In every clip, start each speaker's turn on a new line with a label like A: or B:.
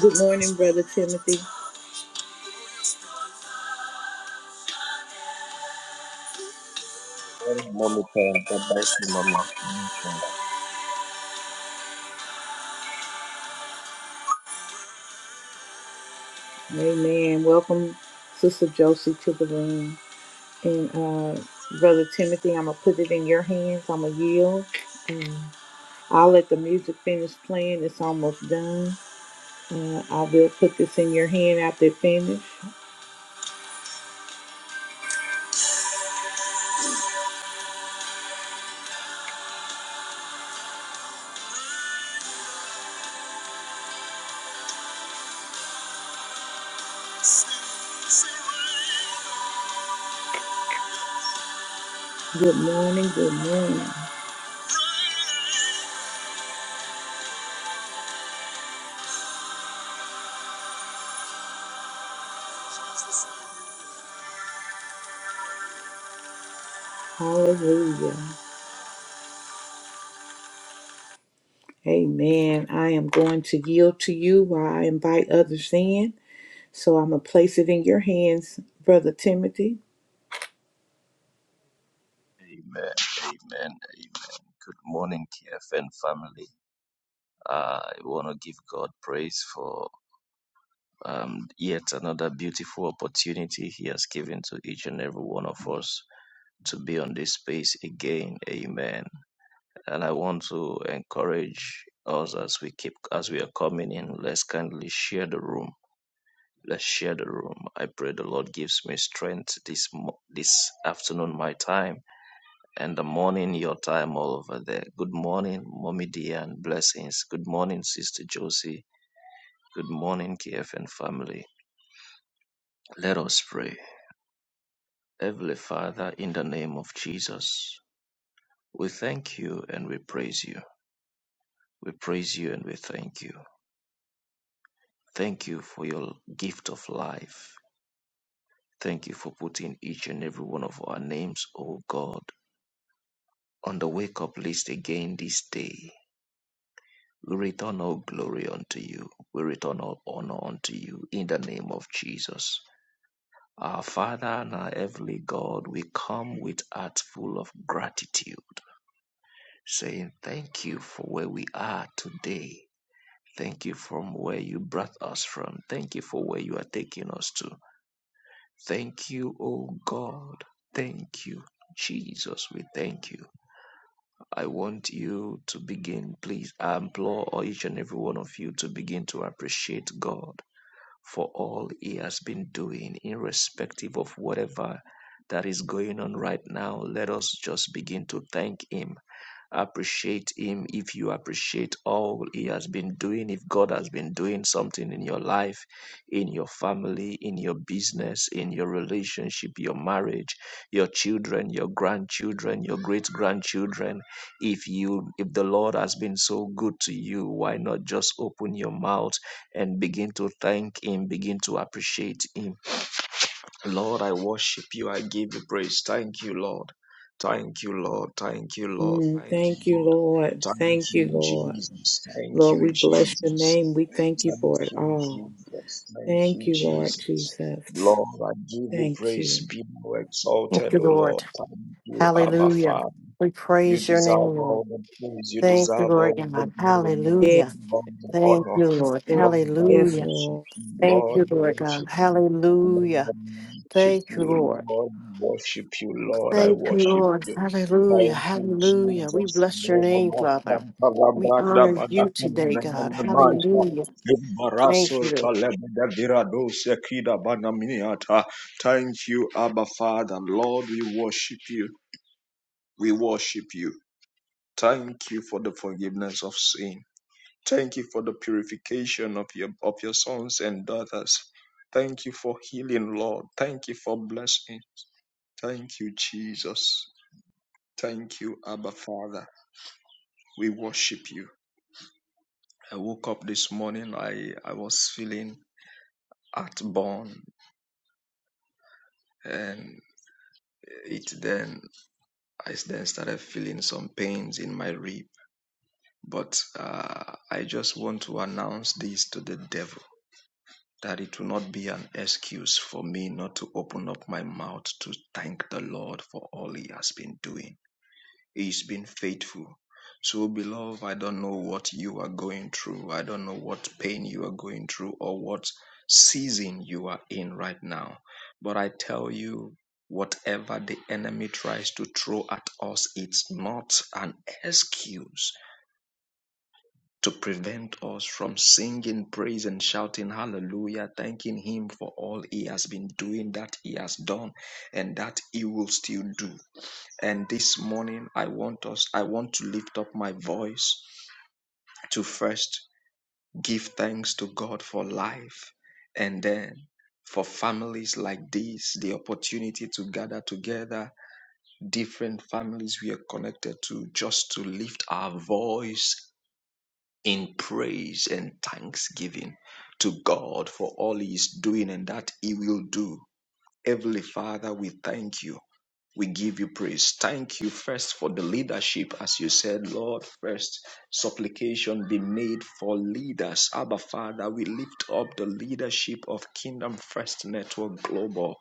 A: Good morning, Brother Timothy.
B: Oh, Mommy Pam, God bless you, Mommy. Amen. Amen.
A: Amen. Welcome, Sister Josie, to the room. And uh, Brother Timothy, I'm going to put it in your hands. I'm going to yield. And I'll let the music finish playing. It's almost done. Uh, I will put this in your hand after it finishes. Good morning. Good morning. Hallelujah. Amen. I am going to yield to you while I invite others in. So I'm going to place it in your hands, Brother Timothy.
B: Amen. Amen. Good morning, TFN family. Uh, I want to give God praise for um, yet another beautiful opportunity He has given to each and every one of us to be on this space again. Amen. And I want to encourage us as we keep as we are coming in. Let's kindly share the room. Let's share the room. I pray the Lord gives me strength this mo- this afternoon, my time and the morning your time all over there. Good morning, Mommy dear, and blessings. Good morning, Sister Josie. Good morning, KFN family. Let us pray. Heavenly Father, in the name of Jesus, we thank you and we praise you. We praise you and we thank you. Thank you for your gift of life. Thank you for putting each and every one of our names, O God, on the wake up list again this day. We return all glory unto you. We return all honor unto you in the name of Jesus. Our Father and our Heavenly God, we come with hearts full of gratitude, saying thank you for where we are today. Thank you from where you brought us from. Thank you for where you are taking us to. Thank you, O God. Thank you. Jesus, we thank you. I want you to begin, please. I implore each and every one of you to begin to appreciate God for all he has been doing, irrespective of whatever that is going on right now. Let us just begin to thank him Appreciate Him if you appreciate all He has been doing, if God has been doing something in your life, in your family, in your business, in your relationship, your marriage, your children, your grandchildren, your great grandchildren. If you, if the Lord has been so good to you, why not just open your mouth and begin to thank Him, begin to appreciate Him? Lord, I worship you. I give you praise. Thank you, Lord. Thank you, Lord. Thank you, Lord.
A: Mm,
B: Thank
A: thank
B: you,
A: you,
B: Lord.
A: Lord.
B: Thank
A: Thank you,
B: you,
A: Lord.
B: Jesus. Thank
A: Lord,
B: you,
A: we bless your
B: Jesus.
A: name. We thank you
B: Thank
A: for it
B: you,
A: all.
B: Jesus. Thank
A: Thank
B: you,
A: you, Lord
B: Jesus.
A: Jesus.
B: Lord, I give you
A: Thank you.
B: praise. Be thou
C: Thank
B: exalted,
C: you,
B: O
C: Lord.
B: Lord. Thank you, Abba
C: Hallelujah.
B: Father.
C: We
B: You
C: praise your
B: deserve
C: name, Lord.
B: all the praise. You
C: Thank you,
B: deserve
C: Lord
B: all the
C: God.
B: glory. You
A: Yes,
C: Hallelujah.
B: deserve all the
C: Thank
B: honor.
C: you, Lord.
A: Lord.
B: Lord, I
A: Yes,
C: Hallelujah.
B: worship
A: Lord.
B: you.
C: Thank
B: Lord,
C: you,
B: I
C: Lord God.
B: worship you. Lord,
C: Hallelujah.
B: worship
C: Thank you,
B: you,
C: Lord.
B: Lord. Worship you, Lord. I
C: Thank you,
B: worship
C: Lord.
B: you.
C: Hallelujah.
B: Thank you,
C: Hallelujah. We
B: Jesus.
C: bless your name, Father. We honor you today, God. Hallelujah. Thank you, Lord.
B: Thank you, Abba Father. Lord, we worship you. We worship you. Thank you for the forgiveness of sin. Thank you for the purification of your of your sons and daughters. Thank you for healing, Lord. Thank you for blessing. Thank you, Jesus. Thank you, Abba Father. We worship you. I woke up this morning, I, I was feeling heartburn, and it then I then started feeling some pains in my rib. But uh, I just want to announce this to the devil that it will not be an excuse for me not to open up my mouth to thank the Lord for all he has been doing He's been faithful. So, beloved, I don't know what you are going through. I don't know what pain you are going through or what season you are in right now. But I tell you, whatever the enemy tries to throw at us, it's not an excuse to prevent us from singing praise and shouting hallelujah, thanking him for all he has been doing, that he has done, and that he will still do. And this morning, I want us, I want to lift up my voice to first give thanks to God for life and then for families like this, the opportunity to gather together, different families we are connected to, just to lift our voice in praise and thanksgiving to God for all He is doing and that He will do Heavenly Father, we thank you. We give you praise. Thank you first for the leadership, as you said, Lord. First, supplication be made for leaders. Abba, Father, we lift up the leadership of Kingdom First Network Global.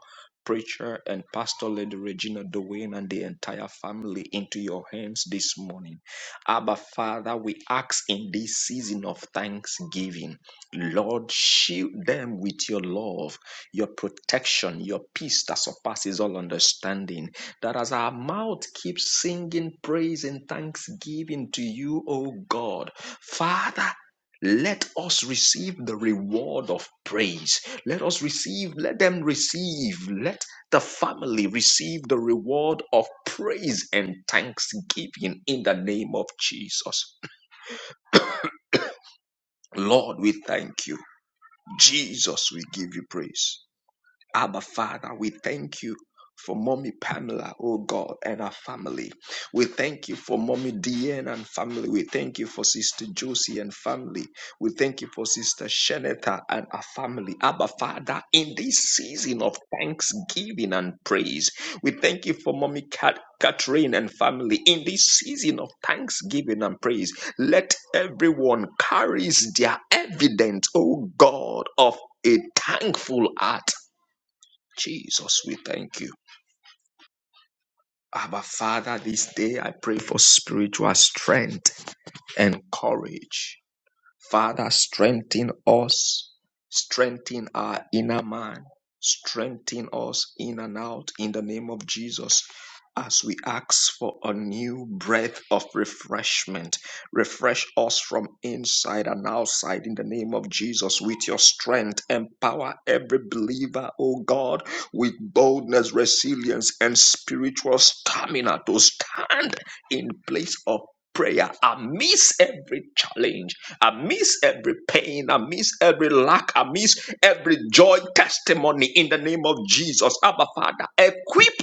B: Preacher and Pastor Lady Regina Dwayne and the entire family into your hands this morning. Abba, Father, we ask in this season of thanksgiving, Lord, shield them with your love your protection, your peace that surpasses all understanding. That as our mouth keeps singing praise and thanksgiving to you, O God, Father, let us receive the reward of praise. Let us receive, let them receive, let the family receive the reward of praise and thanksgiving in the name of Jesus. Lord, we thank you. Jesus, we give you praise. Abba Father, we thank you for mommy Pamela, oh God, and her family. We thank you for mommy Deanne and family. We thank you for sister Josie and family. We thank you for sister Sheneta and her family. Abba Father, in this season of thanksgiving and praise, we thank you for mommy Kat. Catherine and family, in this season of thanksgiving and praise, let everyone carries their evidence, oh God, of a thankful heart Jesus, we thank you. Abba, Father, this day I pray for spiritual strength and courage. Father, strengthen us, strengthen our inner man, strengthen us in and out in the name of Jesus. As we ask for a new breath of refreshment, refresh us from inside and outside in the name of Jesus with your strength. Empower every believer, oh God, with boldness, resilience, and spiritual stamina to stand in place of prayer amidst every challenge amidst every pain, amidst every lack, amidst every joy testimony in the name of Jesus. Abba Father, equip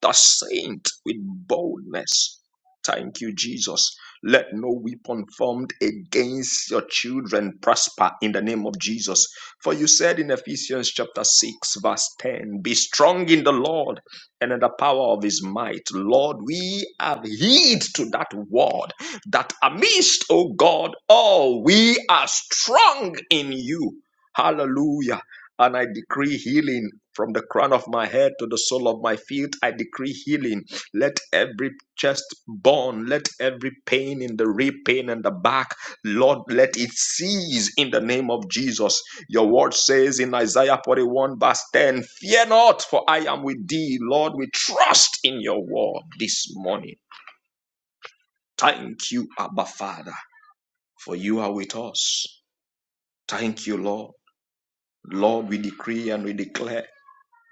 B: the saint with boldness. Thank you, Jesus. Let no weapon formed against your children prosper in the name of Jesus. For you said in Ephesians chapter 6, verse 10, Be strong in the Lord and in the power of his might. Lord, we have heed to that word that amidst, O God, all we are strong in you. Hallelujah. And I decree healing from the crown of my head to the sole of my feet. I decree healing. Let every chest bone, let every pain in the rib, pain and the back, Lord, let it cease in the name of Jesus. Your word says in Isaiah 41, verse 10, Fear not, for I am with thee. Lord, we trust in your word this morning. Thank you, Abba Father for you are with us. Thank you, Lord. Lord, we decree and we declare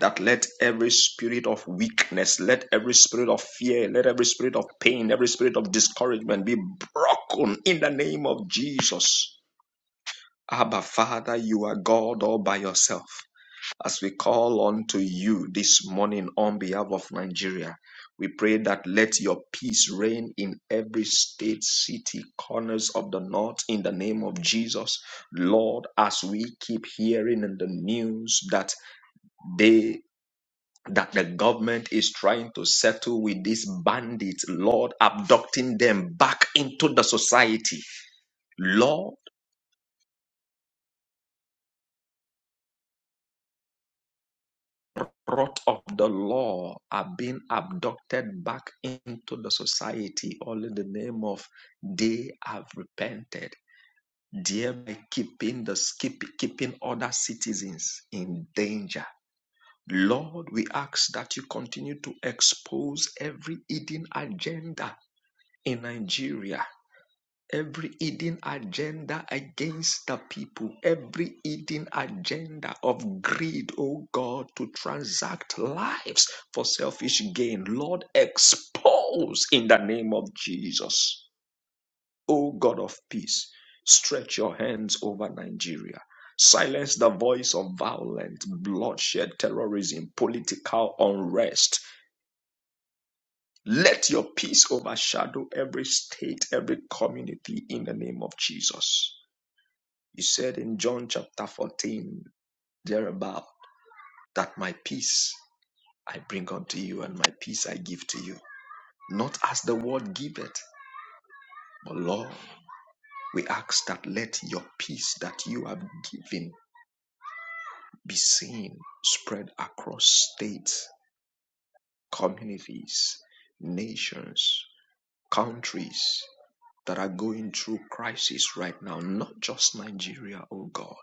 B: that let every spirit of weakness, let every spirit of fear, let every spirit of pain, every spirit of discouragement be broken in the name of Jesus. Abba, Father, you are God all by yourself. As we call on to you this morning on behalf of Nigeria, we pray that let your peace reign in every state, city, corners of the north in the name of Jesus. Lord, as we keep hearing in the news that they that the government is trying to settle with these bandits, Lord, abducting them back into the society. Lord. brought of the law are being abducted back into the society, all in the name of they have repented, thereby keeping the skip, keeping other citizens in danger. Lord, we ask that you continue to expose every hidden agenda in Nigeria every hidden agenda against the people, every hidden agenda of greed, oh God, to transact lives for selfish gain. Lord, expose in the name of Jesus. Oh God of peace, stretch your hands over Nigeria. Silence the voice of violence, bloodshed, terrorism, political unrest. Let your peace overshadow every state, every community in the name of Jesus. You said in John chapter 14, thereabout, that my peace I bring unto you and my peace I give to you. Not as the world giveth, but Lord, we ask that let your peace that you have given be seen, spread across states, communities, nations, countries that are going through crisis right now, not just Nigeria, oh God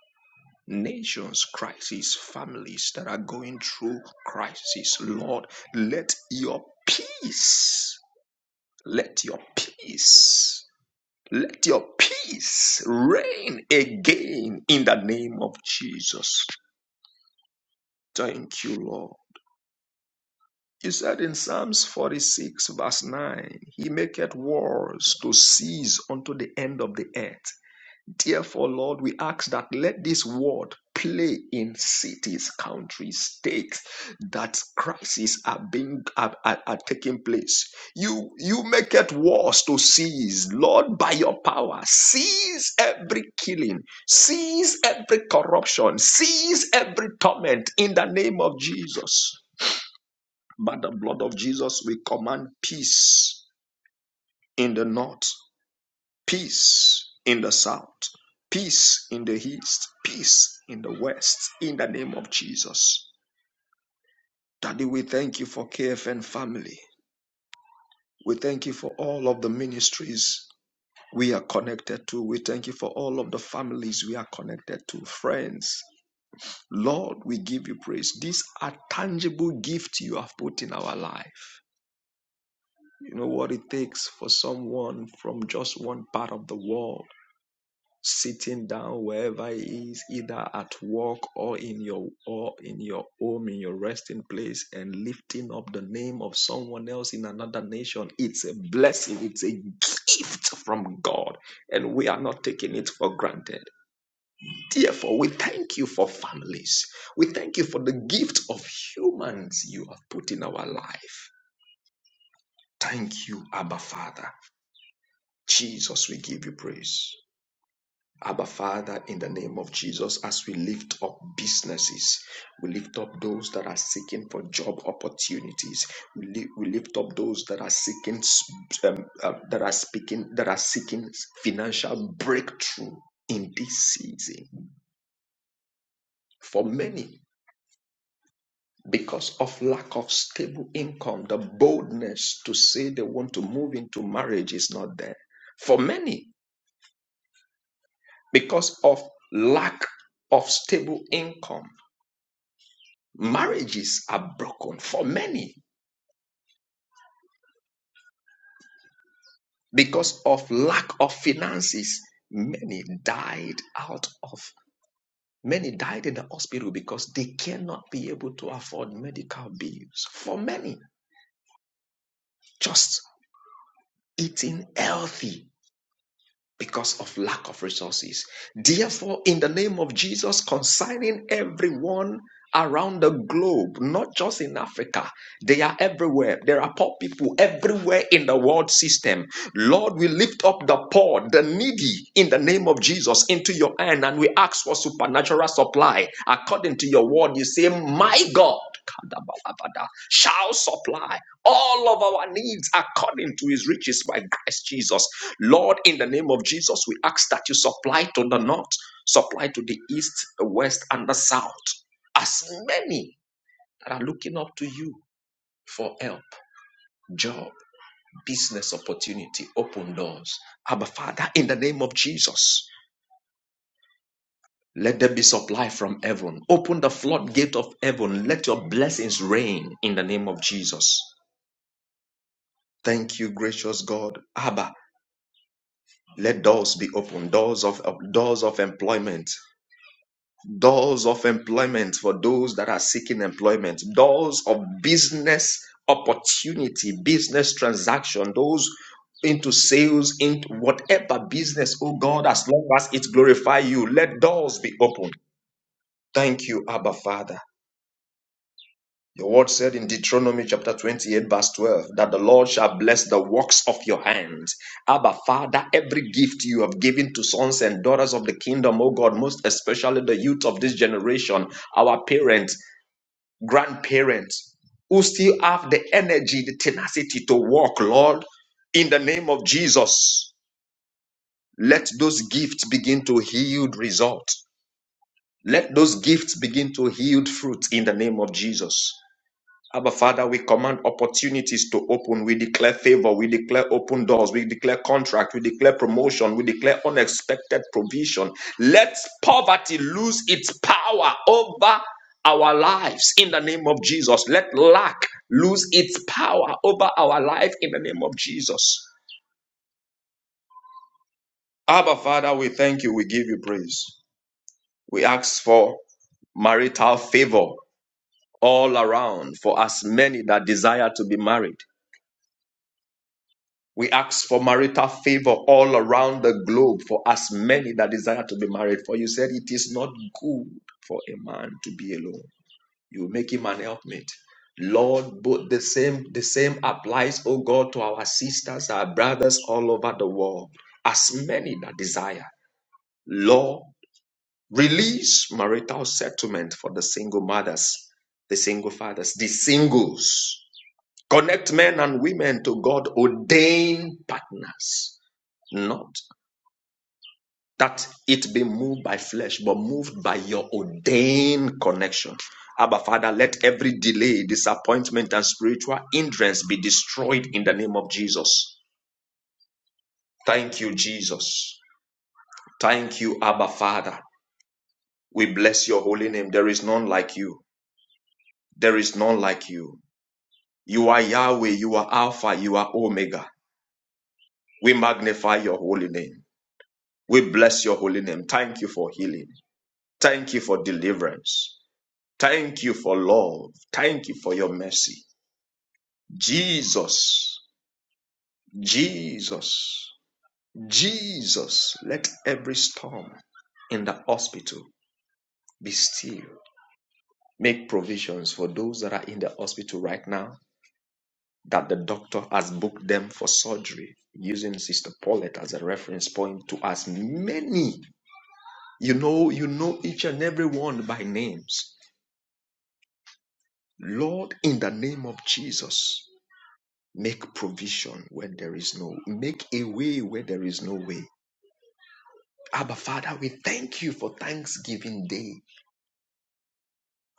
B: nations crisis, families that are going through crisis. Lord, let your peace, let your peace, let your peace reign again in the name of Jesus. Thank you, Lord. He said in Psalms 46, verse 9, He maketh wars to cease unto the end of the earth. Therefore, Lord, we ask that let this word play in cities, countries, states that crises are being are, are, are taking place. You you make it worse to seize, Lord, by your power, seize every killing, seize every corruption, seize every torment in the name of Jesus. By the blood of Jesus, we command peace in the north. Peace in the south, peace in the east, peace in the west, in the name of Jesus. Daddy, we thank you for KFN family. We thank you for all of the ministries we are connected to. We thank you for all of the families we are connected to, friends. Lord, we give you praise. These are tangible gifts you have put in our life. You know what it takes for someone from just one part of the world sitting down wherever it is either at work or in your or in your home in your resting place and lifting up the name of someone else in another nation it's a blessing it's a gift from god and we are not taking it for granted therefore we thank you for families we thank you for the gift of humans you have put in our life thank you abba father jesus we give you praise Abba Father, in the name of Jesus, as we lift up businesses, we lift up those that are seeking for job opportunities. We, li- we lift up those that are seeking, um, uh, that are speaking, that are seeking financial breakthrough in this season. For many, because of lack of stable income, the boldness to say they want to move into marriage is not there. For many, because of lack of stable income Marriages are broken for many because of lack of finances. Many died out of many died in the hospital because they cannot be able to afford medical bills. For many, just eating healthy because of lack of resources. Therefore, in the name of Jesus, consigning everyone around the globe, not just in Africa, they are everywhere. There are poor people everywhere in the world system. Lord, we lift up the poor, the needy, in the name of Jesus, into your hand, and we ask for supernatural supply. According to your word, you say, My God. Shall supply all of our needs according to his riches by Christ Jesus. Lord, in the name of Jesus, we ask that you supply to the north, supply to the east, the west, and the south. As many that are looking up to you for help, job, business opportunity, open doors. Abba, Father, in the name of Jesus, let there be supply from heaven. Open the floodgate of heaven. Let your blessings reign in the name of Jesus. Thank you, gracious God. Abba, let doors be opened, doors of of- doors of employment, doors of employment for those that are seeking employment, doors of business opportunity, business transaction, those into sales, into whatever business, oh God, as long as it glorify you, let doors be open. Thank you, Abba Father. Your word said in Deuteronomy chapter 28, verse 12, that the Lord shall bless the works of your hands. Abba, Father, every gift you have given to sons and daughters of the kingdom, oh God, most especially the youth of this generation, our parents, grandparents who still have the energy, the tenacity to walk, Lord, in the name of Jesus. Let those gifts begin to yield result. Let those gifts begin to yield fruit in the name of Jesus. Abba Father, we command opportunities to open. We declare favor. We declare open doors. We declare contract. We declare promotion. We declare unexpected provision. Let poverty lose its power over our lives in the name of Jesus. Let lack lose its power over our life in the name of Jesus. Abba Father, we thank you. We give you praise. We ask for marital favor all around for as many that desire to be married. We ask for marital favor all around the globe for as many that desire to be married. For you said it is not good for a man to be alone. You make him an helpmate. Lord, both the same the same applies, oh God, to our sisters, our brothers all over the world. As many that desire. Lord, release marital settlement for the single mothers, the single fathers, the singles. Connect men and women to God ordained partners not that it be moved by flesh, but moved by your ordained connection. Abba, Father, let every delay, disappointment, and spiritual hindrance be destroyed in the name of Jesus. Thank you, Jesus. Thank you, Abba, Father. We bless your holy name. There is none like you. There is none like you. You are Yahweh, you are Alpha, you are Omega. We magnify your holy name. We bless your holy name. Thank you for healing. Thank you for deliverance. Thank you for love. Thank you for your mercy. Jesus, Jesus, Jesus, let every storm in the hospital be still. Make provisions for those that are in the hospital right now that the doctor has booked them for surgery using Sister Paulette as a reference point to as many. You know, you know each and every one by names. Lord, in the name of Jesus, Make provision when there is no, make a way where there is no way. Abba Father, we thank you for Thanksgiving Day.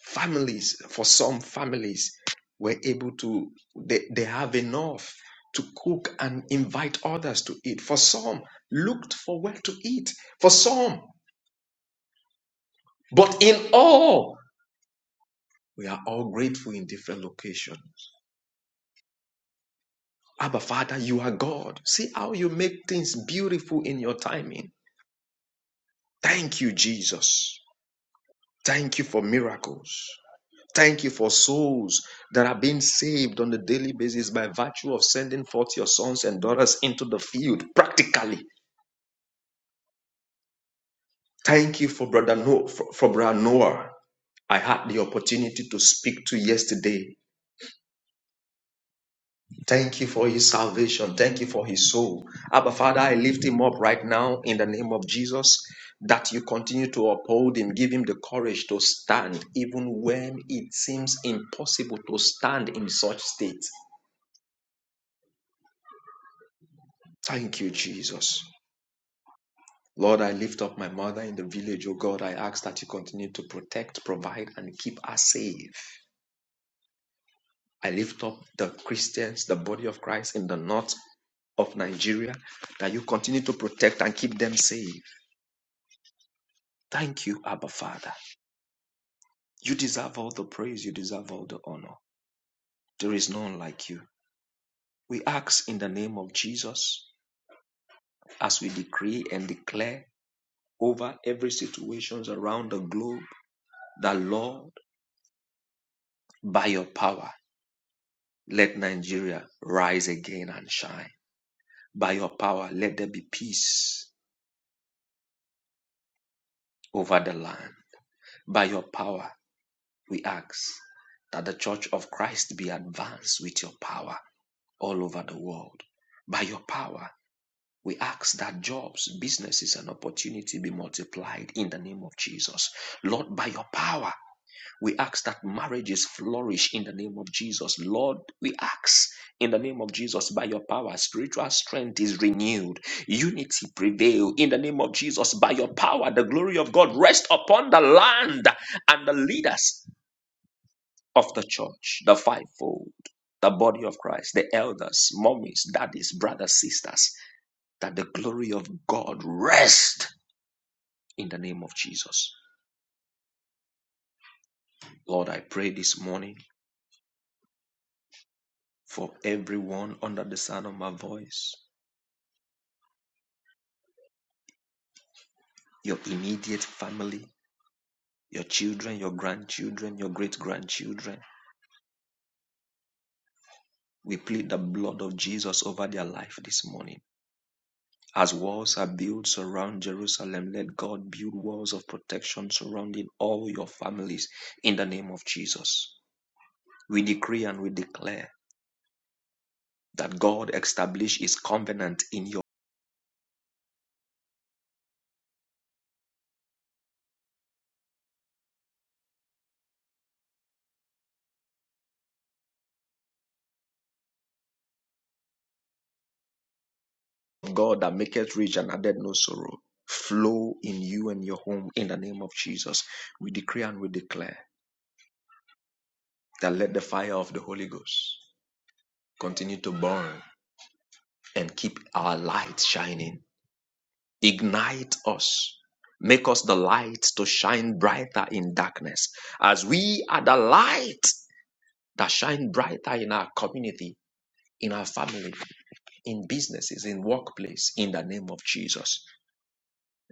B: Families, for some families, were able to, they, they have enough to cook and invite others to eat. For some, looked for where to eat. For some, but in all, we are all grateful in different locations. Abba Father, you are God. See how you make things beautiful in your timing. Thank you, Jesus. Thank you for miracles. Thank you for souls that are being saved on a daily basis by virtue of sending forth your sons and daughters into the field practically. Thank you for brother Noah, for, for brother Noah. I had the opportunity to speak to yesterday. Thank you for his salvation. Thank you for his soul. Abba Father, I lift him up right now in the name of Jesus that you continue to uphold him, give him the courage to stand even when it seems impossible to stand in such state. Thank you, Jesus. Lord, I lift up my mother in the village, oh God. I ask that you continue to protect, provide, and keep us safe. I lift up the Christians, the body of Christ in the north of Nigeria, that you continue to protect and keep them safe. Thank you, Abba Father. You deserve all the praise, you deserve all the honor. There is none like you. We ask in the name of Jesus as we decree and declare over every situations around the globe that Lord, by your power, Let Nigeria rise again and shine. By your power, let there be peace over the land. By your power, we ask that the church of Christ be advanced with your power all over the world. By your power, we ask that jobs, businesses, and opportunity be multiplied in the name of Jesus. Lord, by your power, We ask that marriages flourish in the name of Jesus. Lord, we ask in the name of Jesus by your power, spiritual strength is renewed, unity prevail in the name of Jesus by your power. The glory of God rest upon the land and the leaders of the church, the fivefold, the body of Christ, the elders, mommies, daddies, brothers, sisters, that the glory of God rest in the name of Jesus. Lord, I pray this morning for everyone under the sound of my voice your immediate family, your children, your grandchildren, your great grandchildren. We plead the blood of Jesus over their life this morning. As walls are built around Jerusalem, let God build walls of protection surrounding all your families in the name of Jesus. We decree and we declare that God establish his covenant in your of God that maketh rich and addeth no sorrow flow in you and your home in the name of Jesus. We decree and we declare that let the fire of the Holy Ghost continue to burn and keep our light shining. Ignite us. Make us the light to shine brighter in darkness as we are the light that shine brighter in our community, in our family, in businesses, in workplace, in the name of Jesus.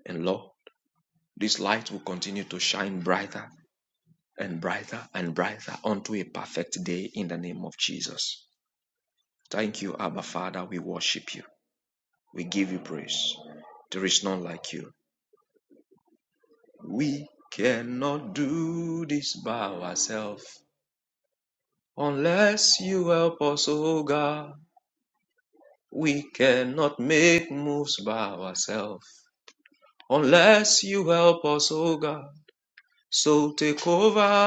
B: And Lord, this light will continue to shine brighter and brighter and brighter unto a perfect day in the name of Jesus. Thank you, Abba Father. We worship you. We give you praise. There is none like you. We cannot do this by ourselves unless you help us, O God. We cannot make moves by ourselves unless you help us, O God. So take over,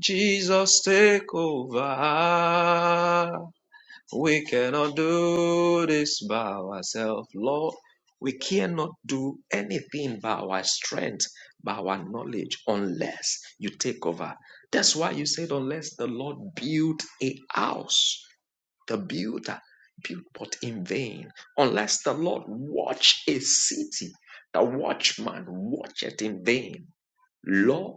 B: Jesus, take over. We cannot do this by ourselves, Lord. We cannot do anything by our strength, by our knowledge, unless you take over. That's why you said, unless the Lord build a house, the builder built but in vain. Unless the Lord watch a city, the watchman watcheth in vain. Lord,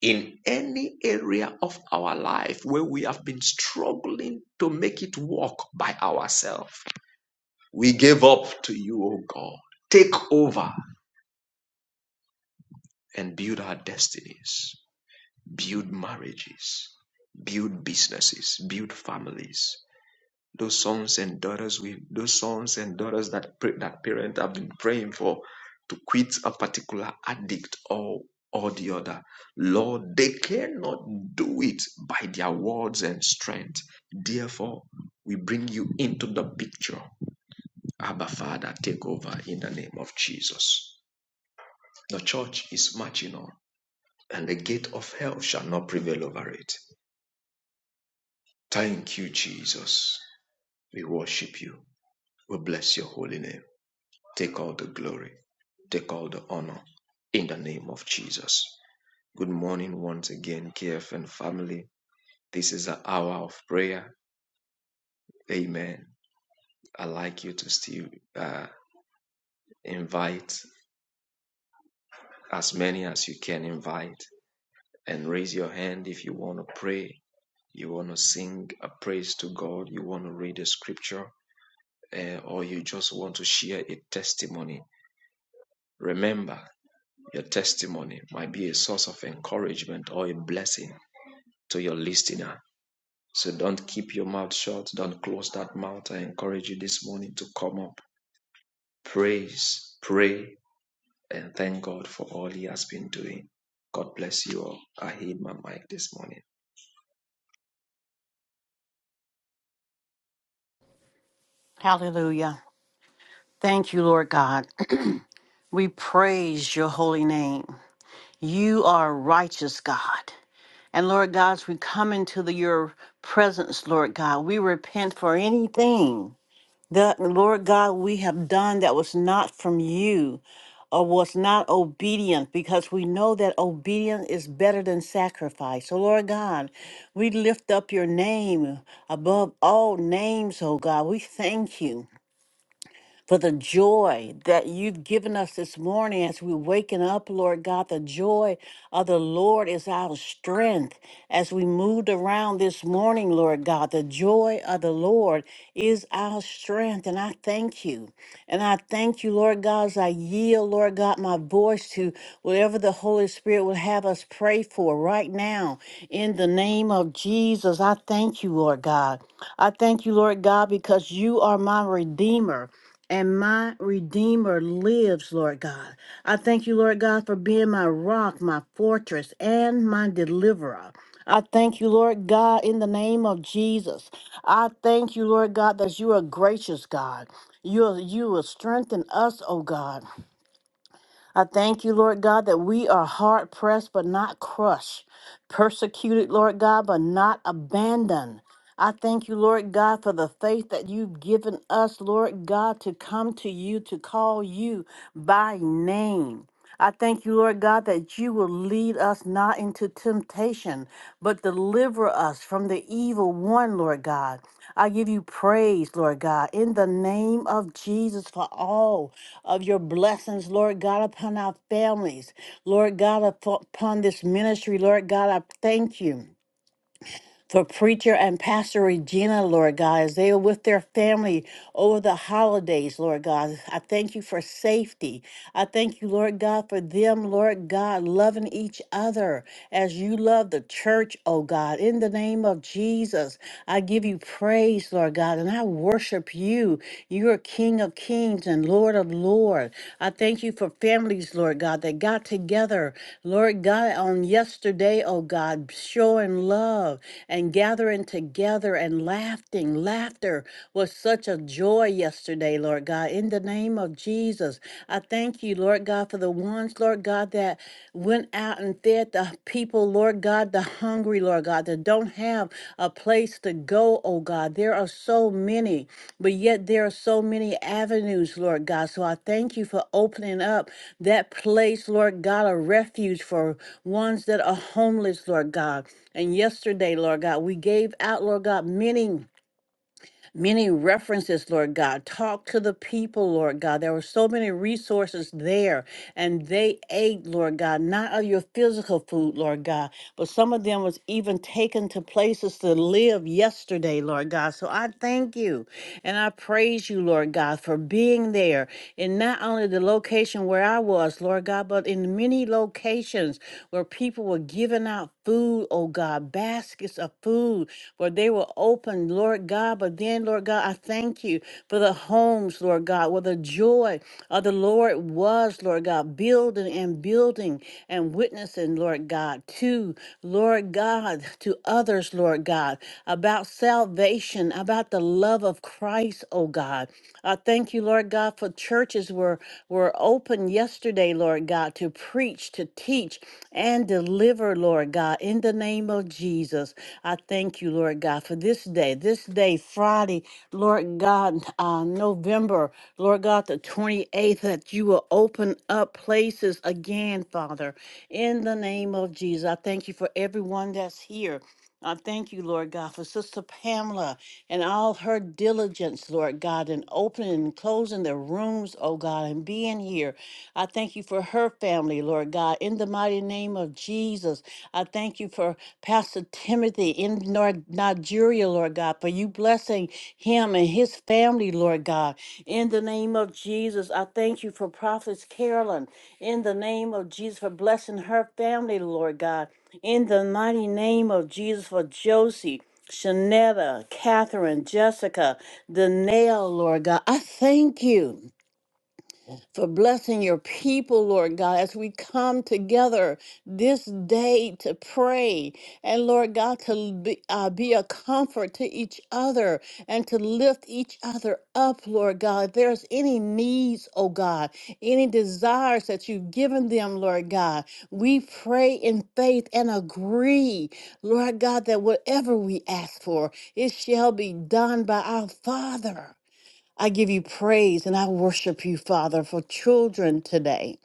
B: in any area of our life where we have been struggling to make it work by ourselves. We give up to you, O God. Take over and build our destinies, build marriages, build businesses, build families, those sons and daughters we those sons and daughters that pray, that parents have been praying for to quit a particular addict or or the other lord they cannot do it by their words and strength therefore we bring you into the picture abba father take over in the name of jesus the church is marching on and the gate of hell shall not prevail over it thank you jesus we worship you we bless your holy name Take all the glory. Take all the honor in the name of Jesus. Good morning once again, KFN family. This is an hour of prayer. Amen. I'd like you to still uh, invite as many as you can invite and raise your hand if you want to pray, you want to sing a praise to God, you want to read a scripture, eh, or you just want to share a testimony. Remember, your testimony might be a source of encouragement or a blessing to your listener. So don't keep your mouth shut. Don't close that mouth. I encourage you this morning to come up, praise, pray, and thank God for all He has been doing. God bless you all. I hid my mic this morning.
C: Hallelujah. Thank you, Lord God. We praise your holy name. You are righteous, God. And Lord God, as we come into the, your presence, Lord God, we repent for anything that, Lord God, we have done that was not from you or was not obedient because we know that obedience is better than sacrifice. So, Lord God, we lift up your name above all names, oh God. We thank you for the joy that you've given us this morning as we're waking up, Lord God. The joy of the Lord is our strength. As we moved around this morning, Lord God, the joy of the Lord is our strength. And I thank you. And I thank you, Lord God, as I yield, Lord God, my voice to whatever the Holy Spirit would have us pray for right now. In the name of Jesus, I thank you, Lord God. I thank you, Lord God, because you are my Redeemer and my Redeemer lives, Lord God. I thank you, Lord God, for being my rock, my fortress, and my deliverer. I thank you, Lord God, in the name of Jesus. I thank you, Lord God, that you are gracious, God. You are, you will strengthen us, oh God. I thank you, Lord God, that we are hard pressed but not crushed, persecuted, Lord God, but not abandoned. I thank you, Lord God, for the faith that you've given us, Lord God, to come to you, to call you by name. I thank you, Lord God, that you will lead us not into temptation, but deliver us from the evil one, Lord God. I give you praise, Lord God, in the name of Jesus for all of your blessings, Lord God, upon our families. Lord God, upon this ministry, Lord God, I thank you for preacher and pastor Regina, Lord God, as they are with their family over the holidays, Lord God. I thank you for safety. I thank you, Lord God, for them, Lord God, loving each other as you love the church, oh God. In the name of Jesus, I give you praise, Lord God, and I worship you. You are King of kings and Lord of lords. I thank you for families, Lord God, that got together, Lord God, on yesterday, oh God, showing love and gathering together and laughing. Laughter was such a joy yesterday, Lord God. In the name of Jesus, I thank you, Lord God, for the ones, Lord God, that went out and fed the people, Lord God, the hungry, Lord God, that don't have a place to go, oh God. There are so many, but yet there are so many avenues, Lord God. So I thank you for opening up that place, Lord God, a refuge for ones that are homeless, Lord God. And yesterday, Lord God, we gave out, Lord God, many many references, Lord God. Talk to the people, Lord God. There were so many resources there, and they ate, Lord God, not of your physical food, Lord God, but some of them was even taken to places to live yesterday, Lord God. So I thank you and I praise you, Lord God, for being there in not only the location where I was, Lord God, but in many locations where people were giving out food, oh God, baskets of food for they were open, Lord God. But then, Lord God, I thank you for the homes, Lord God, where the joy of the Lord was, Lord God, building and building and witnessing, Lord God, to, Lord God, to others, Lord God, about salvation, about the love of Christ, oh God. I thank you, Lord God, for churches were, were open yesterday, Lord God, to preach, to teach, and deliver, Lord God, in the name of Jesus. I thank you, Lord God, for this day, this day, Friday, Lord God, uh, November, Lord God, the 28th, that you will open up places again, Father, in the name of Jesus. I thank you for everyone that's here. I thank you, Lord God, for Sister Pamela and all her diligence, Lord God, in opening and closing their rooms, oh God, and being here. I thank you for her family, Lord God, in the mighty name of Jesus. I thank you for Pastor Timothy in Nor- Nigeria, Lord God, for you blessing him and his family, Lord God. In the name of Jesus, I thank you for Prophetess Carolyn. In the name of Jesus, for blessing her family, Lord God. In the mighty name of Jesus, for Josie. Shanetta, Catherine, Jessica, Danelle, Lord God, I thank you for blessing your people, Lord God, as we come together this day to pray. And Lord God, to be, uh, be a comfort to each other and to lift each other up, Lord God. If there's any needs, oh God, any desires that you've given them, Lord God, we pray in faith and agree, Lord God, that whatever we ask for, it shall be done by our Father. I give you praise and I worship you, Father, for children today.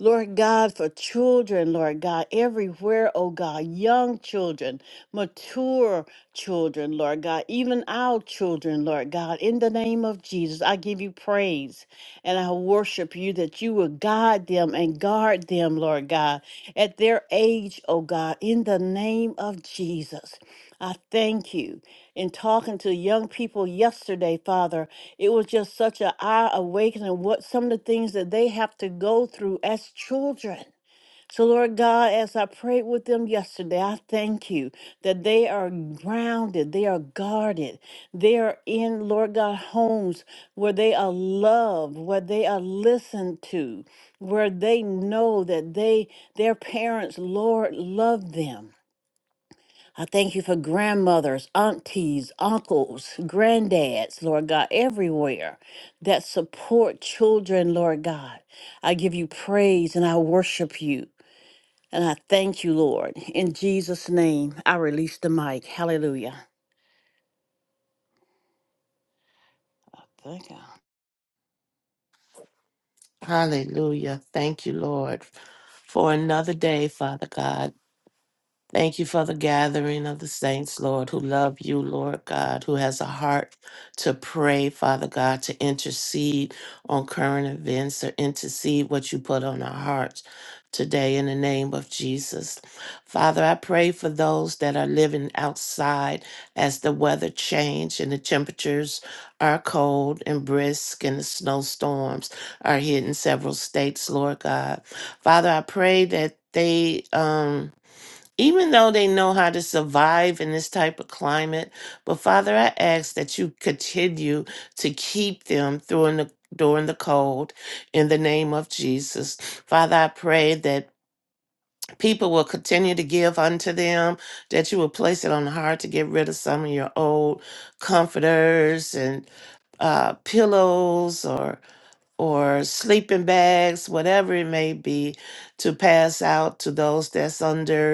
C: Lord God, for children, Lord God, everywhere, oh God, young children, mature children, Lord God, even our children, Lord God, in the name of Jesus, I give you praise and I worship you that you will guide them and guard them, Lord God, at their age, oh God, in the name of Jesus. I thank you. In talking to young people yesterday, Father, it was just such an eye awakening what some of the things that they have to go through as children. So, Lord God, as I prayed with them yesterday, I thank you that they are grounded, they are guarded, they are in, Lord God, homes where they are loved, where they are listened to, where they know that they, their parents, Lord, love them. I thank you for grandmothers, aunties, uncles, granddads, Lord God, everywhere that support children, Lord God. I give you praise and I worship you. And I thank you, Lord. In Jesus' name, I release the mic. Hallelujah. Thank you.
D: Hallelujah. Thank you, Lord, for another day, Father God. Thank you for the gathering of the saints, Lord, who love you, Lord God, who has a heart to pray, Father God, to intercede on current events or intercede what you put on our hearts today in the name of Jesus. Father, I pray for those that are living outside as the weather change and the temperatures are cold and brisk and the snowstorms are hit in several states, Lord God. Father, I pray that they um even though they know how to survive in this type of climate. But Father, I ask that you continue to keep them during the during the cold in the name of Jesus. Father, I pray that people will continue to give unto them, that you will place it on the heart to get rid of some of your old comforters and uh, pillows or or sleeping bags, whatever it may be, to pass out to those that's under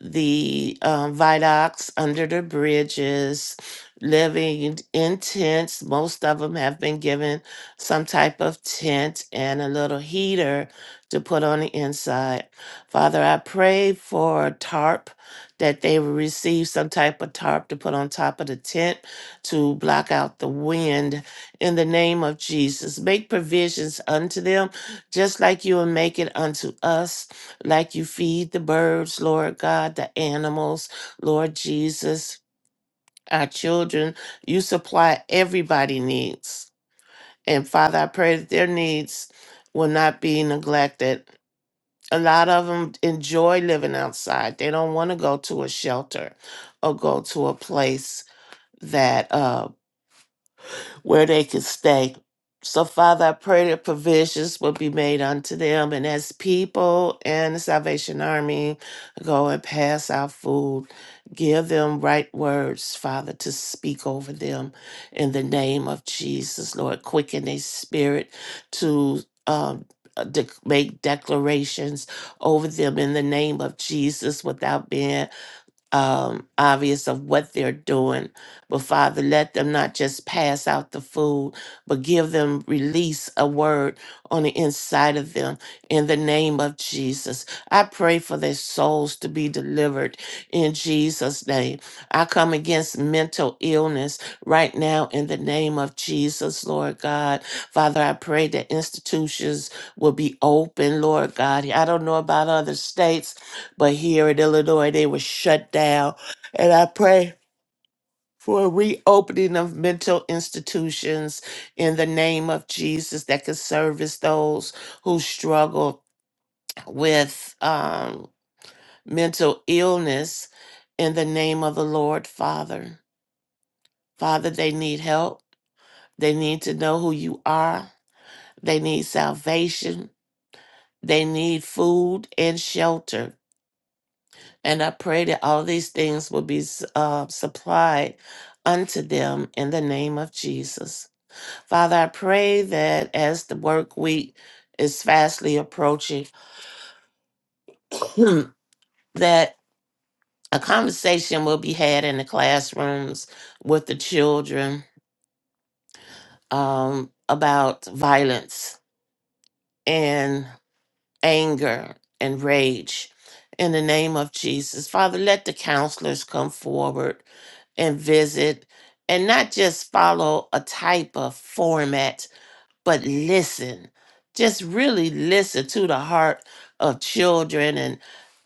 D: the um, viaducts under the bridges, living in tents. Most of them have been given some type of tent and a little heater to put on the inside. Father, I pray for a tarp that they will receive some type of tarp to put on top of the tent to block out the wind in the name of Jesus. Make provisions unto them just like you will make it unto us like you feed the birds, Lord God, the animals, Lord Jesus, our children. You supply everybody needs. And Father, I pray that their needs will not be neglected. A lot of them enjoy living outside. They don't want to go to a shelter or go to a place that uh, where they could stay. So, Father, I pray that provisions will be made unto them, and as people and the Salvation Army go and pass out food, give them right words, Father, to speak over them in the name of Jesus, Lord. Quicken their spirit to um, uh, dec- make declarations over them in the name of Jesus without being um, obvious of what they're doing. But Father, let them not just pass out the food, but give them release a word on the inside of them in the name of Jesus. I pray for their souls to be delivered in Jesus' name. I come against mental illness right now in the name of Jesus, Lord God. Father, I pray that institutions will be open, Lord God. I don't know about other states but here in Illinois, they were shut down. And I pray for a reopening of mental institutions in the name of Jesus that can service those who struggle with um, mental illness in the name of the Lord, Father. Father, they need help. They need to know who you are. They need salvation. They need food and shelter. And I pray that all these things will be uh, supplied unto them in the name of Jesus. Father, I pray that as the work week is fastly approaching, that a conversation will be had in the classrooms with the children um, about violence and. anger and rage in the name of Jesus. Father, let the counselors come forward and visit and not just follow a type of format but listen. Just really listen to the heart of children and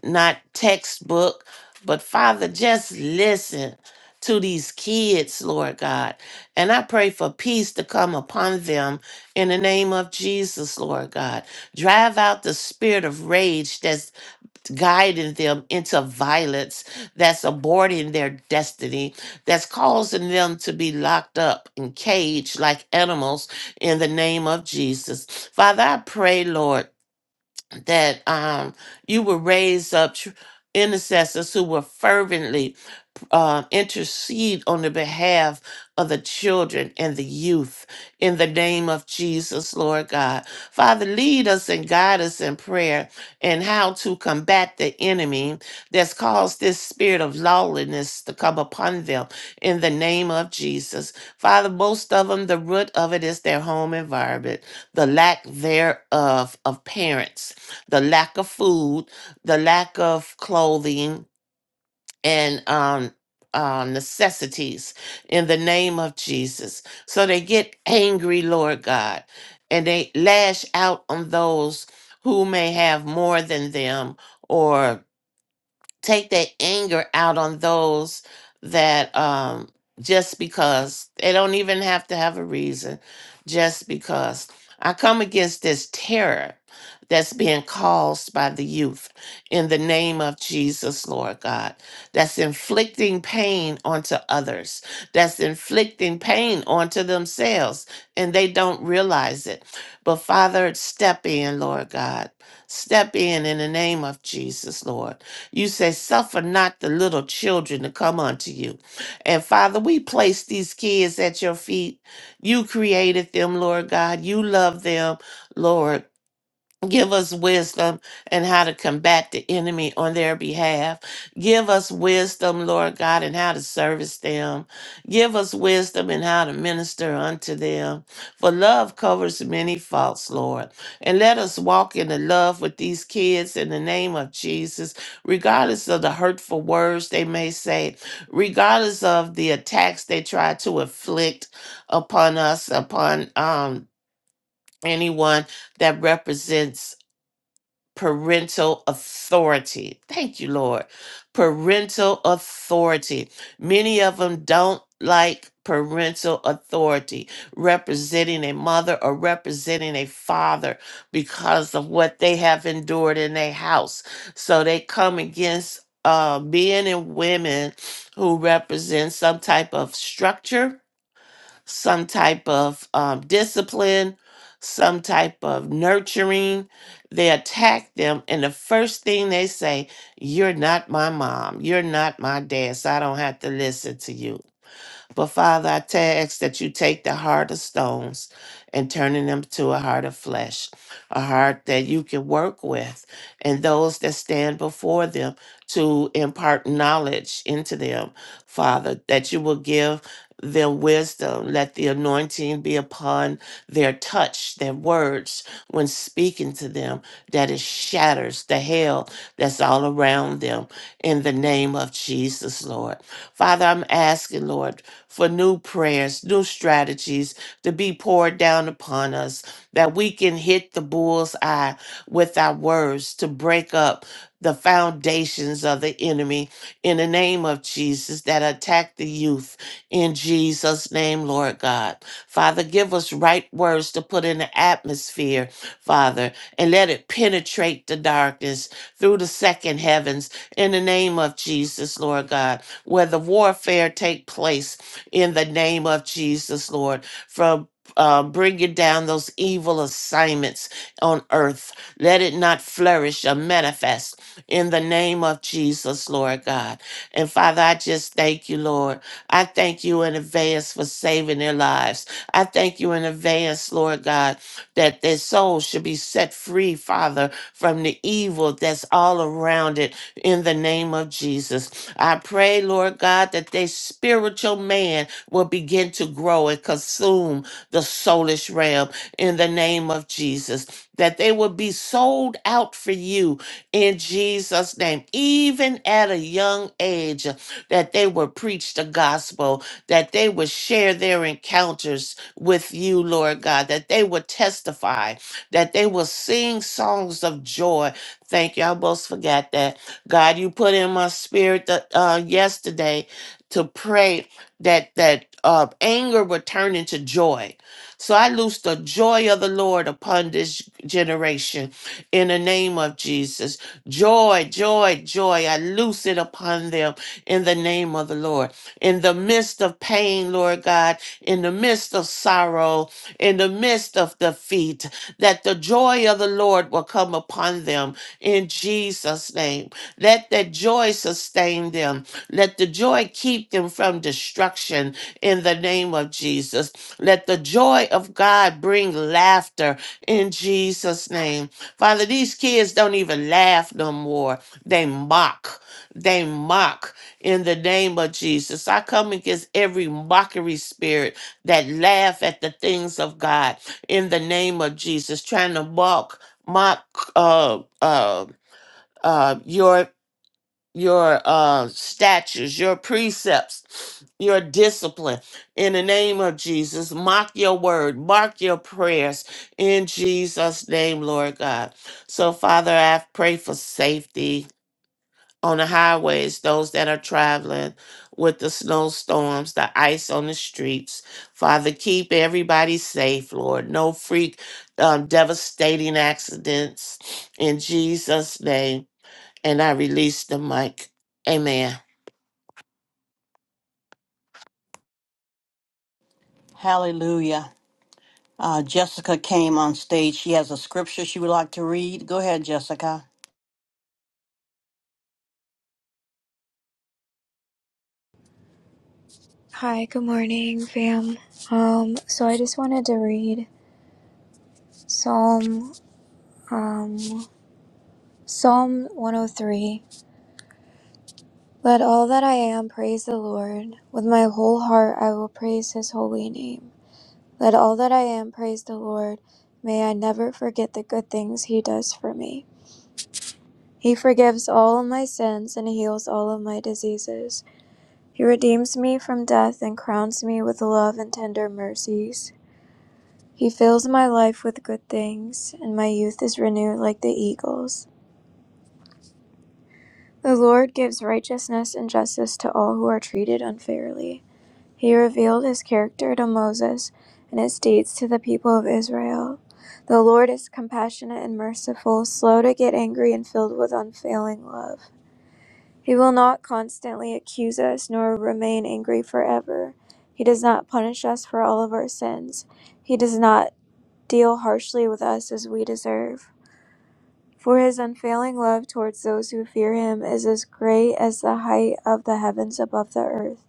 D: not textbook, but Father, just listen to these kids, Lord God. And I pray for peace to come upon them in the name of Jesus, Lord God. Drive out the spirit of rage that's guiding them into violence that's aborting their destiny, that's causing them to be locked up and caged like animals in the name of Jesus. Father, I pray, Lord, that um, you will raise up tr- intercessors who will fervently uh, intercede on the behalf of the children and the youth in the name of Jesus, Lord God. Father, lead us and guide us in prayer and how to combat the enemy that's caused this spirit of lawlessness to come upon them in the name of Jesus. Father, most of them, the root of it is their home environment, the lack thereof of parents, the lack of food, the lack of clothing and um, uh, necessities in the name of Jesus. So they get angry, Lord God, and they lash out on those who may have more than them take that anger out on those that um just because they don't even have to have a reason just because i come against this terror that's being caused by the youth in the name of jesus lord god that's inflicting pain onto others that's inflicting pain onto themselves and they don't realize it but father step in lord god step in in the name of jesus lord you said, Suffer not the little children to come unto you. And Father, we place these kids at your feet. You created them, Lord God. You love them, Lord Give us wisdom and how to combat the enemy on their behalf. Give us wisdom, Lord God, and how to service them. Give us wisdom and how to minister unto them. For love covers many faults, Lord. And let us walk in the love with these kids in the name of Jesus, regardless of the hurtful words they may say, regardless of the attacks they try to inflict upon us, upon um anyone that represents parental authority. Thank you, Lord. Parental authority. Many of them don't like parental authority, representing a mother or representing a father because of what they have endured in their house. So they come against uh, men and women who represent some type of structure some type of um, discipline, some type of nurturing. They attack them, and the first thing they say, You're not my mom. You're not my dad, so I don't have to listen to you. But Father, I ta- ask that you take the heart of stones and turning them to a heart of flesh, a heart that you can work with, and those that stand before them to impart knowledge into them, Father, that you will give them wisdom. Let the anointing be upon their touch, their words when speaking to them, that it shatters the hell that's all around them in the name of Jesus, Lord. Father, I'm asking, Lord for new prayers, new strategies to be poured down upon us, that we can hit the bull's eye with our words to break up the foundations of the enemy in the name of Jesus that attack the youth in Jesus' name, Lord God. Father, give us right words to put in the atmosphere, Father, and let it penetrate the darkness through the second heavens in the name of Jesus, Lord God, where the warfare take place in the name of Jesus, Lord, from um, bringing down those evil assignments on earth. Let it not flourish or manifest in the name of Jesus, Lord God. And Father, I just thank you, Lord. I thank you in advance for saving their lives. I thank you in advance, Lord God, that their soul should be set free, Father, from the evil that's all around it in the name of Jesus. I pray, Lord God, that their spiritual man will begin to grow and consume the soulish realm in the name of Jesus. That they will be sold out for you in Jesus' name, even at a young age, that they will preach the gospel, that they will share their encounters with you, Lord God, that they will testify, that they will sing songs of joy. Thank you. I almost forgot that God, you put in my spirit that uh, yesterday to pray that that uh, anger would turn into joy. So I loose the joy of the Lord upon this generation in the name of Jesus. Joy, joy, joy. I loose it upon them in the name of the Lord. In the midst of pain, Lord God, in the midst of sorrow, in the midst of defeat, that the joy of the Lord will come upon them in Jesus' name. Let that joy sustain them. Let the joy keep them from destruction in the name of Jesus. Let the joy of God bring laughter in Jesus' name. Father, these kids don't even laugh no more. They mock. They mock in the name of Jesus. I come against every mockery spirit that laugh at the things of God in the name of Jesus, trying to mock, mock, uh, uh, uh, your your uh, statutes, your precepts, your discipline. In the name of Jesus, mock your word, mark your prayers in Jesus' name, Lord God. So, Father, I pray for safety on the highways, those that are traveling with the snowstorms, the ice on the streets. Father, keep everybody safe, Lord. No freak, um, devastating accidents in Jesus' name. And I release the mic. Amen.
C: Hallelujah. Uh, Jessica came on stage. She has a scripture she would like to read. Go ahead, Jessica.
E: Hi, good morning, fam. Um, so I just wanted to read Psalm, um, Psalm 103. Let all that I am praise the Lord. With my whole heart I will praise his holy name. Let all that I am praise the Lord. May I never forget the good things he does for me. He forgives all of my sins and heals all of my diseases. He redeems me from death and crowns me with love and tender mercies. He fills my life with good things, and my youth is renewed like the eagles. The Lord gives righteousness and justice to all who are treated unfairly. He revealed his character to Moses and his deeds to the people of Israel. The Lord is compassionate and merciful, slow to get angry, and filled with unfailing love. He will not constantly accuse us nor remain angry forever. He does not punish us for all of our sins. He does not deal harshly with us as we deserve. For his unfailing love towards those who fear him is as great as the height of the heavens above the earth.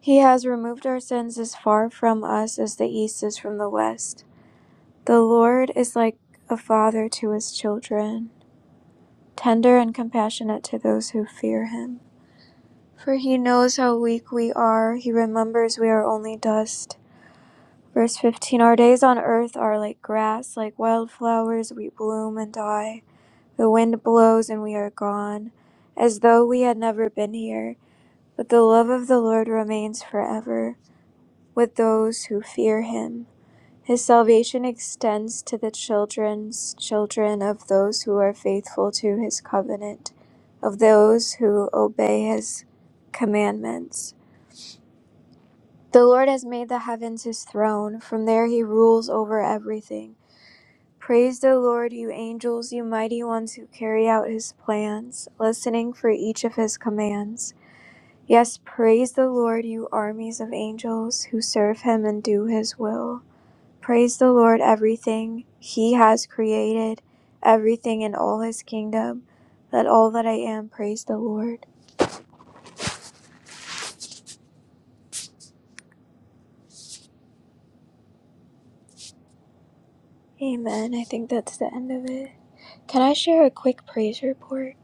E: He has removed our sins as far from us as the east is from the west. The Lord is like a father to his children, tender and compassionate to those who fear him. For he knows how weak we are, he remembers we are only dust. Verse 15 Our days on earth are like grass, like wildflowers, we bloom and die. The wind blows and we are gone, as though we had never been here. But the love of the Lord remains forever with those who fear him. His salvation extends to the children's children of those who are faithful to his covenant, of those who obey his commandments. The Lord has made the heavens his throne, from there he rules over everything. Praise the Lord, you angels, you mighty ones who carry out his plans, listening for each of his commands. Yes, praise the Lord, you armies of angels who serve him and do his will. Praise the Lord, everything he has created, everything in all his kingdom. Let all that I am praise the Lord. Amen. I think that's the end of it. Can I share a quick praise report?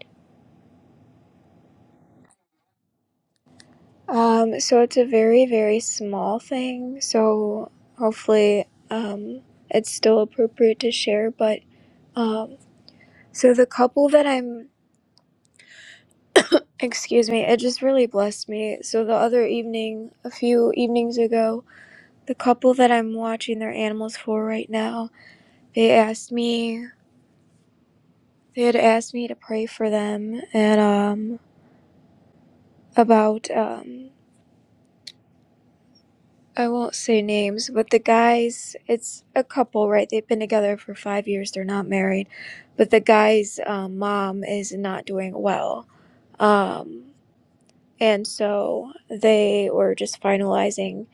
E: Um, so it's a very, very small thing. So hopefully, um, it's still appropriate to share. But um, so the couple that I'm, excuse me, it just really blessed me. So the other evening, a few evenings ago, the couple that I'm watching their animals for right now, they asked me, they had asked me to pray for them and um, about um, I won't say names, but the guys, it's a couple, right? They've been together for five years. They're not married, but the guy's um, mom is not doing well. Um, and so they were just finalizing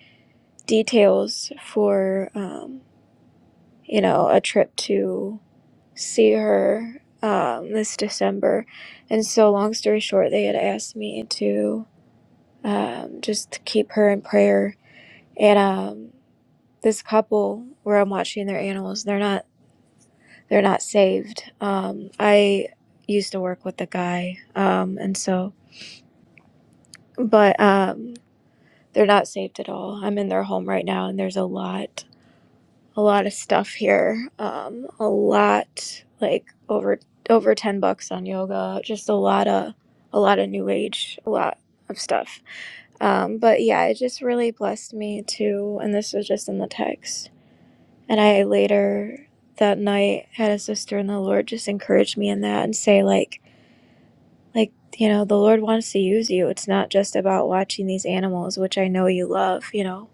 E: details for, um, you know, a trip to see her um, this December. And so, long story short, they had asked me to um, just keep her in prayer. And um, this couple where I'm watching their animals, they're not they're not saved. Um, I used to work with the guy, um, and so but um, they're not saved at all. I'm in their home right now, and there's a lot a lot of stuff here, um, a lot like over over ten bucks on yoga, just a lot of a lot of new age, a lot of stuff. Um, but yeah, it just really blessed me too, and this was just in the text And I later that night had a sister in the Lord just encourage me in that and say like like you know the Lord wants to use you. It's not just about watching these animals, which I know you love, you know,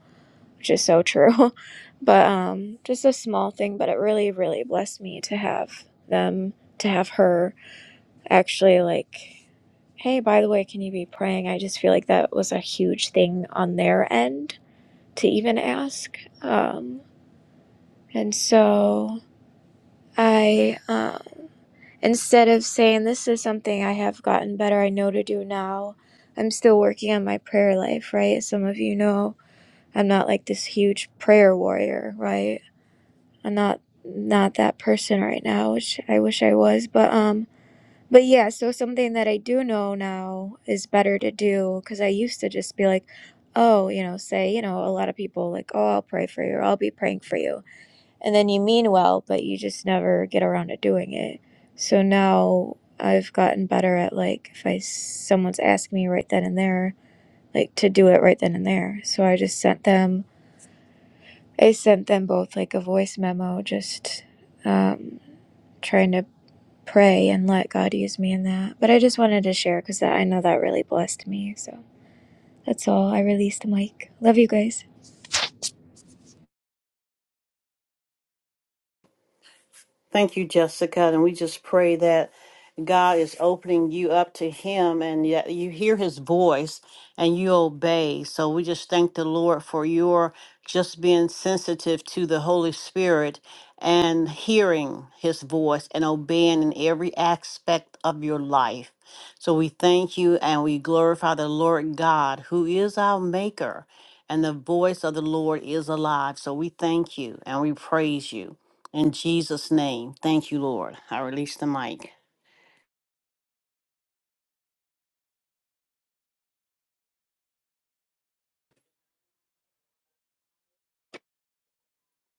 E: which is so true. But um just a small thing, but it really really blessed me to have them to have her actually like hey, by the way, can you be praying? I just feel like that was a huge thing on their end to even ask. Um, and so I, um, instead of saying this is something I have gotten better, I know to do now, I'm still working on my prayer life, right? Some of you know I'm not like this huge prayer warrior, right? I'm not not that person right now, which I wish I was, but um but yeah, so something that I do know now is better to do cuz I used to just be like, oh, you know, say, you know, a lot of people like, oh, I'll pray for you or I'll be praying for you and then you mean well, but you just never get around to doing it. So now I've gotten better at like if I someone's asking me right then and there, like to do it right then and there. So I just sent them, I sent them both like a voice memo, just um, trying to pray and let God use me in that. But I just wanted to share because I know that really blessed me. So that's all. I released the mic. Love you guys.
C: Thank you, Jessica. And we just pray that God is opening you up to Him and yet you hear His voice and you obey. So we just thank the Lord for your just being sensitive to the Holy Spirit and hearing His voice and obeying in every aspect of your life. So we thank you and we glorify the Lord God, who is our Maker, and the voice of the Lord is alive. So we thank you and we praise you. In Jesus' name, thank you, Lord. I release the mic.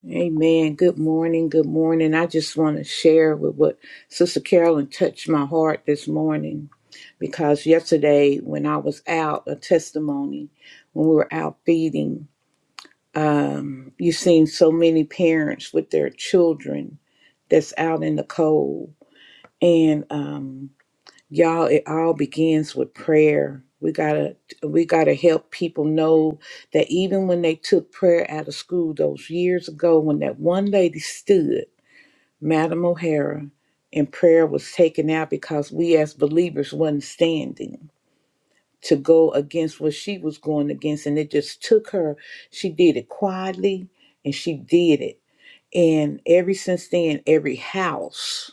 A: Amen. Good morning. Good morning. I just want to share with what Sister Carolyn touched my heart this morning because yesterday when I was out, a testimony, when we were out feeding, Um, you've seen so many parents with their children that's out in the cold. And um, y'all, it all begins with prayer. We gotta we gotta help people know that even when they took prayer out of school those years ago, when that one lady stood, Madam O'Hara, and prayer was taken out because we as believers wasn't standing to go against what she was going against. And it just took her. She did it quietly and she did it. And ever since then, every house,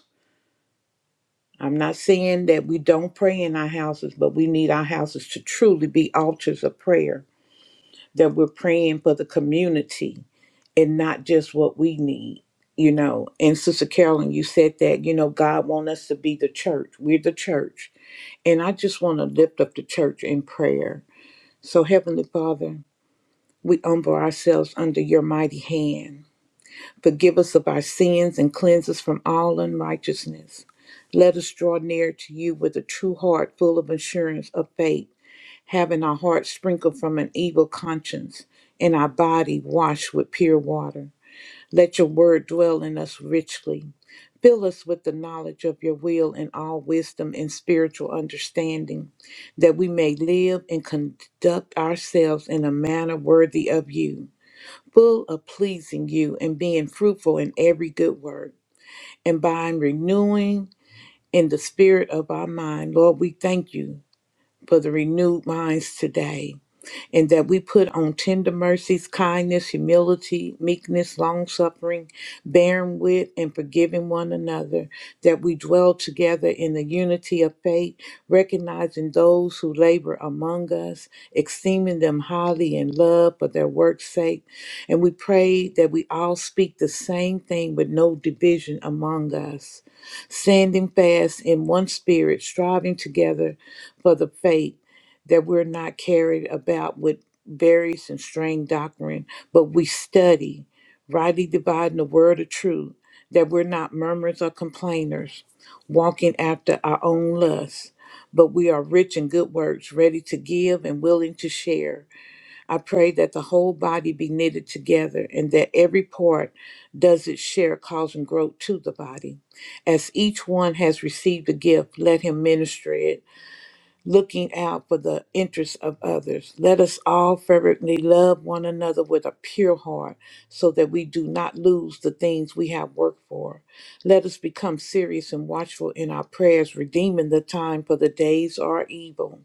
A: I'm not saying that we don't pray in our houses, but we need our houses to truly be altars of prayer, that we're praying for the community and not just what we need. You know, and Sister Carolyn, you said that, you know, God wants us to be the church. We're the church. And I just want to lift up the church in prayer. So, Heavenly Father, We humble ourselves under your mighty hand. Forgive us of our sins and cleanse us from all unrighteousness. Let us draw near to you with a true heart full of assurance of faith, having our hearts sprinkled from an evil conscience and our body washed with pure water. Let your word dwell in us richly. Fill us with the knowledge of your will and all wisdom and spiritual understanding, that we may live and conduct ourselves in a manner worthy of you full of pleasing you and being fruitful in every good work. And by renewing in the spirit of our mind, Lord, we thank you for the renewed minds today and that we put on tender mercies, kindness, humility, meekness, long suffering, bearing with and forgiving one another, that we dwell together in the unity of faith, recognizing those who labor among us, esteeming them highly in love for their work's sake. And we pray that we all speak the same thing with no division among us standing fast in one spirit, striving together for the faith that we're not carried about with various and strange doctrine, but we study, rightly dividing the word of truth, that we're not murmurers or complainers, walking after our own lusts, but we are rich in good works, ready to give and willing to share. I pray that the whole body be knitted together and that every part does its share, causing growth to the body. As each one has received a gift, let him minister it looking out for the interests of others. Let us all fervently love one another with a pure heart so that we do not lose the things we have worked for. Let us become serious and watchful in our prayers, redeeming the time for the days are evil.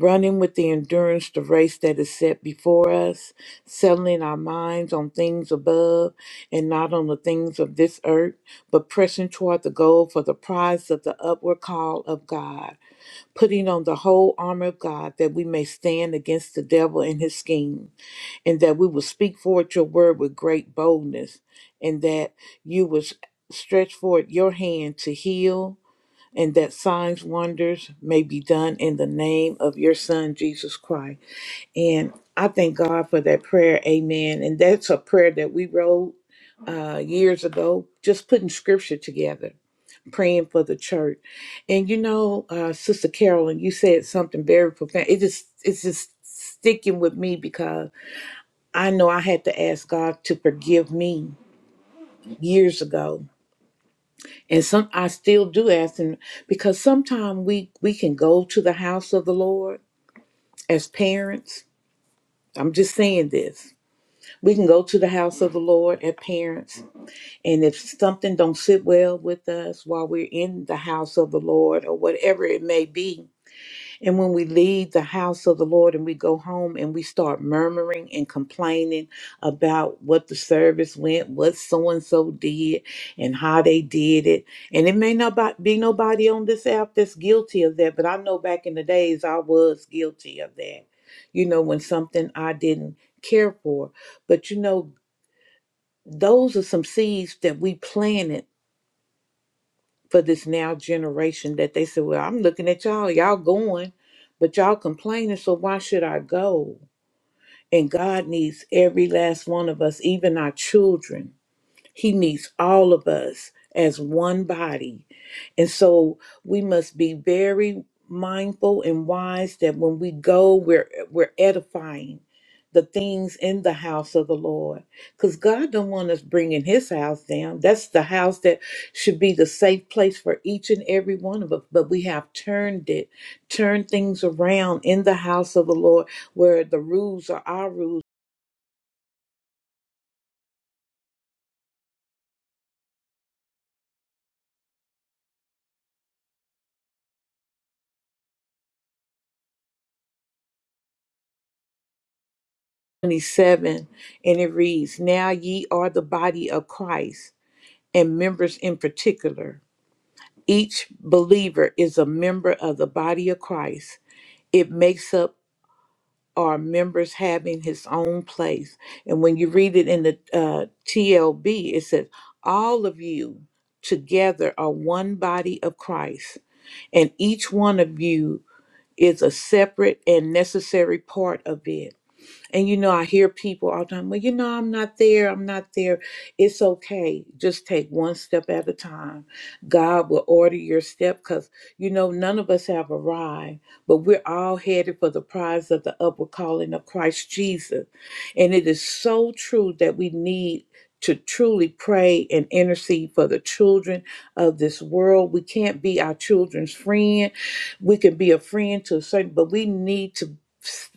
A: Running with the endurance the race that is set before us, settling our minds on things above and not on the things of this earth, but pressing toward the goal for the prize of the upward call of God putting on the whole armor of God that we may stand against the devil and his scheme, and that we will speak forth your word with great boldness, and that you will s- stretch forth your hand to heal, and that signs, wonders may be done in the name of your son, Jesus Christ. And I thank God for that prayer. Amen. And that's a prayer that we wrote uh, years ago, just putting scripture together praying for the church. And you know, uh, Sister Carolyn, you said something very profound. It just it's just sticking with me because I know I had to ask God to forgive me years ago. And some I still do ask him because sometimes we we can go to the house of the Lord as parents. I'm just saying this. We can go to the house of the Lord as parents, and if something don't sit well with us while we're in the house of the Lord or whatever it may be, And when we leave the house of the Lord and we go home and we start murmuring and complaining about what the service went, what so and so did, and how they did it. And it may not bo- be nobody on this app that's guilty of that, but I know back in the days I was guilty of that. You know, when something I didn't care for. But you know, those are some seeds that we planted for this now generation that they said, Well, I'm looking at y'all, y'all going, but y'all complaining, so why should I go? And God needs every last one of us, even our children. He needs all of us as one body and so we must be very mindful and wise that when we go, we're we're edifying the things in the house of the Lord. Because God don't want us bringing his house down. That's the house that should be the safe place for each and every one of us. But we have turned it, turned things around in the house of the Lord where the rules are our rules. 27 and it reads, Now ye are the body of Christ and members in particular Each believer is a member of the body of Christ. It makes up our members having his own place. And when you read it in the uh, TLB, it says, All of you together are one body of Christ, and each one of you is a separate and necessary part of it. And you know, I hear people all the time, well, you know, I'm not there, I'm not there. It's okay. Just take one step at a time. God will order your step because, you know, none of us have arrived, but we're all headed for the prize of the upward calling of Christ Jesus. And it is so true that we need to truly pray and intercede for the children of this world. We can't be our children's friend. We can be a friend to a certain, but we need to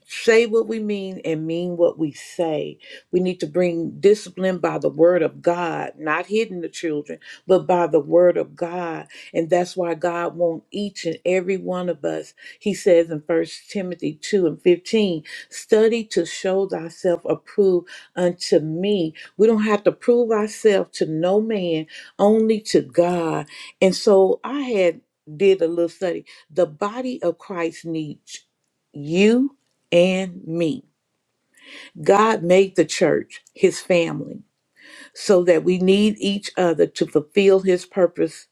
A: say what we mean and mean what we say. We need to bring discipline by the word of God, not hidden the children, but by the word of God. And that's why God wants each and every one of us. He says in First Timothy 2 and 15, study to show thyself approved unto me. We don't have to prove ourselves to no man, only to God. And so I had did a little study. The body of Christ needs you and me. God made the church his family so that we need each other to fulfill his purpose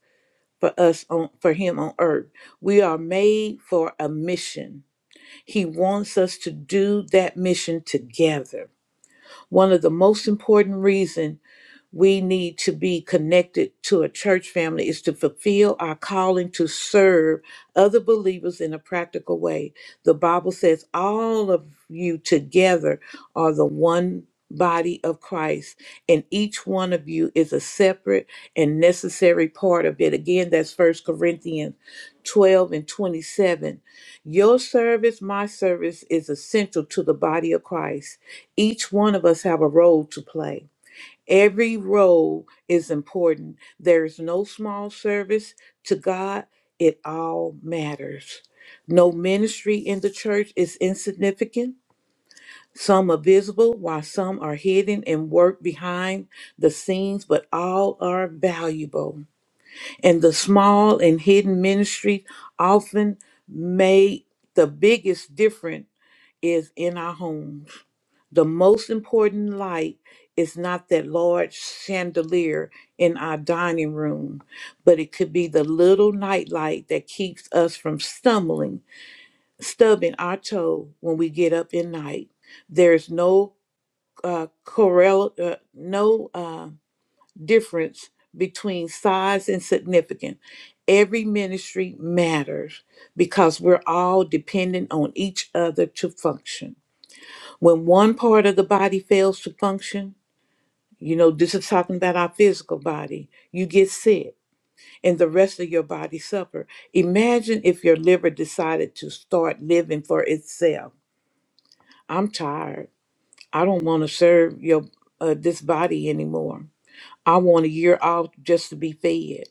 A: for us on for him on earth. We are made for a mission. He wants us to do that mission together. One of the most important reasons we need to be connected to a church family is to fulfill our calling to serve other believers in a practical way. The Bible says all of you together are the one body of Christ and each one of you is a separate and necessary part of it. Again, that's First Corinthians 12 and 27. Your service, my service is essential to the body of Christ. Each one of us have a role to play. Every role is important. There is no small service to God. It all matters. No ministry in the church is insignificant. Some are visible while some are hidden and work behind the scenes, but all are valuable. And the small and hidden ministries often make the biggest difference is in our homes. The most important light is not that large chandelier in our dining room, but it could be the little nightlight that keeps us from stumbling, stubbing our toe when we get up in night. There's no uh, correl- uh, no uh, difference between size and significance. Every ministry matters because we're all dependent on each other to function. When one part of the body fails to function, you know, this is talking about our physical body, you get sick and the rest of your body suffer. Imagine if your liver decided to start living for itself. I'm tired. I don't want to serve your uh, this body anymore. I want a year off just to be fed.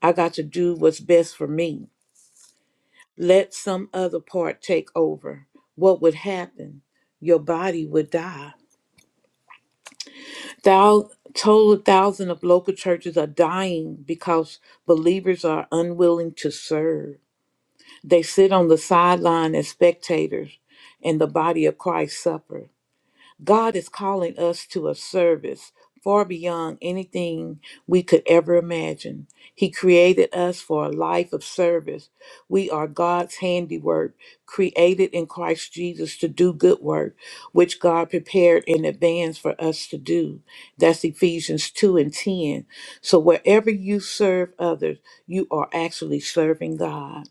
A: I got to do what's best for me. Let some other part take over. What would happen? Your body would die Thou total thousand of local churches are dying because believers are unwilling to serve. They sit on the sideline as spectators, and the body of Christ suffers. God is calling us to a service far beyond anything we could ever imagine. He created us for a life of service. We are God's handiwork, created in Christ Jesus to do good work, which God prepared in advance for us to do. That's Ephesians 2 and 10. So wherever you serve others, you are actually serving God.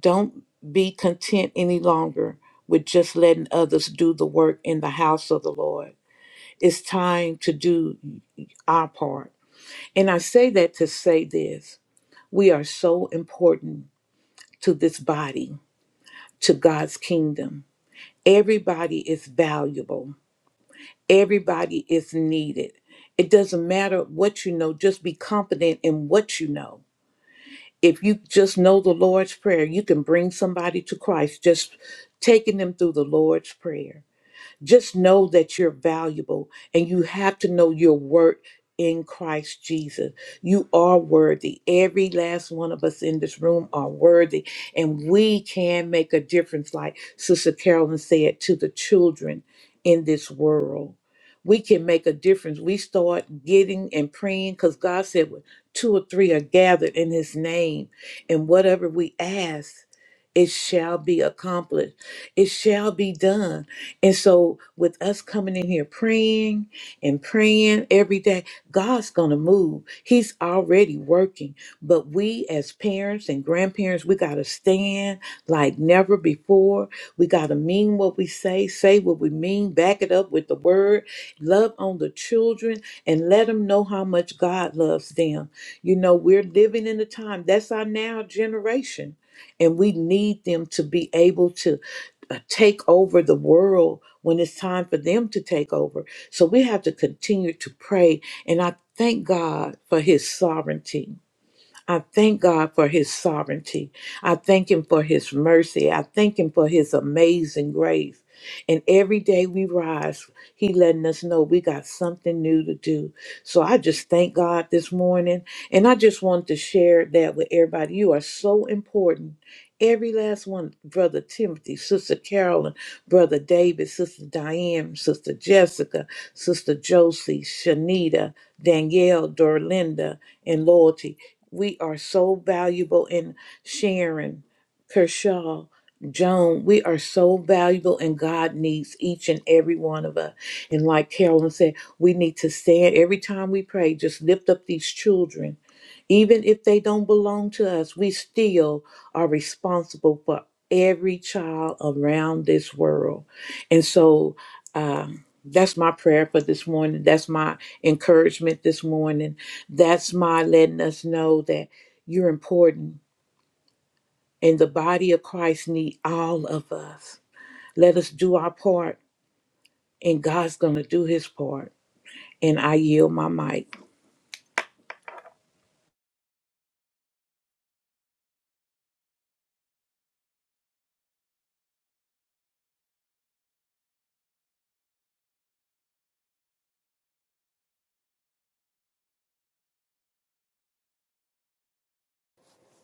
A: Don't be content any longer with just letting others do the work in the house of the Lord. It's time to do our part. And I say that to say this we are so important to this body, to God's kingdom. Everybody is valuable, everybody is needed. It doesn't matter what you know, just be confident in what you know. if you just know the Lord's Prayer, you can bring somebody to Christ just taking them through the Lord's Prayer. Just know that you're valuable and you have to know your worth in Christ Jesus. You are worthy. Every last one of us in this room are worthy, and we can make a difference, like Sister Carolyn said, to the children in this world. We can make a difference. We start getting and praying because God said, "When two or three are gathered in His name, and whatever we ask, it shall be accomplished. It shall be done and so, with us coming in here praying and praying every day, God's going to move. He's already working. But we, as parents and grandparents, we got to stand like never before. We got to mean what we say, say what we mean, back it up with the word, love on the children, and let them know how much God loves them. You know, we're living in a time that's our now generation. And we need them to be able to uh, take over the world when it's time for them to take over. So we have to continue to pray. And I thank God for his sovereignty. I thank God for his sovereignty. I thank him for his mercy. I thank him for his amazing grace. And every day we rise, he letting us know we got something new to do. So I just thank God this morning. And I just want to share that with everybody. You are so important. Every last one, Brother Timothy, Sister Carolyn, Brother David, Sister Diane, Sister Jessica, Sister Josie, Shanita, Danielle, Dorlinda, and Loyalty. We are so valuable in Sharon, Kershaw, Joan. We are so valuable, and God needs each and every one of us. And like Carolyn said, we need to stand every time we pray, just lift up these children even if they don't belong to us, we still are responsible for every child around this world. And so um, that's my prayer for this morning. That's my encouragement this morning. That's my letting us know that you're important and the body of Christ need all of us. Let us do our part and God's going to do his part. And I yield my mic.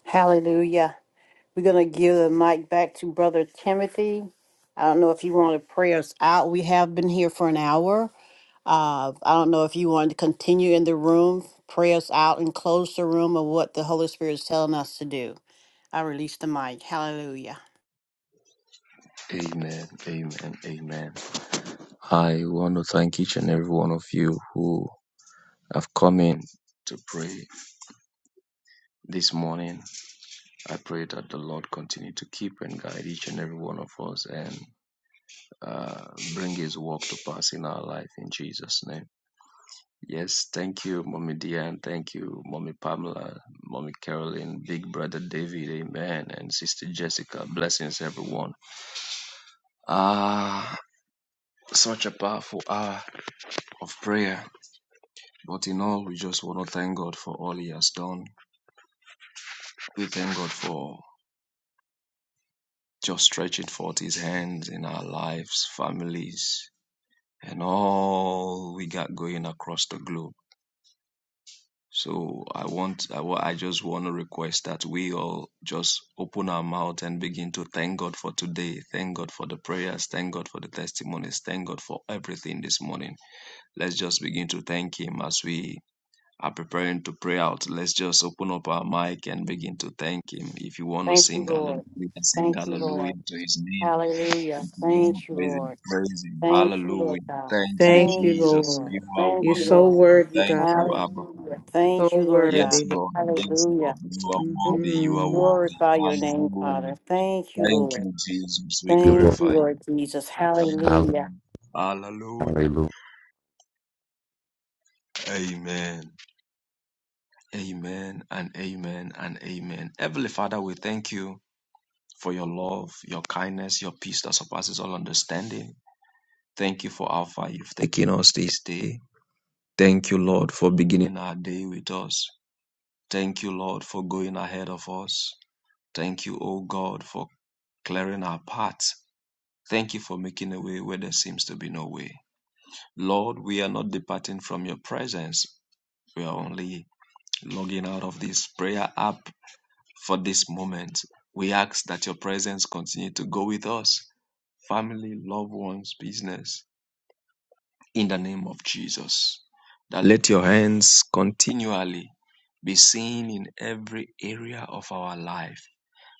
C: Hallelujah. We're going to give the mic back to Brother Timothy. I don't know if you want to pray us out. We have been here for an hour. Uh, I don't know if you want to continue in the room, pray us out, and close the room of what the Holy Spirit is telling us to do. I release the mic. Hallelujah.
B: Amen. Amen. Amen. I want to thank each and every one of you who have come in to pray this morning. I pray that the Lord continue to keep and guide each and every one of us and uh, bring His work to pass in our life in Jesus' name. Yes, thank you, Mommy Diane. Thank you, Mommy Pamela, Mommy Caroline, Big Brother David, Amen, and Sister Jessica. Blessings, everyone. Ah, such a powerful hour of prayer. But in all, we just want to thank God for all He has done. We thank God for just stretching forth His hands in our lives, families, and all we got going across the globe. So I want, I, wa- I just want to request that we all just open our mouth and begin to thank God for today. Thank God for the prayers. Thank God for the testimonies. Thank God for everything this morning. Let's just begin to thank Him as we are preparing to pray out. Let's just open up our mic and begin to thank Him. If you want to
C: Thank you,
B: sing hallelujah,
C: Lord.
B: sing
C: Thank you,
B: hallelujah
C: Lord.
B: to His name. If
C: Hallelujah.
B: you want
C: Thank you,
B: to Praise Him,
C: Lord.
B: praise Him.
C: Thank you, Lord
B: Hallelujah.
C: God.
B: Thank you,
A: Thank
C: Thank
A: you,
C: you,
B: Jesus.
C: Lord.
A: Lord.
B: You are
C: Thank
A: You're
C: you,
A: so
C: Lord.
B: wonderful.
A: worthy,
B: Thank
A: God.
B: you, Abba.
C: Hallelujah.
A: So
C: Thank you, Lord
B: Yes,
C: God.
A: worthy,
B: Lord. Yes,
C: Hallelujah.
B: Lord. You are
C: We
B: worthy. You are
A: hmm
B: worthy.
C: Glorify your name,
B: Hallelujah.
C: Father. Thank you,
B: Thank
C: Lord.
B: you, Jesus. We
F: you,
C: Thank
F: Lord.
C: you,
B: glorify you.
C: Lord Jesus.
B: Thank you.
F: Hallelujah.
C: Hallelujah.
B: Hallelujah.
F: Hallelujah.
B: Amen. Amen and amen and amen. Heavenly Father, we thank you for your love, your kindness, your peace that surpasses all understanding. Thank you for how far you've taken us this day. Thank you, Lord, for beginning our day with us. Thank you, Lord, for going ahead of us. Thank you, O God, for clearing our path Thank you for making a way where there seems to be no way. Lord, we are not departing from your presence. We are only logging out of this prayer app for this moment. We ask that your presence continue to go with us, family, loved ones, business, in the name of Jesus. That let your hands continually be seen in every area of our life.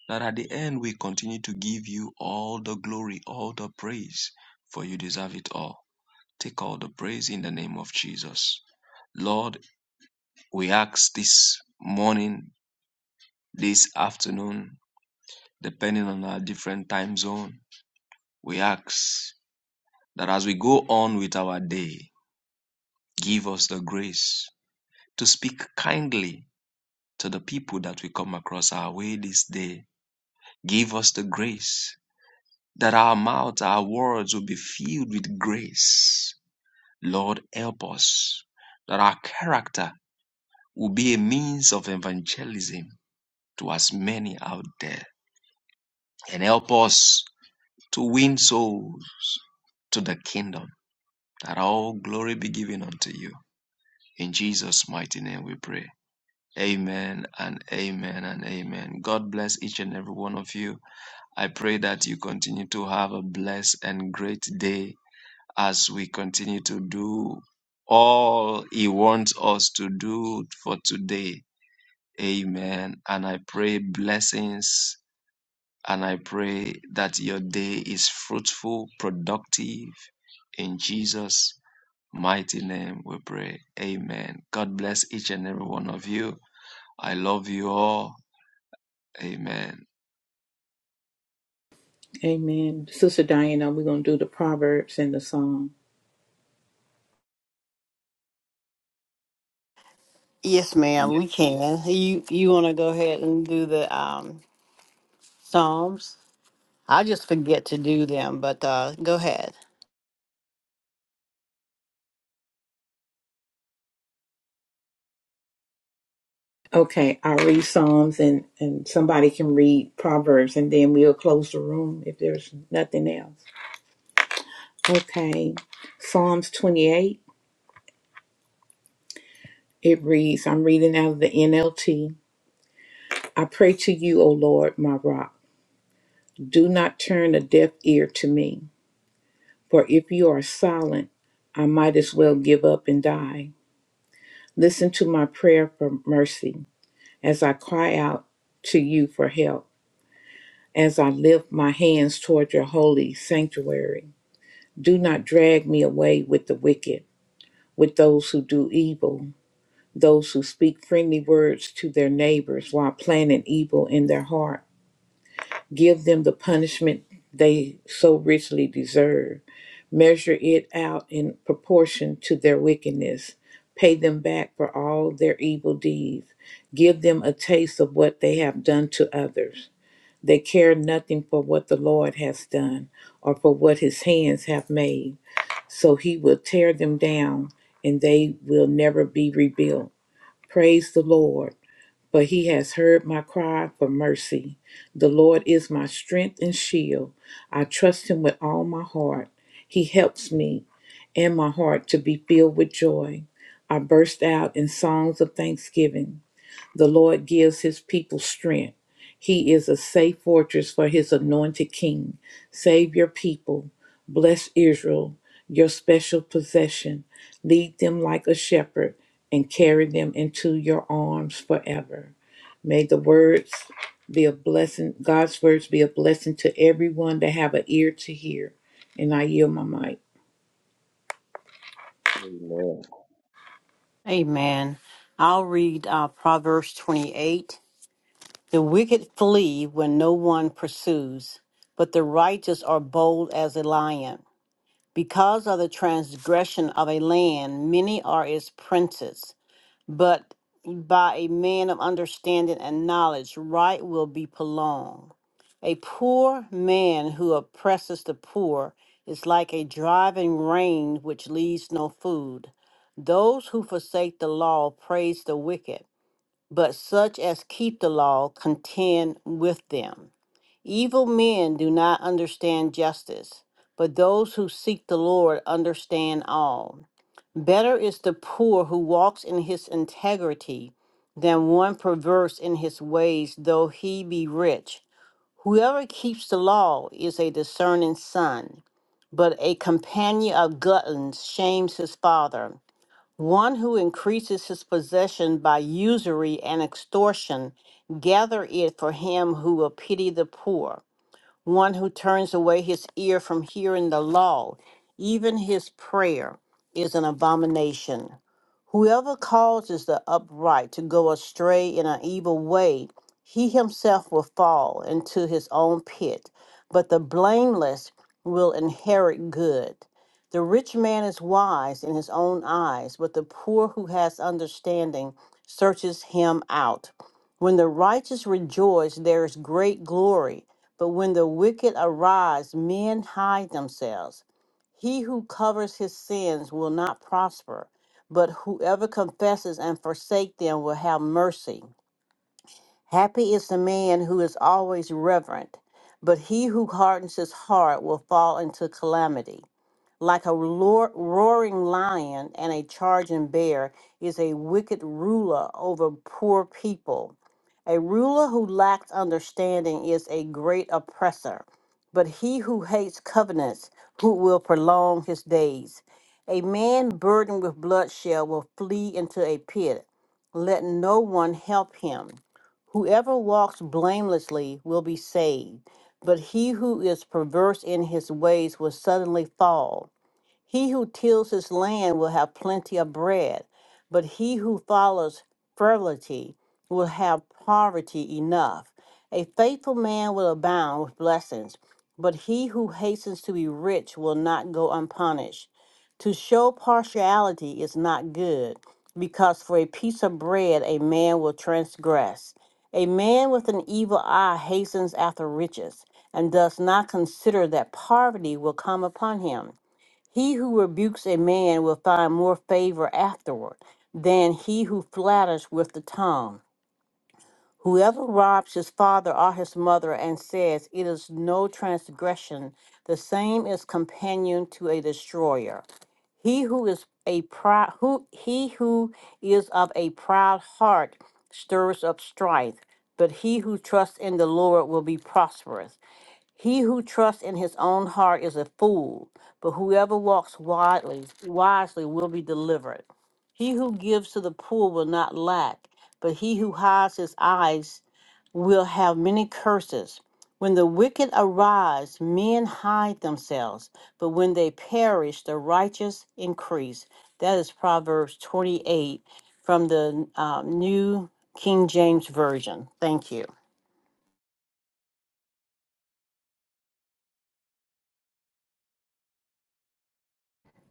B: That at the end we continue to give you all the glory, all the praise, for you deserve it all. Take all the praise in the name of Jesus. Lord, we ask this morning, this afternoon, depending on our different time zone, we ask that as we go on with our day, give us the grace to speak kindly to the people that we come across our way this day. Give us the grace that our mouth, our words will be filled with grace. Lord, help us that our character will be a means of evangelism to as many out there and help us to win souls to the kingdom. That all glory be given unto you. In Jesus' mighty name we pray. Amen and amen and amen. God bless each and every one of you. I pray that you continue to have a blessed and great day as we continue to do all He wants us to do for today. Amen. And I pray blessings And I pray that your day is fruitful, productive. In Jesus' mighty name we pray. Amen. God bless each and every one of you. I love you all. Amen.
A: Amen. Sister Diana, we're going to do the Proverbs and the Psalm.
C: Yes, ma'am,
B: Yeah,
C: we can. You you wanna go ahead and do the um Psalms? I just forget to do them, but uh go ahead.
A: Okay, I'll read Psalms and, and somebody can read Proverbs and then we'll close the room if there's nothing else. Okay, Psalms 28. It reads, I'm reading out of the NLT. I pray to you, O Lord, my rock. Do not turn a deaf ear to me, for if you are silent, I might as well give up and die. Listen to my prayer for mercy. as I cry out to you for help, as I lift my hands toward your holy sanctuary. Do not drag me away with the wicked, with those who do evil, those who speak friendly words to their neighbors while planning evil in their heart. Give them the punishment they so richly deserve. Measure it out in proportion to their wickedness. Pay them back for all their evil deeds. Give them a taste of what they have done to others. They care nothing for what the Lord has done or for what his hands have made. So he will tear them down and they will never be rebuilt. Praise the Lord, for he has heard my cry for mercy. The Lord is my strength and shield. I trust him with all my heart. He helps me and my heart to be filled with joy. I burst out in songs of thanksgiving. The Lord gives his people strength. He is a safe fortress for his anointed king. Save your people. Bless Israel, your special possession. Lead them like a shepherd and carry them into your arms forever. May the words be a blessing, God's words be a blessing to everyone that have an ear to hear. And I yield my mic.
B: amen.
C: Amen. I'll read uh, Proverbs 28. The wicked flee when no one pursues, but the righteous are bold as a lion. Because of the transgression of a land, many are its princes, but by a man of understanding and knowledge, right will be prolonged. A poor man who oppresses the poor is like a driving rain which leaves no food. Those who forsake the law praise the wicked, but such as keep the law contend with them. Evil men do not understand justice, but those who seek the Lord understand all. Better is the poor who walks in his integrity than one perverse in his ways, though he be rich. Whoever keeps the law is a discerning son, but a companion of gluttons shames his father. One who increases his possession by usury and extortion, gather it for him who will pity the poor one who turns away his ear from hearing the law, even his prayer is an abomination. Whoever causes the upright to go astray in an evil way, he himself will fall into his own pit, but the blameless will inherit good. The rich man is wise in his own eyes, but the poor who has understanding searches him out. When the righteous rejoice, there is great glory but when the wicked arise, men hide themselves. He who covers his sins will not prosper, but whoever confesses and forsakes them will have mercy. Happy is the man who is always reverent, but he who hardens his heart will fall into calamity. Like a lor- roaring lion and a charging bear is a wicked ruler over poor people. A ruler who lacks understanding is a great oppressor, but he who hates covenants who will prolong his days. A man burdened with bloodshed will flee into a pit. Let no one help him. Whoever walks blamelessly will be saved, but he who is perverse in his ways will suddenly fall. He who tills his land will have plenty of bread, but he who follows frivolity will have poverty enough. A faithful man will abound with blessings, but he who hastens to be rich will not go unpunished. To show partiality is not good, because for a piece of bread a man will transgress. A man with an evil eye hastens after riches and does not consider that poverty will come upon him. He who rebukes a man will find more favor afterward than he who flatters with the tongue. Whoever robs his father or his mother and says, It is no transgression, the same is companion to a destroyer. He who is a proud who he who is of a proud heart stirs up strife, but he who trusts in the Lord will be prosperous. He who trusts in his own heart is a fool, but whoever walks wisely, wisely will be delivered. He who gives to the poor will not lack, but he who hides his eyes will have many curses. When the wicked arise, men hide themselves, but when they perish, the righteous increase. That is Proverbs 28 from the um, New King James Version. Thank you.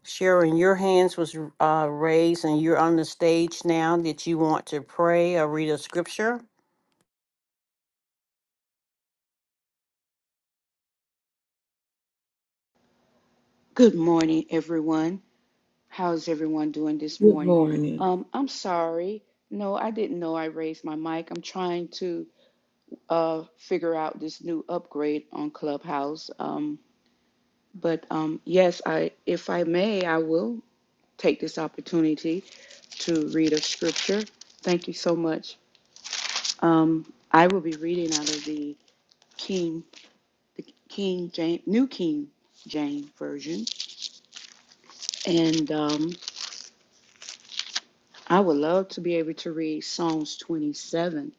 C: Sharon, your hands was uh, raised, and you're on the stage now. Did you want to pray or read a scripture?
G: Good morning, everyone. How's everyone doing this
A: Good
G: morning?
A: morning.
G: Um, I'm sorry. No, I didn't know I raised my mic. I'm trying to uh, figure out this new upgrade on Clubhouse. Um, but um, yes, I, if I may, I will take this opportunity to read a scripture. Thank you so much. Um, I will be reading out of the King, the King James, New King James version, and. um, I would love to be able to read Psalms 27,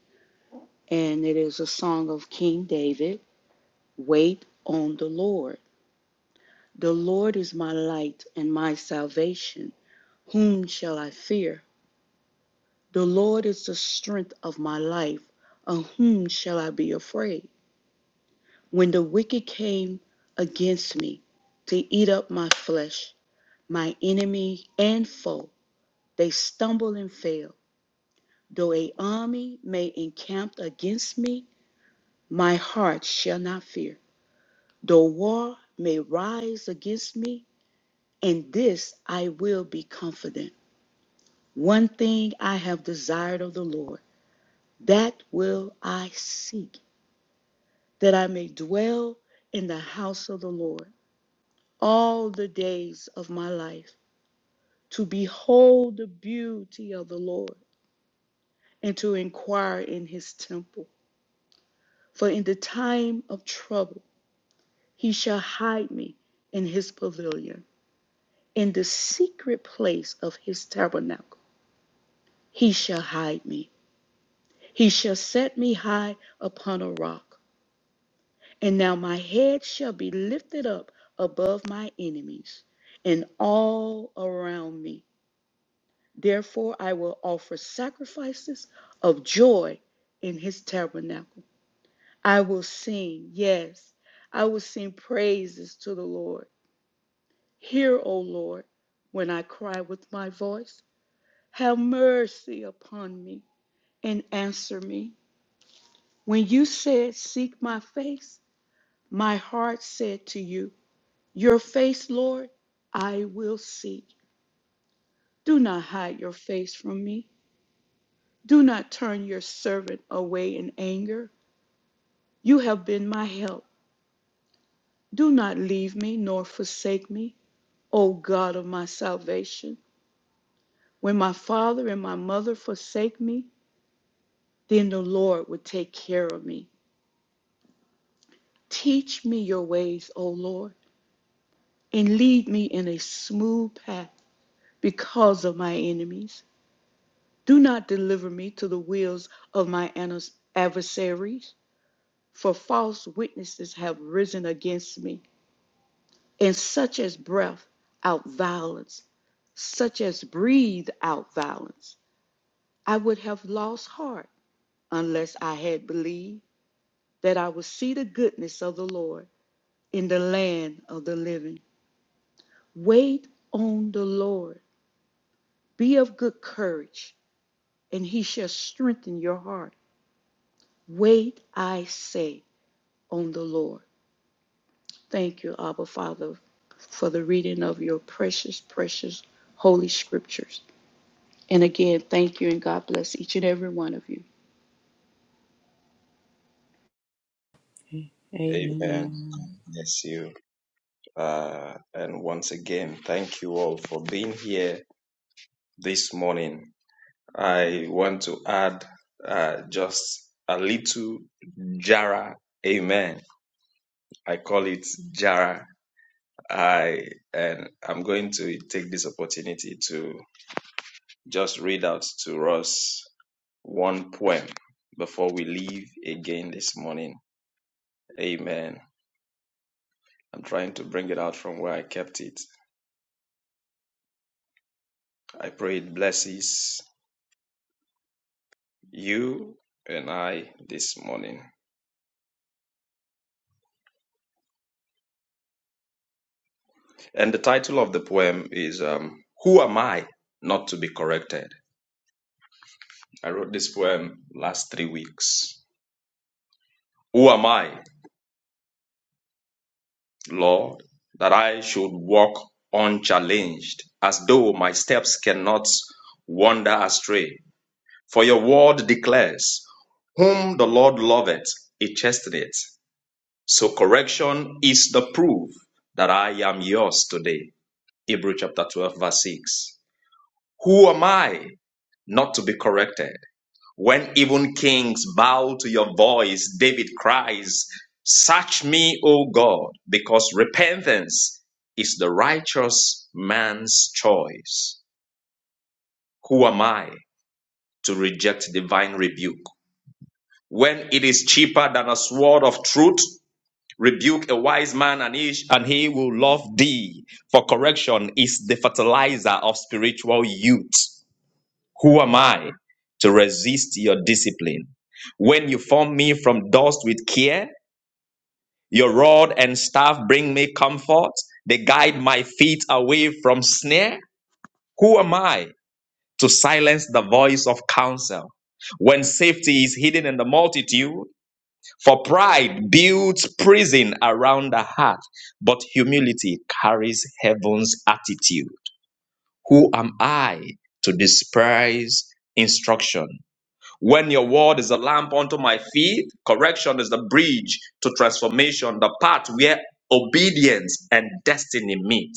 G: and it is a song of King David Wait on the Lord. The Lord is my light and my salvation. Whom shall I fear? The Lord is the strength of my life. Of whom shall I be afraid? When the wicked came against me to eat up my flesh, my enemy and foe, they stumble and fail. Though a army may encamp against me, My heart shall not fear. Though war may rise against me, in this I will be confident. One thing I have desired of the Lord, that will I seek, that I may dwell in the house of the Lord all the days of my life, to behold the beauty of the Lord and to inquire in his temple. For in the time of trouble, he shall hide me in his pavilion. in the secret place of his tabernacle. He shall hide me. He shall set me high upon a rock. And now my head shall be lifted up above my enemies and all around me. Therefore, I will offer sacrifices of joy in his tabernacle. I will sing, yes, I will sing praises to the Lord. Hear, O Lord, when I cry with my voice. Have mercy upon me and answer me. When you said, Seek my face, my heart said to you, Your face, Lord, I will seek. Do not hide your face from me. Do not turn your servant away in anger. You have been my help. Do not leave me nor forsake me, O God of my salvation. When my father and my mother forsake me, then the Lord will take care of me. Teach me your ways, O Lord, and lead me in a smooth path because of my enemies. Do not deliver me to the wills of my adversaries, for false witnesses have risen against me, and such as breath out violence, such as breathe out violence. I would have lost heart unless I had believed that I would see the goodness of the Lord in the land of the living. Wait on the Lord. Be of good courage, and he shall strengthen your heart. Wait, I say, on the Lord. Thank you, Abba Father, for the reading of your precious, precious holy scriptures. And again, thank you and God bless each and every one of you.
B: And
A: Amen.
B: uh, yeah, this uh, uh, just a little jara. Amen. I I and I'm going to take this opportunity to just read out to us one poem before we leave again this morning. Amen. I'm trying to bring it out from where I kept it. I pray it blesses you and I this morning. And the title of the poem is um, Who Am I Not to Be Corrected? I wrote this poem last three weeks. Who am I, Lord, that I should walk unchallenged as though my steps cannot wander astray? For your word declares, Whom the Lord loveth, he chasteneth So correction is the proof that I am yours today. Hebrew chapter 12, verse 6. Who am I not to be corrected? When even kings bow to your voice, David cries, Search me, O God, because repentance is the righteous man's choice. Who am I to reject divine rebuke? When it is cheaper than a sword of truth Rebuke a wise man and he, and he will love thee. For correction is the fertilizer of spiritual youth. Who am I to resist your discipline? When you form me from dust with care, your rod and staff bring me comfort. They guide my feet away from snare. Who am I to silence the voice of counsel? When safety is hidden in the multitude, for pride builds prison around the heart, but humility carries heaven's attitude. Who am I to despise instruction? When your word is a lamp unto my feet, correction is the bridge to transformation, the path where obedience and destiny meet.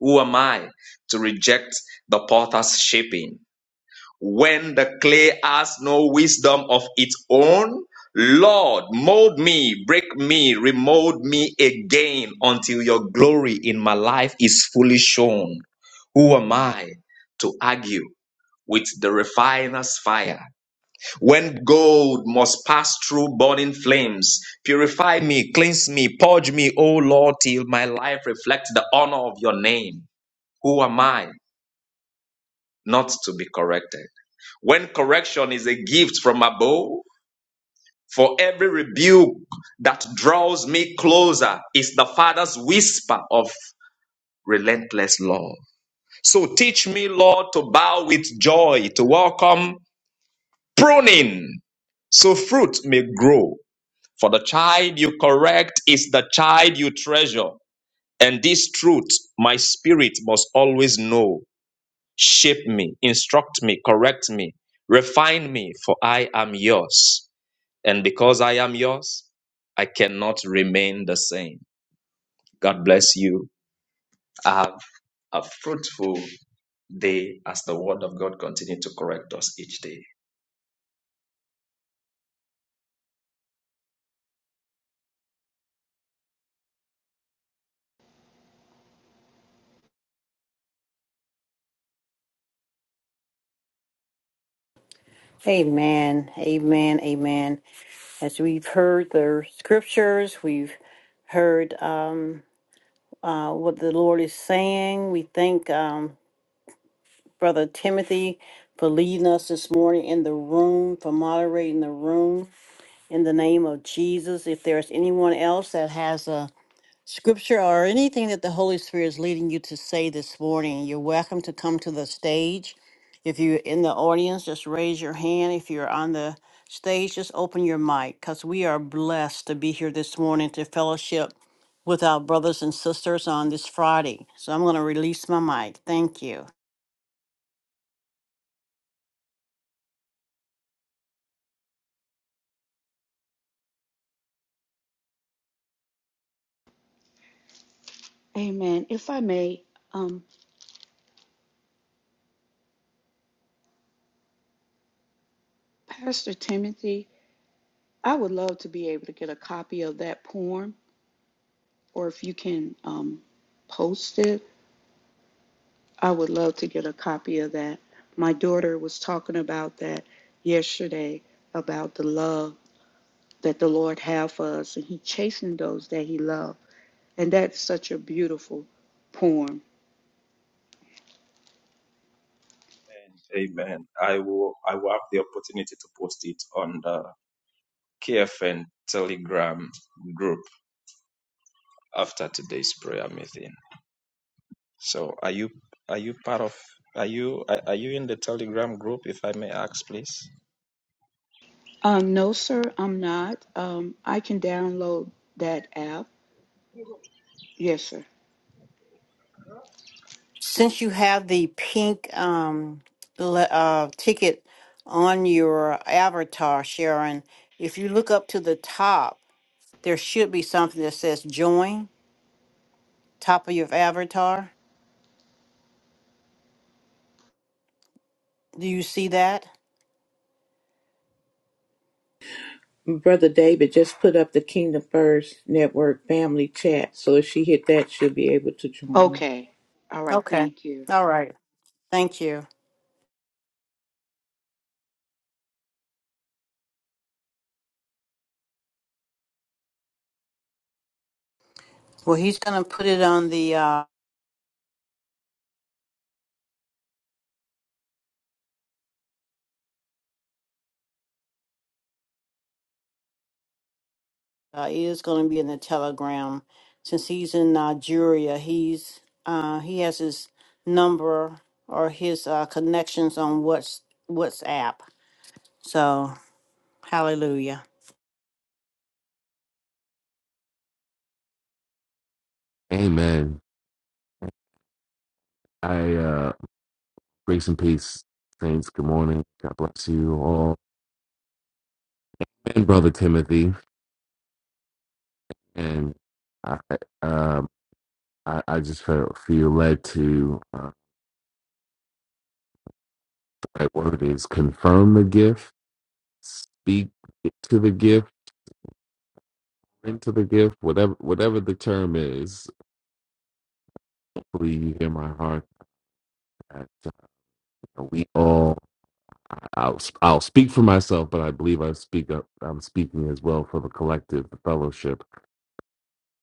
B: Who am I to reject the potter's shaping? When the clay has no wisdom of its own, Lord, mold me, break me, remold me again until your glory in my life is fully shown. Who am I to argue with the refiner's fire? When gold must pass through burning flames, purify me, cleanse me, purge me, O Lord, till my life reflects the honor of your name. Who am I not to be corrected? When correction is a gift from above, for every rebuke that draws me closer is the Father's whisper of relentless love. So teach me, Lord, to bow with joy, to welcome pruning, so fruit may grow. For the child you correct is the child you treasure. And this truth my spirit must always know. Shape me, instruct me, correct me, refine me, for I am yours. And because I am yours, I cannot remain the same. God bless you. Have a fruitful day as the word of God continues to correct us each day.
C: Amen. Amen. Amen. as we've heard the scriptures, we've heard um, uh, what the Lord is saying. We thank um, Brother Timothy for leading us this morning in the room, for moderating the room in the name of Jesus. If there's anyone else that has a scripture or anything that the Holy Spirit is leading you to say this morning, you're welcome to come to the stage. If you're in the audience, just raise your hand. If you're on the stage, just open your mic because we are blessed to be here this morning to fellowship with our brothers and sisters on this Friday. So I'm going to release my mic. Thank you.
G: Amen. If I may, um, Pastor Timothy, I would love to be able to get a copy of that poem, or if you can um, post it, I would love to get a copy of that. My daughter was talking about that yesterday about the love. that the Lord have for us, and He chastened those that He loved. And that's such a beautiful poem.
B: Amen. Amen. I will I will have the opportunity to post it on the KFN Telegram group after today's prayer meeting. So are you are you part of are you are are you in the Telegram group if I may ask please?
G: Um, no, sir, I'm not. Um, I can download that app. Yes, sir.
C: Since you have the pink um, le- uh, ticket on your avatar, Sharon, if you look up to the top, there should be something that says join top of your avatar. Do you see that?
A: Brother David just put up the Kingdom First Network family chat, so if she hit that, she'll be able to join.
G: Okay. All right.
C: Okay.
G: Thank you.
C: All right. Thank you. Well, he's going to put it on the, uh, uh, it is going to be in the telegram. Since he's in Nigeria, he's, uh, he has his number or his uh, connections on what's, WhatsApp. So, hallelujah.
F: Amen. I uh grace and peace, saints. Good morning. God bless you all. And brother Timothy. And I um I, I just felt feel led to uh the right word is confirm the gift, speak to the gift, into the gift, whatever whatever the term is. Hopefully you hear my heart that we all I'll I'll speak for myself, but I believe I speak up I'm speaking as well for the collective, the fellowship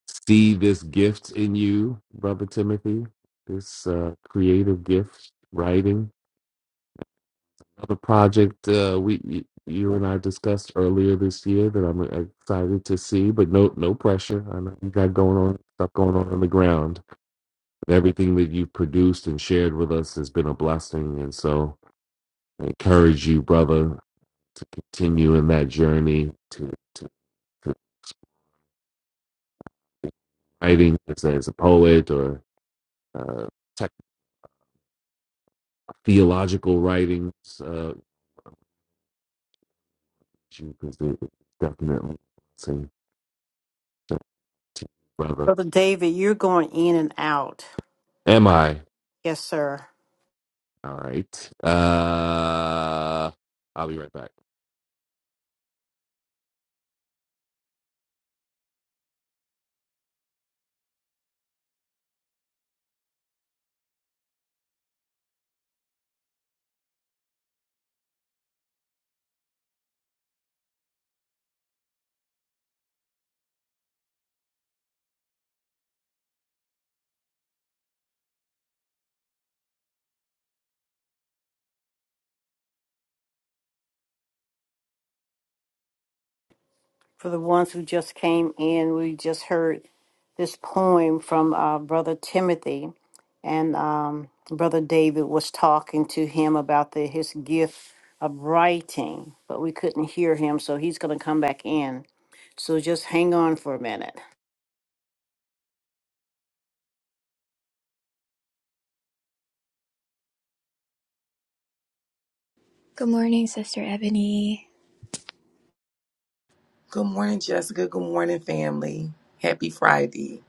F: see this gift in you, Brother Timothy, this uh, creative gift, writing. Another project uh, we y- you and I discussed earlier this year that I'm uh, excited to see, but no no pressure. I know you got going on stuff going on on the ground. Everything that you've produced and shared with us has been a blessing, and so I encourage you, brother, to continue in that journey to to, to writing as, as a poet or uh, tech theological writings. uh, because it it definitely same team brother.
C: Brother David, you're going in and out.
F: Am I?
C: Yes, sir.
F: All right. Uh, I'll be right back.
C: For the ones who just came in, we just heard this poem from uh, Brother Timothy, and um, Brother David was talking to him about the, his gift of writing, but we couldn't hear him, so he's going to come back in. So just hang on for a minute.
E: Good morning, Sister Ebony.
H: Good morning, Jessica. Good morning, family. Happy Friday.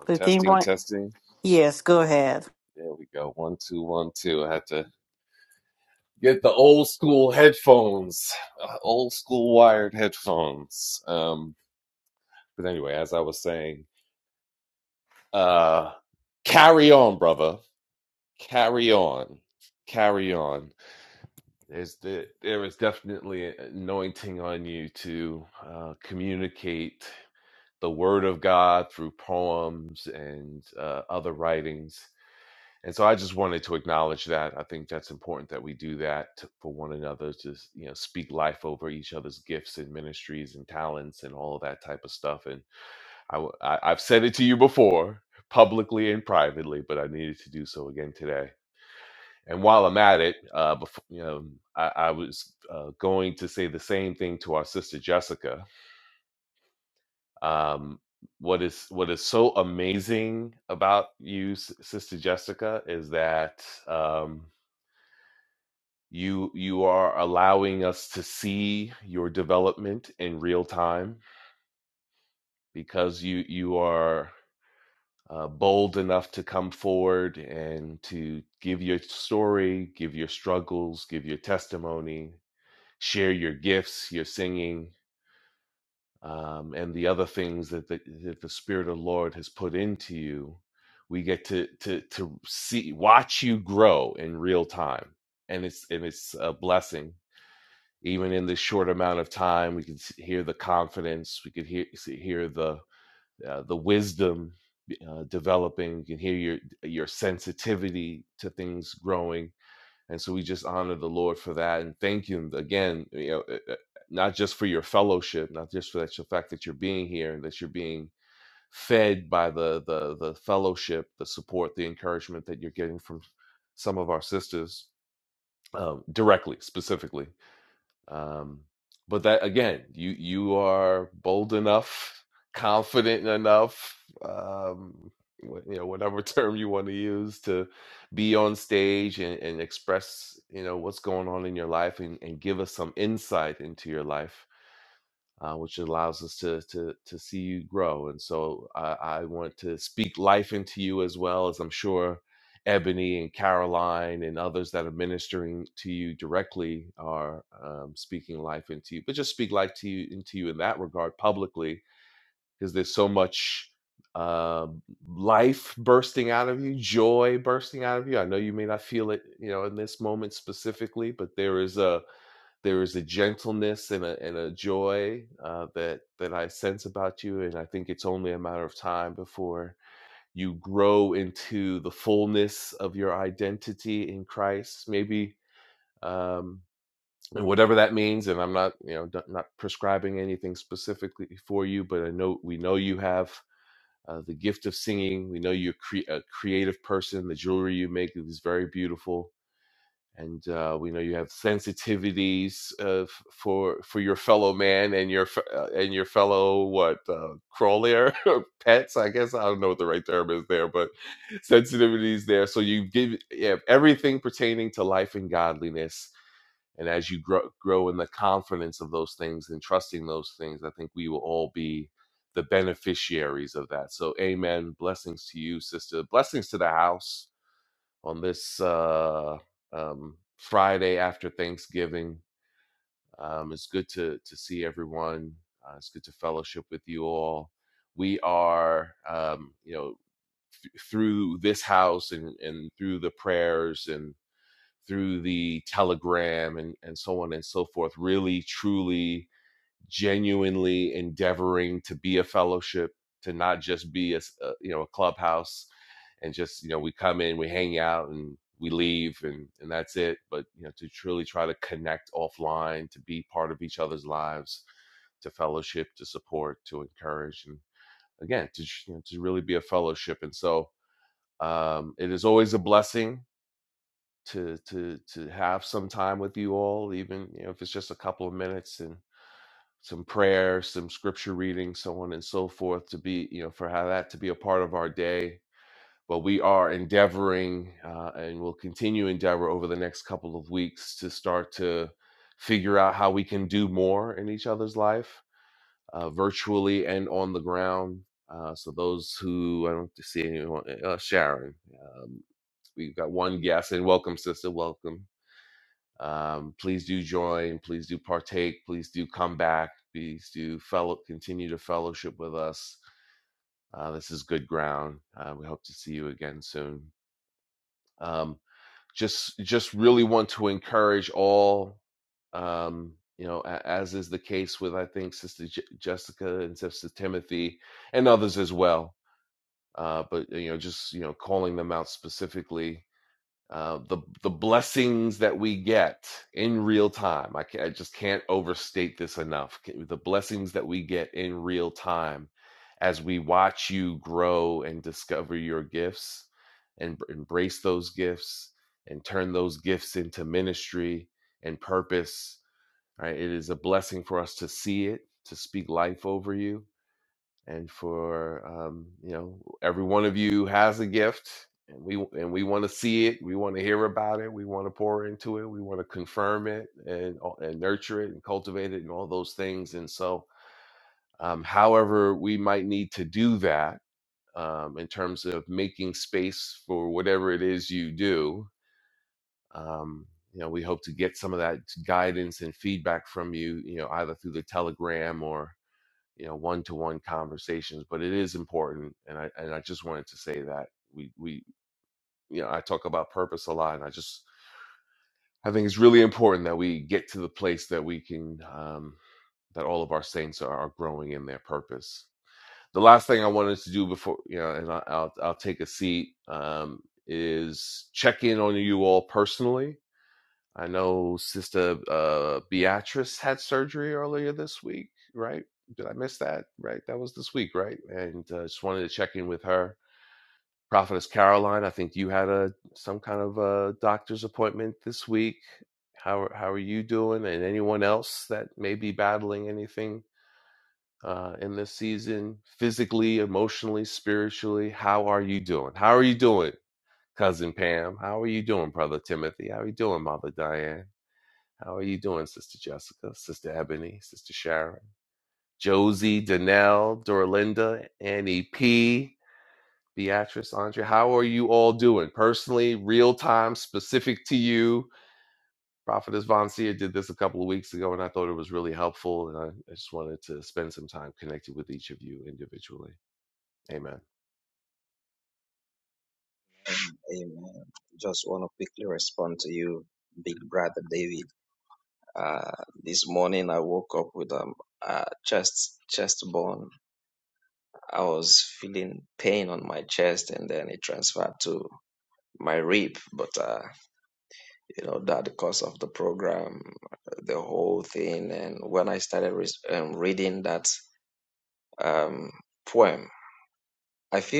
F: Oh,
C: If
F: testing,
C: anyone,
F: testing.
C: yes, go ahead.
F: There we go. One, two, one, two. I had to get the old school headphones, uh, old school wired headphones. Um, but anyway, as I was saying, uh, carry on, brother. Carry on. Carry on. There's the, there is definitely an anointing on you to uh, communicate the word of God through poems and uh, other writings. And so I just wanted to acknowledge that. I think that's important that we do that to- for one another to you know speak life over each other's gifts and ministries and talents and all of that type of stuff. And I, w- I- I've said it to you before publicly and privately, but I needed to do so again today and while I'm at it, uh, before, you know, I, I was uh, going to say the same thing to our sister Jessica. Um, what is what is so amazing about you, S- sister Jessica, is that um, you you are allowing us to see your development in real time because you you are uh, bold enough to come forward and to give your story, give your struggles, give your testimony, share your gifts, your singing, um, and the other things that the, that the Spirit of the Lord has put into you. We get to to to see, watch you grow in real time, and it's and it's a blessing. Even in this short amount of time, we can hear the confidence. We can hear hear the uh, the wisdom uh, developing. You can hear your your sensitivity to things growing and so we just honor the lord for that and thank him again you know uh, uh, not just for your fellowship not just for that the fact that you're being here and that you're being fed by the the the fellowship the support the encouragement that you're getting from some of our sisters um, directly specifically um, but that again, you you are bold enough, confident enough, um, you know, whatever term you want to use to be on stage and, and express, you know, what's going on in your life and, and give us some insight into your life uh, which allows us to to to see you grow. And so I, I want to speak life into you as well as I'm sure Ebony and Caroline and others that are ministering to you directly are um, speaking life into you. But just speak life to you into you in that regard publicly, because there's so much uh, life bursting out of you, joy bursting out of you. I know you may not feel it, you know, in this moment specifically, but there is a there is a gentleness and a, and a joy uh, that that I sense about you, and I think it's only a matter of time before you grow into the fullness of your identity in Christ. Maybe um, and whatever that means, and I'm not you know not prescribing anything specifically for you, but I know we know you have. Uh, the gift of singing. We know you're cre- a creative person. The jewelry you make is very beautiful and uh, we know you have sensitivities uh, f- for for your fellow man and your f- uh, and your fellow what uh, crawler or pets. I guess I don't know what the right term is there, but sensitivities there. So you give you have everything pertaining to life and godliness. And as you grow, grow in the confidence of those things and trusting those things, I think we will all be the beneficiaries of that. So, amen. Blessings to you, sister. Blessings to the house on this uh, um, Friday after Thanksgiving. Um, it's good to to see everyone. Uh, it's good to fellowship with you all. We are, um, you know, th- through this house and and through the prayers and through the telegram and and so on and so forth. Really, truly genuinely endeavoring to be a fellowship, to not just be a a you know a clubhouse, and just you know we come in, we hang out, and we leave, and and that's it. But you know to truly try to connect offline, to be part of each other's lives, to fellowship, to support, to encourage, and again to you know, to really be a fellowship. And so um, it is always a blessing to to to have some time with you all, even you know if it's just a couple of minutes, and some prayer, some scripture reading, so on and so forth, to be, you know, for how that to be a part of our day. But we are endeavoring uh, and will continue endeavor over the next couple of weeks to start to figure out how we can do more in each other's life, uh, virtually and on the ground. Uh, so those who I don't see anyone, uh, Sharon, um, we've got one guest, and welcome, sister, welcome um, please do join. Please do partake. Please do come back. Please do fellow continue to fellowship with us. Uh, this is good ground. Uh, we hope to see you again soon. Um, just just really want to encourage all. Um, you know, as is the case with I think Sister J- Jessica and Sister Timothy and others as well. Uh, but you know, just you know, calling them out specifically uh, the the blessings that we get in real time. I, can, I just can't overstate this enough. The blessings that we get in real time as we watch you grow and discover your gifts and embrace those gifts and turn those gifts into ministry and purpose. Right? It is a blessing for us to see it, to speak life over you and for um, you know every one of you has a gift and we and we want to see it we want to hear about it we want to pour into it we want to confirm it and and nurture it and cultivate it and all those things and so um, however we might need to do that um, in terms of making space for whatever it is you do um, you know we hope to get some of that guidance and feedback from you you know either through the telegram or you know one to one conversations but it is important and i and i just wanted to say that we we you know i talk about purpose a lot and i just i think it's really important that we get to the place that we can um that all of our saints are, are growing in their purpose the last thing i wanted to do before you know and I, i'll i'll take a seat um is check in on you all personally I know Sister uh, Beatrice had surgery earlier this week, right? Did I miss that? Right, that was this week, right? And uh, just wanted to check in with her. Prophetess Caroline, I think you had a some kind of a doctor's appointment this week. How how are you doing? And anyone else that may be battling anything uh, in this season, physically, emotionally, spiritually, how are you doing? How are you doing, cousin Pam? How are you doing, brother Timothy? How are you doing, mother Diane? How are you doing, Sister Jessica, Sister Ebony, Sister Sharon, Josie, Danelle, Dorlinda, Annie P, Beatrice, Andrea? How are you all doing? Personally, real time, specific to you. Prophetess Von Seer did this a couple of weeks ago, and I thought it was really helpful. And I, I just wanted to spend some time connected with each of you individually. Amen.
B: Amen. Just want to quickly respond to you, big brother David. Uh, this morning I woke up with um uh, chest chest bone. I was feeling pain on my chest, and then it transferred to my rib. But uh, you know that because of the program, the whole thing, and when I started re- um poem, I feel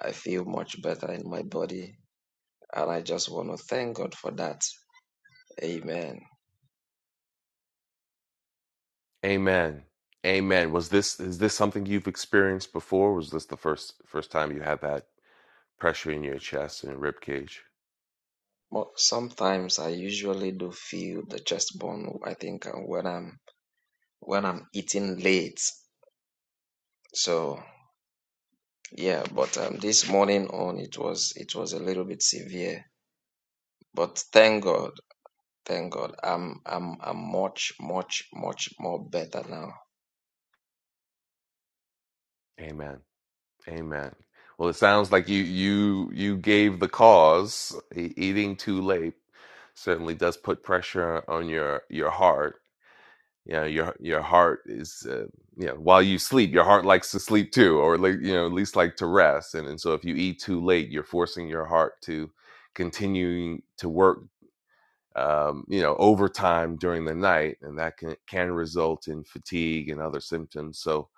B: I feel and I like amen.
F: Amen. Amen. Was this is this something you've experienced before? Was this the first first time you had that pressure in your chest and rib cage?
B: Mo-
F: Amen. Amen. Well, it sounds like you you you gave the cause. E- Eating too late certainly does put pressure on your your heart. You know, your your heart is uh, you know while you sleep, your heart likes to sleep too, or like you know at least like to rest. And and so if you eat too late, you're forcing your heart to continuing to work. Um, you know, overtime during the night, and that can can result in fatigue and other symptoms. So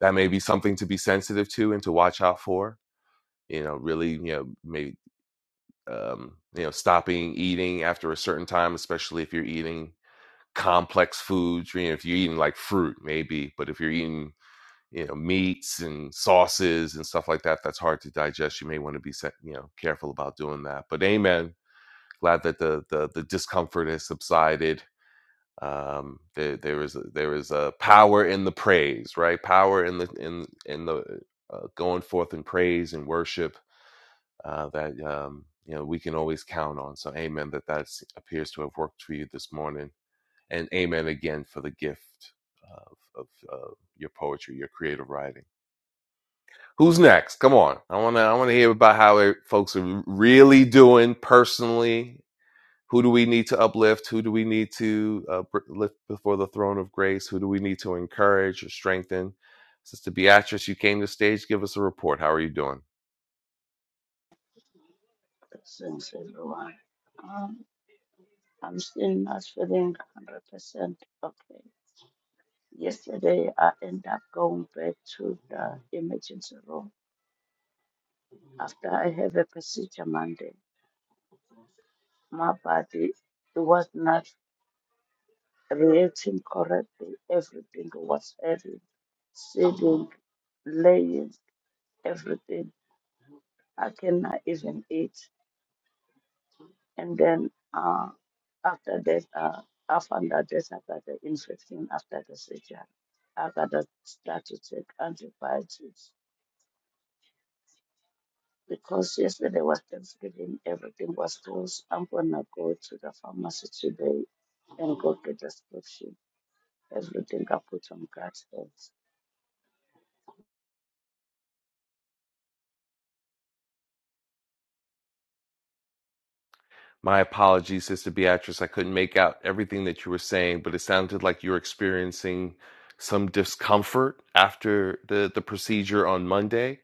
F: that may be something to be sensitive to and to watch out for you know really you know maybe um you know stopping eating after a certain time especially if you're eating complex foods you know, if you're eating like fruit maybe but if you're eating you know meats and sauces and stuff like that that's hard to digest you may want to be se- you know careful about doing that but amen glad that the the, the discomfort has subsided um there there is a, there is a power in the praise right power in the in in the uh, going forth in praise and worship uh, that um, you know we can always count on. So, Amen. That that appears to have worked for you this morning, and Amen again for the gift of of uh, your poetry, your creative writing. Who's next? Come on, I want to I want to hear about how it, folks are really doing personally. Who do we need to uplift? Who do we need to uh, lift before the throne of grace? Who do we need to encourage or strengthen? Sister Beatrice, you came to the stage. Give us a report. How are you doing?
I: Since everyone, um, I'm still not feeling 100% okay. Yesterday, I end up going back to the emergency room after I have a procedure Monday. My body was not reacting correctly. Everything was heavy, sitting, laying, everything. I cannot even eat. And then uh, after that, uh, I found out that I got the infection after the surgery. I got to start to take antibiotics because yesterday was Thanksgiving, everything was closed. I'm gonna go to the pharmacy today and go get the prescription. Everything I put on God's hands.
F: My apologies, Sister Beatrice. I couldn't make out everything that you were saying, but it sounded like you were experiencing some discomfort after the, the procedure on Monday.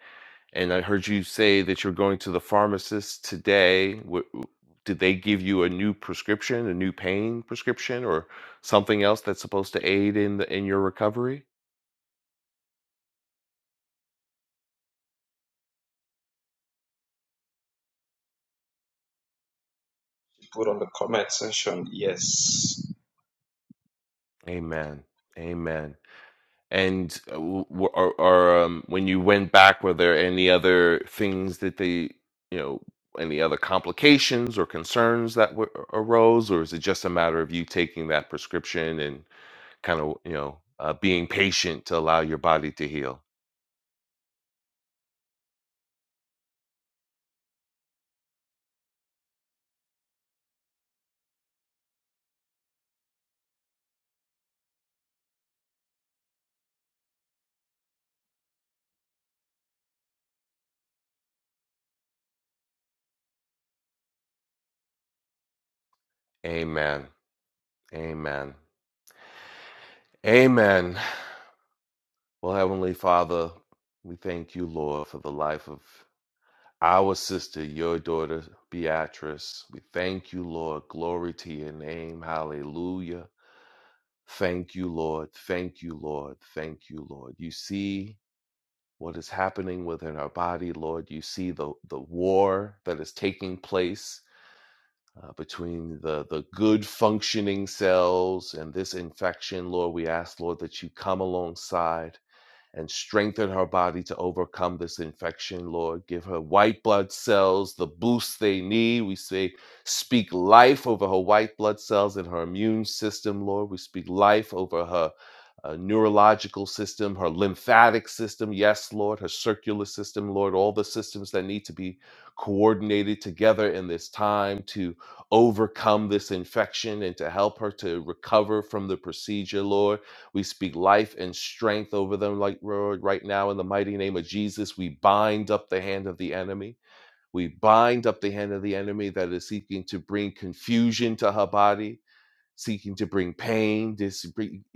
F: And I heard you say that you're going to the pharmacist today. W- w- Did they give you a new prescription, a new pain prescription, or something else that's supposed to aid in the in your recovery?
B: Put on the comment section. Yes.
F: Amen. Amen. And uh, w- or, or um, when you went back, were there any other things that they, you know, any other complications or concerns that were, arose, or is it just a matter of you taking that prescription and kind of, you know, uh, being patient to allow your body to heal? Amen. Amen. Amen. Well, Heavenly Father, we thank you, Lord, for the life of Our sister, your daughter Beatrice, we thank you, Lord. Glory to your name. Hallelujah. Thank you, Lord. Thank you, Lord. Thank you, Lord. You see what is happening within our body, Lord. You see the, the war that is taking place uh, between the, the good functioning cells and this infection, Lord. We ask, Lord, that you come alongside and strengthen her body to overcome this infection, Lord. Give her white blood cells the boost they need. We say, speak life over her white blood cells and her immune system, Lord. We speak life over her. uh, neurological system, her lymphatic system, yes, Lord, her circular system, Lord, all the systems that need to be coordinated together in this time to overcome this infection and to help her to recover from the procedure, Lord. We speak life and strength over them, like Lord, right now in the mighty name of Jesus. We bind up the hand of the enemy. We bind up the hand of the enemy that is seeking to bring confusion to her body seeking to bring pain, dis-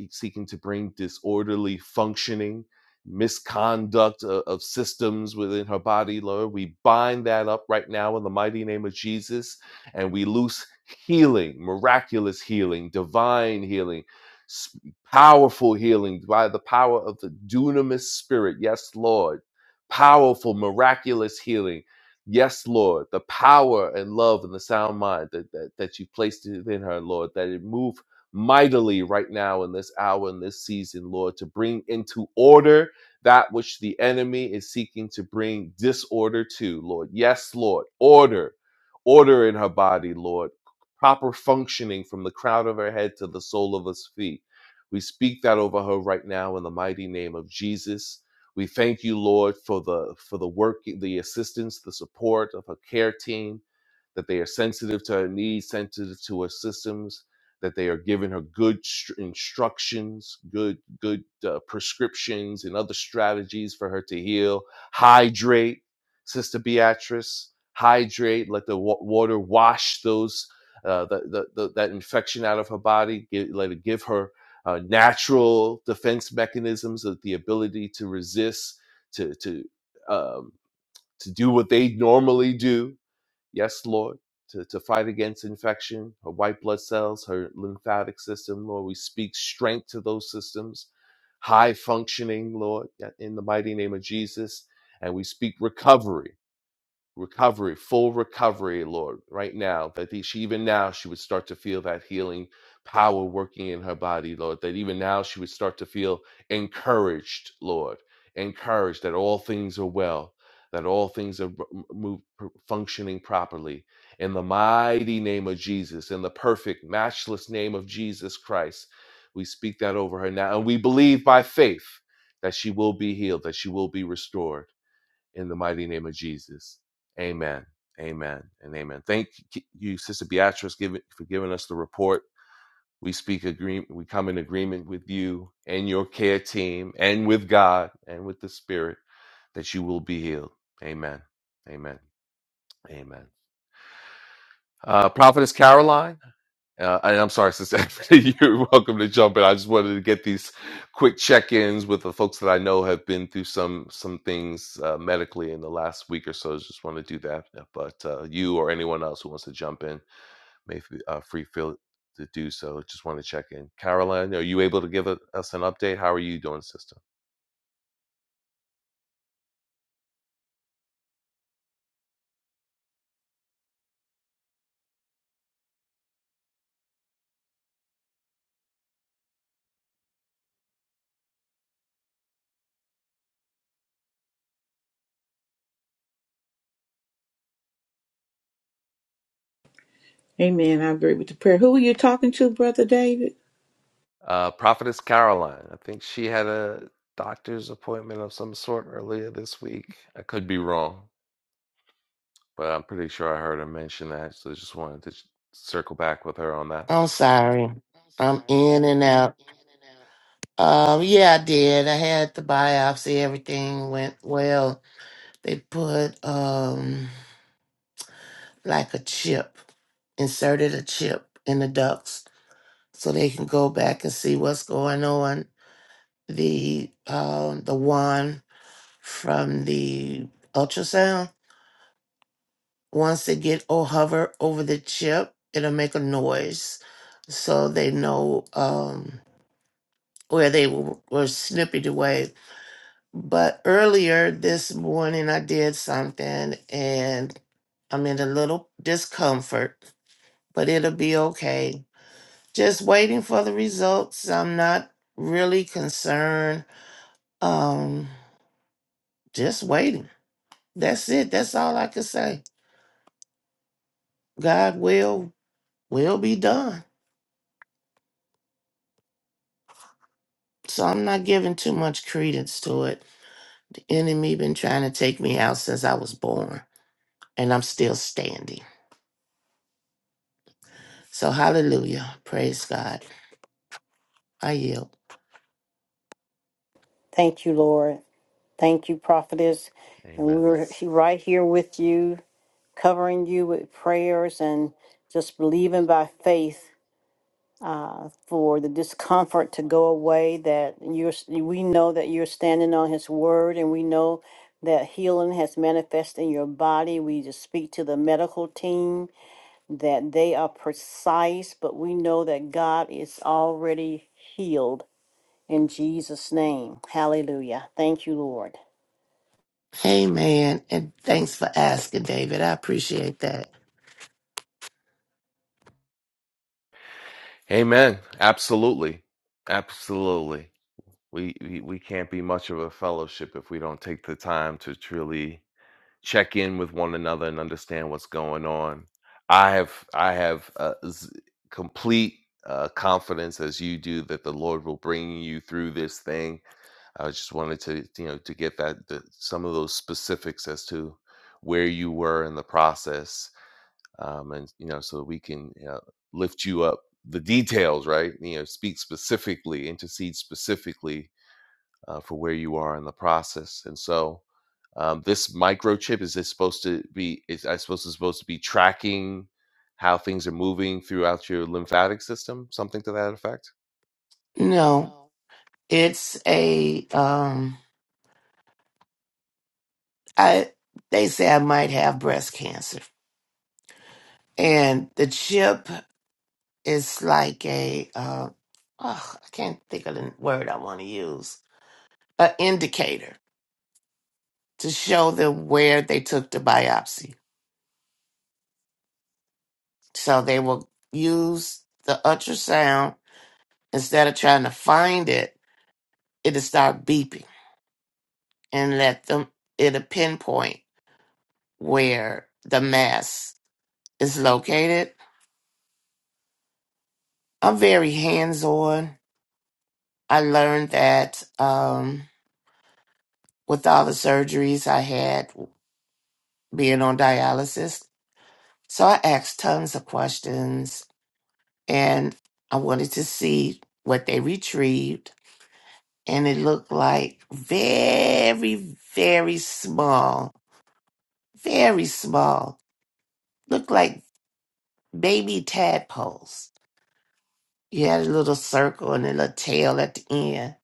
F: seeking to bring disorderly functioning, misconduct of, of systems within her body, Lord. We bind that up right now in the mighty name of Jesus, and we loose healing, miraculous healing, divine healing. s- Powerful healing by the power of the dunamis spirit. Yes, Lord. Powerful, miraculous healing Yes, Lord, the power and love and the sound mind that, that, that you placed within her, Lord, that it move mightily right now in this hour, in this season, Lord, to bring into order that which the enemy is seeking to bring disorder to, Lord. Yes, Lord, order, order in her body, Lord, proper functioning from the crown of her head to the sole of her feet. We speak that over her right now in the mighty name of Jesus we thank you, Lord, for the for the work, the assistance, the support of her care team that they are sensitive to her needs, sensitive to her systems, that they are giving her good str- instructions, good good uh, prescriptions, and other strategies for her to heal. Hydrate, Sister Beatrice. Hydrate. Let the wa- water wash those uh, the, the, the, that infection out of her body. Give, let it give her uh, natural defense mechanisms, of the ability to resist, to to um, to do what they normally do Yes, Lord, to, to fight against infection, her white blood cells, her lymphatic system, Lord. We speak strength to those systems, high functioning, Lord, in the mighty name of Jesus. And we speak recovery recovery, full recovery, Lord, right now, that the- she even now she would start to feel that healing power working in her body, Lord, that even now she would start to feel encouraged, Lord, encouraged that all things are well, that all things are m- move, functioning properly. In the mighty name of Jesus, in the perfect, matchless name of Jesus Christ, we speak that over her now. And we believe by faith that she will be healed, that she will be restored in the mighty name of Jesus. Amen. Amen. And amen. Thank you, Sister Beatrice, give it- for giving us the report. We speak agreement. We come in agreement with you and your care team, and with God and with the Spirit, that you will be healed. Amen. Amen. Amen. Uh, Prophetess Caroline. Uh, and I'm sorry, Sister Anthony, you're welcome to jump in. I just wanted to get these quick check-ins with the folks that I know have been through some some things uh, medically in the last week or so. Just want to do that. But uh, you or anyone else who wants to jump in may f- uh, free feel to do so. Just want to check in. Caroline, are you able to give u- us an update? How are you doing, Sister?
A: Amen. I agree with the prayer. Who are you talking to, Brother David?
F: Uh, Prophetess Caroline, I think she had a doctor's appointment of some sort earlier this week. I could be wrong. But I'm pretty sure I heard her mention that, so just wanted to sh- circle back with her on that.
D: I'm sorry. I'm in and out. Um, yeah, I did. I had the biopsy. Everything went well. They put um like a chip, inserted a chip in the ducts so they can go back and see what's going on. The um the one from the ultrasound Once they get or hover over the chip, it'll make a noise so they know um, where they w- were snipped away. But earlier this morning, I did something and I'm in a little discomfort, but it'll be okay. Just waiting for the results. I'm not really concerned. Um, just waiting. That's it. That's all I can say. God will will be done. So I'm not giving too much credence to it. The enemy been trying to take me out since I was born, and I'm still standing. So hallelujah. Praise God. I yield.
C: Thank you, Lord. Thank you, prophetess. And
F: Amen.
C: we're he- right here with you, covering you with prayers and just believing by faith uh, for the discomfort to go away. That you're, we know that you're standing on His word, and we know that healing has manifested in your body. We just speak to the medical team that they are precise, but we know that God is already healed in Jesus' name. Hallelujah. Thank you, Lord.
D: Amen. And thanks for asking, David. I appreciate that.
F: Amen. Absolutely. Absolutely. We, we we can't be much of a fellowship if we don't take the time to truly check in with one another and understand what's going on. I have I have uh, z- complete uh, confidence as you do that the Lord will bring you through this thing I just wanted to, you know, to get that the, some of those specifics as to where you were in the process, um, and you know, so that we can you know, lift you up. The details, right? You know, speak specifically, intercede specifically uh, for where you are in the process. And so, um, this microchip is this supposed to be? Is I suppose it's supposed to be tracking how things are moving throughout your lymphatic system, something to that effect.
D: No, it's a um I they say I might have breast cancer. And the chip is like a uh oh, I can't think of the word I want to use. An indicator to show them where they took the biopsy. So they will use the ultrasound instead of trying to find it, it'll start beeping and let them it'll pinpoint where the mass is located. I'm very hands on. I learned that um, with all the surgeries I had being on dialysis. So I asked tons of questions and I wanted to see what they retrieved and it looked like very, very small, very small. Looked like baby tadpoles. You had a little circle and a little tail at the end,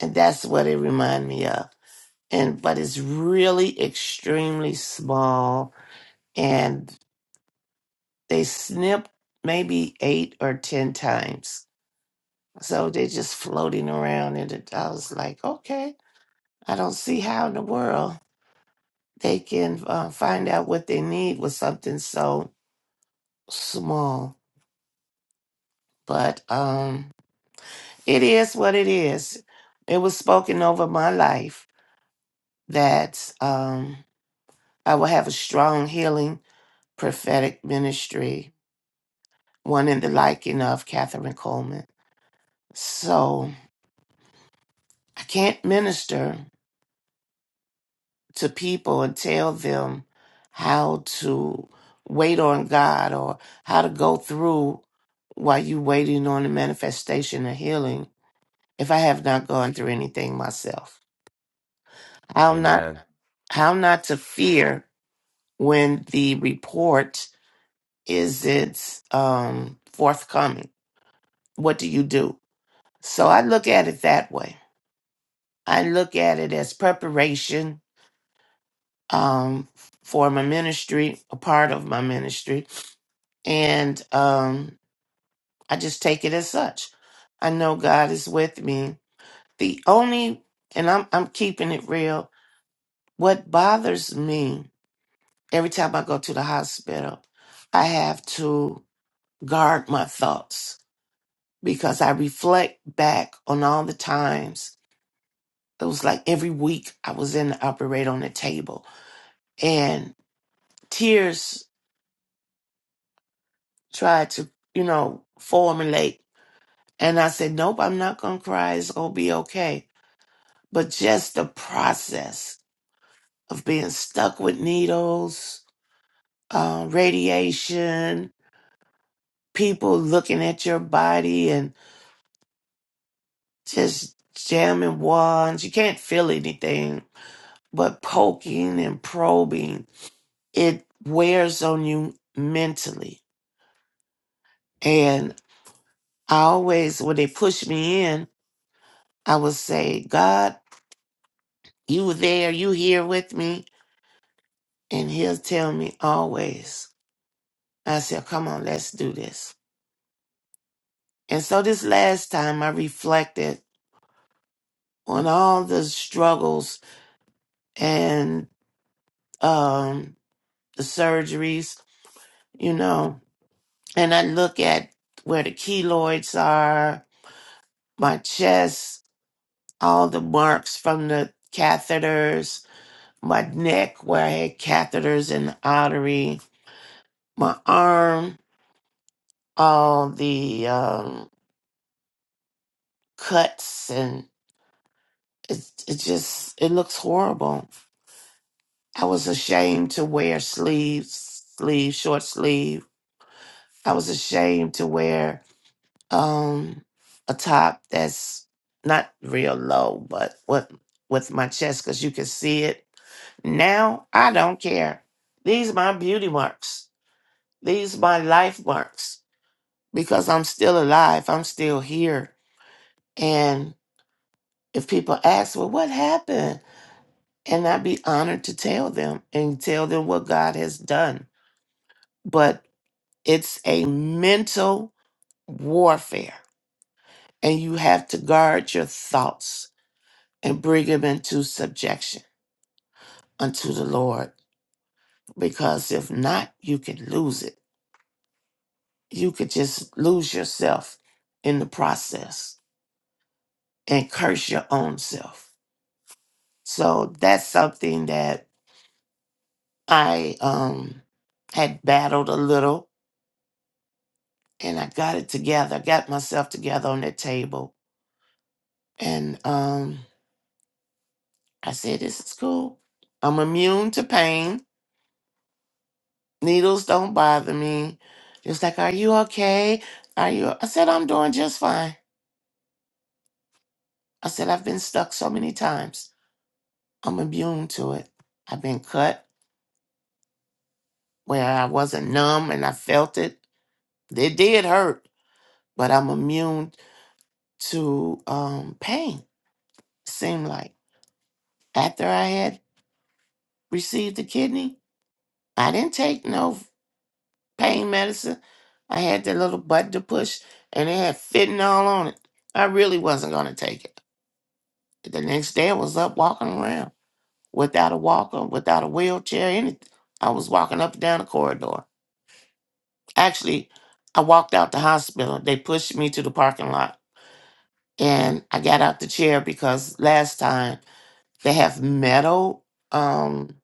D: and that's what it reminded me of. And but it's really extremely small, and they snip maybe eight or ten times. So they're just floating around, and it, I was like, okay, I don't see how in the world they can uh, find out what they need with something so small. But um, it is what it is. It was spoken over my life that um, I will have a strong healing prophetic ministry, one in the liking of Catherine Coleman. So I can't minister, to people and tell them how to wait on God or how to go through while you waiting on the manifestation of healing if I have not gone through anything myself. How not
F: Amen.
D: how not to fear when the report is it's um forthcoming. What do you do? So I look at it that way. I look at it as preparation um for my ministry, a part of my ministry and um, I just take it as such. I know God is with me. The only, and I'm I'm keeping it real. What bothers me every time I go to the hospital, I have to guard my thoughts because I reflect back on all the times. It was like every week I was in the operator on the table, and tears tried to, you know, formulate. And I said, "Nope, I'm not gonna cry. It's gonna be okay." but just the process of being stuck with needles, uh, radiation, people looking at your body and just jamming wands. You can't feel anything, but poking and probing, it wears on you mentally. And I always, when they push me in, I would say, God, you were there, you here with me. And he'll tell me always. I said, come on, let's do this. And so this last time I reflected on all the struggles and um, the surgeries, you know, and I look at where the keloids are, my chest, all the marks from the catheters, my neck where I had catheters in the artery, my arm, all the um, cuts and it, it just it looks horrible I was ashamed to wear sleeves, sleeve, short sleeve. I was ashamed to wear um a top that's not real low, but what with my chest because you can see it. Now I don't care. These my beauty marks. These my life marks because I'm still alive. I'm still here. And if people ask, well, what happened? And I'd be honored to tell them and tell them what God has done. But It's a mental warfare, and you have to guard your thoughts and bring them into subjection unto the Lord, because if not, you can lose it. You could just lose yourself in the process and curse your own self. So that's something that I um, had battled a little, and I got it together, got myself together on that table, and um, I said, This is cool. I'm immune to pain. Needles don't bother me. Just like, Are you okay? Are you? I said, I'm doing just fine. I said, I've been stuck so many times. I'm immune to it. I've been cut where I wasn't numb and I felt it. It did hurt, but I'm immune to um, pain. Seemed like after I had received the kidney, I didn't take no. pain medicine. I had that little button to push, and it had fentanyl on it. I really wasn't going to take it. The next day, I was up walking around without a walker, without a wheelchair, anything. I was walking up and down the corridor. Actually, I walked out the hospital. They pushed me to the parking lot, and I got out the chair because last time they have metal, um,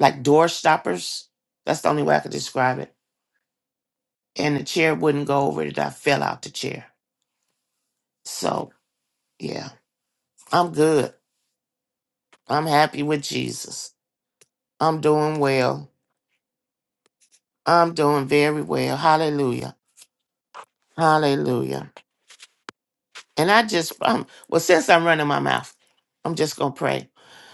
D: like door stoppers. That's the only way I could describe it. And the chair wouldn't go over it. I fell out the chair. So Yeah, I'm good. I'm happy with Jesus. I'm doing well. I'm doing very well. Hallelujah. Hallelujah. And I just, um, well, since I'm running my mouth, I'm just going to pray.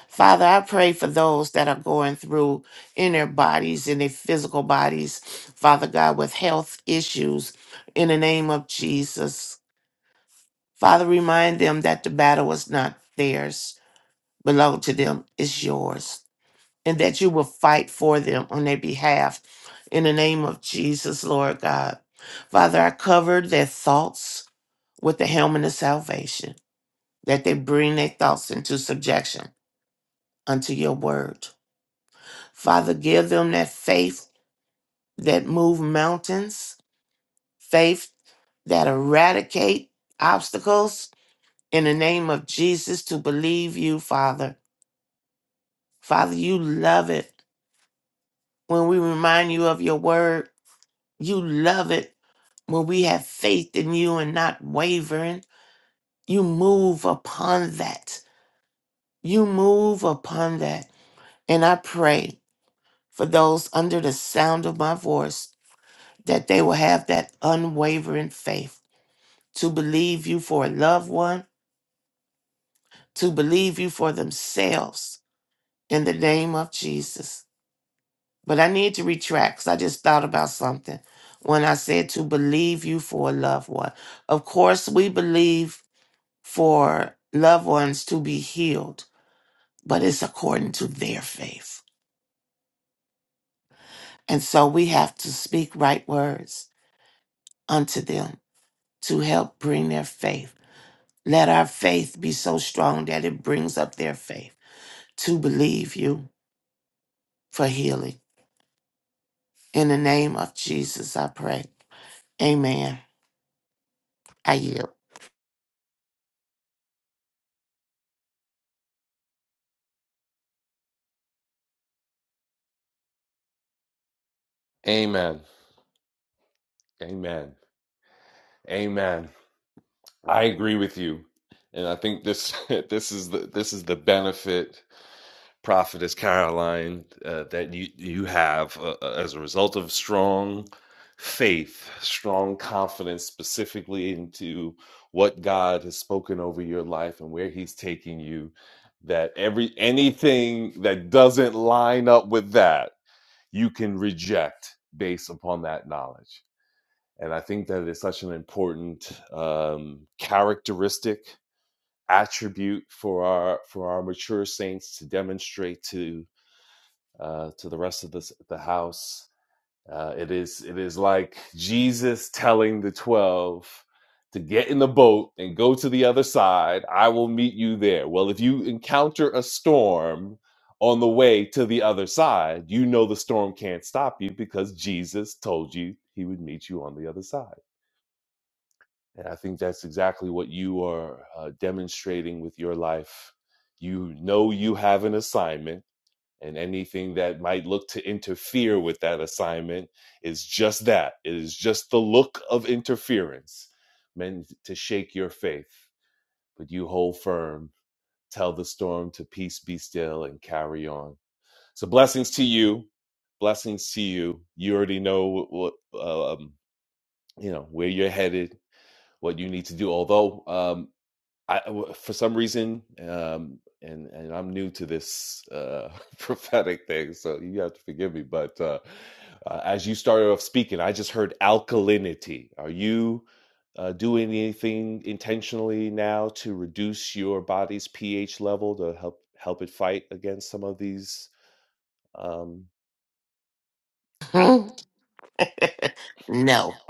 D: Father, I pray for those that are going through in their bodies, in their physical bodies, Father God, with health issues in the name of Jesus. Father, remind them that the battle is not theirs, belong to them, it's yours. and that you will fight for them on their behalf in the name of Jesus, Lord God. Father, I cover their thoughts with the helmet of salvation, that they bring their thoughts into subjection unto your word. Father, give them that faith that move mountains, faith that eradicate obstacles in the name of Jesus to believe you, Father. Father, you love it when we remind you of your word. You love it when we have faith in you and not wavering, you move upon that. You move upon that. And I pray for those under the sound of my voice that they will have that unwavering faith to believe you for a loved one, to believe you for themselves in the name of Jesus. But I need to retract because I just thought about something when I said to believe you for a loved one. Of course, we believe for loved ones to be healed, but it's according to their faith. And so we have to speak right words unto them to help bring their faith. Let our faith be so strong that it brings up their faith to believe you for healing. In the name of Jesus, I pray. Amen. I
F: Amen. Amen. Amen. I agree with you, and I think this this is the this is the benefit, prophetess Caroline, uh, that you you have uh, uh, as a result of strong faith, strong confidence, specifically into what God has spoken over your life and where He's taking you. That every anything that doesn't line up with that, you can reject based upon that knowledge. And I think that is such an important um, characteristic attribute for our for our mature saints to demonstrate to uh, to the rest of the the house. Uh, it is it is like Jesus telling the twelve to get in the boat and go to the other side. I will meet you there. Well, if you encounter a storm on the way to the other side, you know the storm can't stop you because Jesus told you he would meet you on the other side. And I think that's exactly what you are uh, demonstrating with your life. You know you have an assignment, and anything that might look to interfere with that assignment is just that. It is just the look of interference meant to shake your faith. But you hold firm, tell the storm to peace be still, and carry on. So, blessings to you. Blessings to you. You already know what, what uh, um, you know where you're headed what you need to do. Although, um, I uh, w- for some reason, um, and and I'm new to this uh, prophetic thing, so you have to forgive me. But uh, uh, as you started off speaking, I just heard alkalinity. Are you uh, doing anything intentionally now to reduce your body's pH level to help help it fight against some of these? Um, a-
D: yield. no.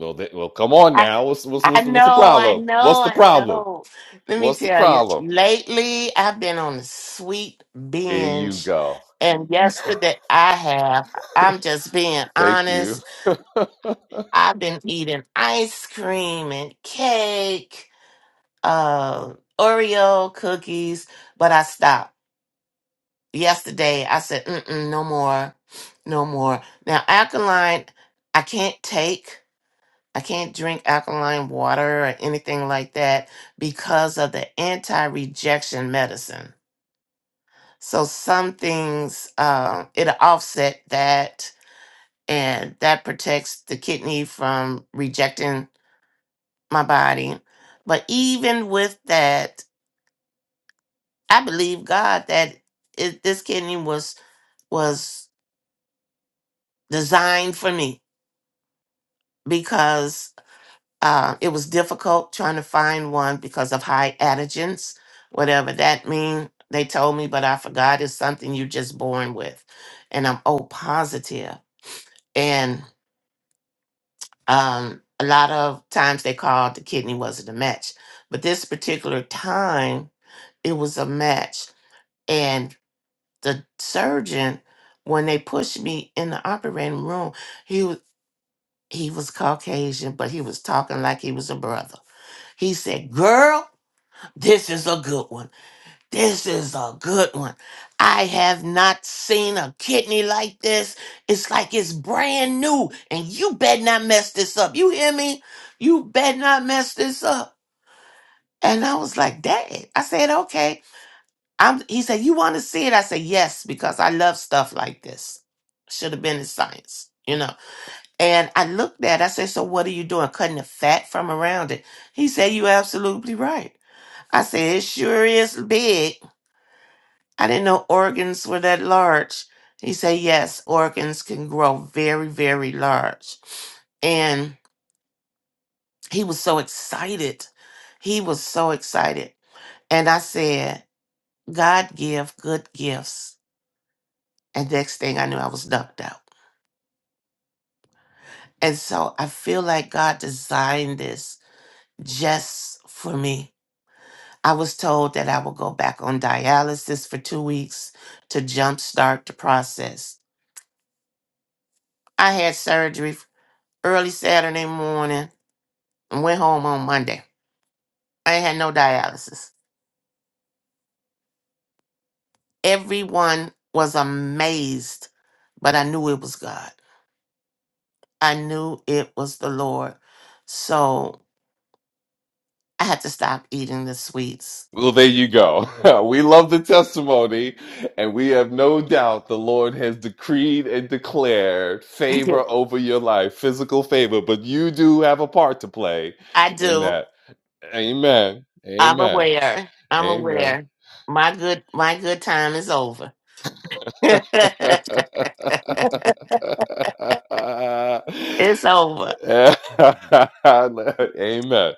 F: well, th- well, come on now. What's what's
D: I
F: what's what's the
D: know, I
F: problem? What's
D: know,
F: the
D: I
F: problem?
D: know. Let me
F: What's the
D: tell you,
F: problem?
D: lately I've been on a sweet
F: Here you
D: binge.
F: go.
D: And yesterday I have, I'm just being
F: Thank you.
D: honest. I've been eating ice cream and cake, uh, Oreo cookies, but I stopped. Yesterday I said, Mm-mm, no more, no more. Now, alkaline, I can't take. I can't drink alkaline water or anything like that because of the anti rejection medicine. So, some things, um, it'll offset that, and that protects the kidney from rejecting my body. But even with that, I believe God that it, this kidney was was designed for me because Uh, it was difficult trying to find one because of high antigens, whatever that means. They told me, but I forgot it's something you're just born with. And I'm O positive. And um, a lot of times they called the kidney wasn't a match. But this particular time, it was a match. And the surgeon, when they pushed me in the operating room, he was he was Caucasian, but he was talking like he was a brother. He said, Girl, This is a good one. This is a good one. I have not seen a kidney like this. It's like it's brand new. And you better not mess this up. You hear me? You better not mess this up. And I was like, Dad. I said, okay. I'm he said, You want to see it? I said, Yes, because I love stuff like this. Should have been in science, you know. And I looked at it, I said, So what are you doing? Cutting the fat from around it. He said, You're absolutely right. I said, It sure is big I didn't know organs were that large. He said, yes, organs can grow very, very large. And he was so excited. He was so excited. And I said, God give good gifts. And next thing I knew, I was knocked out. And so I feel like God designed this just for me. I was told that I will go back on dialysis for two weeks to jumpstart the process. I had surgery early Saturday morning and went home on Monday. I ain't had no dialysis. Everyone was amazed, but I knew it was God. I knew it was the Lord. So I had to stop eating the sweets.
F: Well, there you go. we love the testimony, and we have no doubt the Lord has decreed and declared favor over your life, physical favor, but you do have a part to play
D: I
F: in
D: do.
F: that. Amen.
D: I'm
F: Amen.
D: aware. I'm
F: Amen.
D: aware. My good my good time is over. it's over.
F: Amen.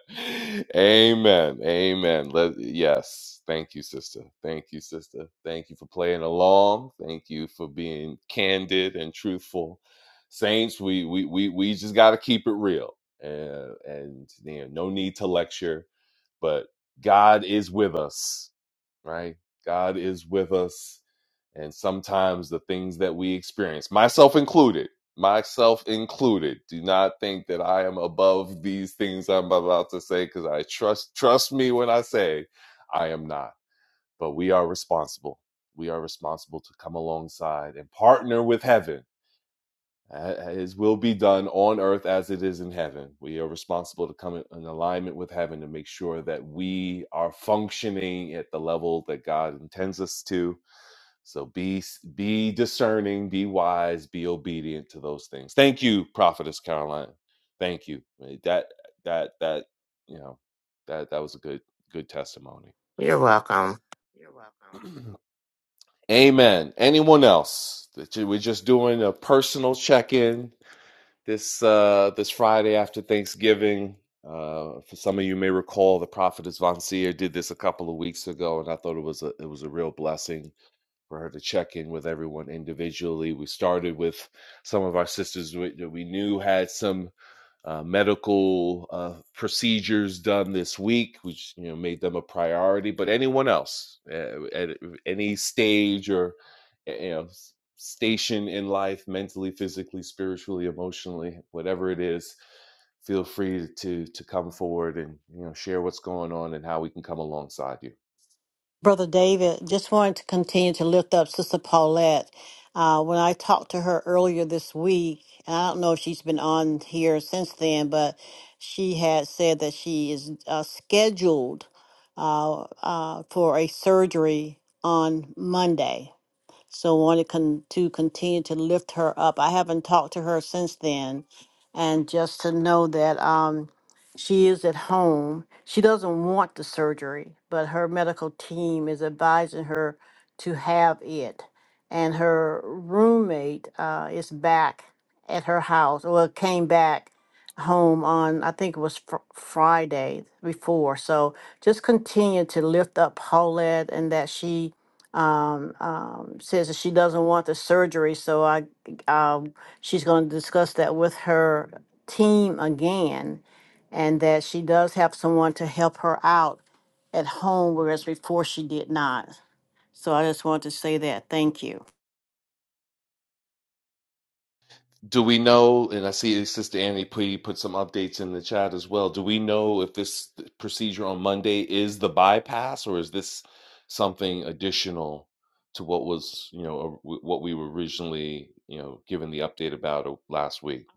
F: Amen. Amen. Let, yes. Thank you, sister. Thank you, sister. Thank you for playing along. Thank you for being candid and truthful. Saints, we we we, we just gotta keep it real. And and you know, no need to lecture, but God is with us right? God is with us. And sometimes the things that we experience, myself included, myself included, do not think that I am above these things I'm about to say because I trust trust me when I say I am not. But we are responsible. We are responsible to come alongside and partner with heaven uh, His will be done on earth as it is in heaven. We are responsible to come in alignment with heaven to make sure that we are functioning at the level that God intends us to. So be be discerning, be wise, be obedient to those things. Thank you, Prophetess Caroline. Thank you. Uh, That that that you know that that was a good good testimony.
D: You're welcome.
F: Amen. Anyone else? That you- We're just doing a personal check in this uh, this Friday after Thanksgiving. Uh, for some of you may recall, the prophetess Von Seer did this a couple of weeks ago, and I thought it was a it was a real blessing for her to check in with everyone individually. We started with some of our sisters we, that we knew had some uh, medical uh, procedures done this week, which you know made them a priority. But anyone else uh, at uh, any stage or uh, you know station in life, mentally, physically, spiritually, emotionally, whatever it is, feel free to to come forward and you know share what's going on and how we can come alongside you.
C: Brother David, just wanted to continue to lift up Sister Paulette. Uh, when I talked to her earlier this week, and I don't know if she's been on here since then, but she had said that she is uh, scheduled uh, uh, for a surgery on Monday. So wanted con- to continue to lift her up. I haven't talked to her since then, and just to know that um, she is at home. She doesn't want the surgery, but her medical team is advising her to have it. And her roommate uh, is back at her house, well, came back home on, I think it was fr- Friday before. So just continue to lift up Paulette and that she um, um, says that she doesn't want the surgery, so I, um, she's going to discuss that with her team again, and that she does have someone to help her out at home, whereas before she did not. So I just wanted to say that. Thank you.
F: Do we know, and I see Sister Annie P put some updates in the chat as well. Do we know if this procedure on Monday is the bypass or is this something additional to what was, you know, or what we were originally, you know, given the update about uh, last week?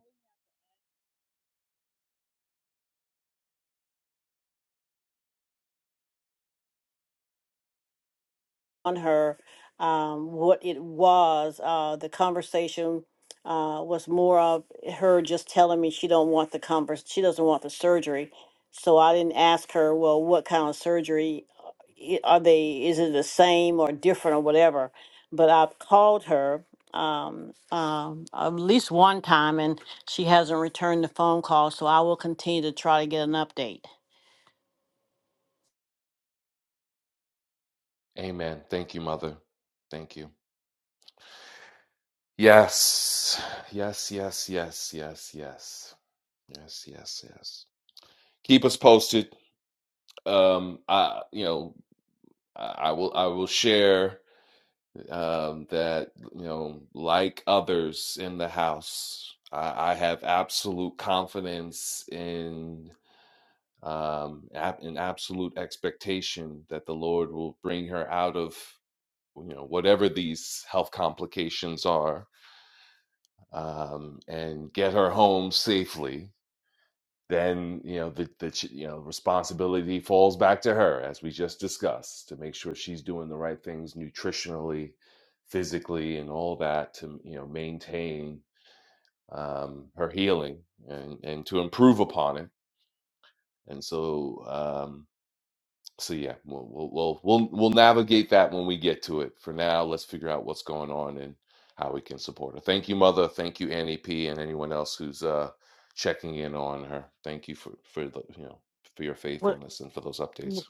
C: on her um, what it was. Uh, the conversation uh, was more of her just telling me she don't want the converse, she doesn't want the surgery. So I didn't ask her, well, what kind of surgery uh, i- are they? Is it the same or different or whatever? But I've called her um, um, at least one time, and she hasn't returned the phone call. So I will continue to try to get an update.
F: Amen. Thank you, Mother. Thank you. Yes. Yes, yes, yes, yes, yes. Yes, yes, yes. Keep us posted. Um, I, you know, I I will, I will share. um, that you know, like others in the house, I, I have absolute confidence in um, an absolute expectation that the Lord will bring her out of you know whatever these health complications are um, and get her home safely then you know the, the you know responsibility falls back to her as we just discussed to make sure she's doing the right things nutritionally physically and all that to you know maintain um, her healing and, and to improve upon it and so um, so yeah, we'll we'll we'll we'll we'll navigate that when we get to it. For now, let's figure out what's going on and how we can support her. Thank you, mother. Thank you, Annie P, and anyone else who's uh checking in on her. Thank you for for the you know for your
C: What?
F: faithfulness and for those updates.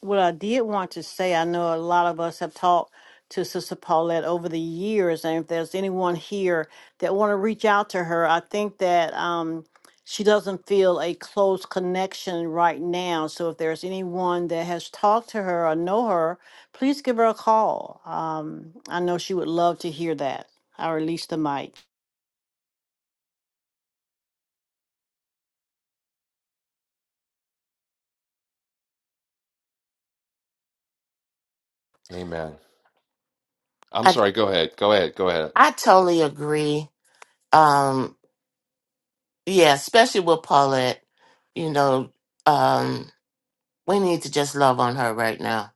C: What I did want to say, I know a lot of us have talked to Sister Paulette over the years, and if there's anyone here that want to reach out to her, I think that um, she doesn't feel a close connection right now. So if there's anyone that has talked to her or know her, please give her a call. Um, I know she would love to hear that. I release the mic.
F: Amen. I'm
D: I
F: sorry. Go ahead. Go ahead. Go ahead.
D: I totally agree. Um. yeah, especially with Paulette, you know, um, we need to just love on her right now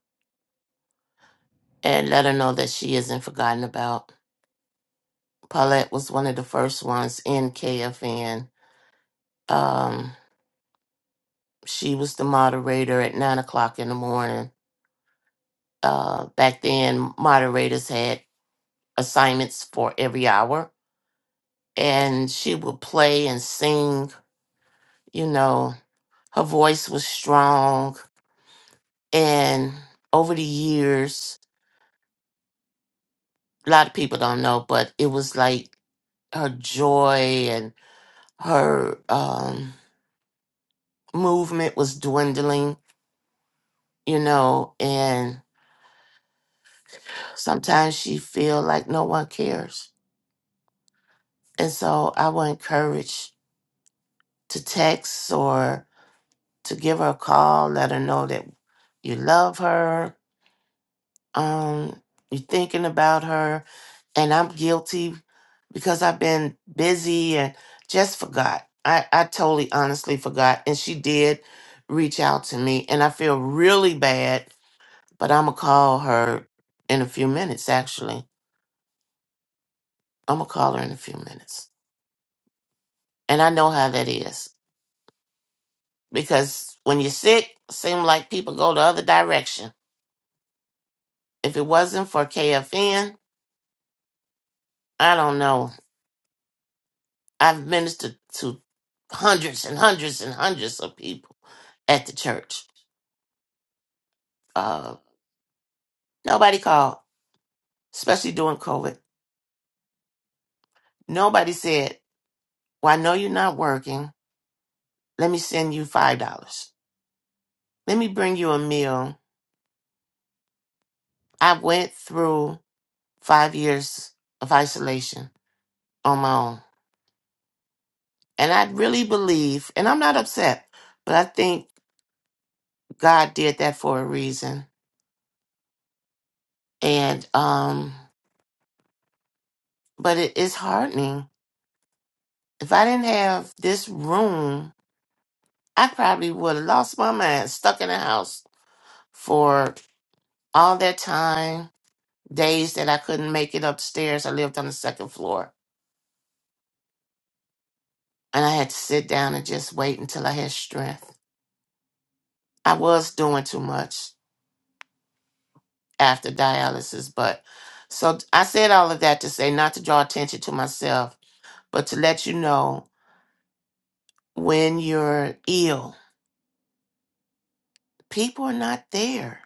D: and let her know that she isn't forgotten about. Paulette was one of the first ones in KFN. Um, she was the moderator at nine o'clock in the morning. Uh, back then, moderators had assignments for every hour, and she would play and sing. You know, her voice was strong, and over the years. a lot of people don't know, but it was like her joy and her um, movement was dwindling, you know, and sometimes she feel like no one cares. And so I would encourage to text or to give her a call, let her know that you love her, Um, you're thinking about her, and I'm guilty because I've been busy and just forgot. I, I totally honestly forgot. And she did reach out to me, and I feel really bad, but I'm going to call her in a few minutes, actually. I'm going to call her in a few minutes. And I know how that is because when you're sick, seem like people go the other direction. If it wasn't for KFN, I don't know. I've ministered to hundreds and hundreds and hundreds of people at the church. Uh, nobody called, especially during COVID. Nobody said, Well, I know you're not working. Let me send you $5. Let me bring you a meal. I went through five years of isolation on my own. And I really believe, and I'm not upset, but I think God did that for a reason. And, um, but it is heartening If I didn't have this room, I probably would have lost my mind, stuck in the house for all that time, days that I couldn't make it upstairs. I lived on the second floor and I had to sit down and just wait until I had strength. I was doing too much after dialysis, but so I said all of that to say not to draw attention to myself, but to let you know when you're ill, people are not there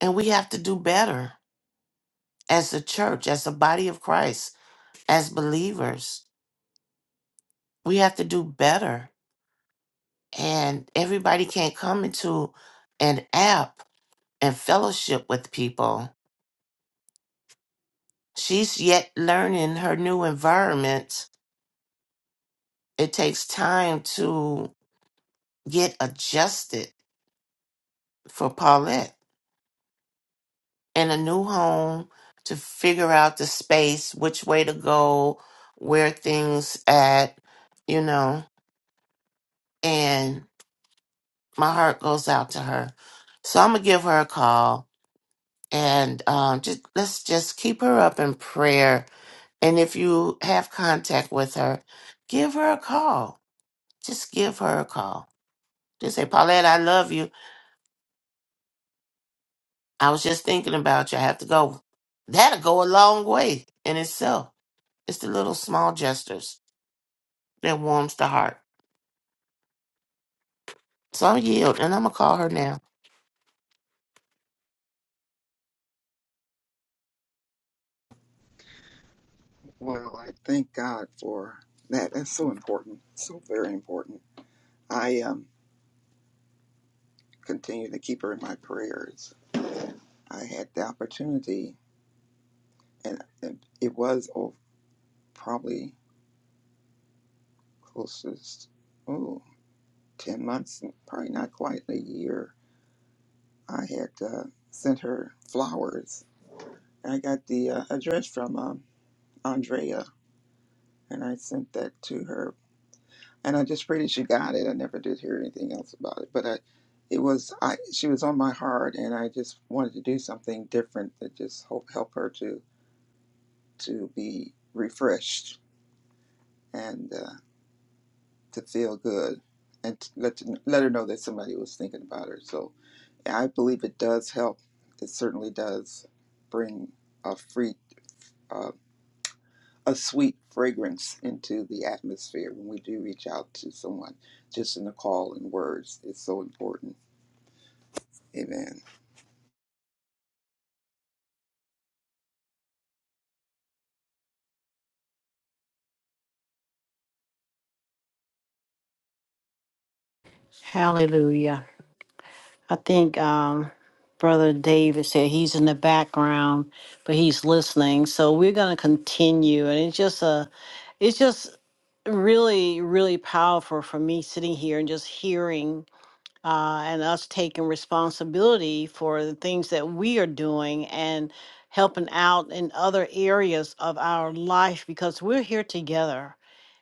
D: and we have to do better as a church, as a body of Christ, as believers. We have to do better. And everybody can't come into an app and fellowship with people. She's yet learning her new environment. It takes time to get adjusted for Paulette in a new home to figure out the space, which way to go, where things at, you know. and. my heart goes out to her. So I'm gonna give her a call and um, just let's just keep her up in prayer. And if you have contact with her, give her a call. Just give her a call. Just say, Paulette, I love you. I was just thinking about you. I have to go. That'll go a long way in itself. It's the little small gestures that warms the heart. So I'm yield, and I'm gonna call her now.
J: Well, I thank God for that. That's so important, so very important. I um, continue to keep her in my prayers. I had the opportunity, and it was oh, probably closest, oh, 10 months, probably not quite a year. I had uh, sent her flowers. I got the uh, address from um, Andrea, and I sent that to her and I just pray that she got it. I never did hear anything else about it, but I, it was I. She was on my heart, and I just wanted to do something different that just help help her to to be refreshed and uh, to feel good, and to let to, let her know that somebody was thinking about her. So I believe it does help. It certainly does bring a free. Uh, a sweet fragrance into the atmosphere when we do reach out to someone just in a call and words it's so important Amen.
C: Hallelujah. I think um, Brother David said he's in the background, but he's listening. So we're going to continue, and it's just a, it's just really, really powerful for me sitting here and just hearing. Uh, and us taking responsibility for the things that we are doing and helping out in other areas of our life because we're here together.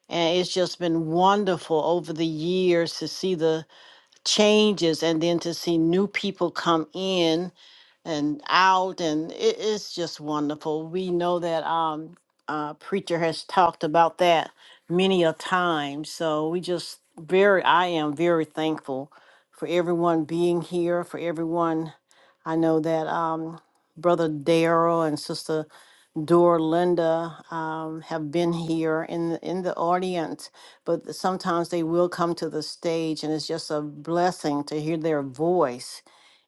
C: And it's just been wonderful over the years to see the changes and then to see new people come in and out and it's just wonderful we know that um uh, preacher has talked about that many a time so we just very i am very thankful for everyone being here for everyone i know that um brother Darrell and sister Dora Linda um, have been here in the, in the audience, but sometimes they will come to the stage, and it's just a blessing to hear their voice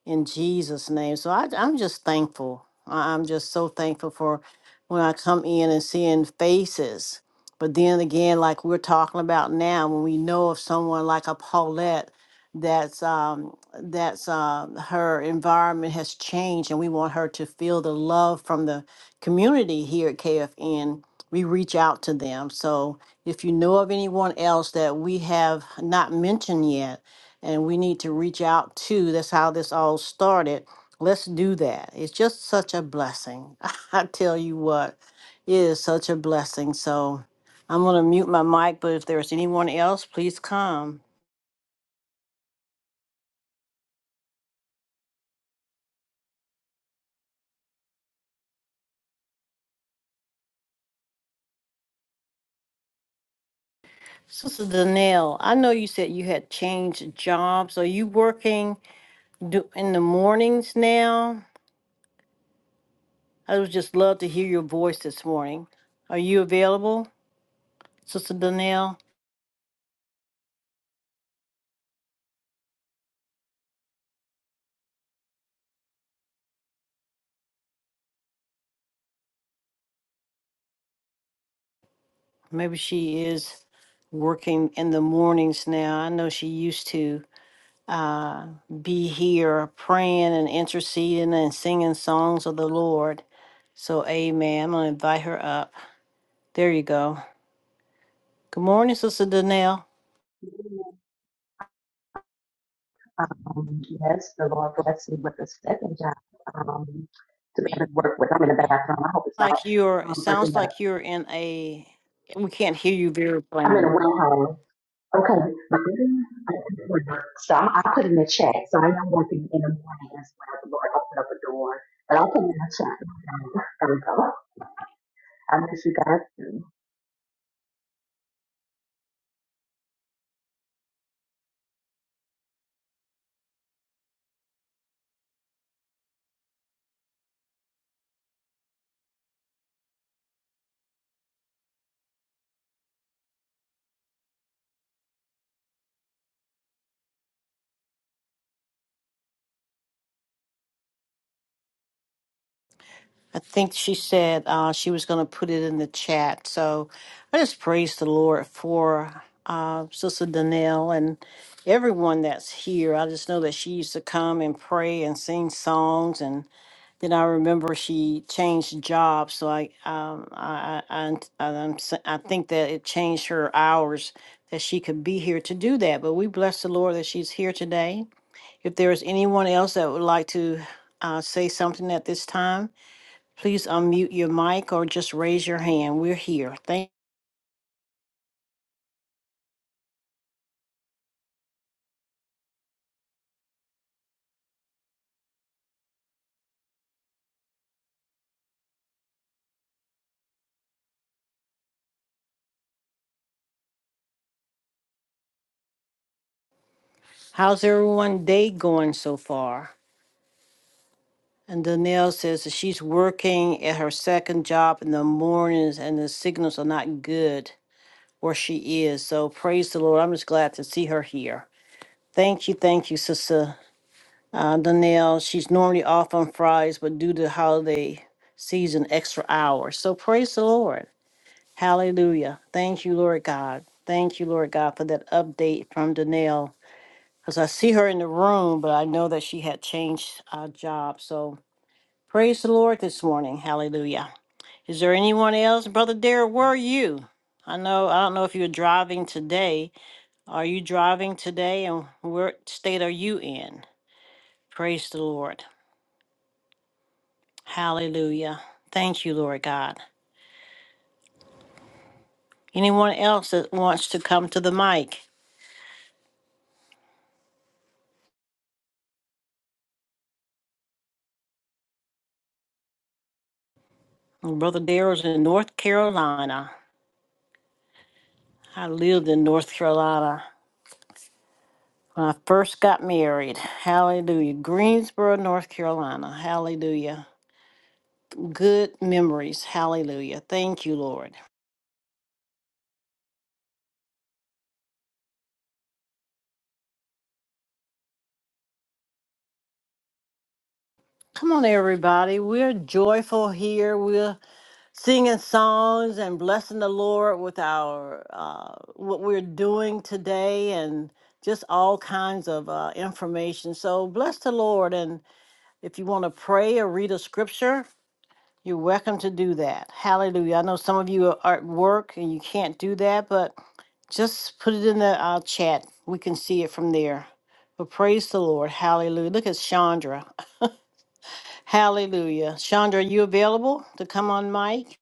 C: in Jesus' name. So I, I'm just thankful. I- I'm just so thankful for when I come in and seeing faces. But then again, like we're talking about now, when we know of someone like a Paulette, that's um, that's uh, her environment has changed, and we want her to feel the love from the community here at KFN, we reach out to them. So if you know of anyone else that we have not mentioned yet and we need to reach out to, that's how this all started. Let's do that. It's just such a blessing. I tell you what, it is such a blessing. So I'm going to mute my mic, but if there's anyone else, please come. Sister Danelle, I know you said you had changed jobs. Are you working do- in the mornings now? I would just love to hear your voice this morning. Are you available, Sister Donnell? Maybe she is working in the mornings now. I know she used to uh, be here praying and interceding and singing songs of the Lord. So, amen. I'm going to invite her up. There you go. Good morning, Sister Donnell.
K: Um, yes, the Lord blessed me with a second job um, to be able to work with. I'm in the bathroom. I hope it's not
C: Like you're, it
K: um, breaking
C: sounds
K: up.
C: like you're in a, we can't hear you very
K: I'm in a
C: plainly.
K: warehouse. Okay, but then I did work. so I'm, I put in a check. So I am working in the morning as well. The Lord opened up a door, but I'll put in a check. Um, There we go. I miss you guys. too.
C: I think she said uh, she was going to put it in the chat. So I just praise the Lord for uh, Sister Danelle and everyone that's here. I just know that she used to come and pray and sing songs. And then I remember she changed jobs. So I, um, I, I, I, I'm s- I think that it changed her hours that she could be here to do that. But we bless the Lord that she's here today. If there is anyone else that would like to uh, say something at this time, Please unmute your mic or just raise your hand. We're here. Thank. How's everyone day going so far? And Danielle says that she's working at her second job in the mornings and the signals are not good where she is. So praise the Lord. I'm just glad to see her here. Thank you, thank you, Sister uh, Danielle. She's normally off on Fridays, but due to holiday season, extra hours. So praise the Lord. Hallelujah. Thank you, Lord God. Thank you, Lord God, for that update from Danelle. Because I see her in the room, but I know that she had changed uh, job. So praise the Lord this morning. Hallelujah. Is there anyone else? Brother Derek, where are you? I know I don't know if you're driving today. Are you driving today and what state are you in? Praise the Lord. Hallelujah. Thank you, Lord God. Anyone else that wants to come to the mic? My brother Daryl's in North Carolina. I lived in North Carolina when I first got married. Hallelujah. Greensboro, North Carolina. Hallelujah. Good memories. Hallelujah. Thank you, Lord. Come on, everybody. We're joyful here. We're singing songs and blessing the Lord with our uh, what we're doing today and just all kinds of uh, information. So bless the Lord. And if you want to pray or read a scripture, You're welcome to do that. Hallelujah. I know some of you are at work and you can't do that, but just put it in the uh, chat. We can see it from there. But praise the Lord. Hallelujah. Look at Chandra. Hallelujah. Chandra, are you available to come on, Mike?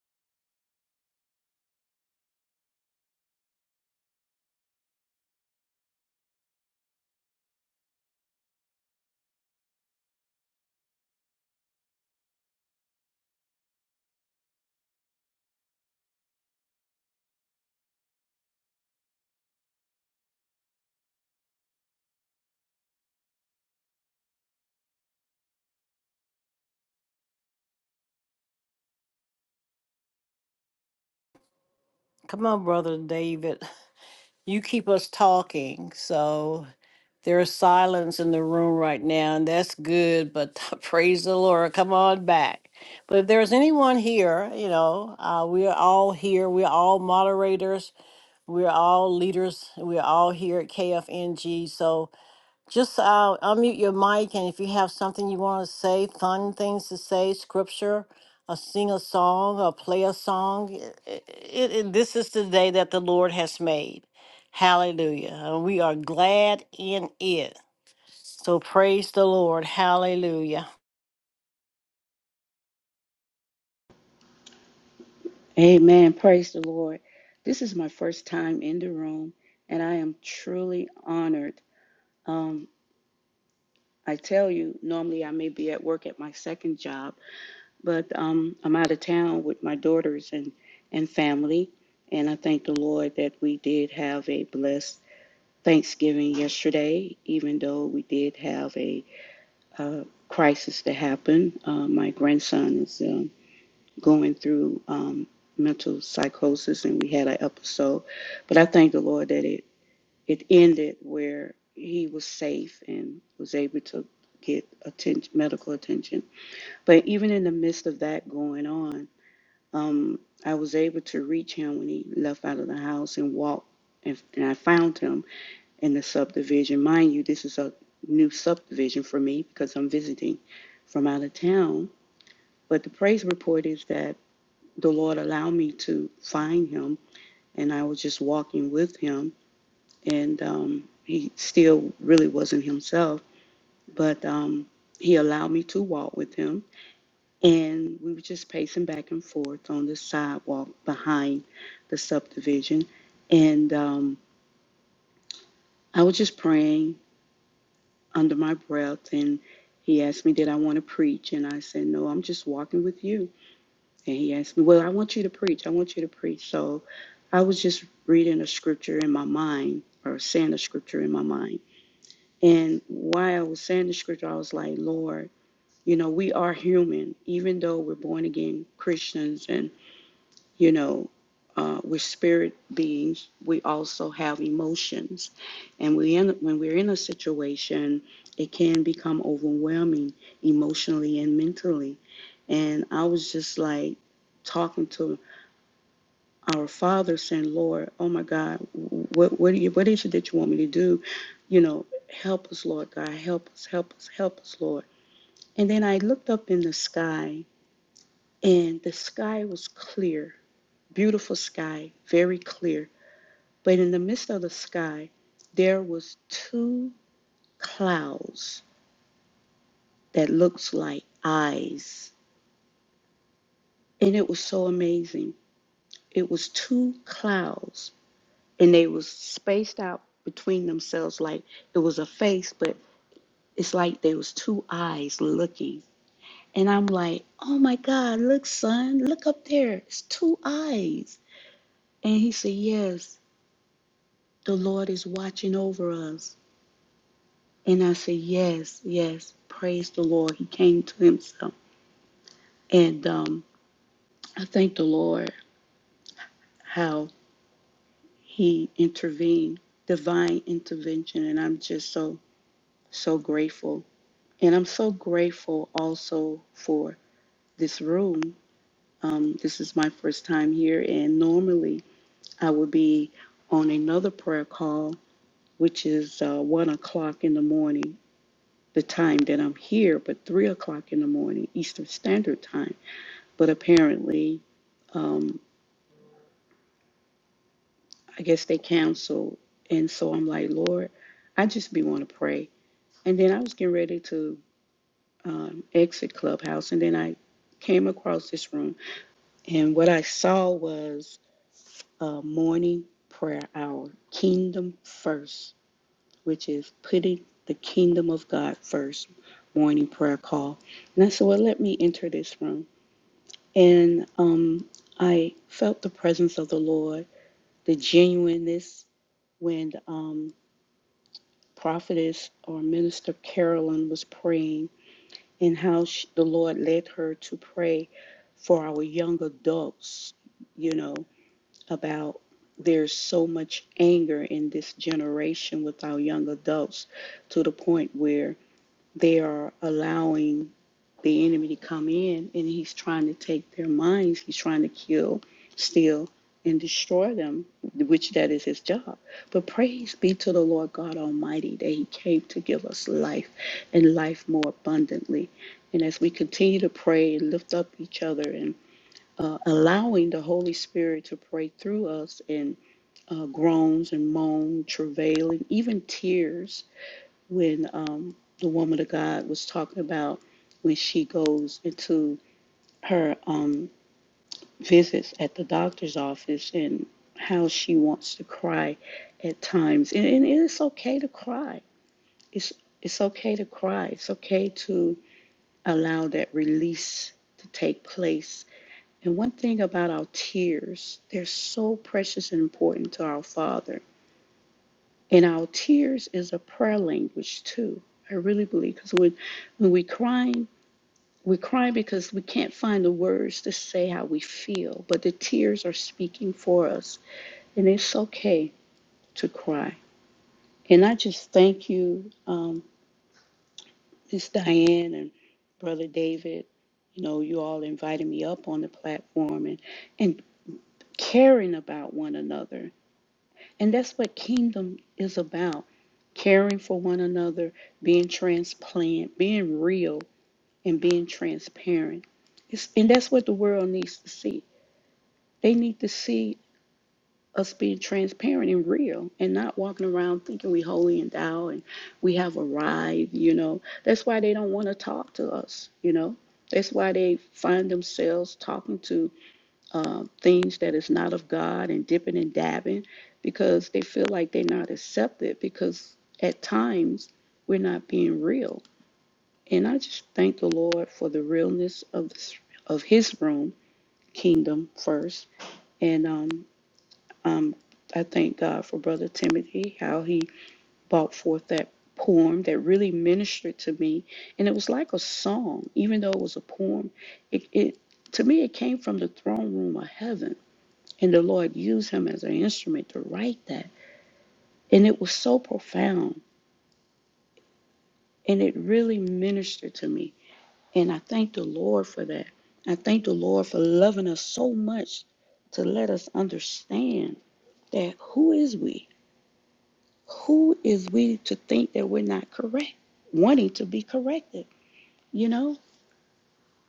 C: Come on, Brother David. You keep us talking. So. There is silence in the room right now, and that's good, but praise the Lord. Come on back. But if there's anyone here, you know, uh, we are all here. We're all moderators. We're all leaders. We're all here at KFNG. So, just uh, unmute your mic, and if you have something you want to say, fun things to say, scripture, uh, sing a song, or play a song. It, it, it- this is the day that the Lord has made. Hallelujah. And we are glad in it. So praise the Lord. Hallelujah.
G: Amen. Praise the Lord. This is my first time in the room, and I am truly honored. Um, I tell you, normally I may be at work at my second job. but um, I'm out of town with my daughters and, and family. And I thank the Lord that we did have a blessed Thanksgiving yesterday, even though we did have a uh, crisis that happened. Uh, my grandson is um, going through um, mental psychosis, and we had an episode. But I thank the Lord that it, it ended where he was safe and was able to get attention, medical attention. But even in the midst of that going on, um, I was able to reach him when he left out of the house and walked, and, and I found him in the subdivision. Mind you, this is a new subdivision for me because I'm visiting from out of town. But the praise report is that the Lord allowed me to find him, and I was just walking with him, and um, he still really wasn't himself, but um, he allowed me to walk with him and we were just pacing back and forth on the sidewalk behind the subdivision. And um, I was just praying under my breath, and he asked me, Did I want to preach? And I said, No, I'm just walking with you. And he asked me, Well, I want you to preach. I want you to preach. So I was just reading a scripture in my mind or saying a scripture in my mind. And while I was saying the scripture, I was like, Lord, you know, we are human, even though we're born again Christians and You know, uh, we're spirit beings. We also have emotions, and we in, when we're in a situation, it can become overwhelming emotionally and mentally. And I was just like talking to our Father, saying, "Lord, oh my God, what what do you what is it that you want me to do? You know, help us, Lord God, help us, help us, help us, Lord." And then I looked up in the sky, and the sky was clear, beautiful sky, very clear But in the midst of the sky, there was two clouds that looked like eyes. And it was so amazing. It was two clouds and they was spaced out between themselves like it was a face, but it's like there was two eyes looking. And I'm like, oh my God, look, son, look up there. It's two eyes. And he said, yes, the Lord is watching over us. And I said, Yes, yes, praise the Lord. He came to himself. And um, I thank the Lord how he intervened, divine intervention. And I'm just so, so grateful. And I'm so grateful also for this room. Um, this is my first time here. And normally I would be on another prayer call, which is uh, one o'clock in the morning, the time that I'm here, but three o'clock in the morning, Eastern Standard Time. but apparently, um, I guess they canceled. And so I'm like, Lord, I just be want to pray. And then I was getting ready to um, exit Clubhouse, and then I came across this room, and what I saw was a morning prayer hour, Kingdom First, which is putting the kingdom of God first, morning prayer call. And I said, Well, let me enter this room. And um, I felt the presence of the Lord the genuineness when um, prophetess or minister Carolyn was praying and how she, the Lord led her to pray for our young adults, you know, about there's so much anger in this generation with our young adults to the point where they are allowing the enemy to come in and he's trying to take their minds. He's trying to kill, steal, and destroy them, which that is his job. But praise be to the Lord God Almighty that he came to give us life and life more abundantly. And as we continue to pray and lift up each other and uh, allowing the Holy Spirit to pray through us in uh, groans and moan, travail, and even tears when um, the woman of God was talking about when she goes into her um, visits at the doctor's office and how she wants to cry at times. And, and it's okay to cry. It's it's okay to cry. It's okay to allow that release to take place. And one thing about our tears, they're so precious and important to our Father. And our tears is a prayer language too. I really believe because when when we cry. We're crying because we can't find the words to say how we feel, but the tears are speaking for us, and it's okay to cry. And I just thank you, um, Miss Diane and Brother David. You know, you all invited me up on the platform and and caring about one another, and that's what kingdom is about: caring for one another, being transplant, being real, and being transparent. It's, and that's what the world needs to see They need to see us being transparent and real and not walking around thinking we holy and thou and we have arrived, you know. That's why they don't want to talk to us, you know. That's why they find themselves talking to uh, things that is not of God and dipping and dabbing because they feel like they're not accepted because at times we're not being real. And I just thank the Lord for the realness of this, of His room, kingdom first. And um, Um, I thank God for Brother Timothy, how he brought forth that poem that really ministered to me. And it was like a song, even though it was a poem. It, it to me, it came from the throne room of heaven, and the Lord used him as an instrument to write that. And it was so profound, and it really ministered to me. And I thank the Lord for that. I thank the Lord for loving us so much to let us understand that who is we? Who is we to think that we're not correct, wanting to be corrected, you know?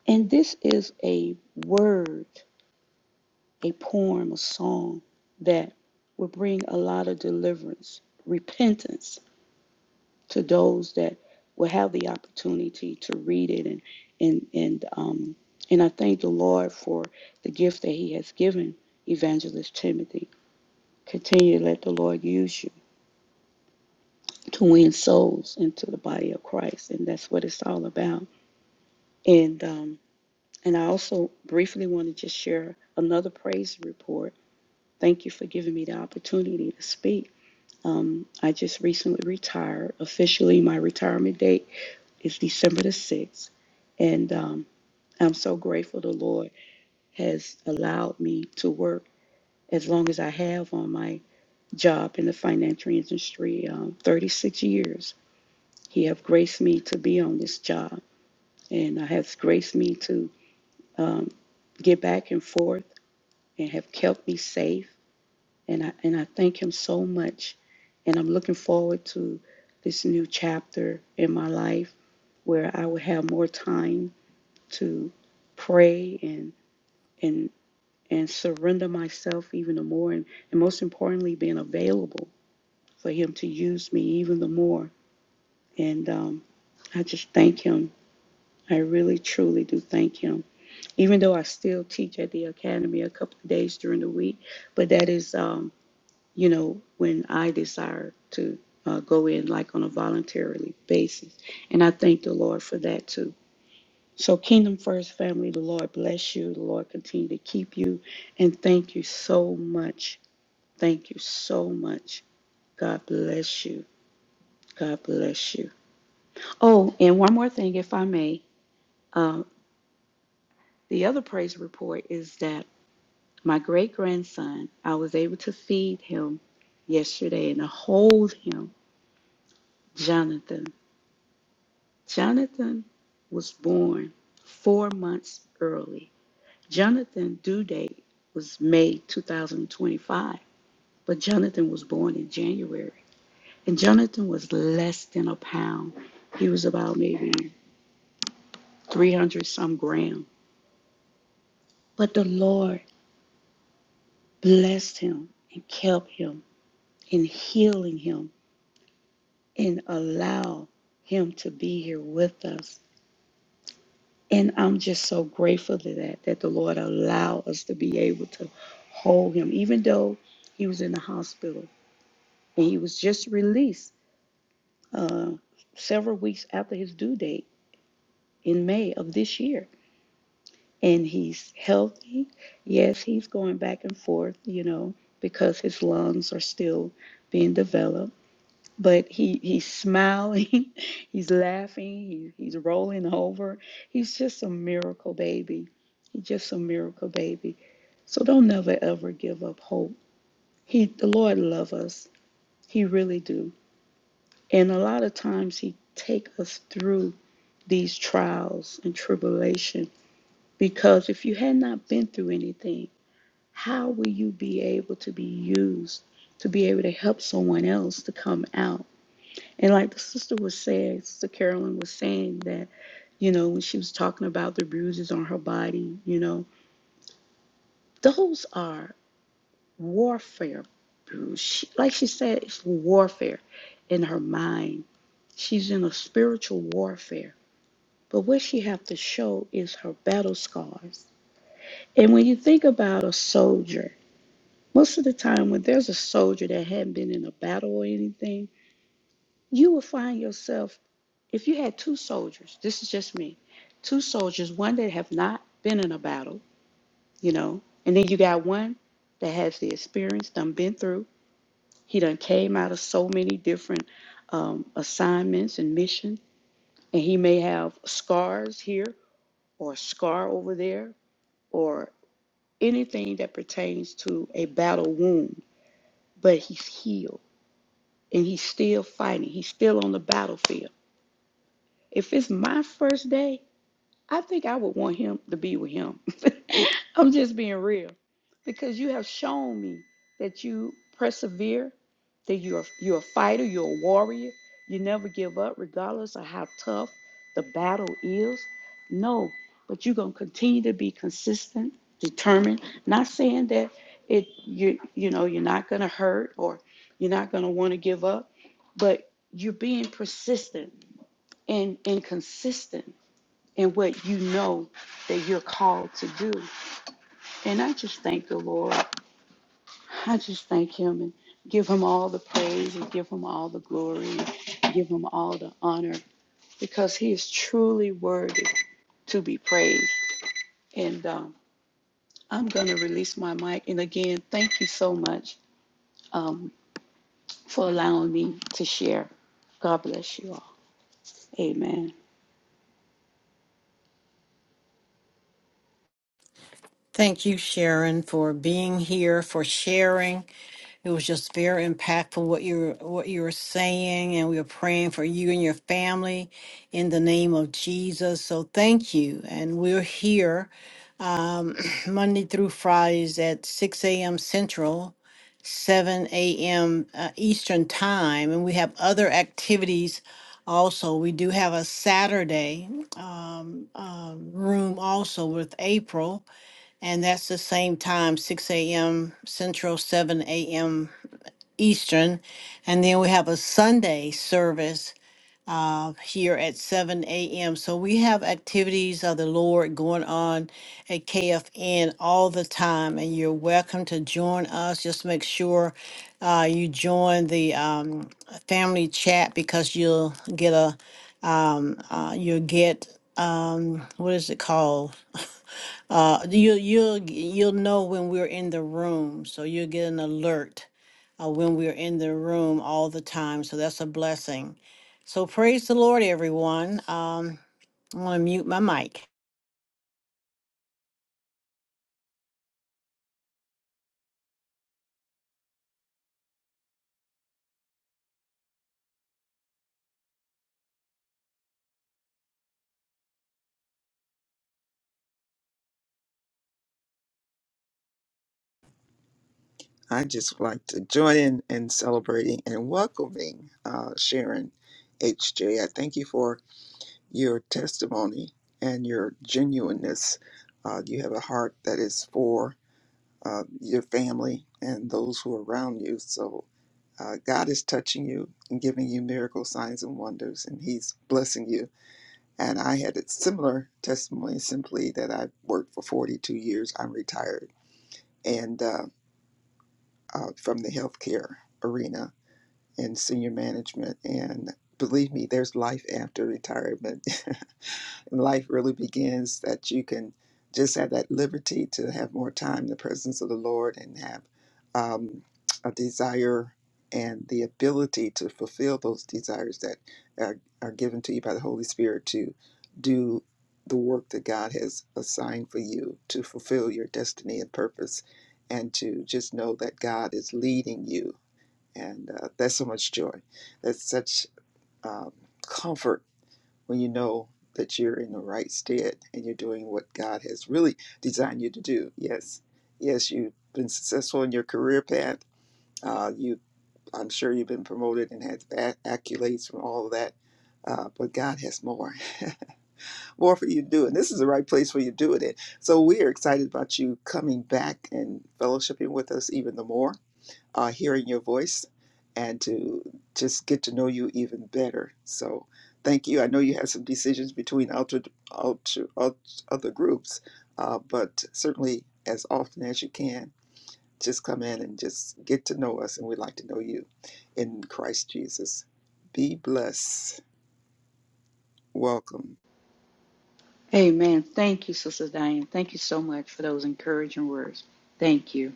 G: And this is a word, a poem, a song that will bring a lot of deliverance, repentance to those that will have the opportunity to read it and and and um and I thank the Lord for the gift that He has given Evangelist Timothy. Continue to let the Lord use you to win souls into the body of Christ. And that's what it's all about And um, and I also briefly want to just share another praise report. Thank you for giving me the opportunity to speak. Um, I just recently retired. Officially, my retirement date is December the 6th. And um, I'm so grateful the Lord has allowed me to work as long as I have on my job in the financial industry um, 36 years. He have graced me to be on this job, and has graced me to um, get back and forth and have kept me safe. And I, and I thank him so much. And I'm looking forward to this new chapter in my life where I will have more time to pray and and and surrender myself even the more and, and most importantly being available for him to use me even the more. And um, I just thank him. I really truly do thank him. Even though I still teach at the academy a couple of days during the week, but that is um, you know, when I desire to uh, go in like on a voluntarily basis. And I thank the Lord for that too. So, Kingdom First family, the Lord bless you. The Lord continue to keep you. And thank you so much. Thank you so much. God bless you. God bless you. Oh, and one more thing, if I may. Uh, the other praise report is that my great grandson, I was able to feed him yesterday and to hold him, Jonathan. Jonathan was born four months early. Jonathan' due date was May 2025, but Jonathan was born in January. And Jonathan was less than a pound. He was about maybe 300 some grams. But the Lord blessed him and kept him and healing him and allow him to be here with us And I'm just so grateful to that, that the Lord allowed us to be able to hold him, even though he was in the hospital and he was just released uh, several weeks after his due date in May of this year. And he's healthy. Yes, he's going back and forth, you know, because his lungs are still being developed but he he's smiling, he's laughing, he, he's rolling over. He's just a miracle baby. He's just a miracle baby. So don't never ever give up hope. He the Lord loves us. He really do. And a lot of times he take us through these trials and tribulation because if you had not been through anything, how will you be able to be used to be able to help someone else to come out? And like the sister was saying, Sister Carolyn was saying that, you know, when she was talking about the bruises on her body, you know, those are warfare bruises. She, like she said, it's warfare in her mind. She's in a spiritual warfare. But what she have to show is her battle scars. And when you think about a soldier, most of the time when there's a soldier that hadn't been in a battle or anything, you will find yourself. If you had two soldiers, this is just me, two soldiers, one that have not been in a battle, you know, and then you got one that has the experience, done been through. He done came out of so many different um, assignments and missions, and he may have scars here or a scar over there or anything that pertains to a battle wound, but he's healed and he's still fighting. He's still on the battlefield. If it's my first day I think I would want him to be with him. I'm just being real because you have shown me that you persevere, that you're you're a fighter, you're a warrior, you never give up regardless of how tough the battle is. No, but you're going to continue to be consistent, determined, not saying that it you you know you're not going to hurt or you're not going to want to give up, but you're being persistent and and consistent and what you know that you're called to do. And I just thank the Lord. I just thank Him and give Him all the praise and give Him all the glory and give Him all the honor because He is truly worthy to be praised. And um, I'm going to release my mic. And again, thank you so much um, for allowing me to share. God bless you all. Amen.
C: Thank you, Sharon, for being here, for sharing. It was just very impactful what you were, what you were saying, and we are praying for you and your family in the name of Jesus. So thank you, and we're here um, Monday through Fridays at six a.m. Central, seven a.m. uh, Eastern time, and we have other activities. Also, we do have a Saturday um, um, room also with April. And that's the same time, 6 a.m. Central, 7 a.m. Eastern. And then we have a Sunday service uh, here at 7 a.m. So we have activities of the Lord going on at KFN all the time. And you're welcome to join us. Just make sure uh, you join the um, family chat because you'll get a um, uh, you'll get um, what is it called? Uh, you you'll you'll know when we're in the room, so you'll get an alert uh, when we're in the room all the time. So that's a blessing. So praise the Lord, everyone. Um, I'm gonna mute my mic.
J: I just like to join in in celebrating and welcoming uh, Sharon HJ. I thank you for your testimony and your genuineness. Uh, you have a heart that is for uh, your family and those who are around you. So uh, God is touching you and giving you miracle signs and wonders, and He's blessing you. And I had a similar testimony simply that I worked for 42 years. I'm retired. And uh, uh, from the healthcare arena and senior management. And believe me, there's life after retirement. and life really begins that you can just have that liberty to have more time in the presence of the Lord and have um, a desire and the ability to fulfill those desires that are, are given to you by the Holy Spirit to do the work that God has assigned for you to fulfill your destiny and purpose and to just know that God is leading you. And uh, that's so much joy. That's such um, comfort when you know that you're in the right stead and you're doing what God has really designed you to do. Yes, yes, you've been successful in your career path. Uh, you, I'm sure you've been promoted and had acc- accolades from all of that. Uh, but God has more, more for you to do, and this is the right place where you do it. In. So we are excited about you coming back and fellowshipping with us even the more uh, hearing your voice and to just get to know you even better. So thank you. I know you had some decisions between alter, alter, alter, other groups, uh, but certainly as often as you can, just come in and just get to know us, and we'd like to know you in Christ Jesus. Be blessed. Welcome.
G: Amen. Thank you, Sister Diane. Thank you so much for those encouraging words. Thank you.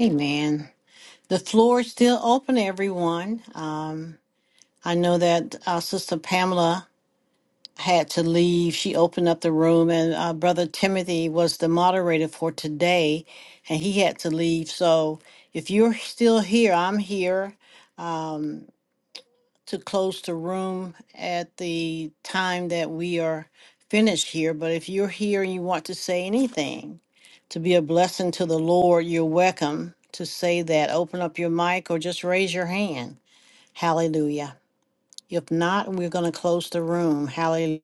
C: Amen. The floor is still open, everyone. Um, I know that uh, Sister Pamela. had to leave. She opened up the room, and uh, Brother Timothy was the moderator for today, and he had to leave. So if you're still here, I'm here um, to close the room at the time that we are finished here. But if you're here and you want to say anything to be a blessing to the Lord, you're welcome to say that. Open up your mic or just raise your hand. Hallelujah. If not, we're going to close the room. Hallelujah.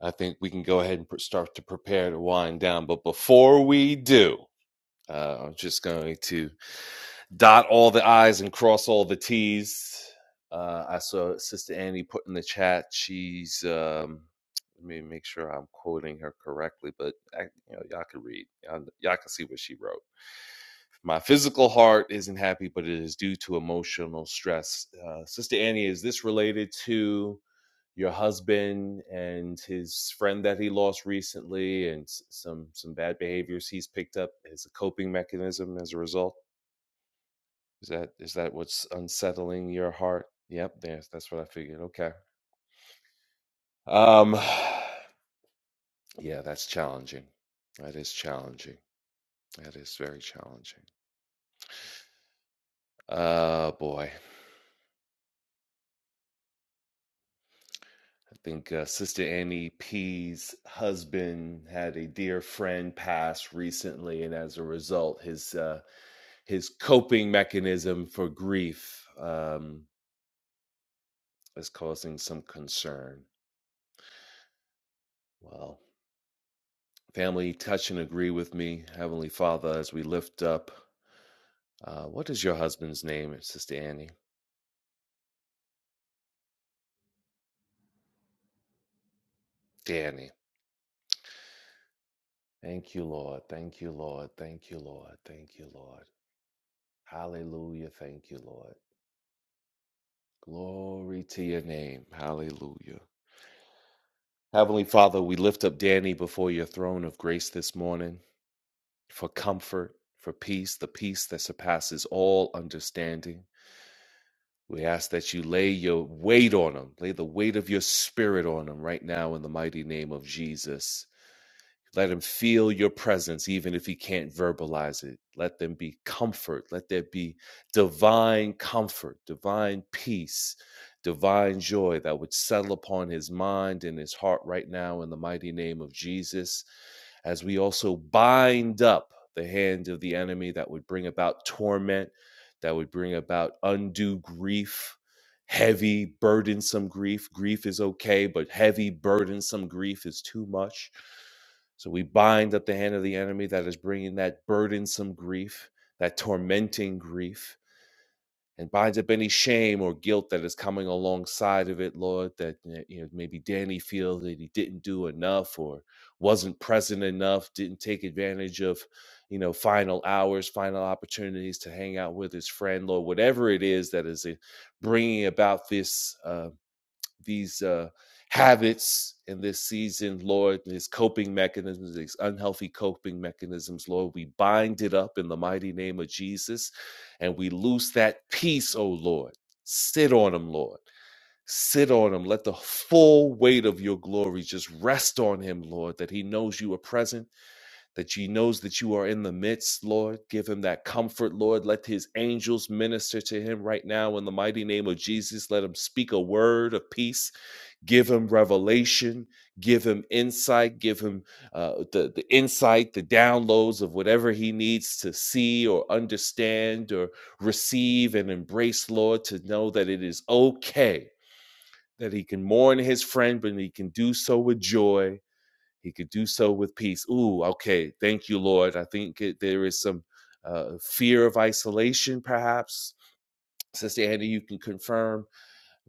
F: I think we can go ahead and pr- start to prepare to wind down. But before we do, uh, I'm just going to dot all the I's and cross all the T's. Uh, I saw Sister Annie put in the chat. She's um, let me make sure I'm quoting her correctly, but I, you know, y'all can read, y'all, y'all can see what she wrote. My physical heart isn't happy, but it is due to emotional stress. Uh, Sister Annie, is this related to your husband and his friend that he lost recently, and s- some some bad behaviors he's picked up as a coping mechanism as a result? Is that is that what's unsettling your heart? Yep, there's that's what I figured. Okay. Um yeah, that's challenging. That is challenging. That is very challenging. Uh boy. I think uh, Sister Annie P's husband had a dear friend pass recently and as a result his uh his coping mechanism for grief um is causing some concern. Well, Family, touch and agree with me, Heavenly Father, as we lift up. Uh, what is your husband's name, Sister Annie? Danny. Thank you, Lord. Thank you, Lord. Thank you, Lord. Thank you, Lord. Hallelujah. Thank you, Lord. Glory to your name. Hallelujah. Heavenly Father, we lift up Danny before your throne of grace this morning for comfort, for peace, the peace that surpasses all understanding. We ask that you lay your weight on them, lay the weight of your spirit on them right now in the mighty name of Jesus. Let him feel your presence, even if he can't verbalize it. Let them be comfort. Let there be divine comfort, divine peace, divine joy that would settle upon his mind and his heart right now in the mighty name of Jesus. As we also bind up the hand of the enemy that would bring about torment, that would bring about undue grief. Heavy, burdensome grief. Grief is okay, but heavy, burdensome grief is too much so we bind up the hand of the enemy that is bringing that burdensome grief, that tormenting grief, and binds up any shame or guilt that is coming alongside of it, Lord. That eh, you know maybe Danny feels that he didn't do enough or wasn't present enough, didn't take advantage of you know final hours, final opportunities to hang out with his friend, Lord. Whatever it is that is eh, bringing about this. uh, these uh, habits in this season, Lord, these coping mechanisms, these unhealthy coping mechanisms, Lord. We bind it up in the mighty name of Jesus and we loose that peace, oh Lord. Sit on him, Lord. Sit on him. Let the full weight of your glory just rest on him, Lord, that he knows you are present, that he knows that you are in the midst, Lord. Give him that comfort, Lord. Let his angels minister to him right now in the mighty name of Jesus. Let him speak a word of peace give him revelation give him insight give him uh, the, the insight the downloads of whatever he needs to see or understand or receive and embrace lord to know that it is okay that he can mourn his friend but he can do so with joy he could do so with peace ooh okay thank you lord i think it, there is some uh, fear of isolation perhaps sister andy you can confirm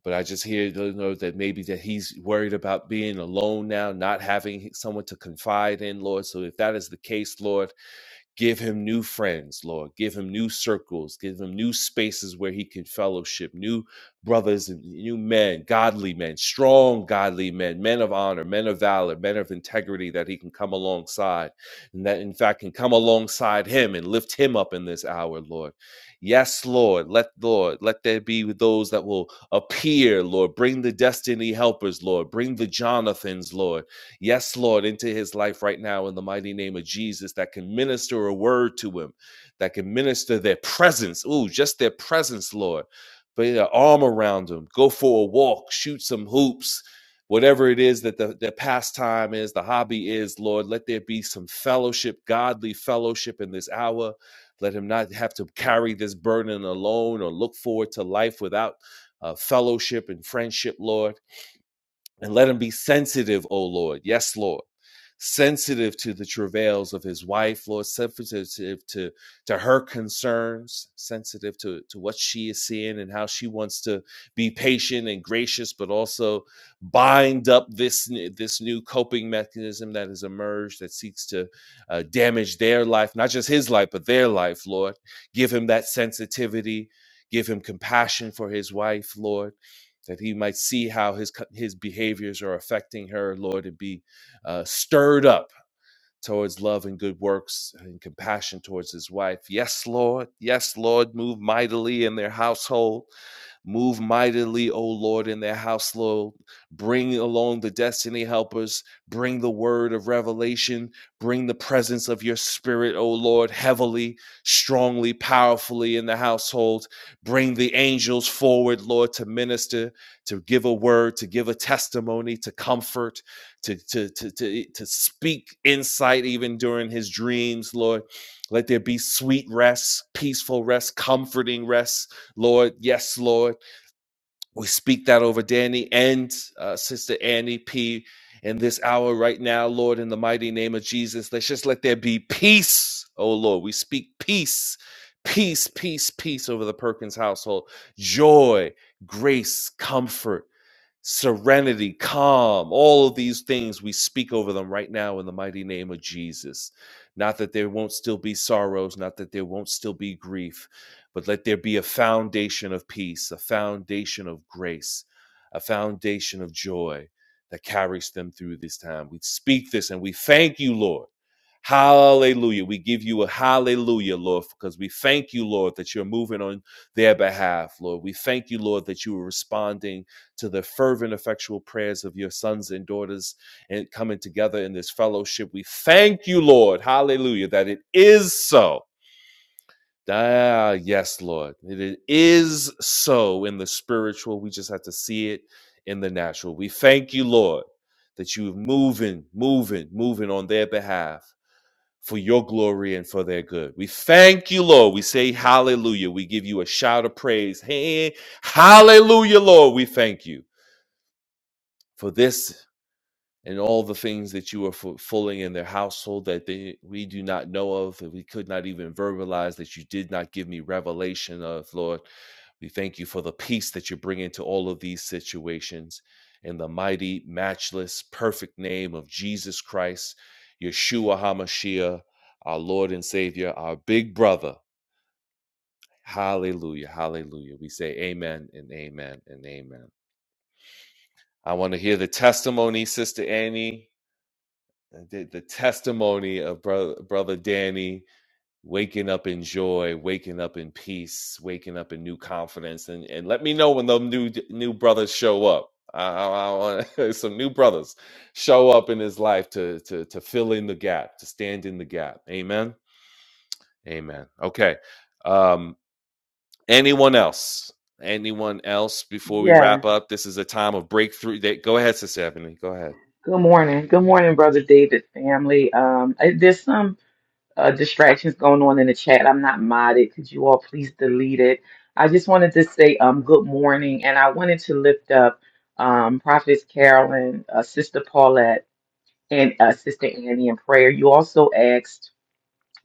F: but I just hear you know that maybe that he's worried about being alone now, not having someone to confide in, Lord. So if that is the case, Lord. Give him new friends, Lord. Give him new circles. Give him new spaces where he can fellowship, new brothers and new men, godly men, strong godly men, men of honor, men of valor, men of integrity that he can come alongside and that, in fact, can come alongside him and lift him up in this hour, Lord. Yes, Lord. Let, Lord, let there be those that will appear, Lord. Bring the destiny helpers, Lord. Bring the Jonathans, Lord Yes, Lord, into his life right now in the mighty name of Jesus that can minister a word to him, that can minister their presence. Ooh, just their presence, Lord. Put your arm around him. Go for a walk, shoot some hoops. Whatever it is that the, the pastime is, the hobby is, Lord, let there be some fellowship, godly fellowship in this hour. Let him not have to carry this burden alone or look forward to life without uh, fellowship and friendship, Lord and let him be sensitive, O Lord. Yes, Lord. Sensitive to the travails of his wife, Lord, sensitive to, to her concerns, sensitive to, to what she is seeing and how she wants to be patient and gracious, but also bind up this, this new coping mechanism that has emerged that seeks to uh, damage their life, not just his life, but their life, Lord. Give him that sensitivity, give him compassion for his wife, Lord that he might see how his his behaviors are affecting her, Lord, and be uh, stirred up towards love and good works and compassion towards his wife. Yes, Lord. Yes, Lord. Move mightily in their household. Move mightily, O Lord, in their house, Lord. Bring along the destiny helpers. Bring the word of revelation. Bring the presence of your spirit, O Lord, heavily, strongly, powerfully in the household. Bring the angels forward, Lord, to minister, to give a word, to give a testimony, to comfort, to, to, to, to, to speak insight even during his dreams, Lord. Let there be sweet rest, peaceful rest, comforting rest, Lord. Yes, Lord. We speak that over Danny and uh, Sister Annie P in this hour right now, Lord, in the mighty name of Jesus. Let's just let there be peace, oh Lord. We speak peace, peace, peace, peace over the Perkins household. Joy, grace, comfort serenity, calm, all of these things we speak over them right now in the mighty name of Jesus. Not that there won't still be sorrows, not that there won't still be grief, but let there be a foundation of peace, a foundation of grace, a foundation of joy that carries them through this time. We speak this and we thank you, Lord. Hallelujah. We give you a hallelujah, Lord, because we thank you, Lord, that you're moving on their behalf, Lord. We thank you, Lord, that you are responding to the fervent, effectual prayers of your sons and daughters and coming together in this fellowship. We thank you, Lord. Hallelujah, that it is so. Ah, yes, Lord. It is so in the spiritual. We just have to see it in the natural. We thank you, Lord, that you're moving, moving, moving on their behalf for your glory and for their good. We thank you, Lord. We say hallelujah. We give you a shout of praise. Hey, hallelujah, Lord. We thank you for this and all the things that you are fulfilling in their household that they, we do not know of, that we could not even verbalize, that you did not give me revelation of, Lord. We thank you for the peace that you bring into all of these situations. In the mighty, matchless, perfect name of Jesus Christ, Yeshua HaMashiach, our Lord and Savior, our big brother. Hallelujah, hallelujah. We say amen and amen and amen. I want to hear the testimony, Sister Annie. the, the testimony of brother, brother Danny waking up in joy, waking up in peace, waking up in new confidence, and and let me know when those new new brothers show up. I, I, I want some new brothers show up in his life to to to fill in the gap, to stand in the gap. Amen. Amen. Okay. Um, anyone else? Anyone else before we
H: Yes.
F: wrap up? This is a time of breakthrough. They, go ahead, Sister Ebony. Go ahead.
H: Good morning. Good morning, Brother David family. Um, I- there's some uh, distractions going on in the chat. I'm not modded. Could you all please delete it? I just wanted to say um, good morning, and I wanted to lift up um, Prophetess Carolyn, uh, Sister Paulette, and uh, Sister Annie in prayer. You also asked.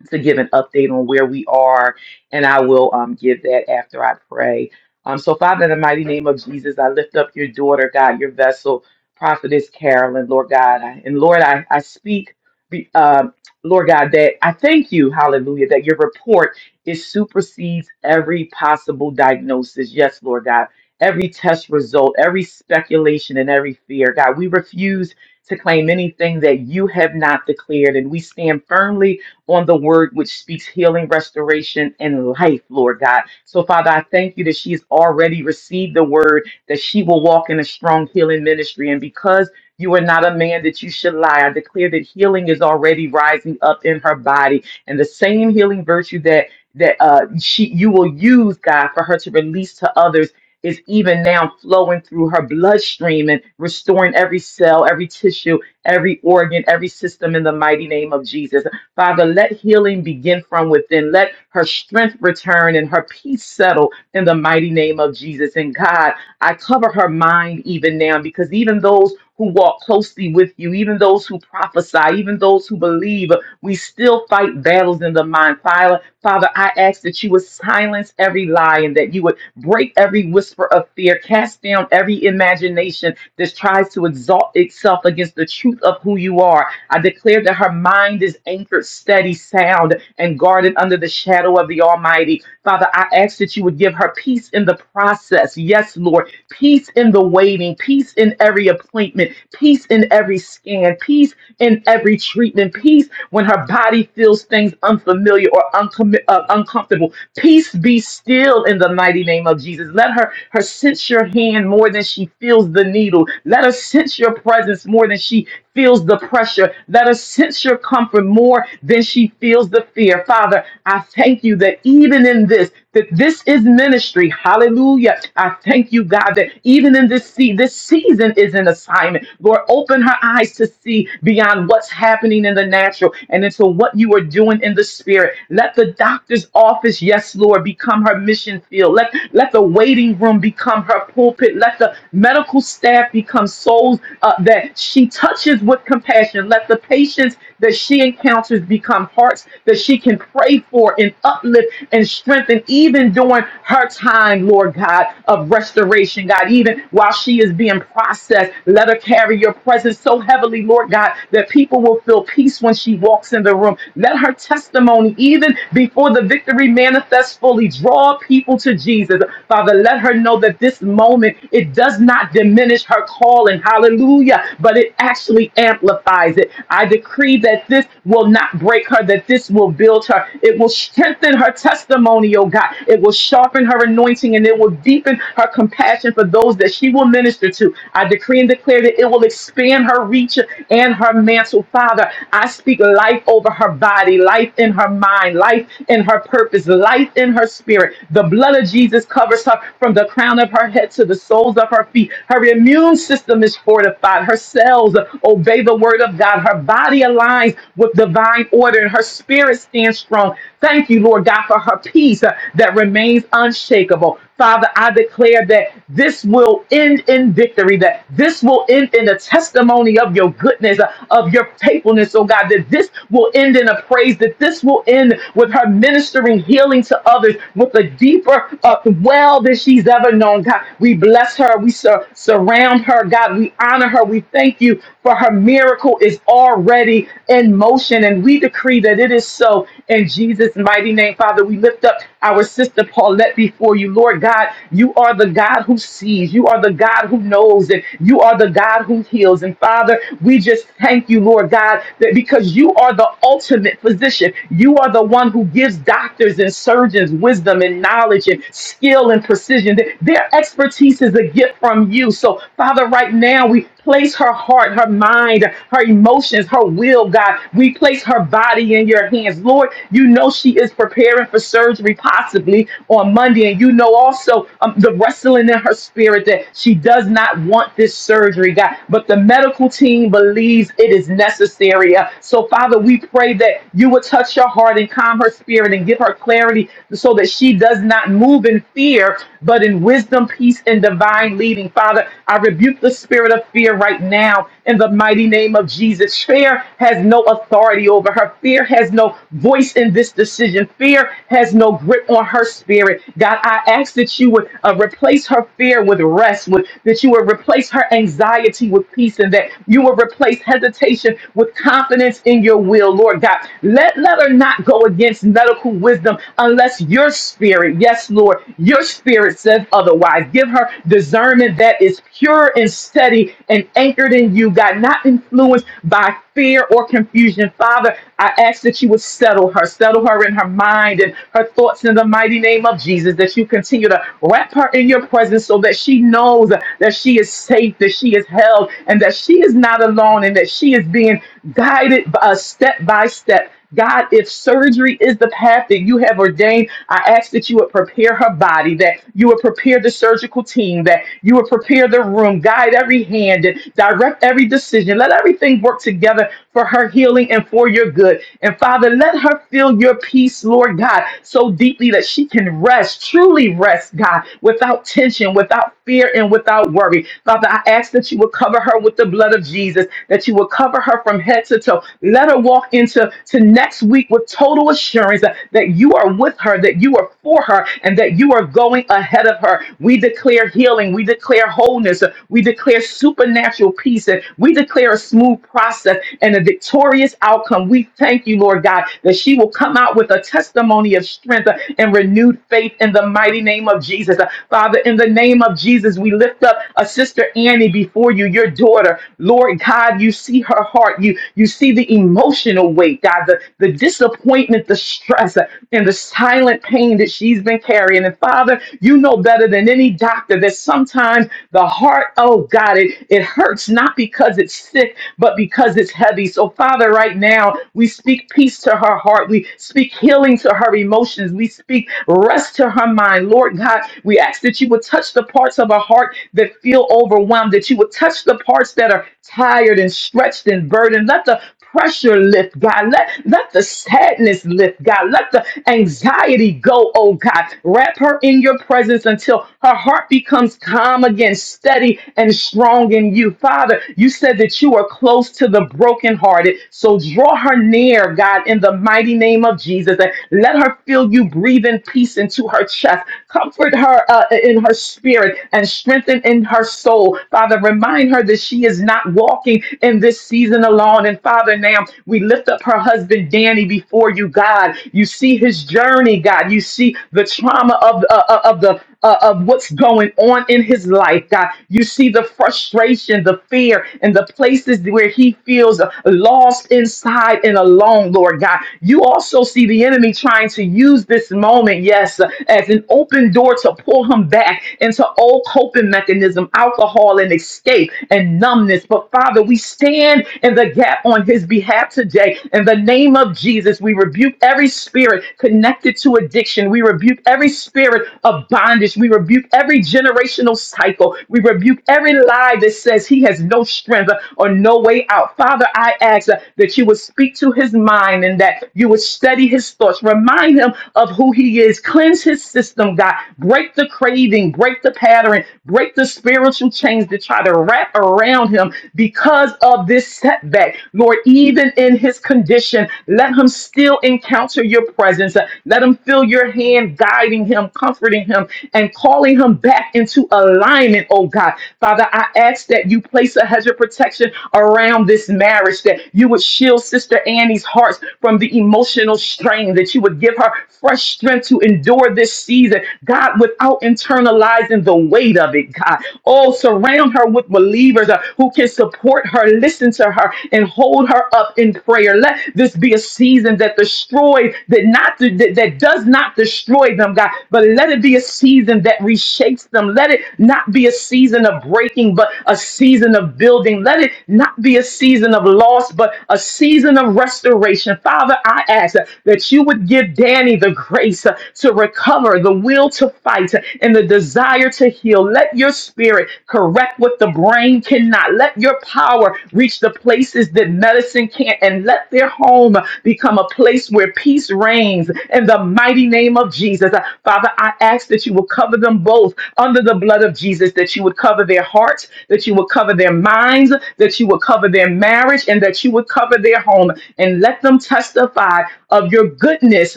H: to give an update on where we are, and I will um, give that after I pray. Um, so, Father, in the mighty name of Jesus, I lift up your daughter, God, your vessel, prophetess Carolyn, Lord God. I, and Lord, I, I speak, be- um, Lord God, that I thank you, hallelujah, that your report is supersedes every possible diagnosis. Yes, Lord God, every test result, every speculation, and every fear. God, we refuse to claim anything that you have not declared, and we stand firmly on the word which speaks healing, restoration, and life, Lord God. So, Father, I thank you that she's already received the word, that she will walk in a strong healing ministry. And because you are not a man that you should lie. I declare that healing is already rising up in her body, and the same healing virtue that that uh, she you will use, God, for her to release to others is even now flowing through her bloodstream and restoring every cell, every tissue, every organ, every system in the mighty name of Jesus. Father, let healing begin from within. Let her strength return and her peace settle in the mighty name of Jesus. And God, I cover her mind even now because even those who walk closely with you, even those who prophesy, even those who believe, we still fight battles in the mind. Father. Father, I ask that you would silence every lie and that you would break every whisper of fear, cast down every imagination that tries to exalt itself against the truth of who you are. I declare that her mind is anchored, steady, sound, and guarded under the shadow of the Almighty. Father, I ask that you would give her peace in the process. Yes, Lord, peace in the waiting, peace in every appointment, peace in every scan, peace in every treatment piece when her body feels things unfamiliar or uncom- uh, uncomfortable. Peace be still in the mighty name of Jesus. Let her, her sense your hand more than she feels the needle. Let her sense your presence more than she feels the pressure. Let her sense your comfort more than she feels the fear. Father, I thank you that even in this, that this is ministry. Hallelujah. I thank you, God, that even in this sea, this season is an assignment. Lord, open her eyes to see beyond what's happening in the natural and into what you are doing in the spirit. Let the doctor's office, yes, Lord, become her mission field. Let, let the waiting room become her pulpit. Let the medical staff become souls uh, that she touches with compassion. Let the patients that she encounters become hearts that she can pray for and uplift and strengthen, even during her time, Lord God, of restoration, God. Even while she is being processed, let her carry your presence so heavily, Lord God, that people will feel peace when she walks in the room. Let her testimony testimony even before the victory manifests fully. Draw people to Jesus. Father, let her know that this moment, it does not diminish her calling. Hallelujah. But it actually amplifies it. I decree that this will not break her, that this will build her. It will strengthen her testimony, oh God. It will sharpen her anointing and it will deepen her compassion for those that she will minister to. I decree and declare that it will expand her reach and her mantle. Father, I speak life over her body body, life in her mind, life in her purpose, life in her spirit. The blood of Jesus covers her from the crown of her head to the soles of her feet. Her immune system is fortified. Her cells obey the word of God. Her body aligns with divine order and her spirit stands strong. Thank you, Lord God, for her peace uh, that remains unshakable. Father, I declare that this will end in victory, that this will end in a testimony of your goodness, uh, of your faithfulness, oh God, that this this will end in a praise, that this will end with her ministering healing to others with a deeper uh, well than she's ever known. God, we bless her. We sur- surround her. God, we honor her. We thank you for her miracle is already in motion. And we decree that it is so in Jesus' mighty name. Father, we lift up our sister Paulette before you. Lord God, you are the God who sees, you are the God who knows, and you are the God who heals. And Father, we just thank you, Lord God, that because you are the ultimate physician, you are the one who gives doctors and surgeons wisdom and knowledge and skill and precision. Their their expertise is a gift from you. So, Father, right now we place her heart, her mind, her emotions, her will, God. We place her body in your hands. Lord, you know she is preparing for surgery anniversary possibly on Monday. And you know also um, the wrestling in her spirit that she does not want this surgery, God. But the medical team believes it is necessary. Uh, so, Father, we pray that you would touch her heart and calm her spirit and give her clarity so that she does not move in fear, but in wisdom, peace, and divine leading. Father, I rebuke the spirit of fear right now in the mighty name of Jesus. Fear has no authority over her. Fear has no voice in this decision. Fear has there's no grip on her spirit. God, I ask that you would uh, replace her fear with rest, with that you would replace her anxiety with peace, and that you would replace hesitation with confidence in your will, Lord God. Let, let her not go against medical wisdom unless your spirit, yes, Lord, your spirit says otherwise. Give her discernment that is pure and steady and anchored in you, God, not influenced by fear or confusion. Father, I ask that you would settle her, settle her in her mind and her thoughts in the mighty name of Jesus, that you continue to wrap her in your presence so that she knows that she is safe, that she is held, and that she is not alone, and that she is being guided by, uh, step by step. God, if surgery is the path that you have ordained, I ask that you would prepare her body, that you would prepare the surgical team, that you would prepare the room, guide every hand, and direct every decision. Let everything work together for her healing and for your good. And Father, let her feel your peace, Lord God. God, so deeply that she can rest, truly rest, God, without tension, without fear, and without worry. Father, I ask that you would cover her with the blood of Jesus, that you would cover her from head to toe. Let her walk into to next week with total assurance that, that you are with her, that you are for her, and that you are going ahead of her. We declare healing, we declare wholeness, we declare supernatural peace, and we declare a smooth process and a victorious outcome. We thank you, Lord God, that she will come out with a testimony testimony of strength uh, and renewed faith in the mighty name of Jesus. Uh, Father, in the name of Jesus, we lift up a sister Annie before you, your daughter. Lord God, you see her heart. You you see the emotional weight, God, the, the disappointment, the stress, uh, and the silent pain that she's been carrying. And Father, you know better than any doctor that sometimes the heart, oh God, it, it hurts not because it's sick, but because it's heavy. So, Father, right now, we speak peace to her heart. We speak healing healing to her emotions. We speak rest to her mind. Lord God, we ask that you would touch the parts of her heart that feel overwhelmed, that you would touch the parts that are tired and stretched and burdened. Let the pressure lift, God. Let, let the sadness lift, God. Let the anxiety go, oh God. Wrap her in your presence until her heart becomes calm again, steady and strong in you. Father, you said that you are close to the brokenhearted. So draw her near, God, in the mighty name of Jesus and Let her feel you breathing peace into her chest. Comfort her uh, in her spirit and strengthen in her soul. Father, remind her that she is not walking in this season alone. And Father, now we lift up her husband, Danny, before you, God. You see his journey, God. You see the trauma of, uh, uh, of the uh, of what's going on in his life, God. You see the frustration, the fear, and the places where he feels lost inside and alone, Lord God. You also see the enemy trying to use this moment, yes, as an open door to pull him back into old coping mechanism, alcohol and escape and numbness. But Father, we stand in the gap on his behalf today. In the name of Jesus, we rebuke every spirit connected to addiction. We rebuke every spirit of bondage. We rebuke every generational cycle. We rebuke every lie that says he has no strength or no way out. Father, I ask uh, that you would speak to his mind and that you would study his thoughts. Remind him of who he is. Cleanse his system, God. Break the craving, break the pattern, break the spiritual chains that try to wrap around him because of this setback. Lord, even in his condition, let him still encounter your presence. Let him feel your hand guiding him, comforting him, and calling him back into alignment, oh God. Father, I ask that you place a hedge of protection around this marriage, that you would shield Sister Annie's heart from the emotional strain, that you would give her fresh strength to endure this season, God, without internalizing the weight of it, God. Oh, surround Surround her with believers uh, who can support her, listen to her, and hold her up in prayer. Let this be a season that destroys, that not that, that does not destroy them, God, but let it be a season that reshapes them. Let it not be a season of breaking, but a season of building. Let it not be a season of loss, but a season of restoration. Father, I ask uh, that you would give Danny the grace uh, to recover the will will to fight and the desire to heal. Let your spirit correct what the brain cannot. Let your power reach the places that medicine can't, and let their home become a place where peace reigns in the mighty name of Jesus. Uh, Father, I ask that you will cover them both under the blood of Jesus, that you would cover their hearts, that you would cover their minds, that you would cover their marriage, and that you would cover their home, and let them testify of your goodness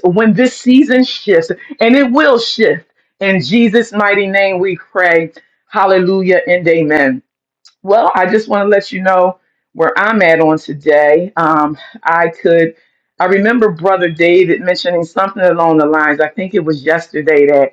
H: when this season shifts and it will shift. In Jesus' mighty name, we pray. Hallelujah and amen. Well, I just want to let you know where I'm at on today. Um, I could, I remember Brother David mentioning something along the lines. I think it was yesterday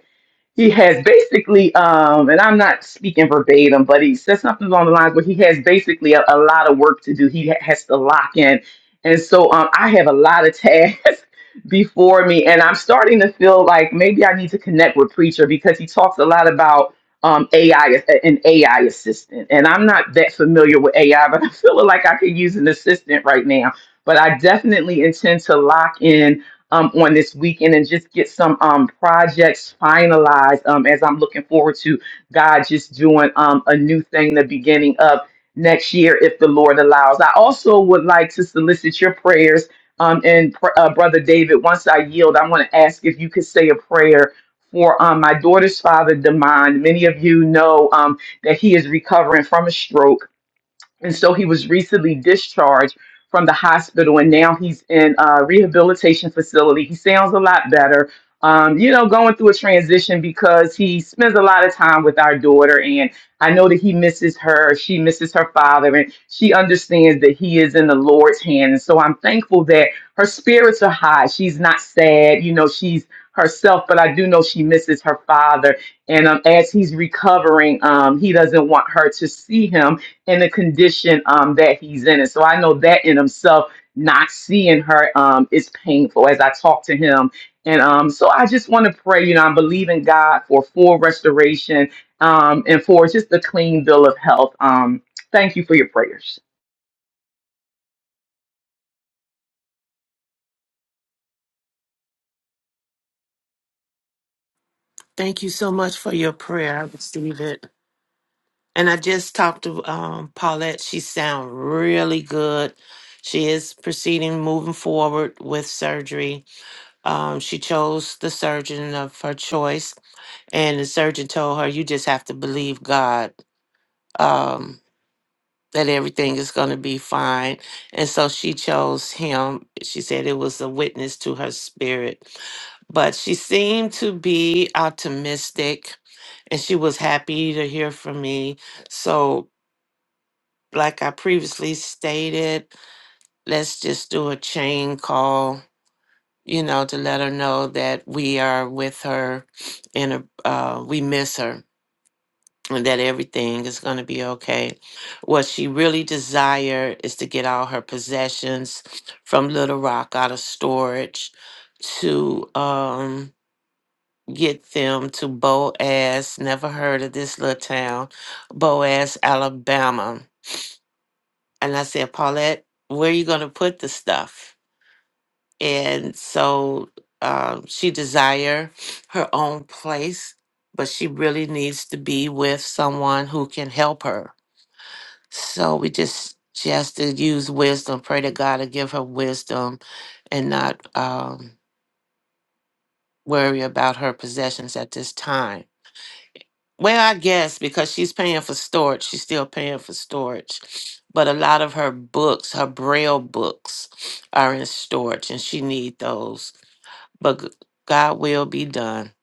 H: he has basically, um, and I'm not speaking verbatim, but he said something along the lines where he has basically a, a lot of work to do. He ha- has to lock in. And so um, I have a lot of tasks before me, and I'm starting to feel like maybe I need to connect with Preacher because he talks a lot about um, AI, as- an AI assistant. And I'm not that familiar with AI, but I'm feeling like I could use an assistant right now. But I definitely intend to lock in um, on this weekend and just get some um, projects finalized um, as I'm looking forward to God just doing um, a new thing the beginning of next year if the Lord allows. I also would like to solicit your prayers. Um, and pr- uh, Brother David, once I yield, I want to ask if you could say a prayer for um, my daughter's father, Demond. Many of you know um, that he is recovering from a stroke and so he was recently discharged from the hospital and now he's in a rehabilitation facility he sounds a lot better um, you know going through a transition because he spends a lot of time with our daughter and i know that he misses her she misses her father and she understands that he is in the lord's hand and so i'm thankful that her spirits are high she's not sad you know she's herself but i do know she misses her father and um, as he's recovering um, he doesn't want her to see him and the condition um, that he's in. And so I know that in himself, not seeing her um, is painful as I talk to him. And um, so I just want to pray, you know, I'm believing God for full restoration um, and for just a clean bill of health. Um, thank you for your prayers.
D: Thank you so much for your prayer. I receive it. And I just talked to um, Paulette. She sound really good. She is proceeding, moving forward with surgery. Um, she chose the surgeon of her choice, and the surgeon told her, "You just have to believe God um, that everything is going to be fine." And so she chose him. She said it was a witness to her spirit, but she seemed to be optimistic, and she was happy to hear from me. So like I previously stated, let's just do a chain call, you know, to let her know that we are with her and uh, uh, we miss her and that everything is going to be okay. What she really desire is to get all her possessions from Little Rock out of storage to um get them to Boaz, never heard of this little town, Boaz, Alabama and I said, Paulette, where are you going to put the stuff? And so um, she desire her own place, but she really needs to be with someone who can help her. So we just she has to use wisdom. Pray to God to give her wisdom and not um, worry about her possessions at this time. Well, I guess because she's paying for storage, she's still paying for storage. But a lot of her books, her braille books, are in storage, and she need those. But g- God will be done.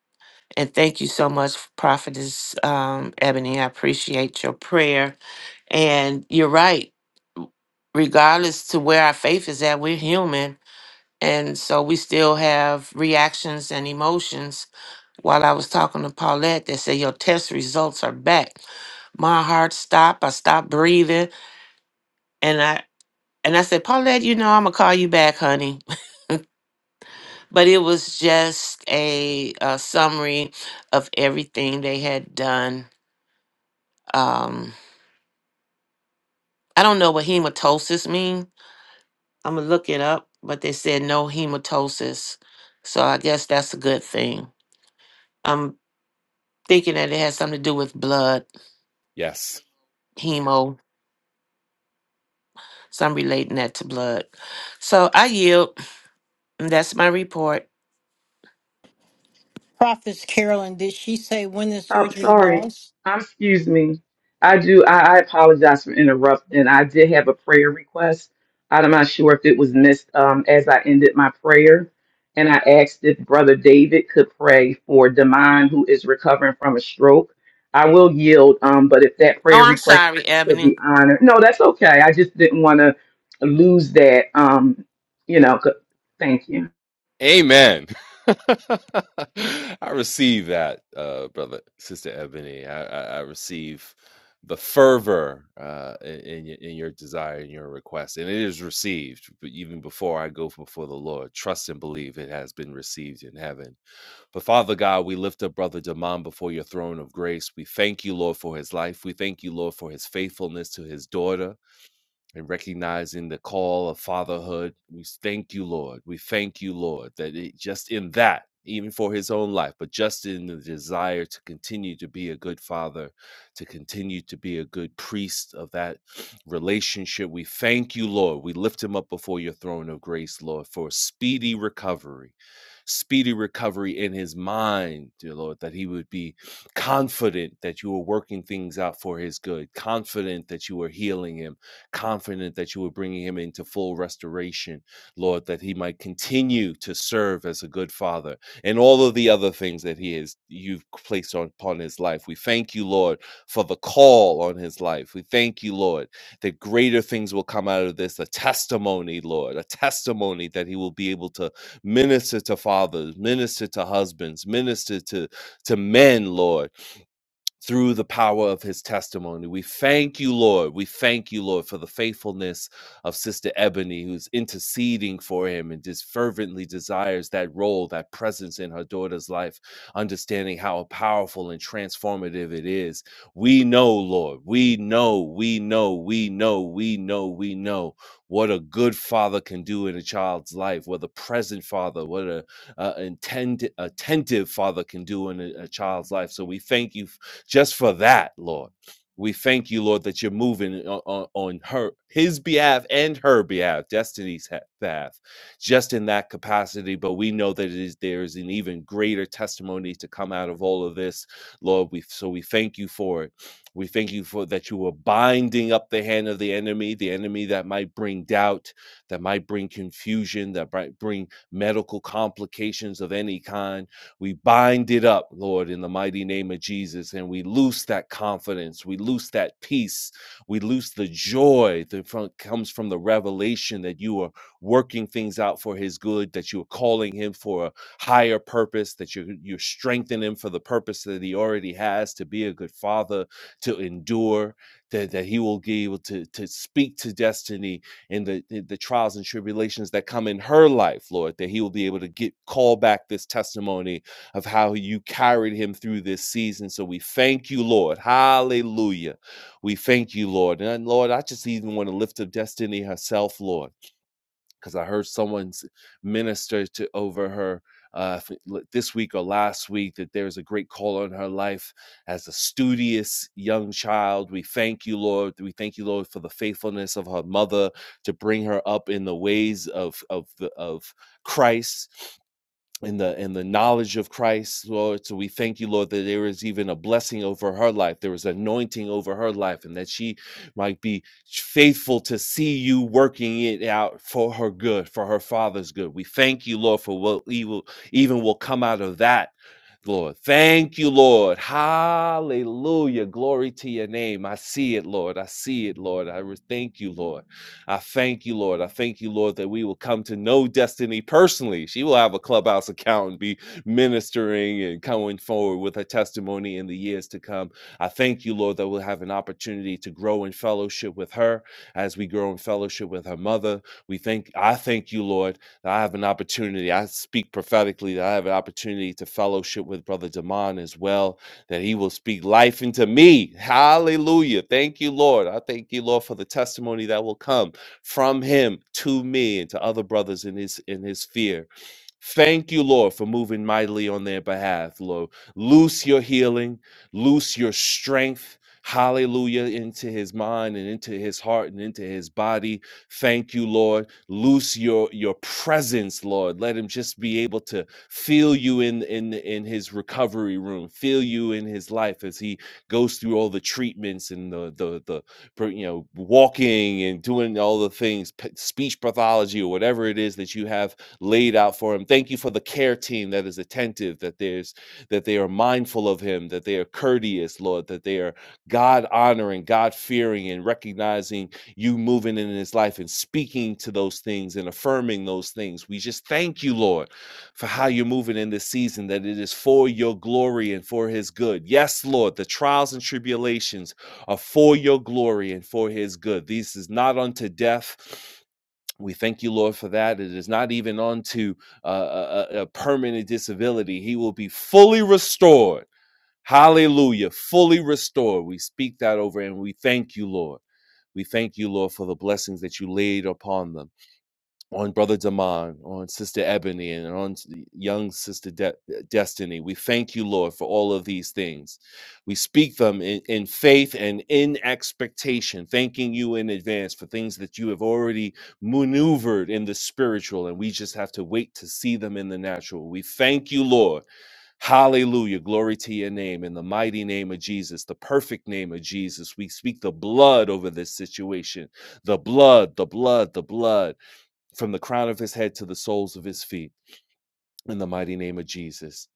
D: And thank you so much, Prophetess um, Ebony. I appreciate your prayer. And you're right. Regardless to where our faith is at, we're human, and so we still have reactions and emotions while I was talking to Paulette that said your test results are back. My heart stopped. I stopped breathing, and I and I said, Paulette, you know I'm gonna call you back, honey. But it was just a, uh summary of everything they had done. Um, I don't know what hematosis mean. I'm gonna look it up, but they said no hematosis, so I guess that's a good thing. I'm thinking that it has something to do with blood,
F: Yes.
D: hemo. So I'm relating that to blood. So I yield. And That's my report.
C: Prophetess Carolyn, did she say when the
H: I'm
C: surgery
H: sorry.
C: was?
H: I'm, excuse me. I do. I, I apologize for interrupting. I did have a prayer request. I'm not sure if it was missed um, as I ended my prayer. And I asked if Brother David could pray for Damon, who is recovering from a stroke. I will yield, um, but if that
D: Oh,
H: prayer
D: I'm
H: request
D: sorry,
H: could
D: Ebony.
H: be honored. No, that's okay. I just didn't want to lose that. Um, you know, 'cause- thank you.
F: Amen. I receive that, uh, brother, sister Ebony. I, I, I receive the fervor uh, in in y- in your desire and your request, and it is received. But even before I go before the Lord, trust and believe it has been received in heaven. But Father God, we lift up brother Damon before your throne of grace. We thank you, Lord, for his life. We thank you, Lord, for his faithfulness to his daughter and recognizing the call of fatherhood. We thank you, Lord. We thank you, Lord, that it, just in that, even for his own life, but just in the desire to continue to be a good father, to continue to be a good priest of that relationship, we thank you, Lord. We lift him up before your throne of grace, Lord, for speedy recovery, speedy recovery in his mind, dear Lord, that he would be confident that you were working things out for his good, confident that you were healing him confident that you were bringing him into full restoration, Lord, that he might continue to serve as a good father and all of the other things that he is you've placed on, upon his life. We thank you, Lord, for the call on his life. We thank you, Lord, that greater things will come out of this, a testimony, Lord, a testimony that he will be able to minister to fathers, minister to husbands, minister to, to men, Lord through the power of his testimony. We thank you, Lord. We thank you, Lord, for the faithfulness of Sister Ebony, who's interceding for him and just fervently desires that role, that presence in her daughter's life, understanding how powerful and transformative it is. We know, Lord, we know, we know, we know, we know, we know what a good father can do in a child's life, what a present father, what a uh, intend, attentive father can do in a, a child's life. So we thank you just for that, Lord. We thank you, Lord, that you're moving on, on, her, his behalf and her behalf, destiny's path, just in that capacity. But we know that it is there is an even greater testimony to come out of all of this, Lord. We so we thank you for it. We thank you for that you are binding up the hand of the enemy, the enemy that might bring doubt, that might bring confusion, that might bring medical complications of any kind we bind it up, Lord, in the mighty name of Jesus, and we loose that confidence. We loose that peace. We loose the joy that comes from the revelation that you are working things out for his good, that you are calling him for a higher purpose, that you're, you're strengthening him for the purpose that he already has to be a good father, to endure, that, that he will be able to, to speak to destiny in the, in the trials and tribulations that come in her life, Lord, that he will be able to get call back this testimony of how you carried him through this season. So we thank you, Lord. Hallelujah. We thank you, Lord. And Lord, I just even want to lift up Destiny herself, Lord, because I heard someone's minister to over her. Uh, this week or last week, that there's a great call on her life as a studious young child. We thank you, Lord. We thank you, Lord, for the faithfulness of her mother to bring her up in the ways of of the, of Christ in the in the knowledge of Christ, Lord. So we thank you, Lord, that there is even a blessing over her life. There is anointing over her life, and that she might be faithful to see you working it out for her good, for her father's good. We thank you, Lord, for what evil even will come out of that Lord. Thank you, Lord. Hallelujah. Glory to your name. I see it, Lord. I see it, Lord. I re- thank you, Lord. I thank you, Lord. I thank you, Lord, that we will come to know Destiny personally. She will have a clubhouse account and be ministering and coming forward with her testimony in the years to come. I thank you, Lord, that we'll have an opportunity to grow in fellowship with her as we grow in fellowship with her mother. We thank I thank you, Lord that I have an opportunity. I speak prophetically that I have an opportunity to fellowship with Brother Damon as well, that he will speak life into me. Hallelujah. Thank you, Lord. I thank you, Lord, for the testimony that will come from him to me and to other brothers in his in his fear. Thank you, Lord, for moving mightily on their behalf, Lord. Loose your healing, loose your strength. Hallelujah, into his mind and into his heart and into his body. Thank you, Lord loose your your presence lord let him just be able to feel you in in in his recovery room feel you in his life as he goes through all the treatments and the the the you know walking and doing all the things p- speech pathology or whatever it is that you have laid out for him thank you for the care team that is attentive that there's that they are mindful of him that they are courteous lord that they are god honoring god fearing and recognizing you moving in his life and speaking to those things and affirming those things. We just thank you, Lord, for how you're moving in this season, that it is for your glory and for his good. Yes, Lord, the trials and tribulations are for your glory and for his good. This is not unto death. We thank you, Lord, for that. It is not even unto uh, a, a a permanent disability. He will be fully restored Hallelujah. Fully restored. We speak that over and we thank you, Lord. We thank you, Lord, for the blessings that you laid upon them, on Brother Damon, on Sister Ebony, and on young Sister De- Destiny. We thank you, Lord, for all of these things. We speak them in, in faith and in expectation, thanking you in advance for things that you have already maneuvered in the spiritual, and we just have to wait to see them in the natural. We thank you, Lord Hallelujah. Glory to your name. In the mighty name of Jesus, the perfect name of Jesus, we speak the blood over this situation. The blood, the blood, the blood from the crown of his head to the soles of his feet. In the mighty name of Jesus.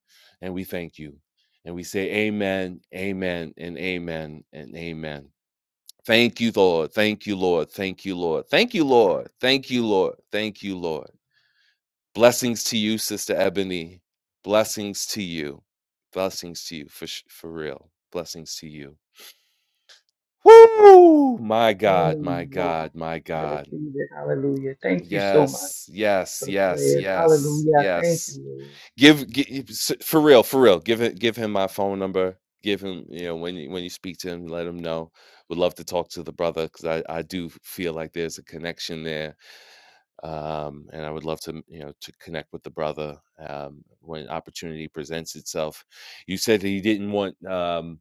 F: And we thank you. And we say, Amen, Amen, and Amen, and Amen. Thank you, Lord. Thank you, Lord. Thank you, Lord. Thank you, Lord. Thank you, Lord. Thank you, Lord. Blessings to you, Sister Ebony. Blessings to you. Blessings to you for sh- for real. Blessings to you. Woo! My God, my
H: Amen. Wow.
F: God, my
H: I
F: God.
H: receive it. Hallelujah. Thank you so much.
F: Yes, yes,
H: for the
F: yes,
H: prayers.
F: yes,
H: Hallelujah. I Thank you,
F: yes.
H: Lord.
F: Give, gi- s- for real, for real. Give it, give him my phone number. Give him, you know, when you, when you speak to him, let him know. Would love to talk to the brother because I I do feel like there's a connection there um, and I would love to you know to connect with the brother um, when opportunity presents itself. You said that you didn't want um,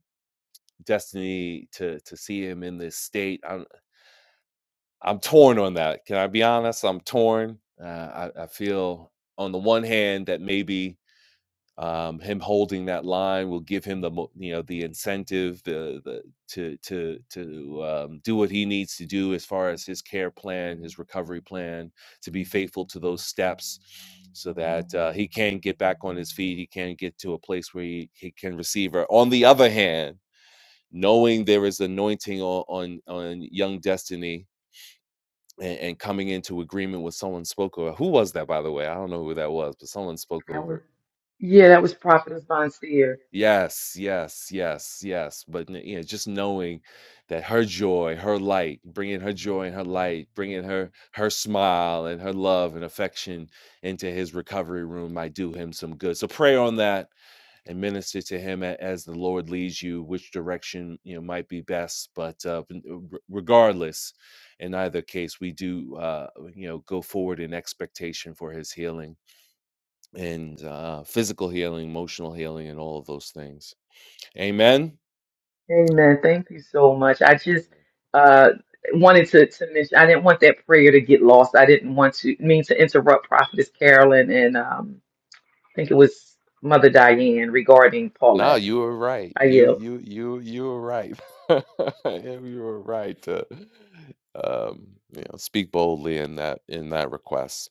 F: Destiny to to see him in this state. I'm I'm torn on that. Can I be honest? I'm torn. Uh, I, I feel on the one hand that maybe. Um, him holding that line will give him the mo- you know the incentive the, the to to to um, do what he needs to do as far as his care plan, his recovery plan, to be faithful to those steps, so that uh, he can get back on his feet. He can get to a place where he, he can receive her. On the other hand, knowing there is anointing on on, on young destiny and, and coming into agreement with someone spoke over who was that by the way i don't know who that was but someone spoke
H: That was,
F: over
H: yeah, that was Prophetess Bonseer.
F: Yes, yes, yes, yes. But n- you know, just knowing that her joy, her light, bringing her joy and her light, bringing her her smile and her love and affection into his recovery room might do him some good. So pray on that and minister to him a- as the Lord leads you, which direction you know might be best. But uh, n- r- regardless, in either case, we do uh, you know go forward in expectation for his healing and uh, physical healing, emotional healing, and all of those things. Amen. Amen. Amen.
H: Amen. Thank you so much. I just uh, wanted to, to mention, I didn't want that prayer to get lost. I didn't want to mean to interrupt Prophetess Carolyn and um, I think it was Mother Diane regarding
F: No,
H: Paulette.
F: you were right.
H: I
F: You
H: yield.
F: you you you were right. you were right to um, you know speak boldly in that in that request.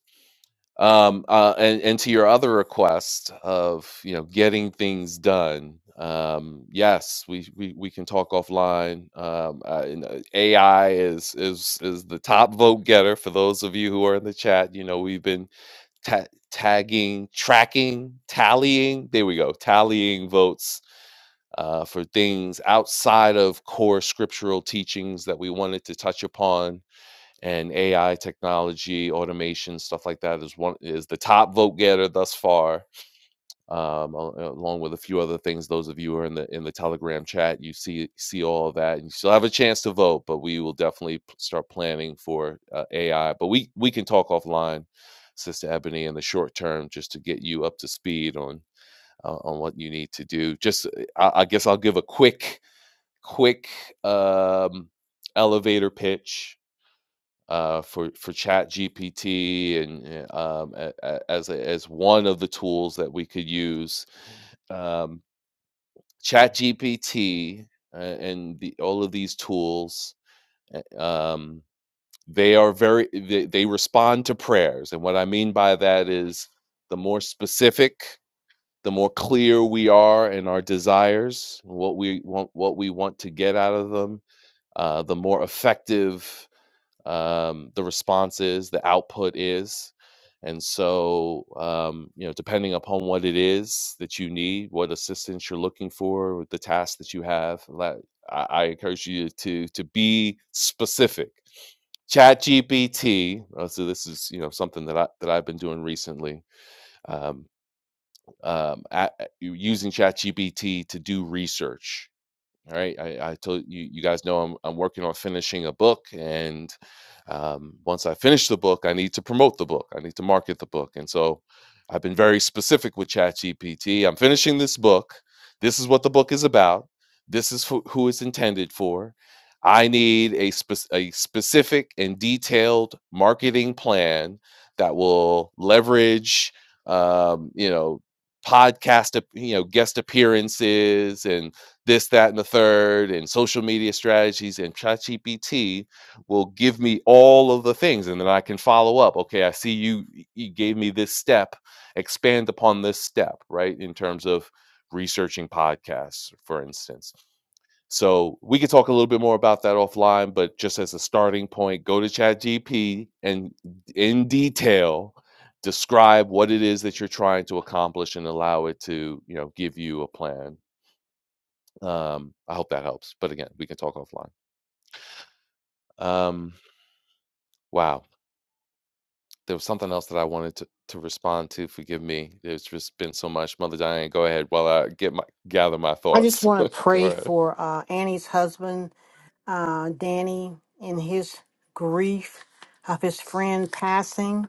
F: um uh and, and to your other request of you know getting things done um yes we we, we can talk offline um uh, and, uh, ai is is is the top vote getter for those of you who are in the chat you know we've been ta- tagging tracking tallying there we go tallying votes uh, for things outside of core scriptural teachings that we wanted to touch upon and AI technology, automation, stuff like that is one is the top vote getter thus far. Um, al- uh, along with a few other things, those of you who are in the in the Telegram chat, you see see all of that, and you still have a chance to vote. But we will definitely p- start planning for uh, AI. But we we can talk offline, Sister Ebony, in the short term, just to get you up to speed on uh, on what you need to do. Just uh, I, I guess I'll give a quick quick um, elevator pitch uh, for for Chat GPT and uh, um, a- a- as a- as one of the tools that we could use. Um, Chat GPT uh, and the, all of these tools, uh, um, they are very they, they respond to prayers, and what I mean by that is the more specific. The more clear we are in our desires, what we want, what we want to get out of them, uh, the more effective um, the response is, the output is. And so, um, you know, depending upon what it is that you need, what assistance you're looking for, with the task that you have, la- I, I encourage you to to be specific. Chat GPT. So this is you know something that I that I've been doing recently. Um, um, a- a- u- using Chat GPT to do research all right. I, I told you, you guys know I'm, I'm working on finishing a book. And um, once I finish the book, I need to promote the book, I need to market the book. And so I've been very specific with ChatGPT. I'm finishing this book. This is what the book is about. This is who who it's intended for. I need a, spec- a specific and detailed marketing plan that will leverage, um, you know, podcast, ap- you know, guest appearances and this, that, and the third, and social media strategies, and ChatGPT will give me all of the things, and then I can follow up. Okay, I see you you gave me this step. Expand upon this step, right? In terms of researching podcasts, for instance. So we could talk a little bit more about that offline, but just as a starting point, go to ChatGPT and in detail describe what it is that you're trying to accomplish and allow it to, you know, give you a plan um, I hope that helps. But again, we can talk offline. Um, wow. There was something else that I wanted to, to respond to. Forgive me. There's just been so much. Mother Diane, go ahead while I get my gather my
C: I just
F: thoughts.
C: want to
F: go
C: pray
F: ahead.
C: for uh, Annie's husband, uh, Danny, in his grief of his friend passing.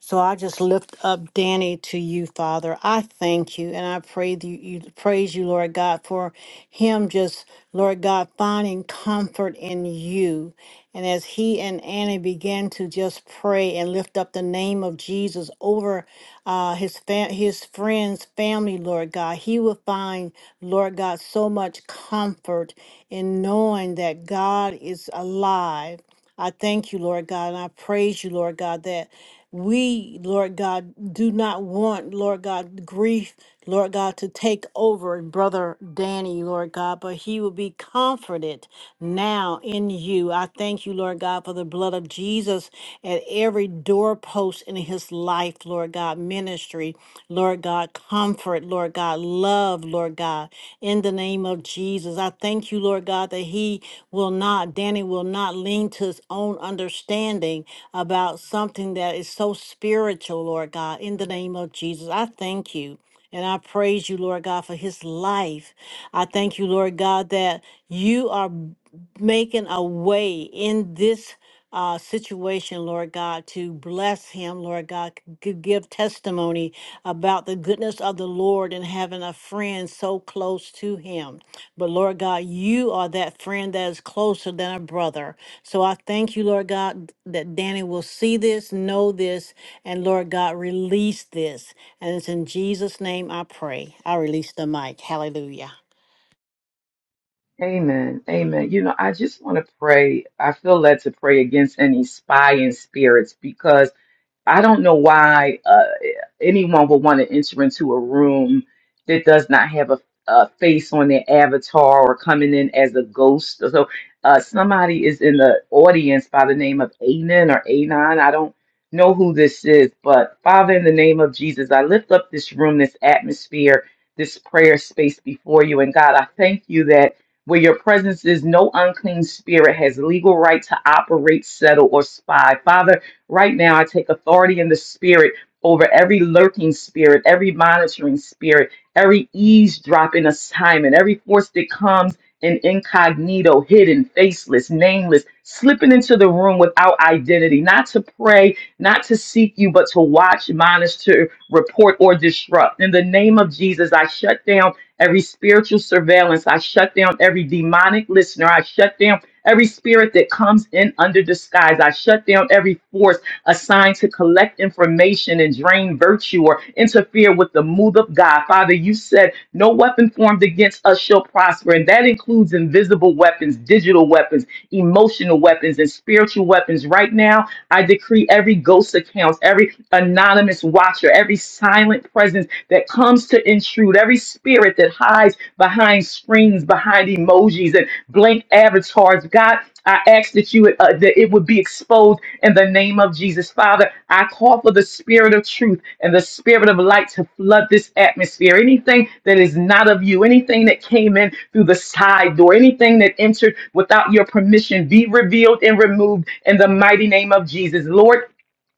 C: So I just lift up Danny to you, Father. I thank you and I pray that you, you praise you, Lord God, for him just, Lord God, finding comfort in you. And as he and Annie began to just pray and lift up the name of Jesus over uh, his fam- his friends, family, Lord God, he will find, Lord God, so much comfort in knowing that God is alive. I thank you, Lord God, and I praise you, Lord God, that we, Lord God, do not want, Lord God, grief, Lord God, to take over in brother Danny, Lord God, but he will be comforted now in you. I thank you, Lord God, for the blood of Jesus at every doorpost in his life, Lord God, ministry, Lord God, comfort, Lord. Lord God, love, Lord God, in the name of Jesus. I thank you, Lord God, that he will not, Danny will not lean to his own understanding about something that is so spiritual, Lord God, in the name of Jesus. I thank you. And I praise you, Lord God, for his life. I thank you, Lord God, that you are making a way in this uh, situation, Lord God, to bless him, Lord God, to give testimony about the goodness of the Lord and having a friend so close to him. But Lord God, you are that friend that is closer than a brother. So I thank you, Lord God, that Danny will see this, know this, and Lord God, release this. And it's in Jesus' name I pray. I release the mic. Hallelujah.
H: Amen. Amen. You know, I just want to pray. I feel led to pray against any spying spirits because I don't know why uh, anyone would want to enter into a room that does not have a, a face on their avatar or coming in as a ghost. So uh, somebody is in the audience by the name of Anan or Anon. I don't know who this is, but Father, in the name of Jesus, I lift up this room, this atmosphere, this prayer space before you. And God, I thank you that where your presence is, no unclean spirit has legal right to operate, settle, or spy. Father, Right now, I take authority in the spirit over every lurking spirit, every monitoring spirit, every eavesdropping assignment, every force that comes in incognito, hidden, faceless, nameless, slipping into the room without identity, not to pray, not to seek you, but to watch, monitor, report, or disrupt. In the name of Jesus, I shut down every spiritual surveillance. I shut down every demonic listener. I shut down every spirit that comes in under disguise. I shut down every force assigned to collect information and drain virtue or interfere with the move of God. Father, you said no weapon formed against us shall prosper, and that includes invisible weapons, digital weapons, emotional weapons, and spiritual weapons. Right now, I decree every ghost accounts, every anonymous watcher, every silent presence that comes to intrude, every spirit that hides behind screens, behind emojis, and blank avatars. God, I ask that you uh, that it would be exposed in the name of name of Jesus. Father, I call for the spirit of truth and the spirit of light to flood this atmosphere. Anything that is not of you, anything that came in through the side door, anything that entered without your permission, be revealed and removed in the mighty name of Jesus. Lord,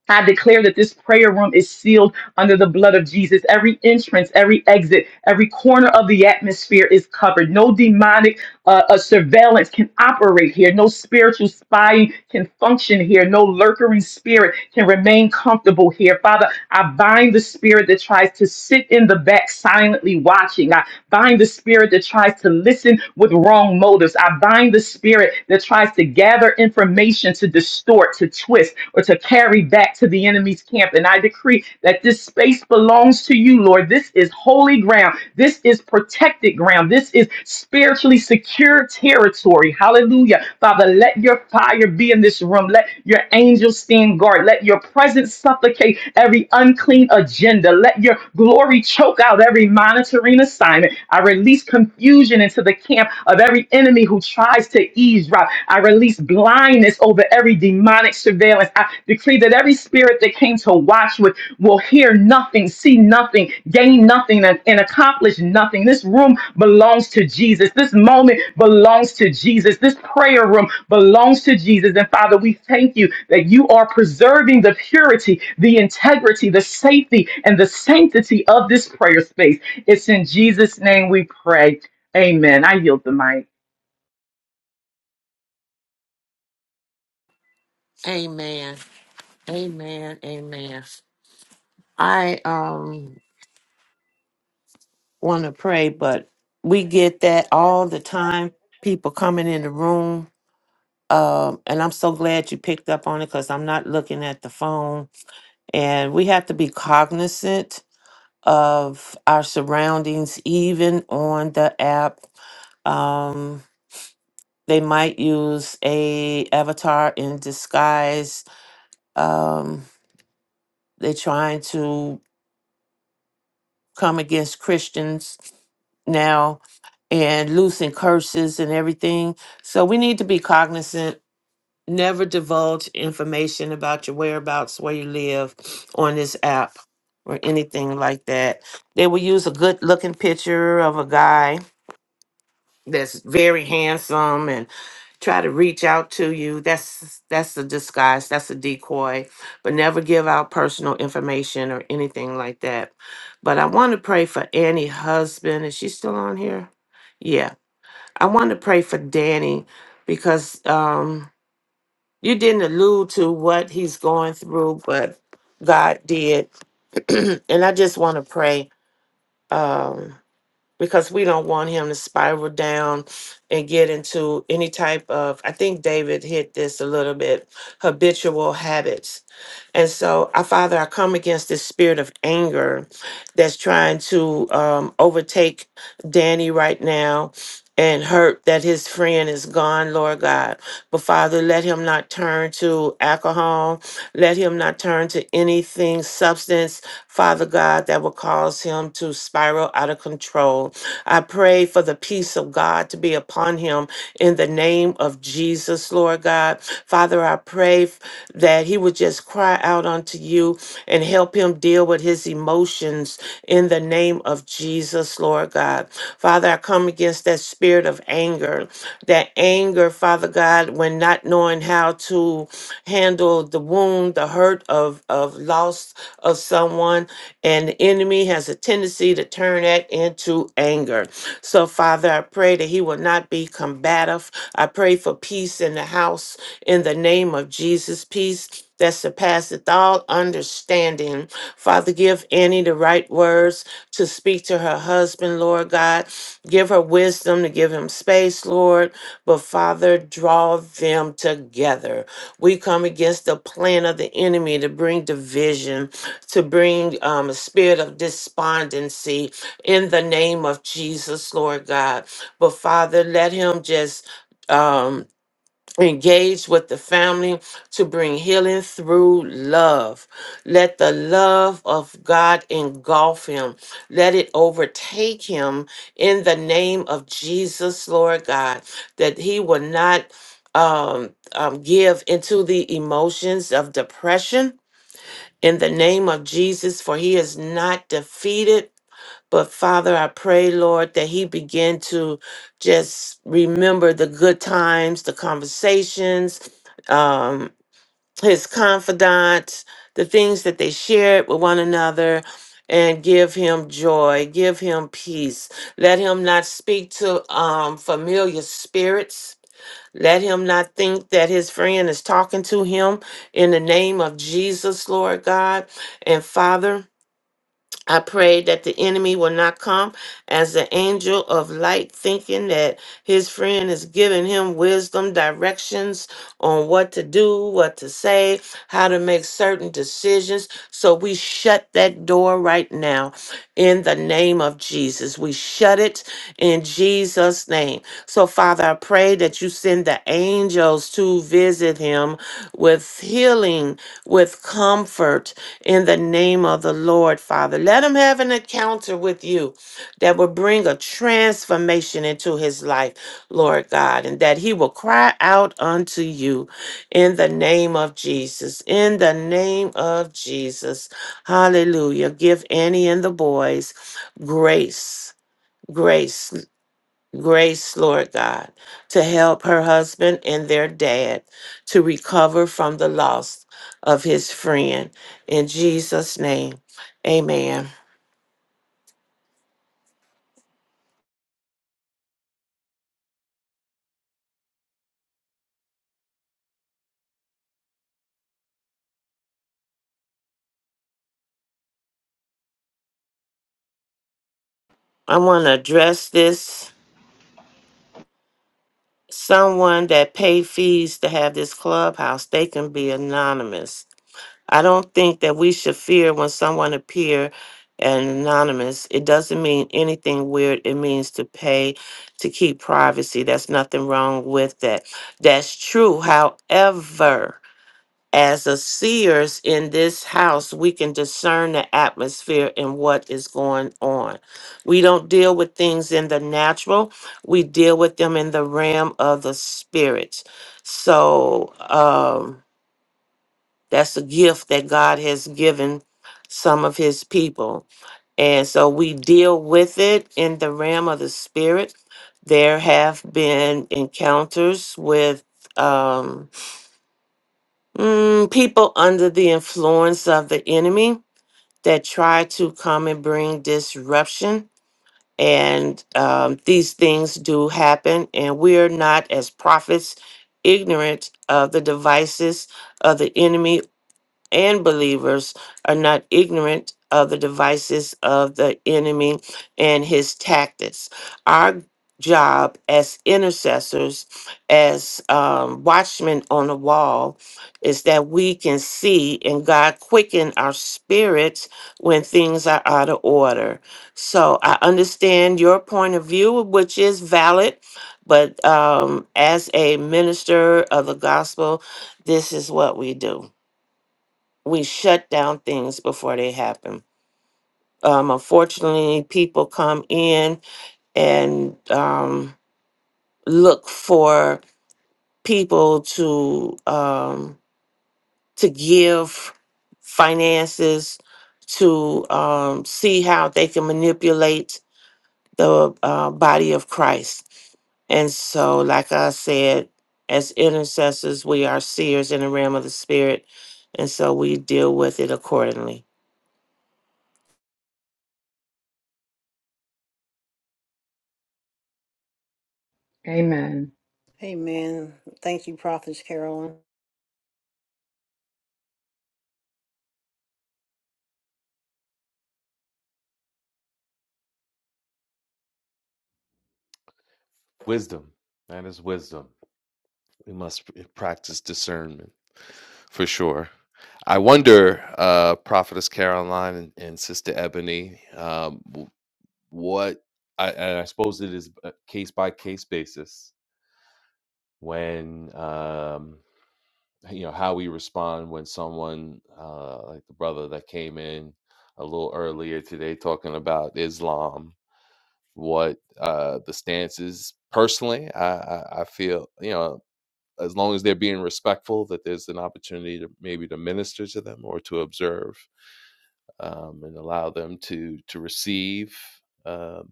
H: I declare that this prayer room is sealed under the blood of Jesus. Every entrance, every exit, every corner of the atmosphere is covered. No demonic uh, uh, surveillance can operate here. No spiritual spying can function here. No lurking spirit can remain comfortable here. Father, I bind the spirit that tries to sit in the back silently watching. I bind the spirit that tries to listen with wrong motives. I bind the spirit that tries to gather information to distort, to twist, or to carry back to the enemy's camp. And I decree that this space belongs to you, Lord. This is holy ground. This is protected ground. This is spiritually secure territory. Hallelujah. Father, let your fire be in this room. Let your angels stand guard. Let your presence supplicate every unclean agenda. Let your glory choke out every monitoring assignment. I release confusion into the camp camp of every enemy who tries to eavesdrop. I release blindness over every demonic surveillance. I decree that every spirit that came to watch with will hear nothing, see nothing, gain nothing, and, and accomplish nothing. This room belongs to Jesus. This moment belongs to Jesus. This prayer room belongs to Jesus. And Father, we thank you that you are preserving the purity, the integrity, the safety, and the sanctity of this prayer space. It's in Jesus' name we pray. Amen. I yield the mic.
D: Amen. Amen. Amen. I um want to pray, but we get that all the time. People coming in the room. Um, and I'm so glad you picked up on it because I'm not looking at the phone. And we have to be cognizant of our surroundings, even on the app. Um, they might use a avatar in disguise um they're trying to come against christians now and loosing curses and everything so we need to be cognizant never divulge information about your whereabouts where you live on this app or anything like that they will use a good looking picture of a guy that's very handsome and try to reach out to you that's that's a disguise that's a decoy but never give out personal information or anything like that but i want to pray for annie husband is she still on here yeah i want to pray for danny because um you didn't allude to what he's going through but god did and i just want to pray Um because we don't want him to spiral down and get into any type of i think david hit this a little bit habitual habits and so our father i come against this spirit of anger that's trying to um, overtake danny right now and hurt that his friend is gone, Lord God. But Father, let him not turn to alcohol. Let him not turn to anything, substance, Father God, that will cause him to spiral out of control. I pray for the peace of God to be upon him in the name of Jesus, Lord God. Father, I pray f- that he would just cry out unto you and help him deal with his emotions in the name of Jesus, Lord God. God. Father, I come against that spirit of anger. That anger, Father God, when not knowing how to handle the wound, the hurt of, of loss of someone, and the enemy has a tendency to turn that into anger. So, Father, I pray that he will not be combative. I pray for peace in the house in the name of Jesus. Peace that surpasseth all understanding. Father, give Annie the right words to speak to her husband, Lord God. Give her wisdom to give him space, Lord. But Father, draw them together. We come against the plan of the enemy to bring division, to bring um, a spirit of despondency in the name of Jesus, Lord God. But Father, let him just. Um, Engage with the family to bring healing through love. Let the love of God engulf him. Let it overtake him in the name of Jesus, Lord God, that he will not um, um, give into the emotions of depression in the name of Jesus, for he is not defeated but Father, I pray, Lord, that he begin to just remember the good times, the conversations, um, his confidants, the things that they shared with one another, and give him joy, give him peace. Let him not speak to um, familiar spirits. Let him not think that his friend is talking to him in the name of Jesus, Lord God and Father. I pray that the enemy will not come as the angel of light, thinking that his friend is giving him wisdom, directions on what to do, what to say, how to make certain decisions. So we shut that door right now in the name of Jesus. We shut it in Jesus' name. So, Father, I pray that you send the angels to visit him with healing, with comfort in the name of the Lord, Father. Let him have an encounter with you that will bring a transformation into his life, Lord God, and that he will cry out unto you in the name of Jesus. In the name of Jesus. Hallelujah. Give Annie and the boys grace. Grace grace, Lord God, to help her husband and their dad to recover from the loss of his friend. In Jesus' name, amen. I want to address this. Someone that pay fees to have this clubhouse, they can be anonymous. I don't think that we should fear when someone appear and anonymous. It doesn't mean anything weird. It means to pay to keep privacy. That's nothing wrong with that. That's true. However, as a seers in this house, we can discern the atmosphere and what is going on. We don't deal with things in the natural. We deal with them in the realm of the spirit. So, um that's a gift that God has given some of his people. And so we deal with it in the realm of the spirit. There have been encounters with um, mm, people under the influence of the enemy that try to come and bring disruption. And um, these things do happen. And we're not, as prophets, ignorant of the devices of the enemy and believers are not ignorant of the devices of the enemy and his tactics. Our job as intercessors, as um, watchmen on the wall, is that we can see and God quicken our spirits when things are out of order. So I understand your point of view, which is valid, but um, as a minister of the gospel, this is what we do we shut down things before they happen. Um, unfortunately, people come in and um, look for people to um, to give finances to um, see how they can manipulate the uh, body of Christ. And so, like I said, as intercessors, we are seers in the realm of the spirit. And so we deal with it accordingly.
H: Amen.
C: Amen. Thank you, Prophet Carolyn.
F: Wisdom. That is wisdom. We must p- practice discernment for sure. I wonder, uh, Prophetess Caroline and, and Sister Ebony, um, w- what I, and I suppose it is a case by case basis when um, you know how we respond when someone uh, like the brother that came in a little earlier today talking about Islam, what uh, the stance is. Personally, I, I, I feel you know as long as they're being respectful, that there's an opportunity to maybe to minister to them or to observe um, and allow them to to receive. Um,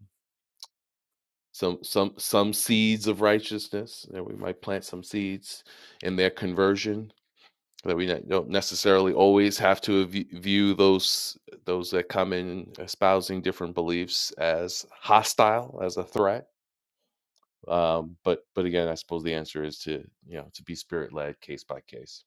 F: some some some seeds of righteousness, and we might plant some seeds in their conversion that we don't necessarily always have to view those those that come in espousing different beliefs as hostile as a threat um, but but again i suppose the answer is to you know to be spirit led case by case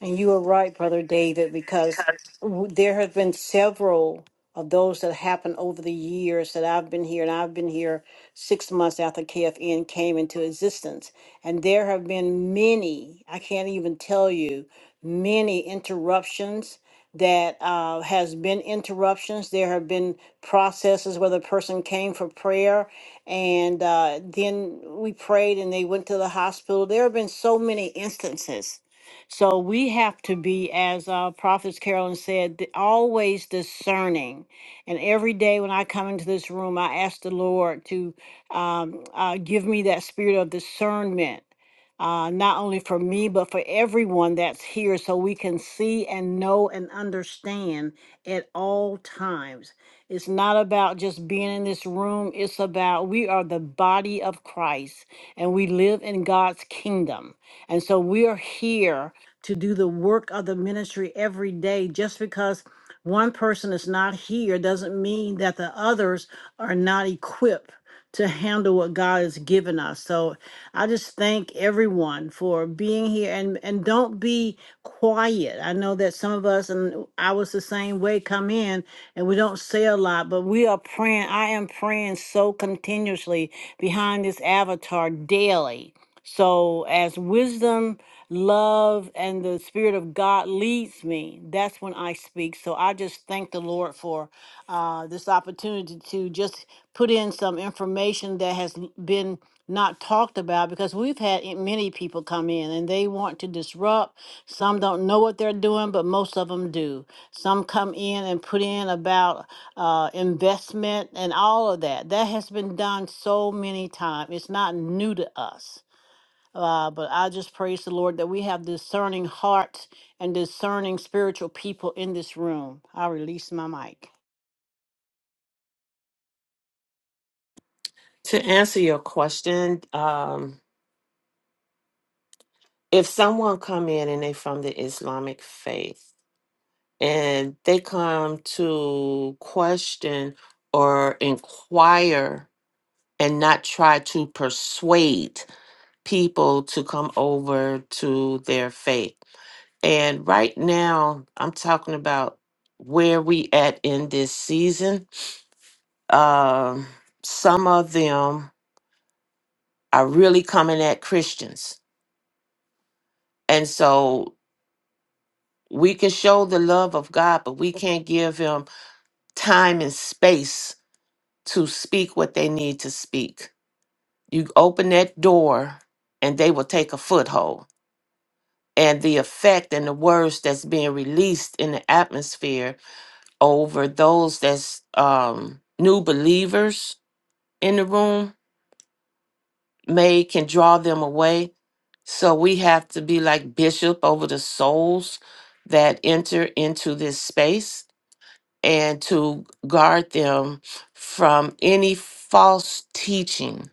C: And you are right, Brother David, because w- there have been several of those that happened over the years that I've been here, and I've been here six months after KFN came into existence. And there have been many, I can't even tell you, many interruptions that uh, has been interruptions. There have been processes where the person came for prayer and uh, then we prayed and they went to the hospital. There have been so many instances so we have to be, as uh, Prophets Carolyn said, th- always discerning. And every day when I come into this room, I ask the Lord to um, uh, give me that spirit of discernment. Uh, not only for me, but for everyone that's here, so we can see and know and understand at all times. It's not about just being in this room, it's about we are the body of Christ and we live in God's kingdom. And so we are here to do the work of the ministry every day. Just because one person is not here doesn't mean that the others are not equipped to handle what God has given us. So I just thank everyone for being here and and don't be quiet. I know that some of us and I was the same way come in and we don't say a lot, but we are praying. I am praying so continuously behind this avatar daily. So as wisdom love and the Spirit of God leads me, that's when I speak. So I just thank the Lord for uh, this opportunity to just put in some information that has l- been not talked about because we've had i- many people come in and they want to disrupt. Some don't know what they're doing, but most of them do. Some come in and put in about uh, investment and all of that. That has been done so many times. It's not new to us. Uh, but I just praise the Lord that we have discerning hearts and discerning spiritual people in this room. I release my mic.
D: To answer your question, um, if someone come in and they from the Islamic faith and they come to question or inquire and not try to persuade people to come over to their faith. And right now, I'm talking about where we at in this season. Um, some of them are really coming at Christians. And so We can show the love of God, but we can't give them time and space to speak what they need to speak. You open that door and they will take a foothold. And the effect and the words that's being released in the atmosphere over those that's um, new believers in the room may can draw them away. So we have to be like bishop over the souls that enter into this space and to guard them from any false teaching,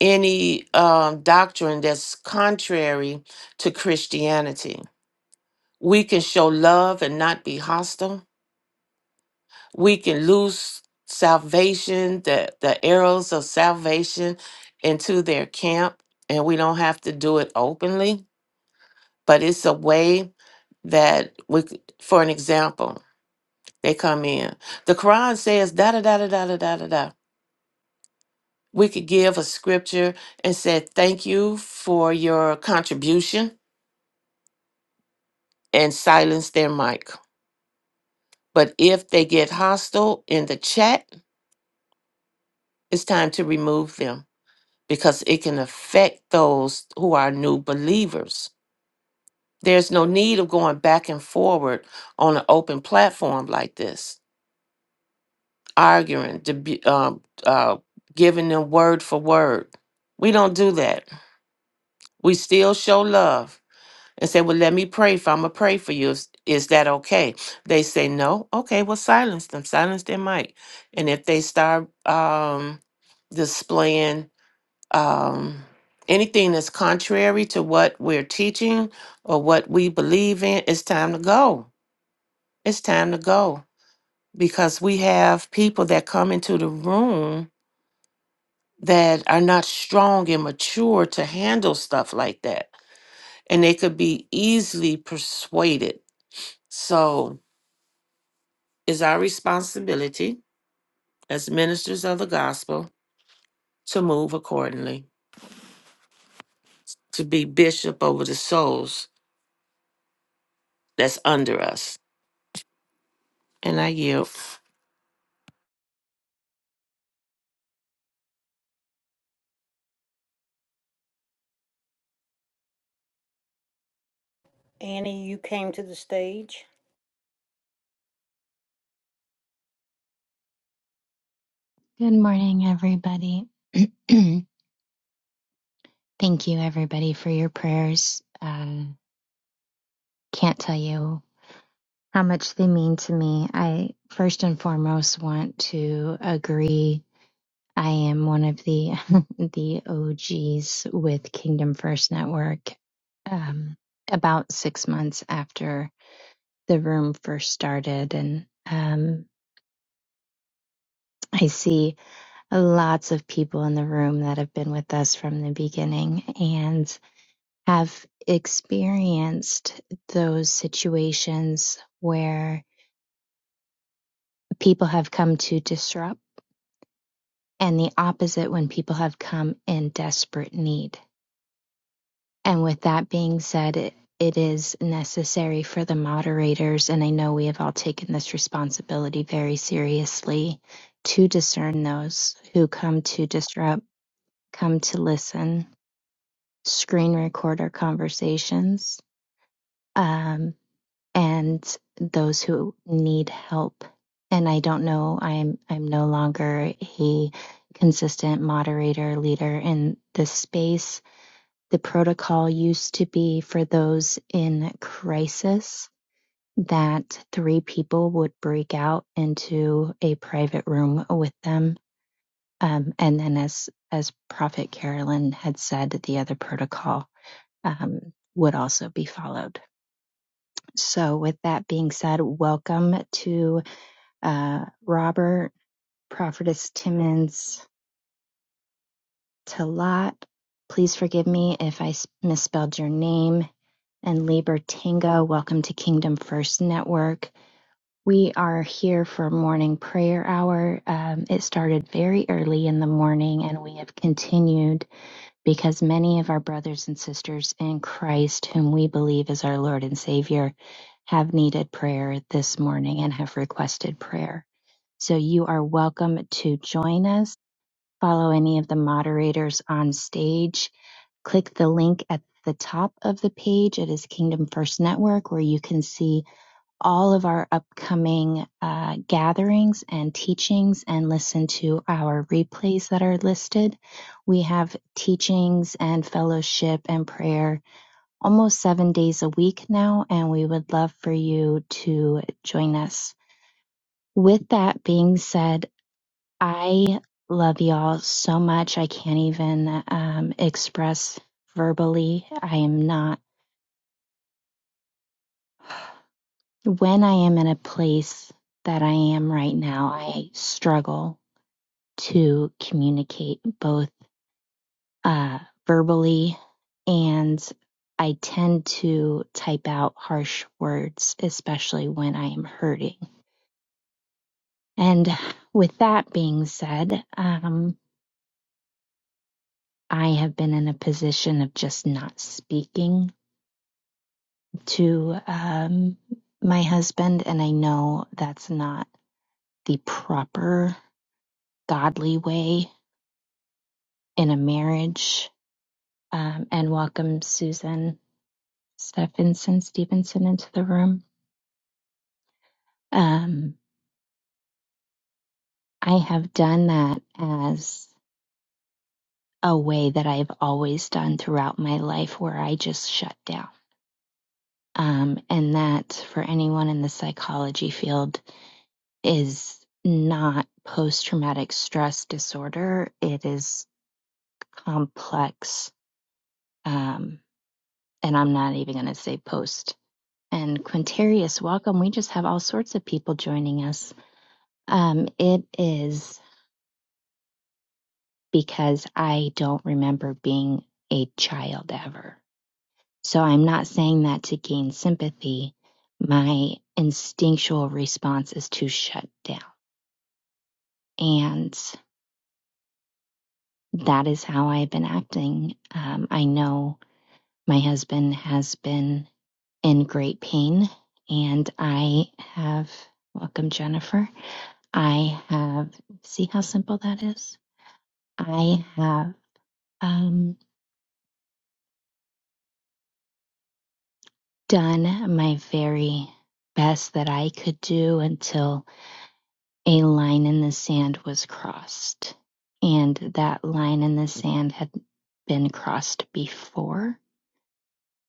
D: any um, doctrine that's contrary to Christianity. We can show love and not be hostile. We can lose salvation, the, the arrows of salvation into their camp, and we don't have to do it openly, but it's a way that we, c- for an example, they come in. The Quran says da da da da da da da da. da. we could give a scripture and said, Thank you for your contribution and silence their mic. But if they get hostile in the chat, it's time to remove them because it can affect those who are new believers. There's no need of going back and forward on an open platform like this, arguing, debu- um, uh, giving them word for word. We don't do that. We still show love and say, Well, let me pray for I'm gonna pray for you. Is, is that okay? They say no, okay, well silence them, silence their mic. And if they start um displaying um anything that's contrary to what we're teaching or what we believe in, it's time to go. It's time to go. Because we have people that come into the room that are not strong and mature to handle stuff like that. And they could be easily persuaded. So is our responsibility as ministers of the gospel to move accordingly, to be bishop over the souls that's under us. And I yield.
C: Annie, you came to the stage.
L: Good morning, everybody. Thank you, everybody, for your prayers. Uh, can't tell you how much they mean to me. I first and foremost want to agree. I am one of the the OGs with Kingdom First Network. Um, about six months after the room first started, and um, I see lots of people in the room that have been with us from the beginning, and have experienced those situations where people have come to disrupt and the opposite when people have come in desperate need. And with that being said, it, it is necessary for the moderators, and I know we have all taken this responsibility very seriously, to discern those who come to disrupt, come to listen, screen record our conversations, Um. and those who need help. And I don't know, I'm I'm no longer a consistent moderator leader in this space. The protocol used to be for those in crisis that three people would break out into a private room with them. Um, and then as as Prophet Carolyn had said, the other protocol um, would also be followed. So, with that being said, welcome to uh, Robert, Prophetess Timmons, Talat. Please forgive me if I s- misspelled your name. And Lieber Tango, welcome to Kingdom First Network. We are here for morning prayer hour. Um, it started very early in the morning and we have continued because many of our brothers and sisters in Christ, whom we believe is our Lord and Savior, have needed prayer this morning and have requested prayer. So you are welcome to join us. Follow any of the moderators on stage. Click the link at the top of the page. It is Kingdom First Network, where you can see all of our upcoming uh, gatherings and teachings and listen to our replays that are listed. We have teachings and fellowship and prayer almost seven days a week now, and we would love for you to join us. With that being said, I love y'all so much. I can't even um, express verbally. I am not, when I am in a place that I am right now, I struggle to communicate both uh, verbally and I tend to type out harsh words, especially when I am hurting. And with that being said, um, I have been in a position of just not speaking to um, my husband, and I know that's not the proper godly way in a marriage. Um, and welcome Susan Stephenson Stevenson into the room. Um, I have done that as a way that I've always done throughout my life where I just shut down. Um, and that for anyone in the psychology field is not post traumatic stress disorder. It is complex. Um, and I'm not even going to say post. And Quintarius, welcome. We just have all sorts of people joining us. Um, it is because I don't remember being a child ever. So I'm not saying that to gain sympathy. My instinctual response is to shut down. And that is how I've been acting. Um, I know my husband has been in great pain. And I have, welcome, Jennifer. I have, see how simple that is? I have um, done my very best that I could do until a line in the sand was crossed. And that line in the sand had been crossed before.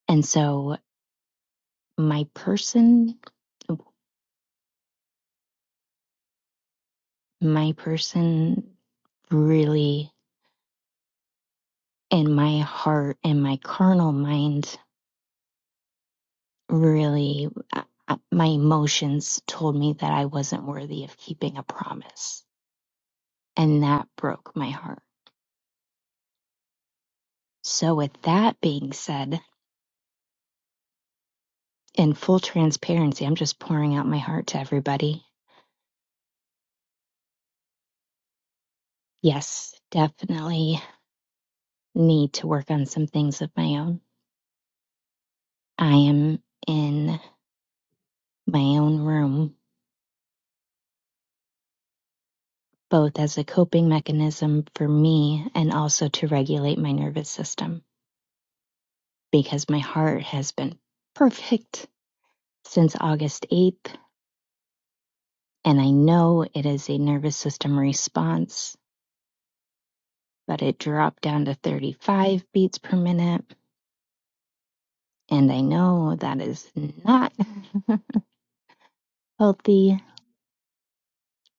L: And so my person, my person really and my heart and my carnal mind really uh, uh, my emotions told me that I wasn't worthy of keeping a promise and that broke my heart. So with that being said, in full transparency, I'm just pouring out my heart to everybody. Yes, definitely need to work on some things of my own. I am in my own room both as a coping mechanism for me and also to regulate my nervous system because my heart has been perfect since August 8th. And I know it is a nervous system response, but it dropped down to 35 beats per minute. And I know that is not healthy.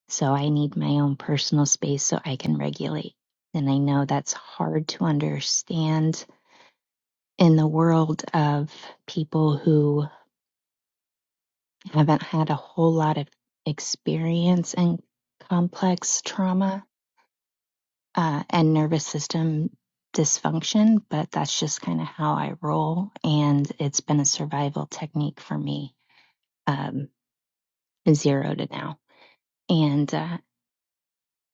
L: So I need my own personal space so I can regulate. And I know that's hard to understand in the world of people who haven't had a whole lot of experience in complex trauma uh, and nervous system dysfunction, but that's just kind of how I roll. And it's been a survival technique for me, um, zero to now. And, uh,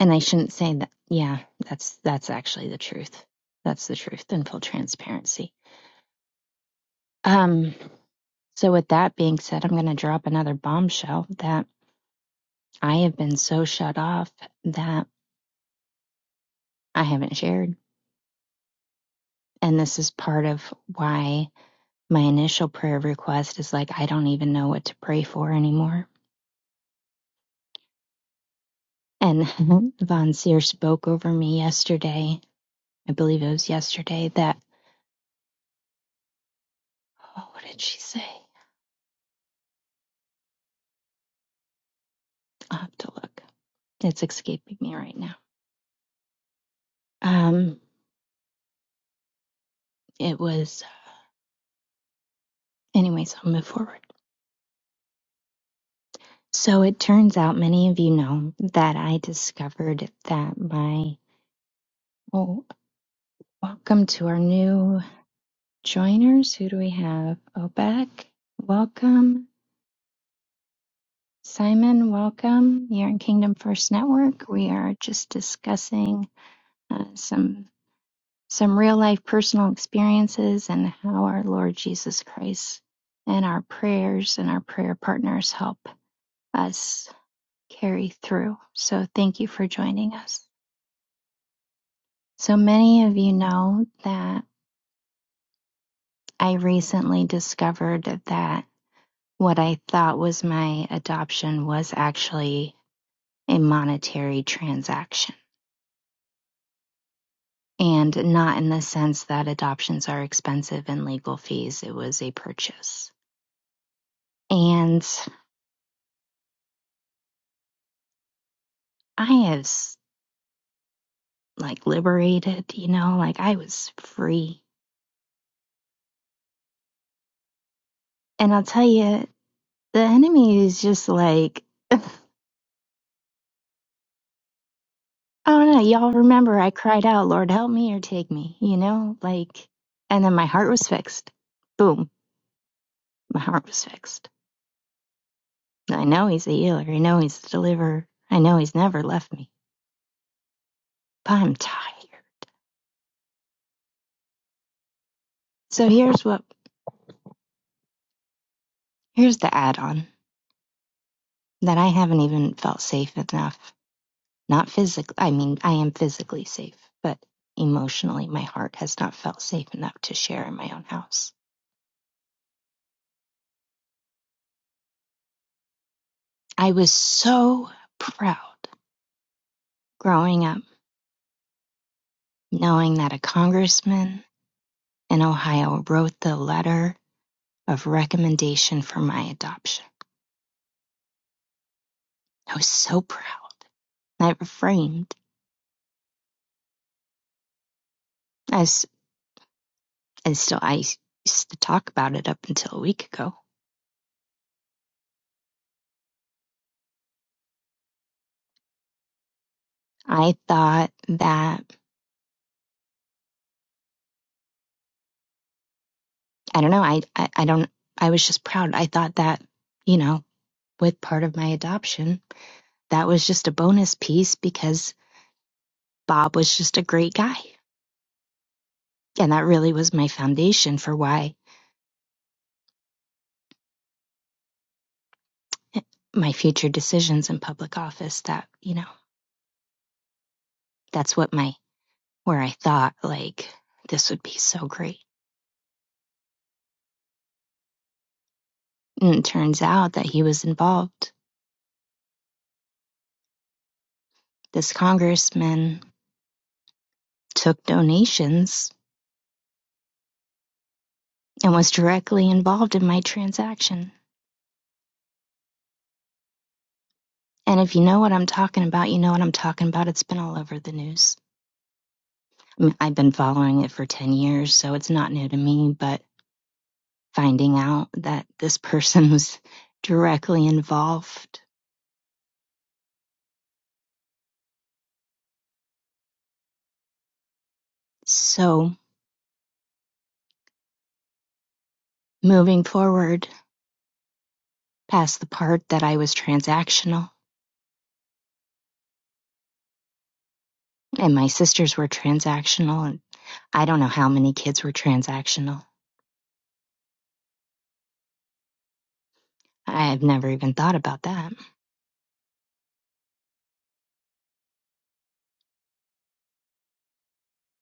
L: and I shouldn't say that. Yeah, that's, that's actually the truth. That's the truth in full transparency. Um, so with that being said, I'm going to drop another bombshell that I have been so shut off that I haven't shared. And this is part of why my initial prayer request is like, I don't even know what to pray for anymore. And Von Seer spoke over me yesterday. I believe it was yesterday that, oh, what did she say? I'll have to look. It's escaping me right now. Um, it was, anyways, I'll move forward. So it turns out many of you know that I discovered that my, oh, welcome to our new joiners. Who do we have? Obek, welcome. Simon, welcome. You're in Kingdom First Network. We are just discussing uh, some some real life personal experiences and how our Lord Jesus Christ and our prayers and our prayer partners help us carry through. So thank you for joining us. So many of you know that I recently discovered that what I thought was my adoption was actually a monetary transaction. And not in the sense that adoptions are expensive and legal fees. It was a purchase. And I have like liberated, you know, like I was free. And I'll tell you, the enemy is just like, I don't know. Y'all remember I cried out, Lord, help me or take me, you know, like, and then my heart was fixed. Boom. My heart was fixed. I know he's a healer. I know he's a deliverer. I know he's never left me, but I'm tired. So here's what Here's the add on that I haven't even felt safe enough. Not physically, I mean, I am physically safe, but emotionally, my heart has not felt safe enough to share in my own house. I was so proud growing up knowing that a congressman in Ohio wrote the letter of recommendation for my adoption. I was so proud. I refrained as and still I used to talk about it up until a week ago. I thought that I don't know. I, I, I don't, I was just proud. I thought that, you know, with part of my adoption, that was just a bonus piece because Bob was just a great guy. And that really was my foundation for why my future decisions in public office that, you know, that's what my, where I thought like this would be so great. And it turns out that he was involved. This congressman took donations and was directly involved in my transaction And if you know what I'm talking about, you know what I'm talking about. It's been all over the news. I mean, I've been following it for 10 years, so it's not new to me, but finding out that this person was directly involved. So moving forward past the part that I was transactional and my sisters were transactional and I don't know how many kids were transactional. I've never even thought about that,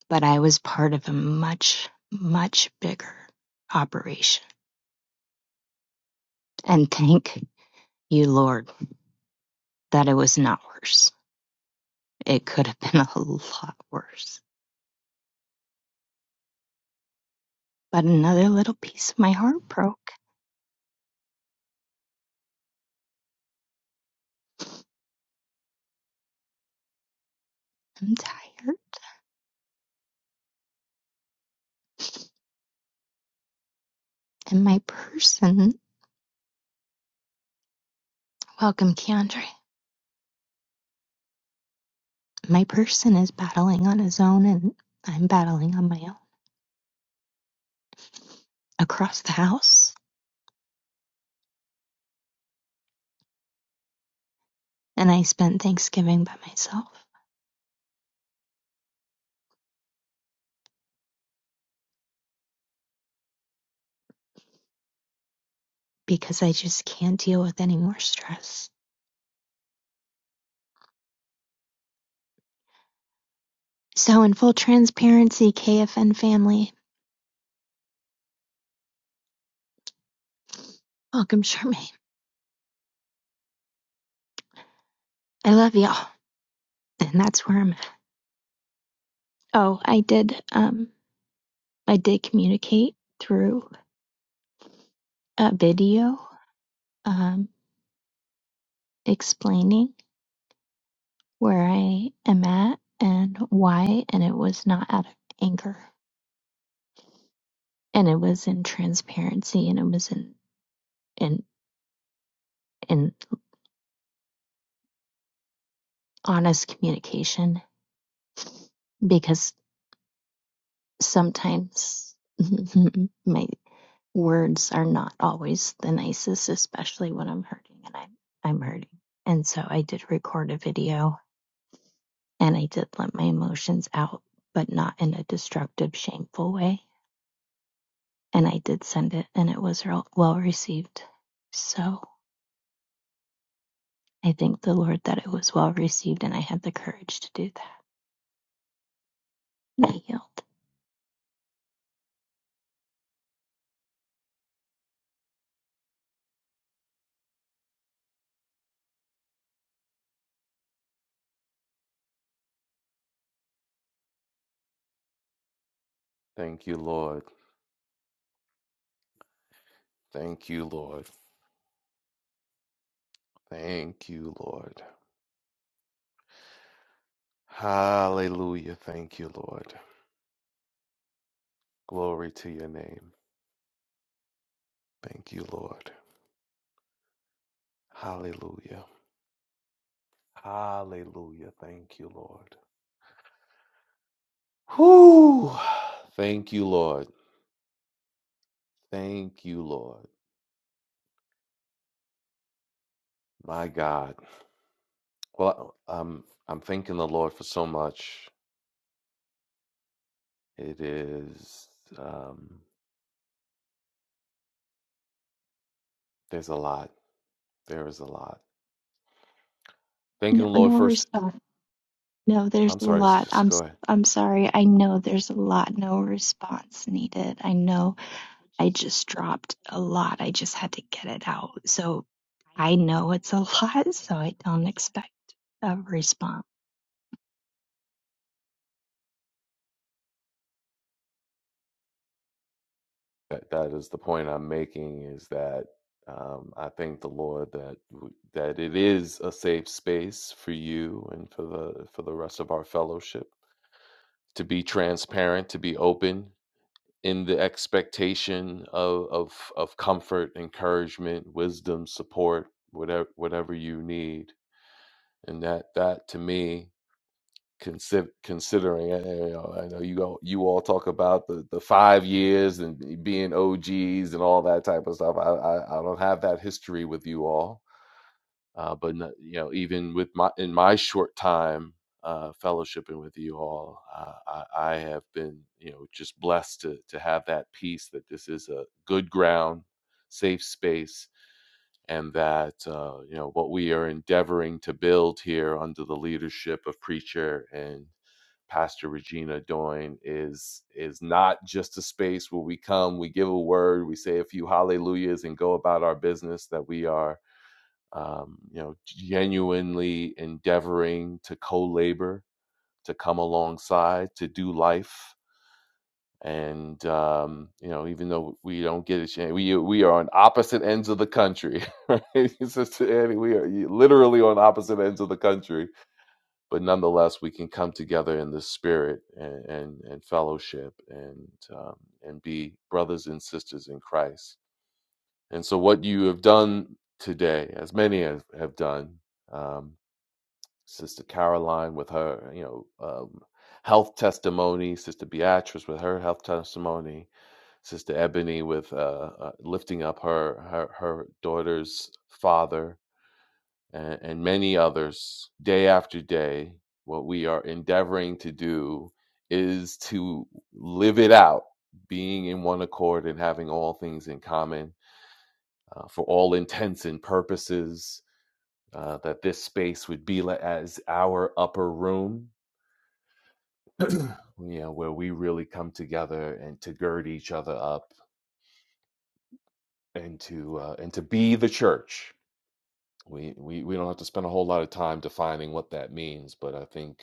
L: but I was part of a much, much bigger operation. And thank You Lord, that it was not worse. It could have been a lot worse. But another little piece of my heart broke. I'm tired. And my person, welcome, Keandre. My person is battling on his own, and I'm battling on my own across the house. And I spent Thanksgiving by myself because I just can't deal with any more stress. So, in full transparency, KFN family, welcome, Charmaine. I love y'all. And that's where I'm at. Oh, I did, um, I did communicate through a video um, explaining where I am at and why, and it was not out of anger, and it was in transparency, and it was in in in honest communication, because sometimes my words are not always the nicest, especially when I'm hurting, and I'm I'm hurting, and so I did record a video And I did let my emotions out, but not in a destructive, shameful way. And I did send it, and it was well received. So I thank the Lord that it was well received, and I had the courage to do that. And I healed.
F: thank you lord thank you lord thank you lord hallelujah thank you lord glory to your name thank you lord hallelujah hallelujah thank you lord Whoo. thank you lord Thank you, Lord. My God. Well, um, I'm thanking the Lord for so much. It is, um, there's a lot. There is a lot. Thanking
L: No,
F: the Lord
L: no
F: first.
L: response. No, there's
F: I'm
L: a
F: sorry,
L: lot.
F: sister,
L: I'm
F: go
L: s-
F: ahead.
L: I'm sorry. I know there's a lot. No response needed. I know. I just dropped a lot. I just had to get it out. So I know it's a lot. So I don't expect a response.
F: That, that is the point I'm making is that um, I thank the Lord that w- that it is a safe space for you and for the for the rest of our fellowship to be transparent, to be open, in the expectation of, of of comfort, encouragement, wisdom, support, whatever whatever you need. And that that to me, consider, considering uh, you know, I know you all, you all talk about the, the five years and being OGs and all that type of stuff. I, I I don't have that history with you all uh, but no- you know even with my in my short time uh, fellowshipping with you all uh, I, I have been you know just blessed to to have that peace that this is a good ground safe space and that uh, you know what we are endeavoring to build here under the leadership of preacher and pastor regina doyne is is not just a space where we come we give a word we say a few hallelujahs and go about our business that we are um, you know, genuinely endeavoring to co-labor, to come alongside, to do life. And um, you know, even though we don't get a chance, we we are on opposite ends of the country. Right? It's just- and we are literally on opposite ends of the country, but nonetheless, we can come together in the spirit and and, and fellowship and um, and be brothers and sisters in Christ. And so, what you have done today, as many have, have done, um, Sister Caroline with her, you know, um, health testimony, Sister Beatrice with her health testimony, Sister Ebony with uh, uh, lifting up her, her her daughter's father, and, and many others. Day after day, what we are endeavoring to do is to live it out, being in one accord and having all things in common uh, for all intents and purposes. Uh, that this space would be like as our upper room you know, where we really come together and to gird each other up and to uh, and to be the church. We, we we don't have to spend a whole lot of time defining what that means, but I think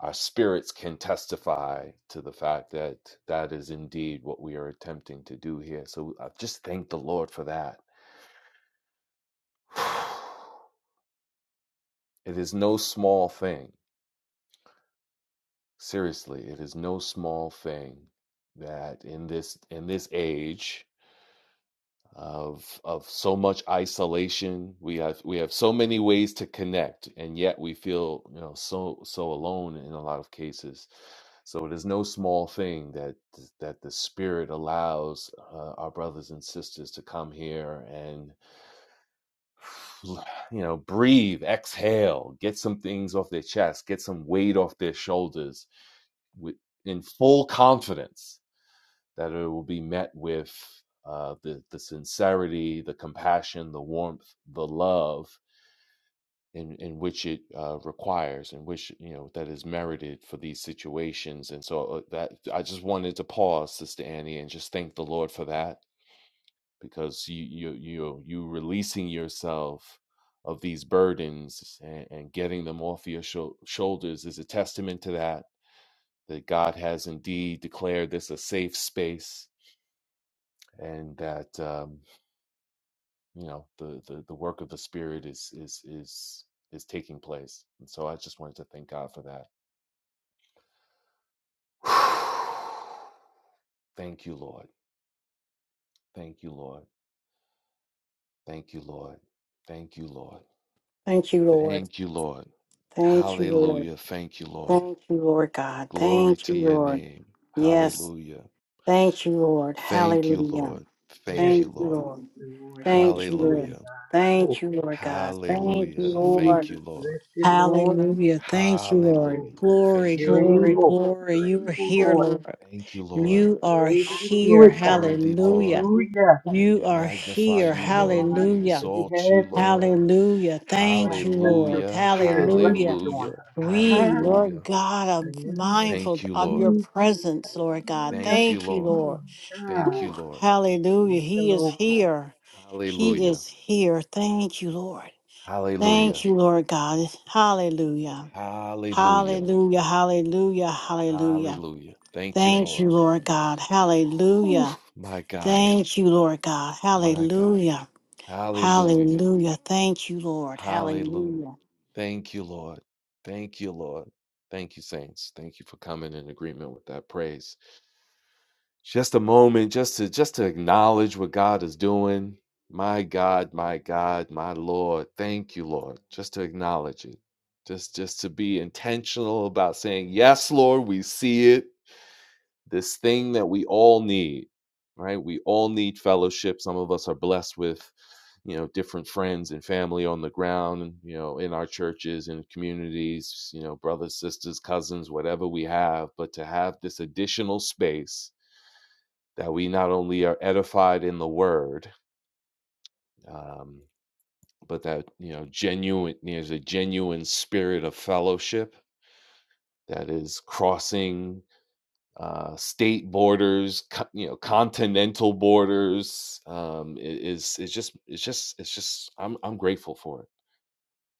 F: our spirits can testify to the fact that that is indeed what we are attempting to do here. So I just thank the Lord for that. It is no small thing. Seriously, it is no small thing that in this in this age of of so much isolation. We have we have so many ways to connect, and yet we feel you know so so alone in a lot of cases. So it is no small thing that that the Spirit allows uh, our brothers and sisters to come here and you know breathe, exhale, get some things off their chest, get some weight off their shoulders with in full confidence that it will be met with uh, the the sincerity, the compassion, the warmth, the love in in which it uh, requires, in which you know that is merited for these situations. And so uh, that I just wanted to pause, Sister Annie, and just thank the Lord for that because you you you you releasing yourself of these burdens and, and getting them off your shou- shoulders is a testament to that that God has indeed declared this a safe space and that. um, you know the, the the work of the spirit is is is is taking place and so i just wanted to thank god for that thank you lord thank you lord thank you lord thank you lord
C: Thank you, Lord.
F: thank you lord
C: Thank you, Lord.
F: hallelujah thank you lord
C: Thank you, Lord God.
F: glory
C: Thank you,
F: to your
C: Lord.
F: name
C: Yes.
F: hallelujah
C: Thank you, Lord.
F: thank you
C: Hallelujah.
F: lord
H: Yes,
F: thank you
C: Thank you,
F: lord
C: Lord.
H: thank you, Lord. Lift the
C: Thank you, Lord.
H: burden,
F: hallelujah
H: God.
C: Thank
H: Oh,
C: you, Lord God.
H: mm,
C: Thank you,
F: hallelujah
C: Lord.
F: thank you
H: Jesus,
F: lord
H: lift it, Lord.
C: Hallelujah. Thank you, Lord.
H: Oh,
F: hallelujah
H: God,
C: Glory,
F: thank you
H: you're
F: lord
C: glory,
H: able.
C: glory.
H: You're
C: You are
H: able,
C: here,
H: Lord.
C: Lord.
F: thank you lord
C: You are
H: You're able to
F: We
H: do
C: here.
F: are
H: it, God.
F: worthy,
C: Hallelujah.
F: Lord.
H: Hallelujah.
C: You
F: You
C: are
F: magnify
C: here.
F: you,
H: You
F: Lord.
H: want
F: We
H: our
C: Hallelujah.
H: sister to be
F: exalt you,
H: healed.
F: Lord.
C: Hallelujah.
H: God,
C: Thank you,
H: let your
C: Lord.
F: Hallelujah.
H: spirit rest
C: Hallelujah.
H: on
F: Hallelujah.
H: her.
C: We,
H: God,
C: Lord
F: Hallelujah.
C: God, are
H: in the name of
C: mindful
F: Thank you,
C: of
F: Lord.
C: your
H: Jesus.
C: presence, Lord God.
H: Hallelujah.
F: Thank you,
C: Thank you,
F: Lord.
C: Lord.
H: Mm,
F: Thank
H: God,
C: Whew.
F: you, Lord.
C: Hallelujah.
H: lift the
C: He is
H: Lord, Lord.
C: here. He
F: Hallelujah.
C: is here. Thank you, Lord.
F: Hallelujah.
C: Thank you, Lord God. Hallelujah.
F: Hallelujah.
C: Hallelujah, hallelujah, hallelujah.
F: Hallelujah. Thank you,
C: Thank you,
F: Lord.
C: Lord God.
F: Whew,
C: Hallelujah.
F: my God.
C: Thank you, Lord God.
F: My God.
C: Hallelujah.
F: Hallelujah.
C: Hallelujah. Thank you, Lord.
F: Hallelujah.
C: Hallelujah.
F: Thank you, Lord. Thank you, Lord. Thank you, saints. Thank you for coming in agreement with that praise. Just a moment, just to just to acknowledge what God is doing. My God, my God, my Lord. Thank you, Lord. Just to acknowledge it. Just just to be intentional about saying, Yes, Lord, we see it this thing that we all need, right? We all need fellowship. Some of us are blessed with, you know, different friends and family on the ground, you know, in our churches and communities, you know, brothers, sisters, cousins, whatever we have. But to have this additional space that we not only are edified in the word, um, but that, you know, genuine, there's a genuine spirit of fellowship that is crossing uh, state borders, co- you know, continental borders. Um, i- is is just it's just it's just I'm I'm grateful for it.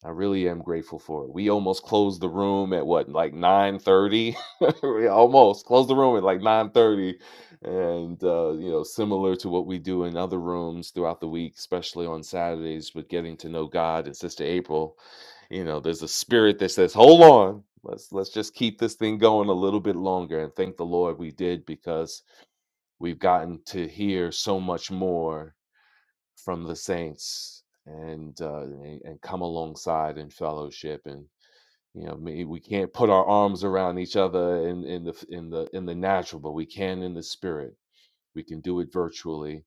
F: I really am grateful for it. We almost closed the room at what, like 9:30? we almost closed the room at like 9:30. And uh, you know, similar to what we do in other rooms throughout the week, especially on Saturdays with getting to know God and Sister April, you know, there's a spirit that says, "Hold on. Let's let's just keep this thing going a little bit longer." And thank the Lord we did because we've gotten to hear so much more from the saints and uh, and, and come alongside in fellowship and you know maybe we can't put our arms around each other in, in the in the in the natural but we can in the spirit we can do it virtually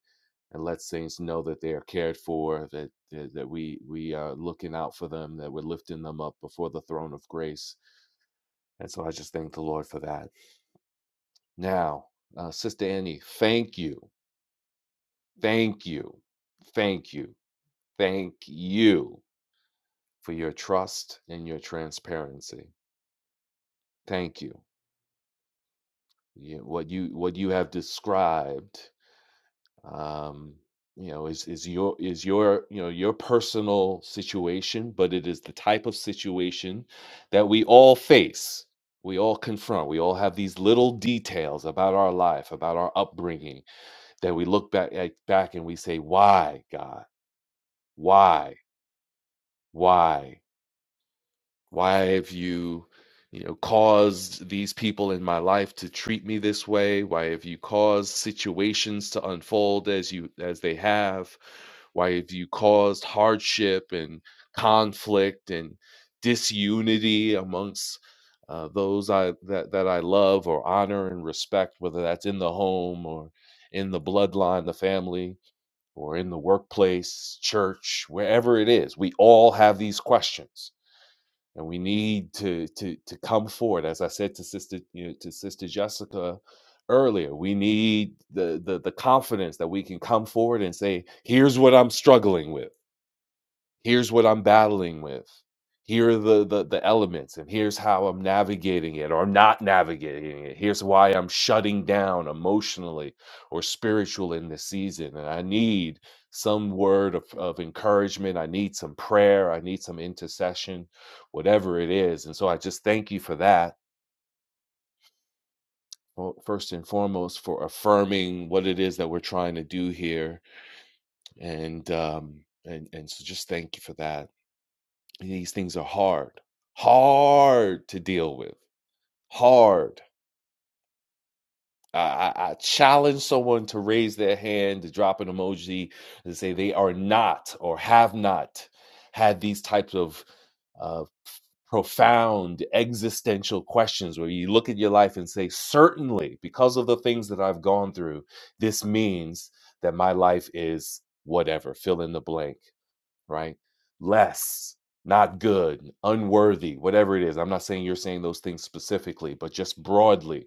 F: and let saints know that they are cared for that that, that we we are looking out for them that we're lifting them up before the throne of grace and so i just thank the lord for that now uh, sister annie thank you thank you thank you thank you for your trust and your transparency. Thank you. you what you what you have described, um, you know, is is your is your you know your personal situation, but it is the type of situation that we all face. We all confront. We all have these little details about our life, about our upbringing, that we look back at, back and we say, "Why, God? Why? Why?" why have you you know caused these people in my life to treat me this way why have you caused situations to unfold as you as they have why have you caused hardship and conflict and disunity amongst uh, those I that, that I love or honor and respect, whether that's in the home or in the bloodline, the family, or in the workplace, church, wherever it is, we all have these questions and we need to to to come forward as i said to sister you know, to sister jessica earlier we need the, the the confidence that we can come forward and say here's what i'm struggling with here's what I'm battling with. Here are the, the the elements, and here's how I'm navigating it or not navigating it. Here's why I'm shutting down emotionally or spiritual in this season. And I need some word of, of encouragement. I need some prayer. I need some intercession, whatever it is. And so I just thank you for that. Well, first and foremost, for affirming what it is that we're trying to do here. And um and, and so just thank you for that These things are hard, hard to deal with. Hard. I, I, I challenge someone to raise their hand, to drop an emoji, to say they are not or have not had these types of uh, profound existential questions where you look at your life and say, certainly, because of the things that I've gone through, this means that my life is whatever, fill in the blank right? Less, not good, unworthy, whatever it is. I'm not saying you're saying those things specifically, but just broadly.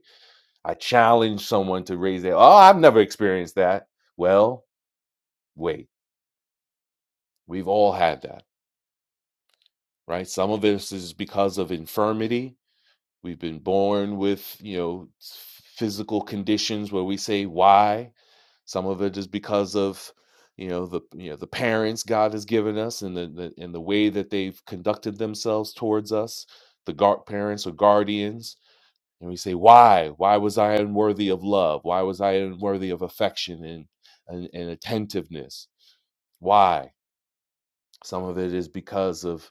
F: I challenge someone to raise their, oh, I've never experienced that. Well, wait, we've all had that, right? Some of this is because of infirmity, We've been born with, you know, physical conditions where we say why. Some of it is because of, you know, the you know the parents God has given us and the, the and the way that they've conducted themselves towards us, the guard parents or guardians. And we say, why? Why was I unworthy of love? Why was I unworthy of affection and and, and attentiveness? Why? some of it is because of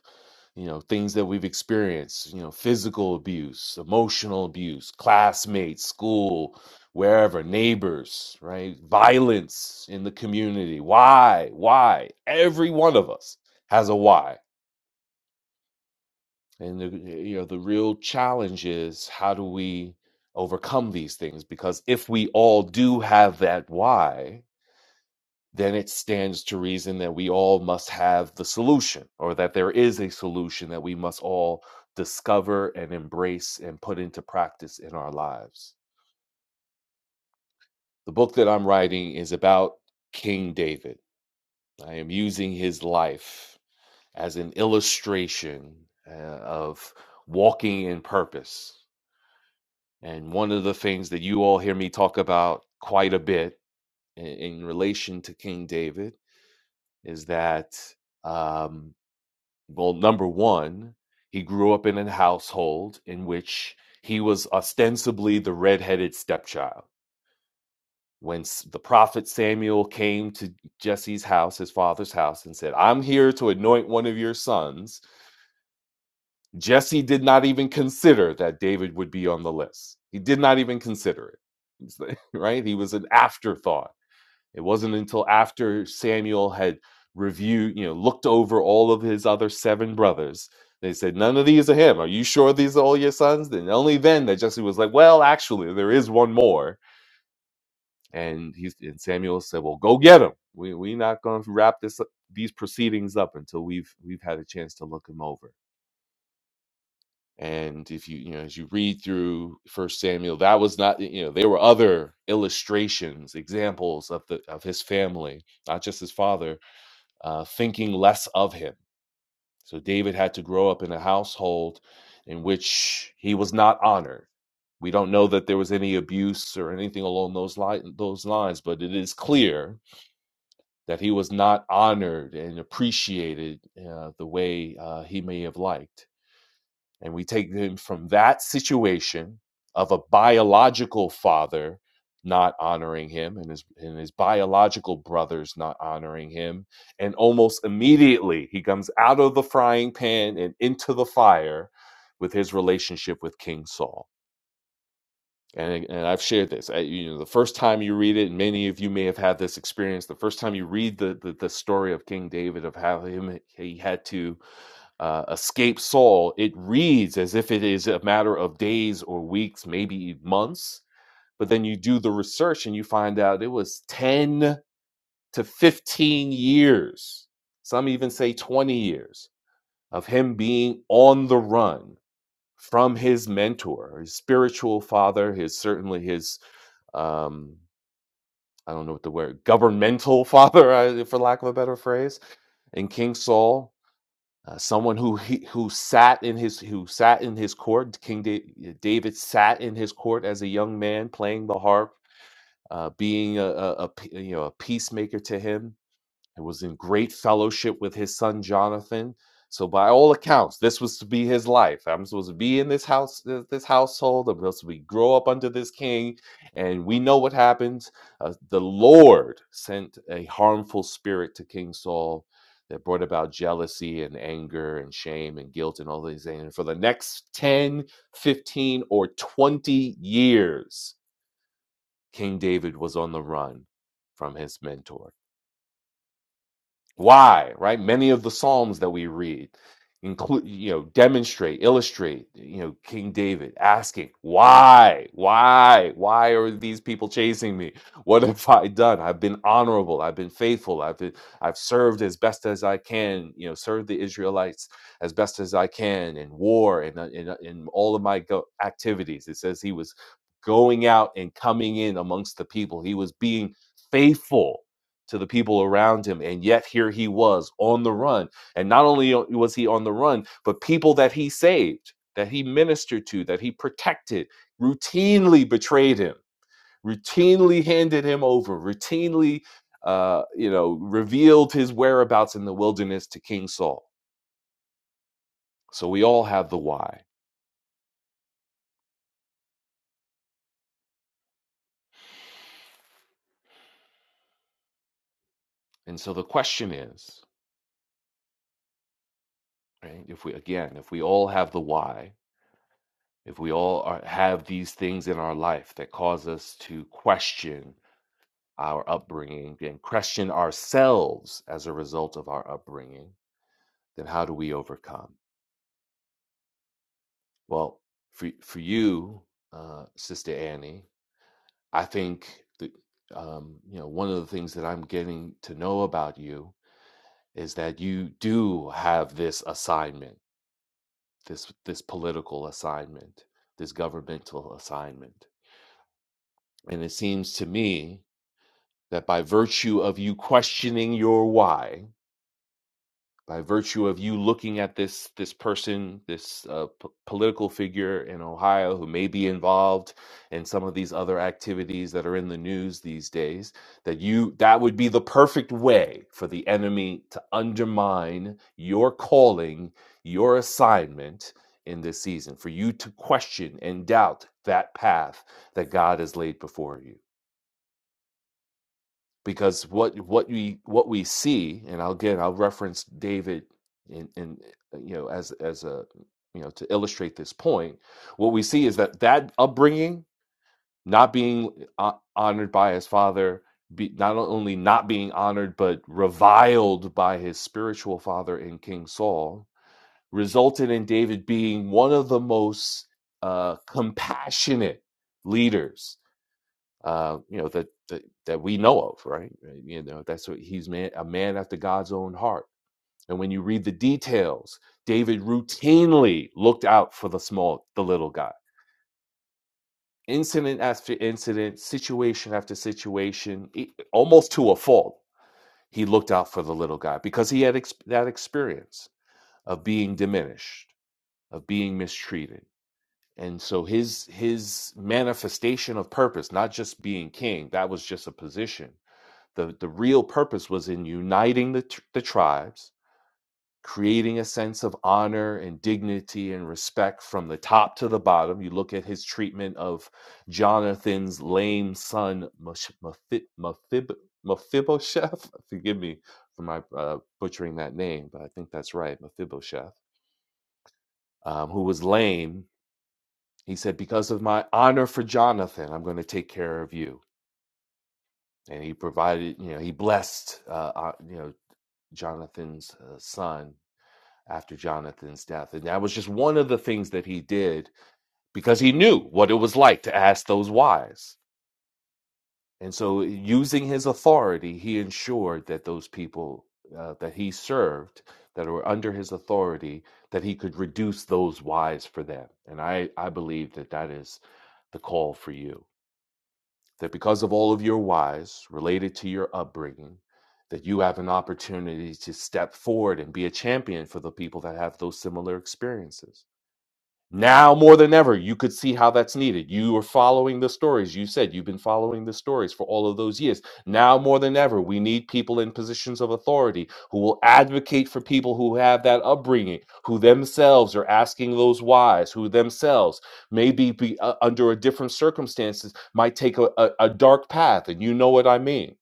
F: you know things that we've experienced you know physical abuse emotional abuse classmates school wherever neighbors right violence in the community why why every one of us has a why and the, you know the real challenge is how do we overcome these things because if we all do have that why then it stands to reason that we all must have the solution or that there is a solution that we must all discover and embrace and put into practice in our lives. The book that I'm writing is about King David. I am using his life as an illustration uh, of walking in purpose. And one of the things that you all hear me talk about quite a bit in, in relation to King David is that um, Well, number one, he grew up in a household in which he was ostensibly the redheaded stepchild. When s- the prophet Samuel came to Jesse's house, his father's house, and said, I'm here to anoint one of your sons, Jesse did not even consider that David would be on the list. He did not even consider it, right? He was an afterthought it wasn't until after Samuel had reviewed, you know, looked over all of his other seven brothers, they said, None of these are him. Are you sure these are all your sons? Then only then that Jesse was like, Well, actually, there is one more. And he's and Samuel said, Well, go get him. We we're not gonna wrap this up- these proceedings up until we've we've had a chance to look him over. And if you you know as you read through First Samuel, that was not you know there were other illustrations, examples of the of his family, not just his father, uh, thinking less of him. So David had to grow up in a household in which he was not honored. We don't know that there was any abuse or anything along those li- those lines, but it is clear that he was not honored and appreciated uh, the way uh, he may have liked. And we take them from that situation of a biological father not honoring him and his and his biological brothers not honoring him. And almost immediately he comes out of the frying pan and into the fire with his relationship with King Saul. And, and I've shared this. I, you know, the first time you read it, and many of you may have had this experience. The first time you read the the, the story of King David of how him he had to uh, escape Saul, it reads as if it is a matter of days or weeks, maybe e, months. But then you do the research and you find out it was 10 to 15 years, some even say 20 years, of him being on the run from his mentor, his spiritual father, his certainly his, um, I don't know what the word, governmental father, uh, for lack of a better phrase, and King Saul uh, someone who he, who sat in his who sat in his court. King da- uh, David sat in his court as a young man, playing the harp, uh, being a, a, a pe- you know a peacemaker to him and was in great fellowship with his son Jonathan. So by all accounts, this was to be his life. I'm supposed to be in this house, this this household. I'm supposed to be grow up under this king, and we know what happens. Uh, the Lord sent a harmful spirit to King Saul that brought about jealousy and anger and shame and guilt and all these things. And for the next 10, 15, or 20 years, King David was on the run from his mentor. Why, right? Many of the Psalms that we read include, you know, demonstrate, illustrate, you know, King David asking, why, why, why are these people chasing me? What have I done? I've been honorable. I've been faithful. I've been, I've served as best as I can, you know, served the Israelites as best as I can in war and uh, in, uh, in all of my go- activities. It says he was going out and coming in amongst the people. He was being faithful to the people around him. And yet here he was on the run. And not only was he on the run, but people that he saved, that he ministered to, that he protected, routinely betrayed him, routinely handed him over, routinely, uh, you know, revealed his whereabouts in the wilderness to King Saul. So we all have the why. And so the question is, right, if we, again, if we all have the why, if we all are, have these things in our life that cause us to question our upbringing and question ourselves as a result of our upbringing, then how do we overcome? Well, for for you, uh, Sister Annie, I think that um, you know one of the things that I'm getting to know about you is that you do have this assignment, this this political assignment, this governmental assignment, and it seems to me that by virtue of you questioning your why by virtue of you looking at this this person, this uh, p- political figure in Ohio who may be involved in some of these other activities that are in the news these days, that you that would be the perfect way for the enemy to undermine your calling, your assignment in this season, for you to question and doubt that path that God has laid before you because what what we what we see and I'll, again i'll reference david in in uh, you know as as a you know to illustrate this point what we see is that that upbringing not being uh, honored by his father be, not only not being honored but reviled by his spiritual father in king saul resulted in david being one of the most uh, compassionate leaders uh, you know that, that that we know of, right? Right, You know that's what he's man a man after God's own heart. And when you read the details, David routinely looked out for the small, the little guy. Incident after incident, situation after situation, e- almost to a fault, he looked out for the little guy because he had ex- that experience of being diminished, of being mistreated. And so his his manifestation of purpose, not just being king, that was just a position the, the real purpose was in uniting the, tr- the tribes, creating a sense of honor and dignity and respect from the top to the bottom. You look at his treatment of Jonathan's lame son, Mosh- Mephi- Mephib- Mephibosheth. Forgive me for my uh, butchering that name, but I think that's right, Mephibosheth, um, who was lame. He said, Because of my honor for Jonathan, I'm going to take care of you and he provided you know he blessed uh, uh, you know jonathan's uh, son after jonathan's death and that was just one of the things that he did because he knew what it was like to ask those whys and so using his authority he ensured that those people uh, that he served that were under his authority that he could reduce those whys for them and i i believe that that is the call for you that because of all of your whys related to your upbringing, that you have an opportunity to step forward and be a champion for the people that have those similar experiences now more than ever, you could see how that's needed. You are following the stories. You said you've been following the stories for all of those years. Now more than ever, we need people in positions of authority who will advocate for people who have that upbringing, who themselves are asking those whys, who themselves maybe be uh, under a different circumstances might take a, a, a dark path, and you know what I mean.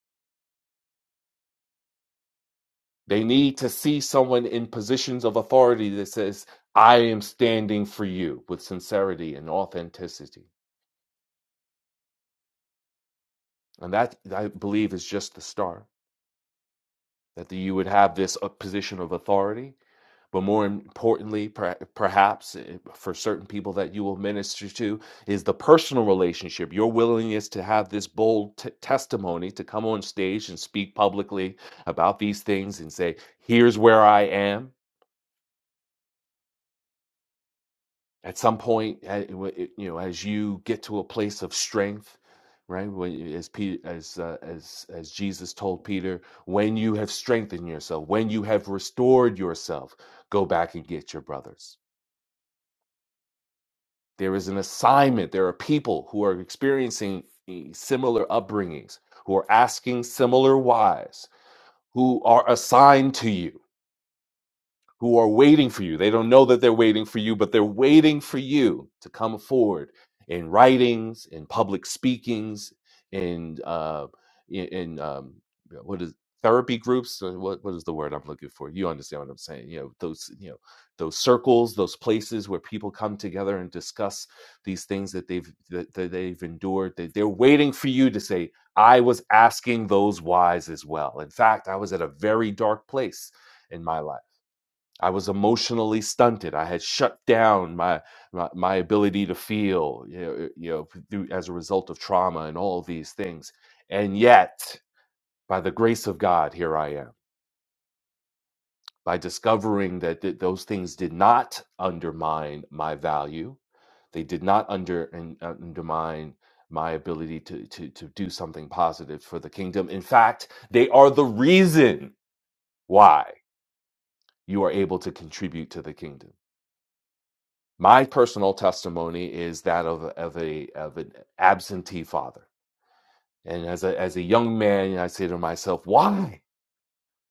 F: They need to see someone in positions of authority that says, "I am standing for you" with sincerity and authenticity. And that, I believe, is just the start. That the, you would have this uh, position of authority, but more importantly, per, perhaps eh, for certain people that you will minister to, is the personal relationship, your willingness to have this bold t- testimony to come on stage and speak publicly about these things and say, here's where I am. at some point, you know, as you get to a place of strength, right? as Peter, as uh, as as Jesus told Peter, when you have strengthened yourself, when you have restored yourself, go back and get your brothers. There is an assignment. There are people who are experiencing eh, similar upbringings, who are asking similar whys, who are assigned to you who are waiting for you. They don't know that they're waiting for you, but they're waiting for you to come forward in writings, in public speakings, in uh, in, in um, what is therapy groups? Uh, What what is the word I'm looking for? You understand what I'm saying? You know those you know those circles, those places where people come together and discuss these things that they've that, that they've endured. They, they're waiting for you to say, "I was asking those whys as well." In fact, I was at a very dark place in my life I was emotionally stunted. I had shut down my my, my ability to feel, you know, uh, you know, through, as a result of trauma and all these things. And yet, by the grace of God, here I am. By discovering that th- those things did not undermine my value, they did not under and uh, undermine my ability to, to to do something positive for the kingdom. In fact, they are the reason why you are able to contribute to the kingdom my personal testimony is that of of a of an absentee father. And as a as a young man, I say to myself, why?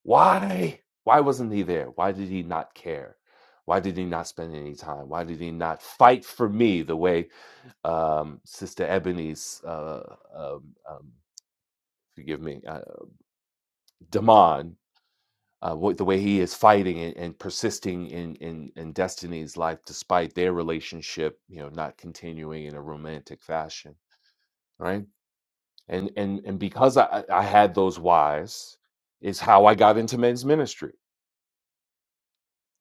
F: Why? Why wasn't he there? Why did he not care? Why did he not spend any time? Why did he not fight for me the way um, Sister Ebony's, uh, um, um, forgive me, uh, Damon, uh, what, the way he is fighting and, and persisting in, in in Destiny's life despite their relationship, you know, not continuing in a romantic fashion right and and and because i i had those whys is how i got into men's ministry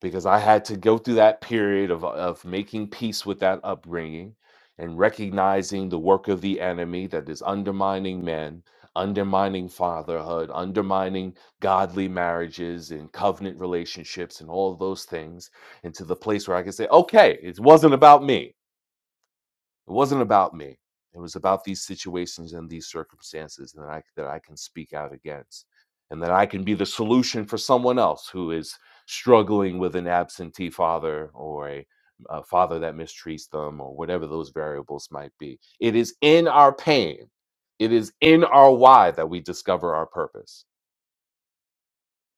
F: because i had to go through that period of of making peace with that upbringing and recognizing the work of the enemy that is undermining men undermining fatherhood undermining godly marriages and covenant relationships and all of those things into the place where i can say okay it wasn't about me it wasn't about me it was about these situations and these circumstances and that i that i can speak out against and that i can be the solution for someone else who is struggling with an absentee father or a, a father that mistreats them or whatever those variables might be it is in our pain it is in our why that we discover our purpose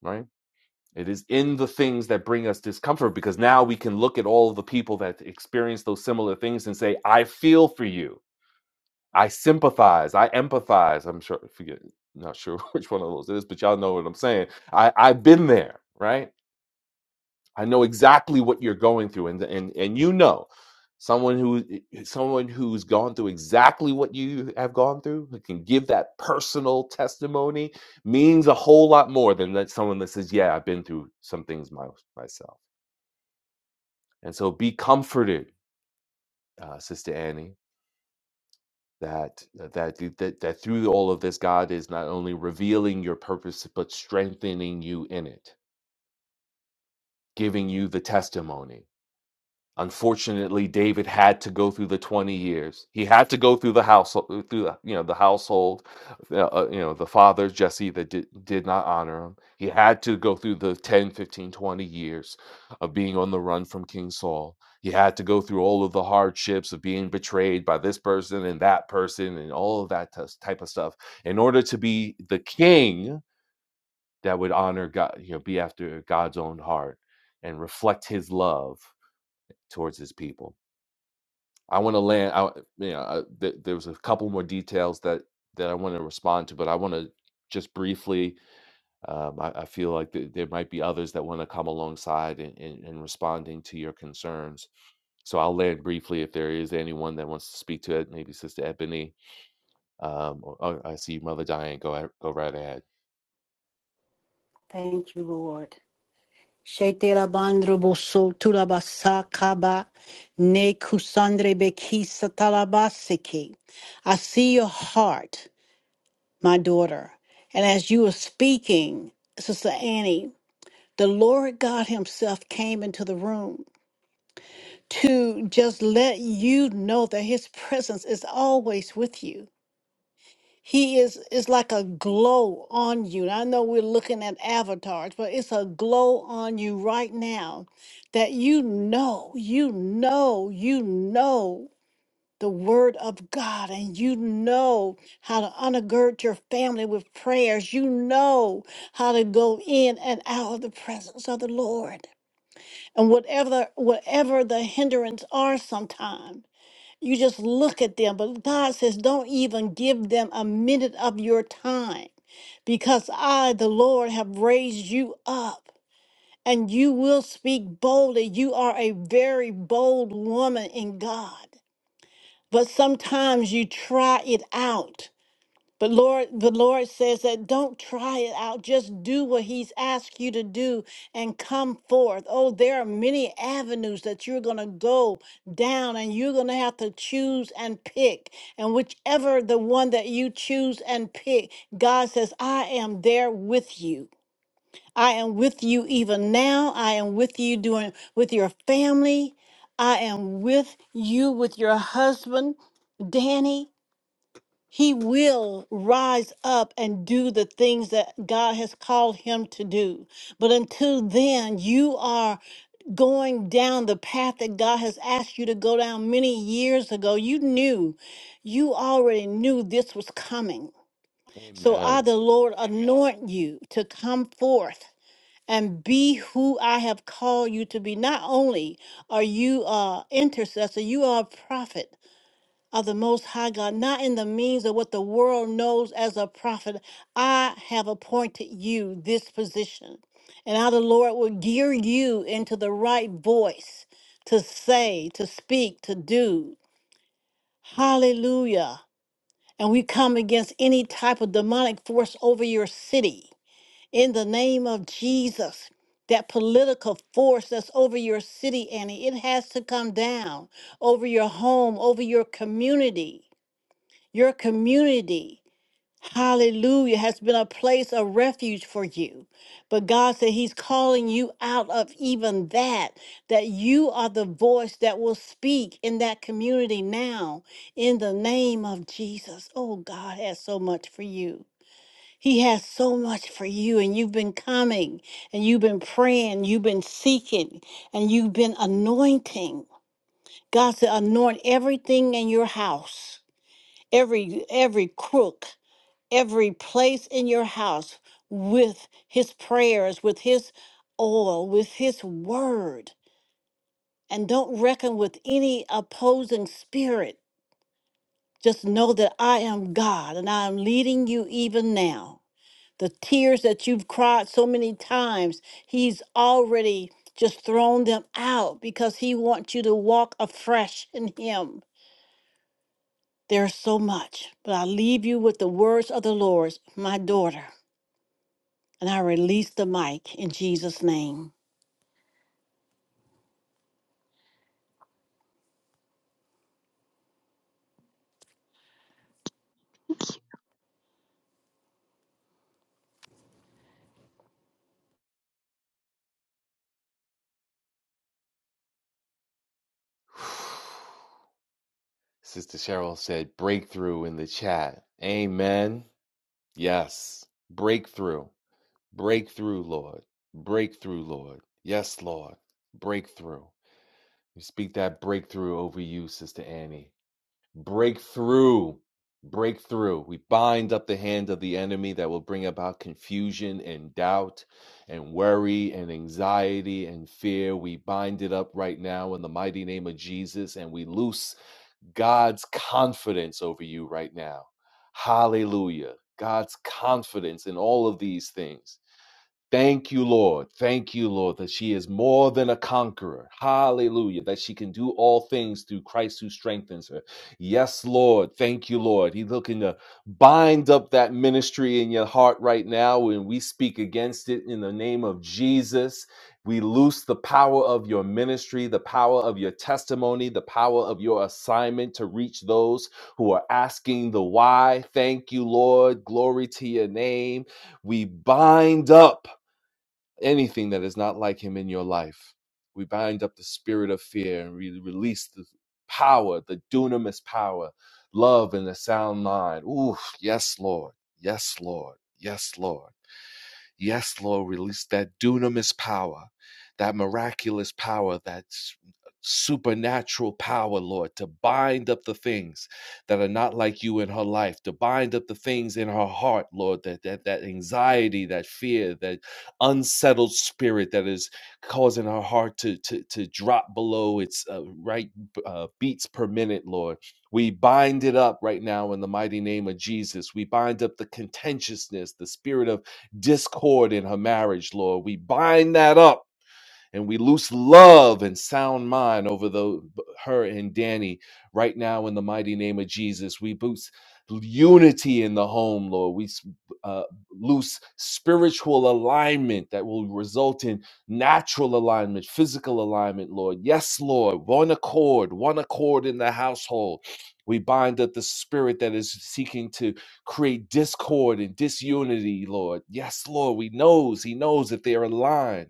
F: right it is in the things that bring us discomfort because now we can look at all the people that experience those similar things and say i feel for you I sympathize. I empathize. I'm sure. Forget. Not sure which one of those it is, but y'all know what I'm saying. I I've been there, right? I know exactly what you're going through, and and and you know, someone who eh, eh, someone who's gone through exactly what you have gone through who can give that personal testimony means a whole lot more than that someone that says, "Yeah, I've been through some things my, myself." And so, be comforted, uh, Sister Annie that that that, that through all of this god is not only revealing your purpose but strengthening you in it giving you the testimony Unfortunately, David had to go through the 20 years. He had to go through the household, through the, you know the household, uh, uh, you know the father Jesse that did, did not honor him. He had to go through the 10, 15, twenty years of being on the run from King Saul. He had to go through all of the hardships of being betrayed by this person and that person and all of that tus- type of stuff in order to be the king that would honor God, you know, be after God's own heart and reflect His love towards His people. I want to land. I you know I, th- there was a couple more details that that I want to respond to, but I want to just briefly. Um, I, I feel like th- there might be others that want to come alongside in, in, in responding to your concerns. So I'll land briefly if there is anyone that wants to speak to it. Maybe Sister Ebony. Um, or, oh, I see Mother Diane. Go ahe- go right ahead.
C: Thank you, Lord. Shetela bandro boso tulabasa kaba ne kusandre bekisa talabasiki. I see your heart, my daughter. And as you were speaking, Sister Annie, the Lord God Himself came into the room to just let you know that his presence is always with you. He is is like a glow on you. And I know we're looking at avatars, but it's a glow on you right now that you know, you know, you know the word of God and you know how to undergird your family with prayers. You know how to go in and out of the presence of the Lord. And whatever whatever the hindrance are sometimes you just look at them. But God says, don't even give them a minute of your time because I, the Lord, have raised you up and you will speak boldly. You are a very bold woman in God. But sometimes you try it out. But Lord, the Lord says that don't try it out. Just do what He's asked you to do and come forth. Oh, there are many avenues that you're going to go down and you're going to have to choose and pick. And whichever the one that you choose and pick, God says, I am there with you. I am with you even now. I am with you doing with your family. I am with you with your husband, Danny. He will rise up and do the things that God has called him to do. But until then, you are going down the path that God has asked you to go down many years ago. You knew, you already knew this was coming. So I,
F: Amen.
C: the Lord, anoint you to come forth. And be who I have called you to be. Not only are you uh, intercessor, you are a prophet of the Most High God, not in the means of what the world knows as a prophet. I have appointed you this position, and how the Lord will gear you into the right voice to say, to speak, to do. Hallelujah. And we come against any type of demonic force over your city in the name of Jesus. That political force that's over your city, Annie, it has to come down over your home, over your community your community, hallelujah, has been a place of refuge for you. But God said He's calling you out of even that, that you are the voice that will speak in that community now in the name of Jesus. Oh, God has so much for you. He has so much for you, and you've been coming, and you've been praying, you've been seeking, and you've been anointing. God said, anoint everything in your house, every every crook every place in your house with his prayers, with his oil, with his word. And don't reckon with any opposing spirit. Just know that I am God and I am leading you even now. The tears that you've cried so many times, he's already just thrown them out because he wants you to walk afresh in him. There's so much, but I leave you with the words of the Lord, my daughter. And I release the mic in Jesus' name.
F: Sister Cheryl said breakthrough in the chat. Amen. Yes, breakthrough. Breakthrough, Lord. Breakthrough, Lord. Yes, Lord. Breakthrough. We speak that breakthrough over you, Sister Annie. Breakthrough. Breakthrough. We bind up the hand of the enemy that will bring about confusion and doubt and worry and anxiety and fear. We bind it up right now in the mighty name of Jesus and we loose God's confidence over you right now. Hallelujah. God's confidence in all of these things. Thank you, Lord. Thank you, Lord, that she is more than a conqueror. Hallelujah. That she can do all things through Christ who strengthens her. Yes, Lord. Thank you, Lord. He's looking to bind up that ministry in your heart right now, and we speak against it in the name of Jesus. We loose the power of your ministry, the power of your testimony, the power of your assignment to reach those who are asking the why. Thank you, Lord. Glory to your name. We bind up anything that is not like him in your life. We bind up the spirit of fear and we release the power, the dunamis power, love and a sound mind. Ooh, yes, Lord. Yes, Lord. Yes, Lord. Yes, Lord, release that dunamis power, that miraculous power, that supernatural power, Lord, to bind up the things that are not like you in her life, to bind up the things in her heart, Lord, that that, that anxiety, that fear, that unsettled spirit that is causing her heart to to, to drop below its uh, right uh, beats per minute, Lord. We bind it up right now in the mighty name of Jesus. We bind up the contentiousness, the spirit of discord in her marriage, Lord. We bind that up and we loose love and sound mind over the her and Danny right now in the mighty name of Jesus. We boost unity in the home, Lord. We s- uh, loose spiritual alignment that will result in natural alignment, physical alignment, Lord. Yes, Lord. One accord, one accord in the household. We bind up the spirit that is seeking to create discord and disunity, Lord. Yes, Lord. We knows, he knows that they are aligned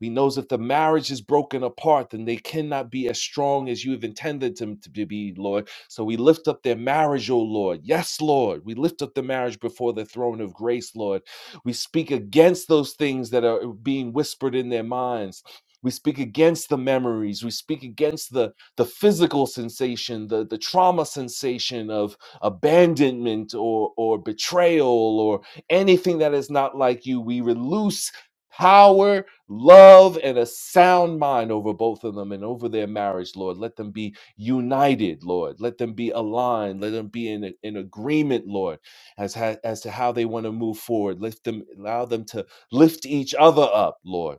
F: he knows if the marriage is broken apart, then they cannot be as strong as you have intended them to be, Lord. So we lift up their marriage, O Lord. Yes, Lord. We lift up the marriage before the throne of grace, Lord. We speak against those things that are being whispered in their minds. We speak against the memories. We speak against the, the physical sensation, the, the trauma sensation of abandonment or, or betrayal or anything that is not like you. We release power love and a sound mind over both of them and over their marriage, Lord. Let them be united, Lord. Let them be aligned. Let them be in, in agreement, Lord, as, ha- as to how they want to move forward. Lift them, allow them to lift each other up, Lord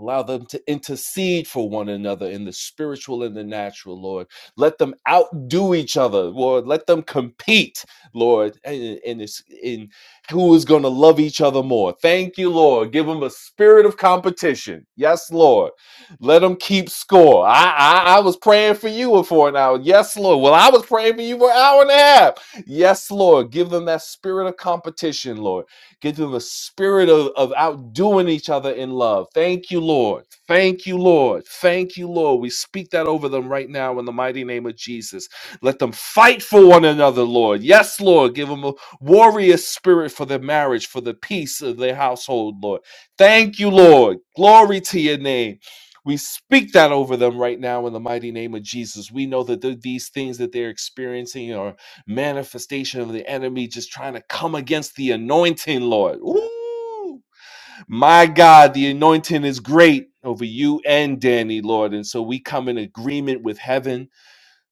F: Allow them to intercede for one another in the spiritual and the natural, Lord. Let them outdo each other, Lord. Let them compete, Lord, in, in, in who is going to love each other more. Thank you, Lord. Give them a spirit of competition. Yes, Lord. Let them keep score. I, I, I was praying for you for an hour. Yes, Lord. Well, I was praying for you for an hour and a half. Yes, Lord. Give them that spirit of competition, Lord Give them a spirit of, of outdoing each other in love. Thank you, Lord. Thank you, Lord. Thank you, Lord. We speak that over them right now in the mighty name of Jesus. Let them fight for one another, Lord. Yes, Lord. Give them a warrior spirit for their marriage, for the peace of their household, Lord. Thank you, Lord. Glory to your name. We speak that over them right now in the mighty name of Jesus. We know that th- these things that they're experiencing are manifestation of the enemy just trying to come against the anointing, Lord. Ooh, my God, the anointing is great over you and Danny, Lord. And so we come in agreement with heaven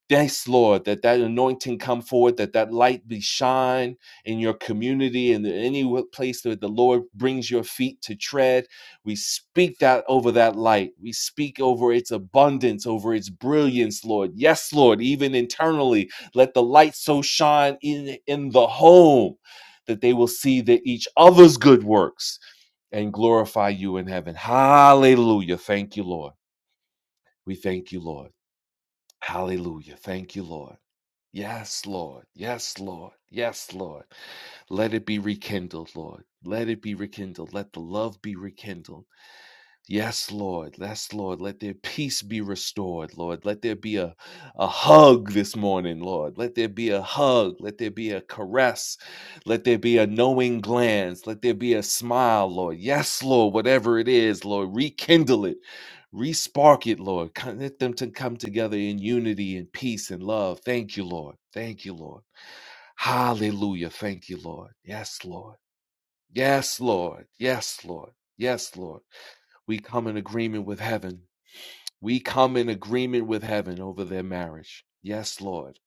F: Thanks, Lord, that that anointing come forward, that that light be shine in your community and in any place that the Lord brings your feet to tread. We speak that over that light. We speak over its abundance, over its brilliance, Lord. Yes, Lord, even internally, let the light so shine in in the home that they will see that each other's good works and glorify you in heaven. Hallelujah. Thank you, Lord. We thank you, Lord. Hallelujah. Thank you, Lord. Yes, Lord. Yes, Lord. Yes, Lord. Let it be rekindled, Lord. Let it be rekindled. Let the love be rekindled. Yes, Lord. Yes, Lord. Let their peace be restored, Lord. Let there be a, a hug this morning, Lord. Let there be a hug. Let there be a caress. Let there be a knowing glance. Let there be a smile, Lord. Yes, Lord. Whatever it is, Lord, rekindle it. Respark it, Lord. Connect them to come together in unity and peace and love. Thank you, Lord. Thank you, Lord. Hallelujah. Thank you, Lord. Yes, Lord. Yes, Lord. Yes, Lord. Yes, Lord. We come in agreement with heaven. We come in agreement with heaven over their marriage. Yes, Lord.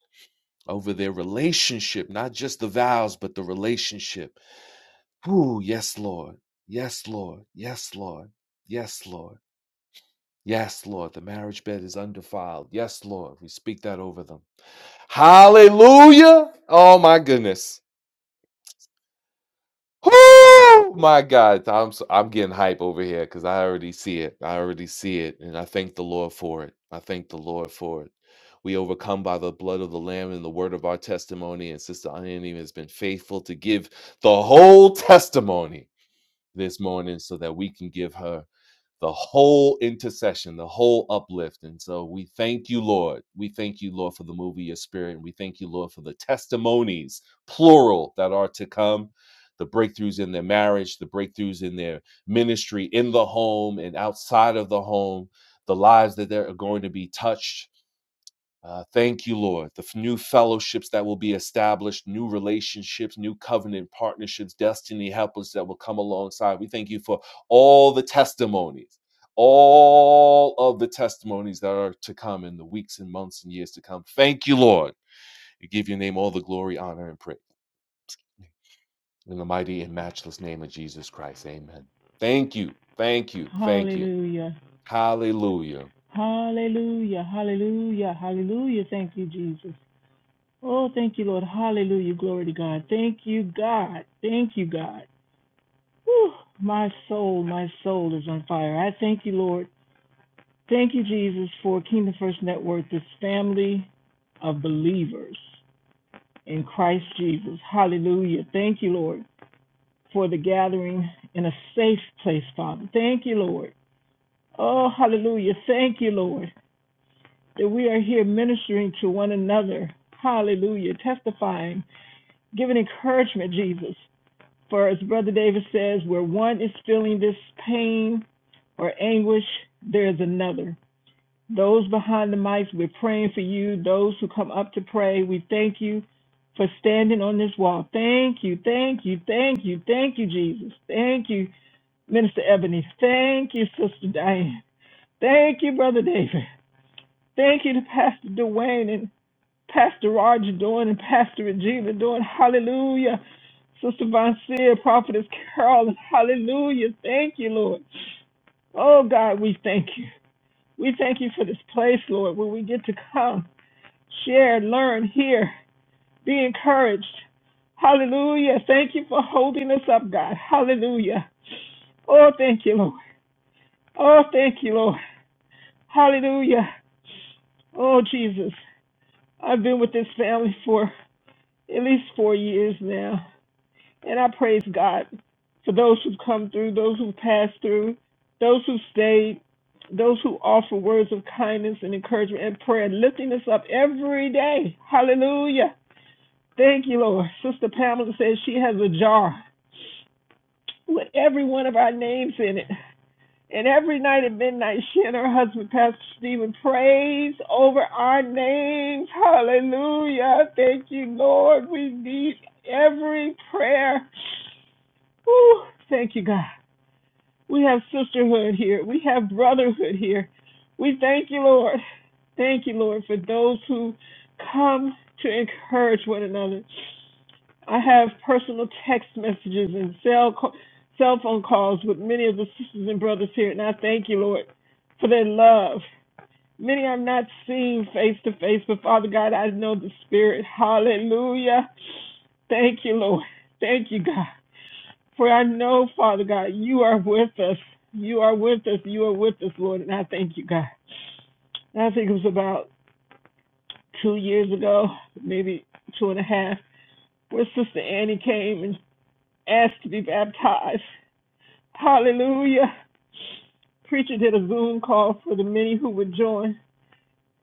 F: Over their relationship, not just the vows, but the relationship. Ooh, yes, Lord. Yes, Lord. Yes, Lord. Yes, Lord. Yes, Lord. The marriage bed is undefiled. Yes, Lord. We speak that over them. Hallelujah. Oh, my goodness. Oh my God, I'm s- I'm getting hype over here because I already see it. I already see it, and I thank the Lord for it. I thank the Lord for it. We overcome by the blood of the Lamb and the word of our testimony. And Sister Onion has been faithful to give the whole testimony this morning, so that we can give her the whole intercession, the whole uplift. And so we thank you, Lord. We thank you, Lord, for the move of your spirit. And we thank you, Lord, for the testimonies, plural, that are to come, the breakthroughs in their marriage, the breakthroughs in their ministry, in the home and outside of the home, the lives that they're going to be touched uh, thank you, Lord. The f- new fellowships that will be established, new relationships, new covenant partnerships, destiny helpers that will come alongside. We thank you for all the testimonies, all of the testimonies that are to come in the weeks and months and years to come. Thank you, Lord. We give your name all the glory, honor, and praise. In the mighty and matchless name of Jesus Christ, amen. Thank you, thank you, thank you.
M: Hallelujah.
F: Hallelujah.
M: Hallelujah. Hallelujah. Hallelujah. Thank you, Jesus. Oh, thank you, Lord. Hallelujah. Glory to God. Thank you, God. Thank you, God. Whew. My soul, my soul is on fire. I thank you, Lord. Thank you, Jesus, for Kingdom First Network, this family of believers in Christ Jesus. Hallelujah. Thank you, Lord, for the gathering in a safe place, Father. Thank you, Lord. Oh, hallelujah. Thank you, Lord. that we are here ministering to one another. Hallelujah. Testifying, giving encouragement, Jesus. For as Brother David says, where one is feeling this pain or anguish, there is another. Those behind the mics, we're praying for you. Those who come up to pray, we thank you for standing on this wall. Thank you, thank you, thank you, thank you, Jesus. Thank you, Minister Ebony. Thank you, Sister Diane. Thank you, Brother David. Thank you to Pastor Dwayne and. Pastor Roger doing and Pastor Regina doing. Hallelujah. Sister Von Seer, Prophetess Carolyn. Hallelujah. Thank you, Lord. Oh, God, we thank you. We thank you for this place, Lord, where we get to come, share, learn, hear, be encouraged. Hallelujah. Thank you for holding us up, God. Hallelujah. Oh, thank you, Lord. Oh, thank you, Lord. Hallelujah. Oh, Jesus. I've been with this family for at least four years now. And I praise God for those who've come through, those who've passed through, those who stayed, those who offer words of kindness and encouragement and prayer, lifting us up every day. Hallelujah. Thank you, Lord. Sister Pamela says she has a jar with every one of our names in it. And every night at midnight, she and her husband, Pastor Stephen, prays over our names. Hallelujah. Thank you, Lord. We need every prayer. Ooh! Thank you, God. We have sisterhood here. We have brotherhood here. We thank you, Lord. Thank you, Lord, for those who come to encourage one another. I have personal text messages and cell co- cell phone calls with many of the sisters and brothers here, and I thank you, Lord, for their love. Many I'm not seeing face to face, but Father God, I know the Spirit. Hallelujah. Thank you, Lord. Thank you, God. For I know, Father God, you are with us. You are with us. You are with us, Lord. And I thank you, God. And I think it was about two years ago, maybe two and a half, where Sister Annie came and asked to be baptized. Hallelujah. Preacher did a Zoom call for the many who would join.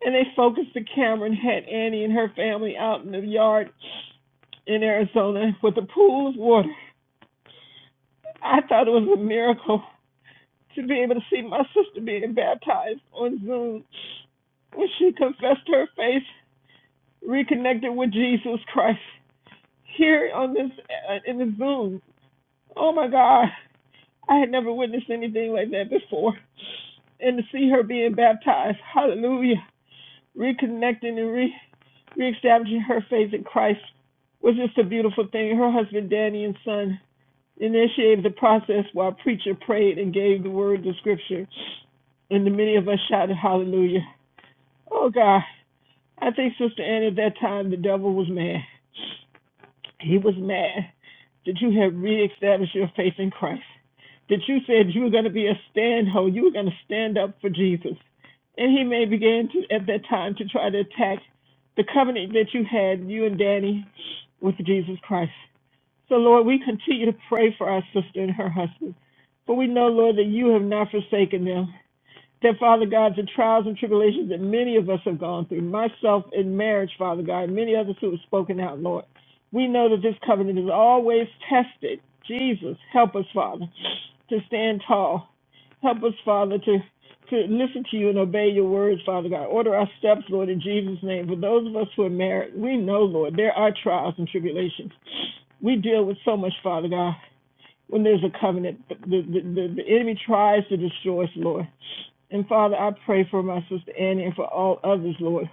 M: And they focused the camera and had Annie and her family out in the yard in Arizona with a pool of water. I thought it was a miracle. to be able to see my sister being baptized on Zoom when she confessed her faith, reconnected with Jesus Christ here on this uh, in the Zoom. Oh my God, I had never witnessed anything like that before, and to see her being baptized, Hallelujah, reconnecting and re reestablishing her faith in Christ was just a beautiful thing. Her husband Danny and son initiated the process while preacher prayed and gave the word to Scripture. And the many of us shouted hallelujah. Oh God, I think Sister Annie, at that time the devil was mad. He was mad that you had reestablished your faith in Christ. That you said you were going to be a stand ho, you were going to stand up for Jesus. And he may begin to at that time to try to attack the covenant that you had, you and Danny, with Jesus Christ. So Lord, we continue to pray for our sister and her husband. For we know, Lord, that you have not forsaken them that, Father God, the trials and tribulations that many of us have gone through, myself in marriage, Father God, many others who have spoken out, Lord. We know that this covenant is always tested. Jesus, help us, Father, to stand tall. Help us, Father, to to listen to you and obey your words, Father God. Order our steps, Lord, in Jesus' name. For those of us who are married, we know, Lord, there are trials and tribulations. We deal with so much, Father God when there's a covenant. The, the, the, the enemy tries to destroy us, Lord. And Father, I pray for my sister Annie and for all others, Lord,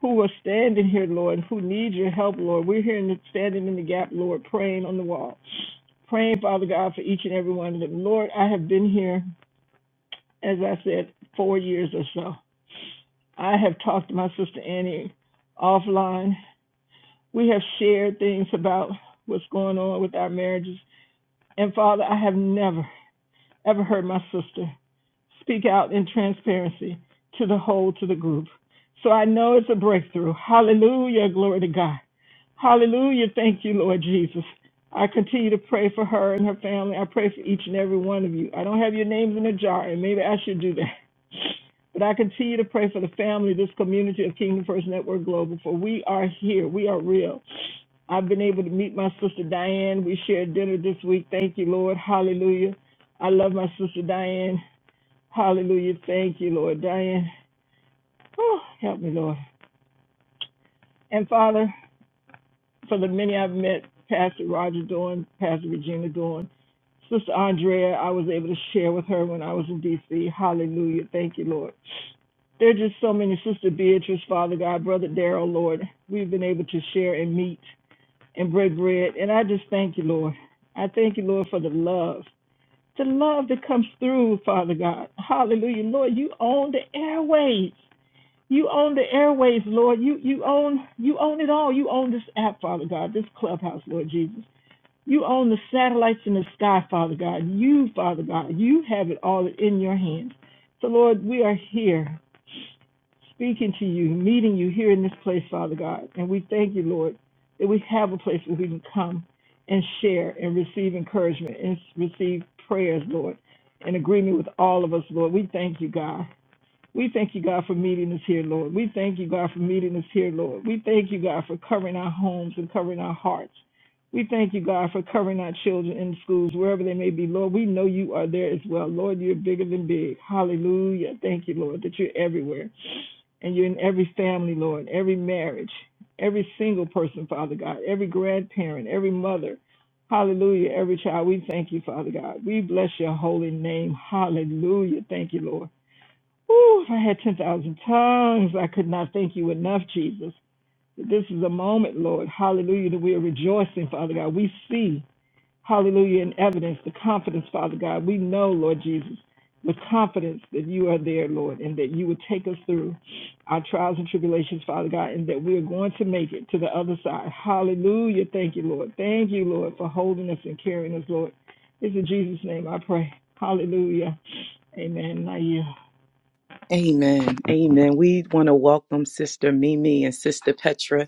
M: who are standing here, Lord, who need your help, Lord. We're here in the, standing in the gap, Lord, praying on the wall. Praying, Father God, for each and every one of them. Lord, I have been here, as I said, four years or so. I have talked to my sister Annie offline. We have shared things about what's going on with our marriages. And Father, I have never, ever heard my sister speak out in transparency to the whole, to the group. So I know it's a breakthrough. Hallelujah. Glory to God. Hallelujah. Thank you, Lord Jesus. I continue to pray for her and her family. I pray for each and every one of you. I don't have your names in a jar, and maybe I should do that. But I continue to pray for the family, this community of Kingdom First Network Global, for we are here. We are real. I've been able to meet my sister Diane. We shared dinner this week. Thank you, Lord. Hallelujah. I love my sister Diane. Hallelujah. Thank you, Lord. Diane, oh, help me, Lord. And Father, for the many I've met, Pastor Roger Dorn, Pastor Regina Dorn, Sister Andrea, I was able to share with her when I was in D.C. Hallelujah. Thank you, Lord. There are just so many. Sister Beatrice, Father God, Brother Daryl, Lord, we've been able to share and meet and break bread. And I just thank you, Lord. I thank you, Lord, for the love, the love that comes through, Father God. Hallelujah. Lord, you own the airways. You own the airwaves, Lord. You you own you own it all. You own this app, Father God, this clubhouse, Lord Jesus. You own the satellites in the sky, Father God. You, Father God, you have it all in your hands. So Lord, we are here speaking to you, meeting you here in this place, Father God. And we thank you, Lord, that we have a place where we can come and share and receive encouragement and receive prayers, Lord, in agreement with all of us, Lord. We thank you, God. We thank you, God, for meeting us here, Lord. We thank you, God, for meeting us here, Lord. We thank you, God, for covering our homes and covering our hearts. We thank you, God, for covering our children in schools, wherever they may be. Lord, we know you are there as well. Lord, you're bigger than big. Hallelujah. Thank you, Lord, that you're everywhere. And you're in every family, Lord, every marriage, every single person, Father God, every grandparent, every mother. Hallelujah. Every child. We thank you, Father God. We bless your holy name. Hallelujah. Thank you, Lord. Ooh! if I had 10,000 tongues, I could not thank you enough, Jesus. This is a moment, Lord. Hallelujah, that we are rejoicing, Father God. We see, hallelujah, in evidence the confidence, Father God. We know, Lord Jesus, with confidence that you are there, Lord, and that you will take us through our trials and tribulations, Father God, and that we are going to make it to the other side. Hallelujah. Thank you, Lord. Thank you, Lord, for holding us and carrying us, Lord. It's in Jesus' name I pray. Hallelujah. Amen. Now you.
H: Amen. Amen. We want to welcome Sister Mimi and Sister Petra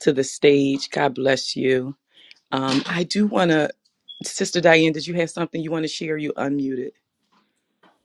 H: to the stage. God bless you. Um, I do want to, Sister Diane, did you have something you want to share? You unmuted.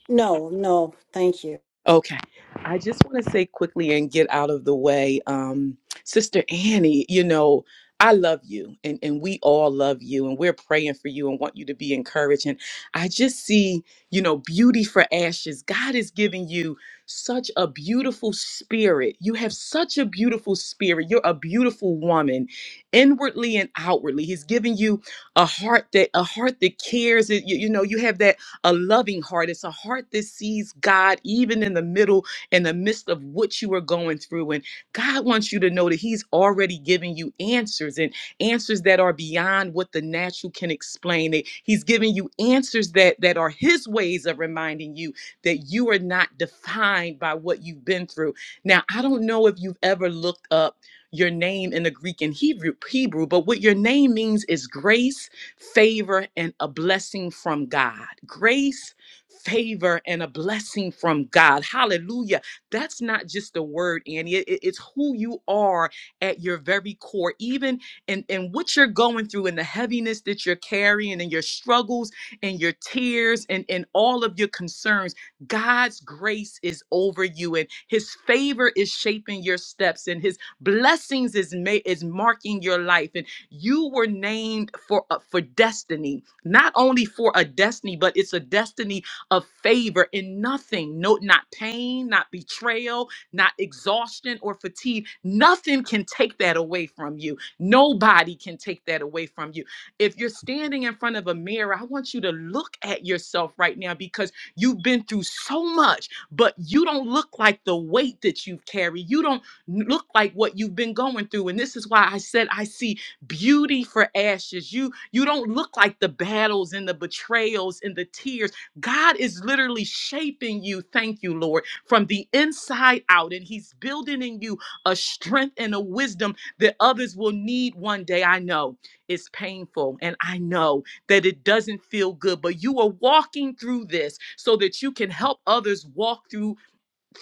C: No, no, thank you.
H: Okay. I just want to say quickly and get out of the way, um, Sister Annie, you know, I love you and, and we all love you and we're praying for you and want you to be encouraged. And I just see, you know, beauty for ashes. God is giving you such a beautiful spirit. You have such a beautiful spirit. You're a beautiful woman, inwardly and outwardly. He's giving you a heart that a heart that cares. You, you know, you have that a loving heart. It's a heart that sees God even in the middle, in the midst of what you are going through. And God wants you to know that He's already giving you answers and answers that are beyond what the natural can explain. That He's giving you answers that, that are His ways of reminding you that you are not defined by what you've been through. Now, I don't know if you've ever looked up your name in the Greek and Hebrew, Hebrew, but what your name means is grace favor, and a blessing from God. Grace, favor, and a blessing from God. Hallelujah. That's not just a word, Annie. It- it- it's who you are at your very core, even in, in what you're going through and the heaviness that you're carrying and your struggles and your tears and, and all of your concerns. God's grace is over you and his favor is shaping your steps and his blessings is ma- is marking your life. and. You were named for uh, for destiny, not only for a destiny, but it's a destiny of favor in nothing, no not pain, not betrayal, not exhaustion or fatigue. Nothing can take that away from you. Nobody can take that away from you. If you're standing in front of a mirror, I want you to look at yourself right now because you've been through so much, but you don't look like the weight that you've carried. You don't n- look like what you've been going through. And this is why I said I see beauty for ashes you you don't look like the battles and the betrayals and the tears god is literally shaping you thank you lord from the inside out and he's building in you a strength and a wisdom that others will need one day i know it's painful and i know that it doesn't feel good but you are walking through this so that you can help others walk through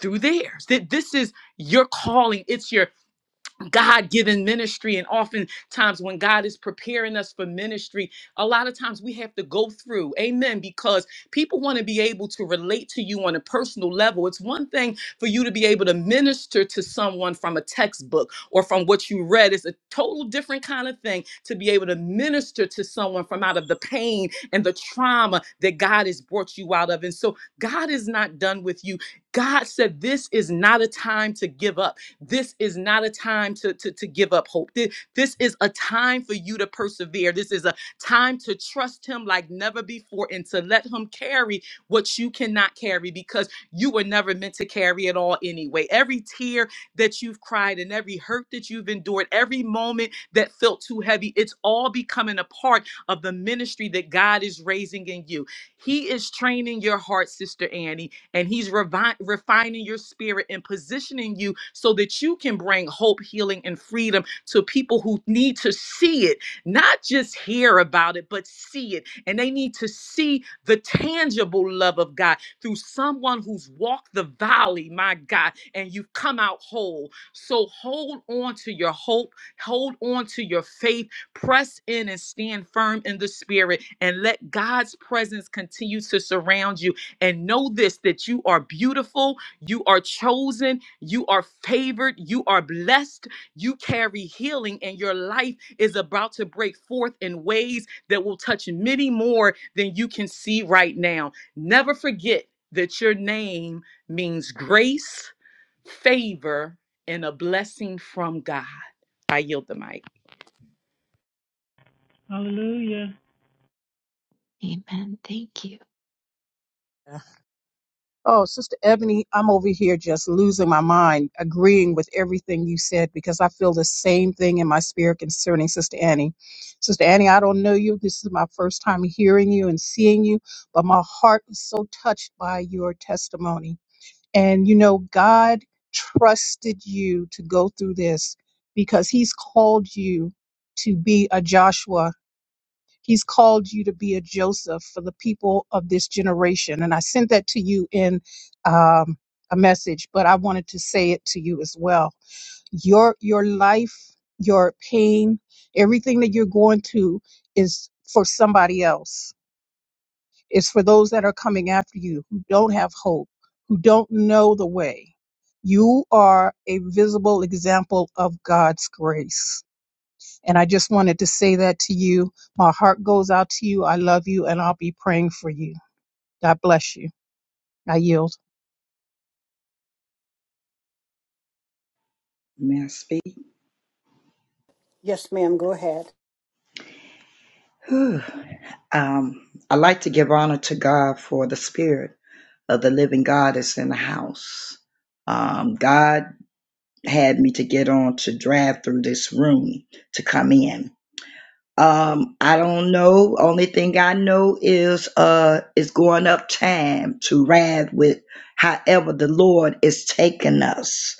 H: through theirs that this is your calling it's your God given ministry. And oftentimes, when God is preparing us for ministry, a lot of times we have to go through, amen, because people want to be able to relate to you on a personal level. It's one thing for you to be able to minister to someone from a textbook or from what you read, it's a total different kind of thing to be able to minister to someone from out of the pain and the trauma that God has brought you out of. And so, God is not done with you. God said, This is not a time to give up. This is not a time to, to, to give up hope. Thi- This is a time for you to persevere. This is a time to trust Him like never before and to let Him carry what you cannot carry because you were never meant to carry it all anyway. Every tear that you've cried and every hurt that you've endured, every moment that felt too heavy, it's all becoming a part of the ministry that God is raising in you. He is training your heart, Sister Annie and he's revi- refining your spirit and positioning you so that you can bring hope, healing, and freedom to people who need to see it, not just hear about it, but see it. And they need to see the tangible love of God through someone who's walked the valley, my God, and you've come out whole. So hold on to your hope, hold on to your faith, press in and stand firm in the spirit, and let God's presence continue to surround you and know this that you are beautiful, you are chosen, you are favored, you are blessed, you carry healing, and your life is about to break forth in ways that will touch many more than you can see right now. Never forget that your name means grace, favor, and a blessing from God. I yield the mic.
M: Hallelujah.
L: Amen. Thank you.
N: Oh, Sister Ebony, I'm over here just losing my mind, agreeing with everything you said because I feel the same thing in my spirit concerning Sister Annie. Sister Annie, I don't know you. This is my first time hearing you and seeing you, but my heart is so touched by your testimony. And you know, God trusted you to go through this because He's called you to be a Joshua He's called you to be a Joseph for the people of this generation. And I sent that to you in um, a message, but I wanted to say it to you as well. Your your life, your pain, everything that you're going through is for somebody else. It's for those that are coming after you who don't have hope, who don't know the way. You are a visible example of God's grace and I just wanted to say that to you. My heart goes out to you. I love you, and I'll be praying for you. God bless you. I yield.
O: May I speak?
C: Yes, ma'am, go ahead.
O: Whew. Um, I like to give honor to God for the spirit of the living God is in the house. Um, God had me to get on to drive through this room to come in. Um, I don't know. Only thing I know is uh it's going up time to ride with however the Lord is taking us.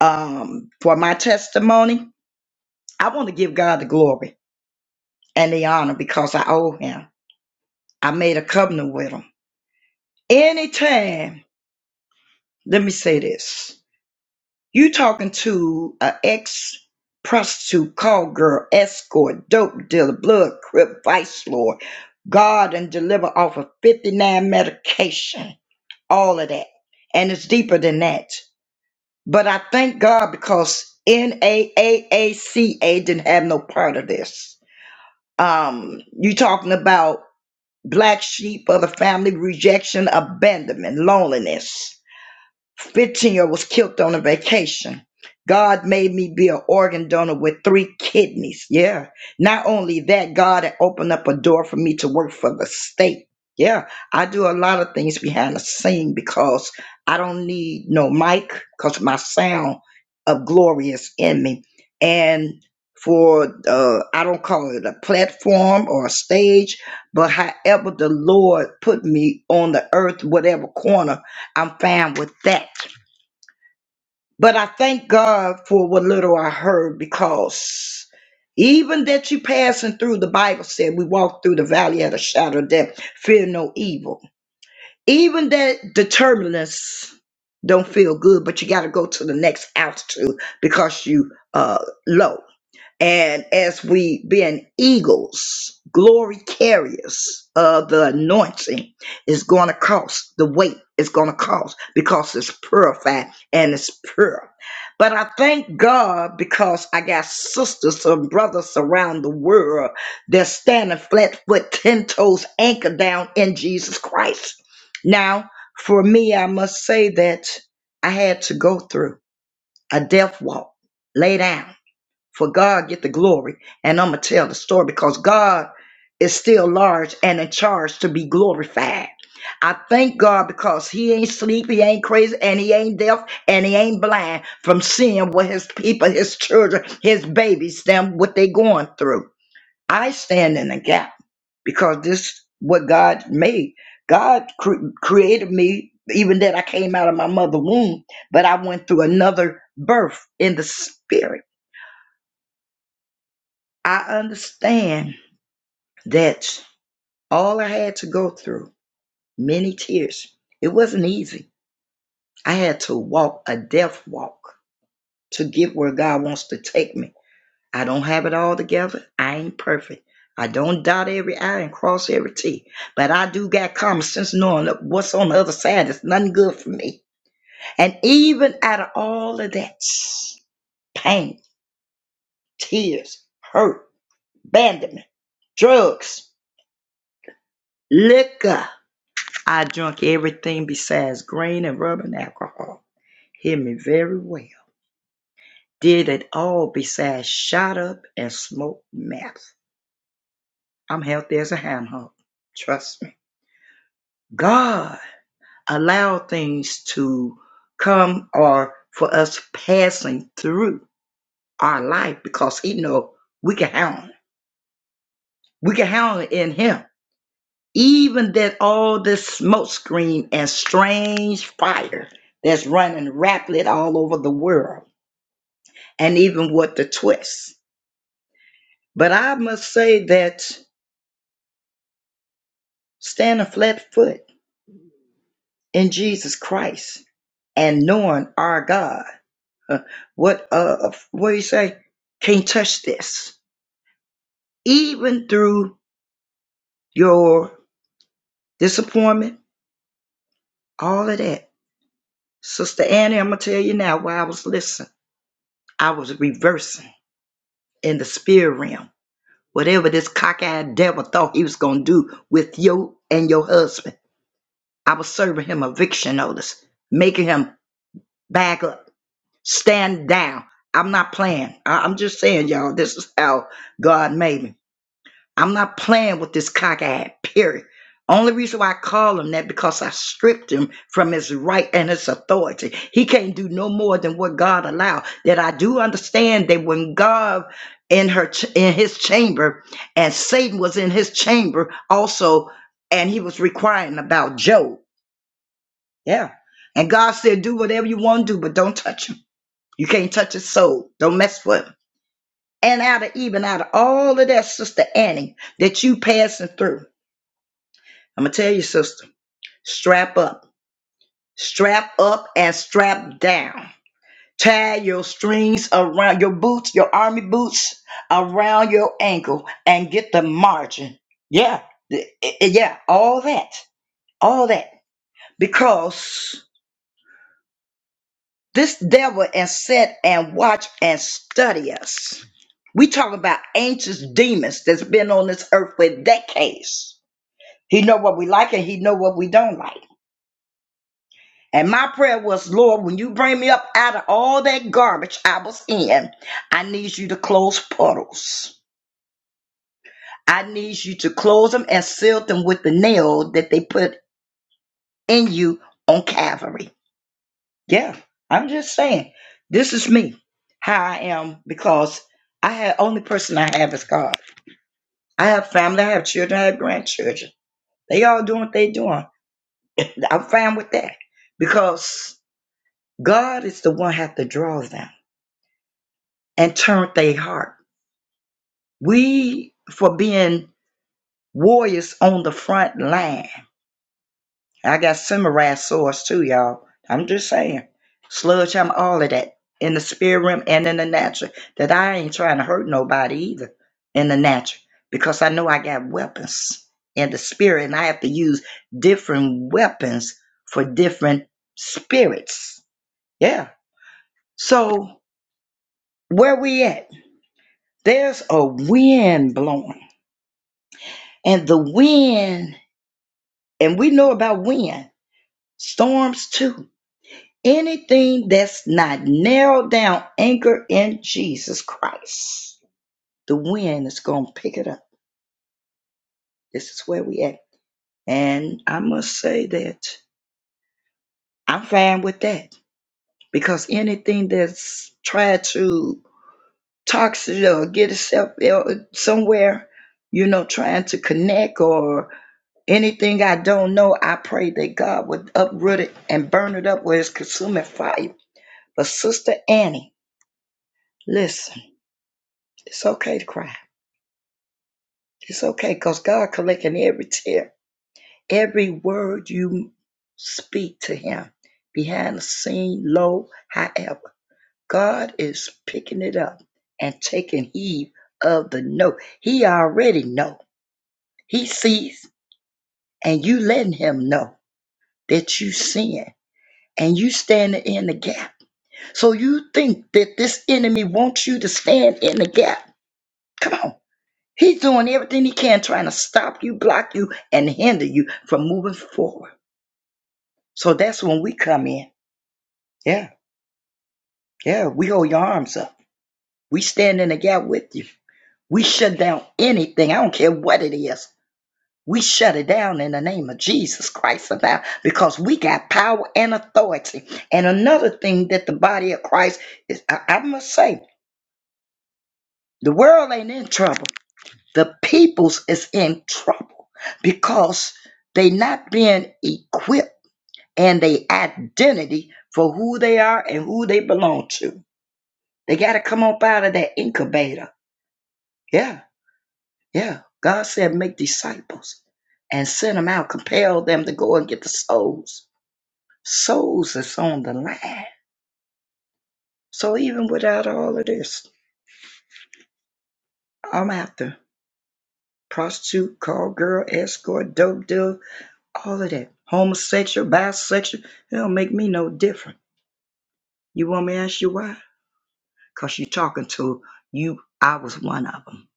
O: Um, for my testimony, I want to give God the glory and the honor because I owe him. I made a covenant with him. Anytime, let me say this. You talking to an ex prostitute, call girl, escort, dope dealer, blood crip, vice lord, guard, and deliver off of 59 medication, all of that. And it's deeper than that. But I thank God because NAAACA didn't have no part of this. Um, you talking about black sheep of the family, rejection, abandonment, loneliness 15 was killed on a vacation. God made me be an organ donor with three kidneys. Yeah. Not only that, God had opened up a door for me to work for the state. Yeah. I do a lot of things behind the scene because I don't need no mic because my sound of glory is in me. And for, uh, I don't call it a platform or a stage, but however the Lord put me on the earth, whatever corner. I'm fine with that. But I thank God for what little I heard because even that you passing through, the Bible said we walk through the valley of the shadow of death, fear no evil. Even that determinants don't feel good, but you got to go to the next altitude because you uh low. And as we being eagles, glory carriers of the anointing is going to cost the weight it's going to cost because it's purified and it's pure. But I thank God because I got sisters and brothers around the world that's standing flat foot, 10 toes, anchor down in Jesus Christ. Now, for me, I must say that I had to go through a death walk, lay down for God get the glory. And I'm gonna tell the story because God is still large and in charge to be glorified. I thank God because He ain't sleep, He ain't crazy, and He ain't deaf, and He ain't blind from seeing what His people, His children, His babies, them what they going through. I stand in the gap because this what God made. God cre- created me even that I came out of my mother womb, but I went through another birth in the spirit I understand that all I had to go through, many tears, it wasn't easy. I had to walk a death walk to get where God wants to take me. I don't have it all together. I ain't perfect. I don't dot every I and cross every T. But I do got common sense knowing that what's on the other side is nothing good for me. And even out of all of that pain, tears, hurt, abandonment, drugs, liquor. I drunk everything besides grain and rum and alcohol. Hear me very well. Did it all besides shot up and smoked meth. I'm healthy as a ham hock. Trust me. God allowed things to come or for us passing through our life because He know we can handle it. We can handle it in Him. Even that all this smoke screen and strange fire that's running rapidly all over the world and even what the twists. But I must say that standing flat foot in Jesus Christ and knowing our God, uh, what uh, what do you say? Can't touch this. Even through your disappointment, all of that. Sister Annie, I'm gonna tell you now while I was listening, I was reversing in the spirit realm. Whatever this cockeyed devil thought he was gonna do with you and your husband, I was serving him eviction notice making him back up, stand down. I'm not playing. I- am just saying, y'all, this is how God made me. I'm not playing with this cock ad, period. Only reason why I call him that because I stripped him from his right and his authority. He can't do no more than what God allowed. That I do understand that when God in her ch- in his chamber and Satan was in his chamber also, and he was requiring about Job. Yeah. And God said, do whatever you want to do, but don't touch him. You can't touch his soul. Don't mess with him. And out of even out of all of that, Sister Annie, that you passing through, I'm gonna tell you, sister, strap up, strap up, and strap down. Tie your strings around your boots, your army boots, around your ankle, and get the margin. Yeah, th- i- i- yeah, all that, all that, because This devil and sit and watch and study us. We talk about ancient demons that's been on this earth for decades. He know what we like and he know what we don't like. And my prayer was, Lord, when you bring me up out of all that garbage I was in, I need you to close portals. I need you to close them and seal them with the nail that they put in you on Calvary. Yeah, I'm just saying. This is me, how I am, because I have only person I have is God. I have family, I have children, I have grandchildren. They all doing what they doing. I'm fine with that because God is the one have to draw them and turn their heart. We for being warriors on the front line. I got samurai swords too, y'all. I'm just saying. Sludge, I'm all of that in the spirit realm and in the natural. That I ain't trying to hurt nobody either in the natural because I know I got weapons in the spirit and I have to use different weapons for different spirits. Yeah. So where we at? There's a wind blowing and the wind, and we know about wind, storms too Anything that's not narrowed down, anchored in Jesus Christ, the wind is going to pick it up. This is where we at. And I must say that I'm fine with that because anything that's tried to toxic or get itself ill- somewhere, you know, trying to connect or anything I don't know, I pray that God would uproot it and burn it up where it's consuming fire. But Sister Annie, listen, it's okay to cry. It's okay because God collecting every tear, every word you speak to Him, behind the scene, low, however. God is picking it up and taking heed of the note. He already know. He sees, and you letting Him know that you sin, and you standing in the gap. So you think that this enemy wants you to stand in the gap? Come on. He's doing everything he can, trying to stop you, block you, and hinder you from moving forward. So that's when we come in. Yeah, yeah, we hold your arms up. We stand in the gap with you. We shut down anything. I don't care what it is. We shut it down in the name of Jesus Christ of now because we got power and authority. And another thing that the body of Christ is, I, I must say, the world ain't in trouble. The peoples is in trouble because they not being equipped and they identity for who they are and who they belong to. They got to come up out of that incubator. Yeah, yeah. God said, make disciples and send them out, compel them to go and get the souls. Souls that's on the line. So even without all of this, I'm after prostitute, call girl, escort, dope deal, all of that. Homosexual, bisexual, it don't make me no different. You want me to ask you why? Because you're talking to you. I was one of them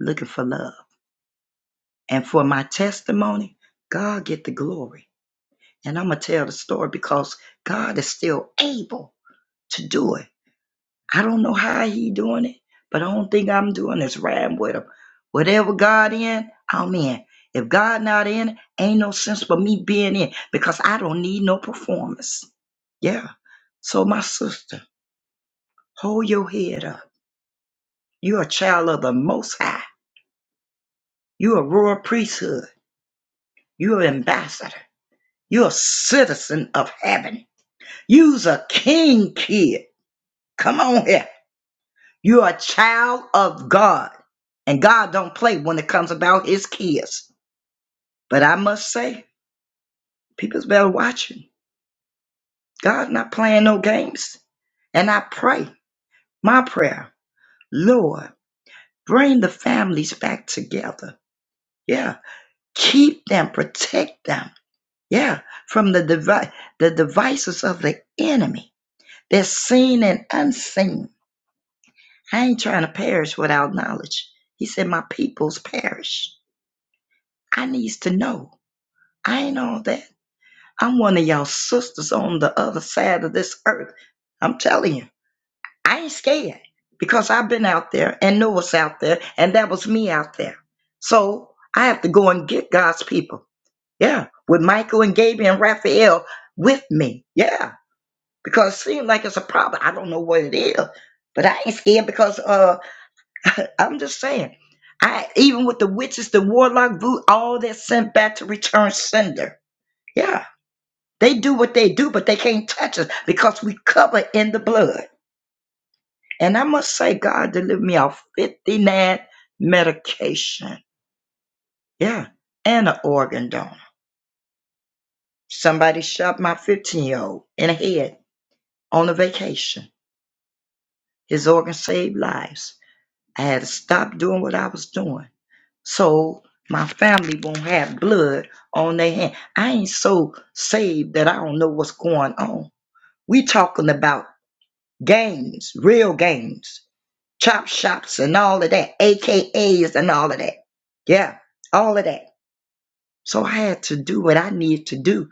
O: looking for love. And for my testimony, God get the glory. And I'm going to tell the story because God is still able to do it. I don't know how he doing it, but the only thing I'm doing is riding with him. Whatever God in, I'm in. If God not in, ain't no sense for me being in because I don't need no performance. Yeah. So my sister, hold your head up. You're a child of the Most High. You're a royal priesthood. You're an ambassador. You're a citizen of heaven. You's a king kid. Come on here. You're a child of God. And God don't play when it comes about his kids. But I must say, people's better watching. God's not playing no games. And I pray, my prayer, Lord, bring the families back together. Yeah. Keep them, protect them. Yeah. From the devi- the devices of the enemy. They're seen and unseen. I ain't trying to perish without knowledge. He said, My peoples perish. I needs to know. I ain't all that. I'm one of y'all sisters on the other side of this earth. I'm telling you, I ain't scared because I've been out there and know what's out there, and that was me out there. So I have to go and get God's people. Yeah, with Michael and Gabriel and Raphael with me. Yeah, because it seems like it's a problem. I don't know what it is, but I ain't scared because uh, I'm just saying. I even with the witches, the warlock, voodoo, all that sent back to return sender. Yeah. They do what they do, but they can't touch us because we cover in the blood. And I must say, God delivered me off 59 medication. Yeah. And an organ donor. Somebody shot my 15 year old in the head on a vacation. His organ saved lives. I had to stop doing what I was doing. So my family won't have blood on their hand. I ain't so saved that I don't know what's going on. We talking about games, real games chop shops and all of that, AKAs and all of that. Yeah, all of that. So I had to do what I needed to do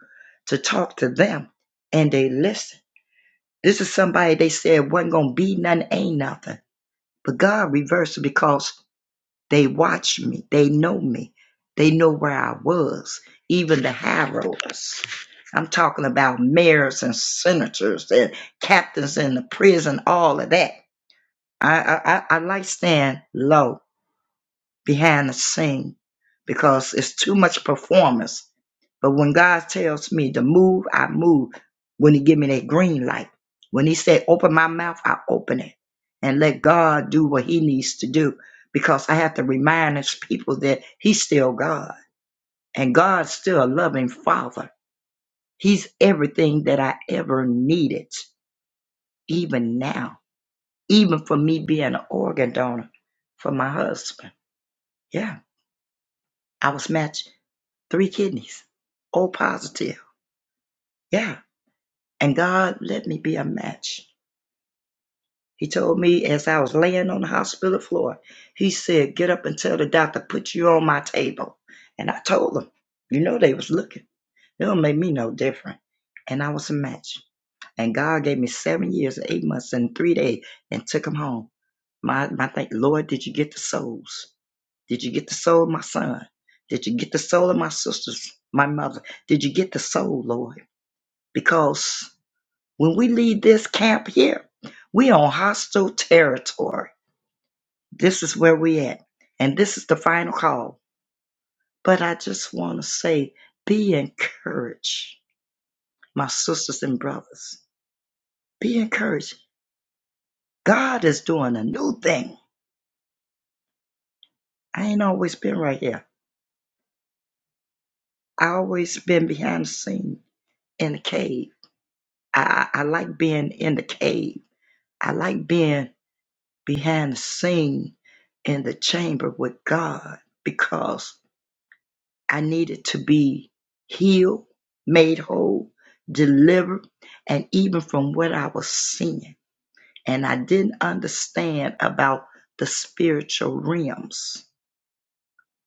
O: to talk to them, and they listened. This is somebody they said wasn't gonna be nothing, ain't nothing. But God reversed it because they watched me, they know me, they know where I was, even the high rollers. I'm talking about mayors and senators and captains in the prison, all of that. I I, I I like staying low behind the scene because it's too much performance. But when God tells me to move, I move. When He give me that green light, when He said open my mouth, I open it, and let God do what He needs to do. Because I have to remind His people that He's still God, and God's still a loving Father. He's everything that I ever needed, even now, even for me being an organ donor for my husband. Yeah, I was matched. three kidneys, O positive. Yeah. And God let me be a match. He told me as I was laying on the hospital floor, he said, get up and tell the doctor, put you on my table. And I told them, you know, they was looking. It don't make me no different. And I was a match. And God gave me seven years, eight months, and three days and took him home. My, my thank, Lord, did you get the souls? Did you get the soul of my son? Did you get the soul of my sisters, my mother? Did you get the soul, Lord? because when we leave this camp here, we on hostile territory. This is where we at, and this is the final call. But I just want to say, be encouraged, my sisters and brothers. Be encouraged. God is doing a new thing. I ain't always been right here. I always been behind the scene in the cave. I, I I like being in the cave. I like being behind the scene in the chamber with God because I needed to be healed, made whole, delivered, and even from what I was seeing. And I didn't understand about the spiritual realms.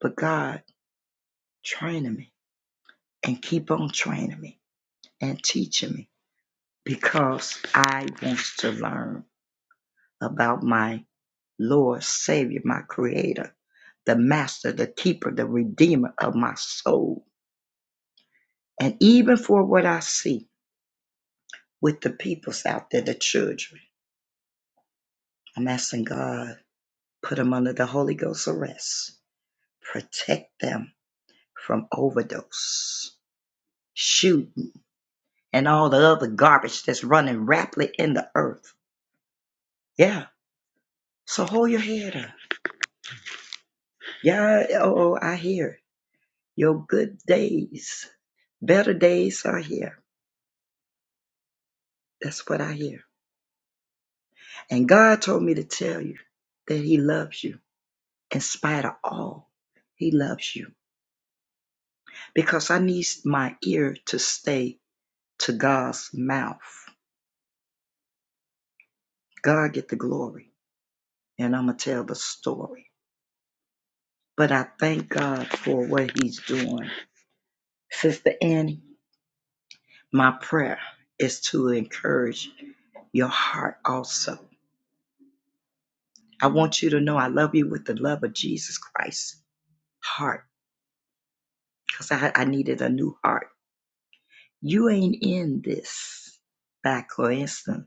O: But God training me and keep on training me and teaching me because I want to learn about my Lord, Savior, my Creator, the Master, the Keeper, the Redeemer of my soul. And even for what I see, with the peoples out there, the children. I'm asking God, put them under the Holy Ghost arrest, protect them from overdose, shooting, and all the other garbage that's running rapidly in the earth. Yeah. So hold your head up. Yeah. Oh, oh, I hear your good days, better days are here. That's what I hear. And God told me to tell you that He loves you in spite of all. He loves you. because I need my ear to stay to God's mouth. God get the glory, and I'm gonna tell the story. But I thank God for what He's doing, Sister Annie. My prayer is to encourage your heart also. I want you to know I love you with the love of Jesus Christ's heart, because I, I needed a new heart. You ain't in this by coincidence.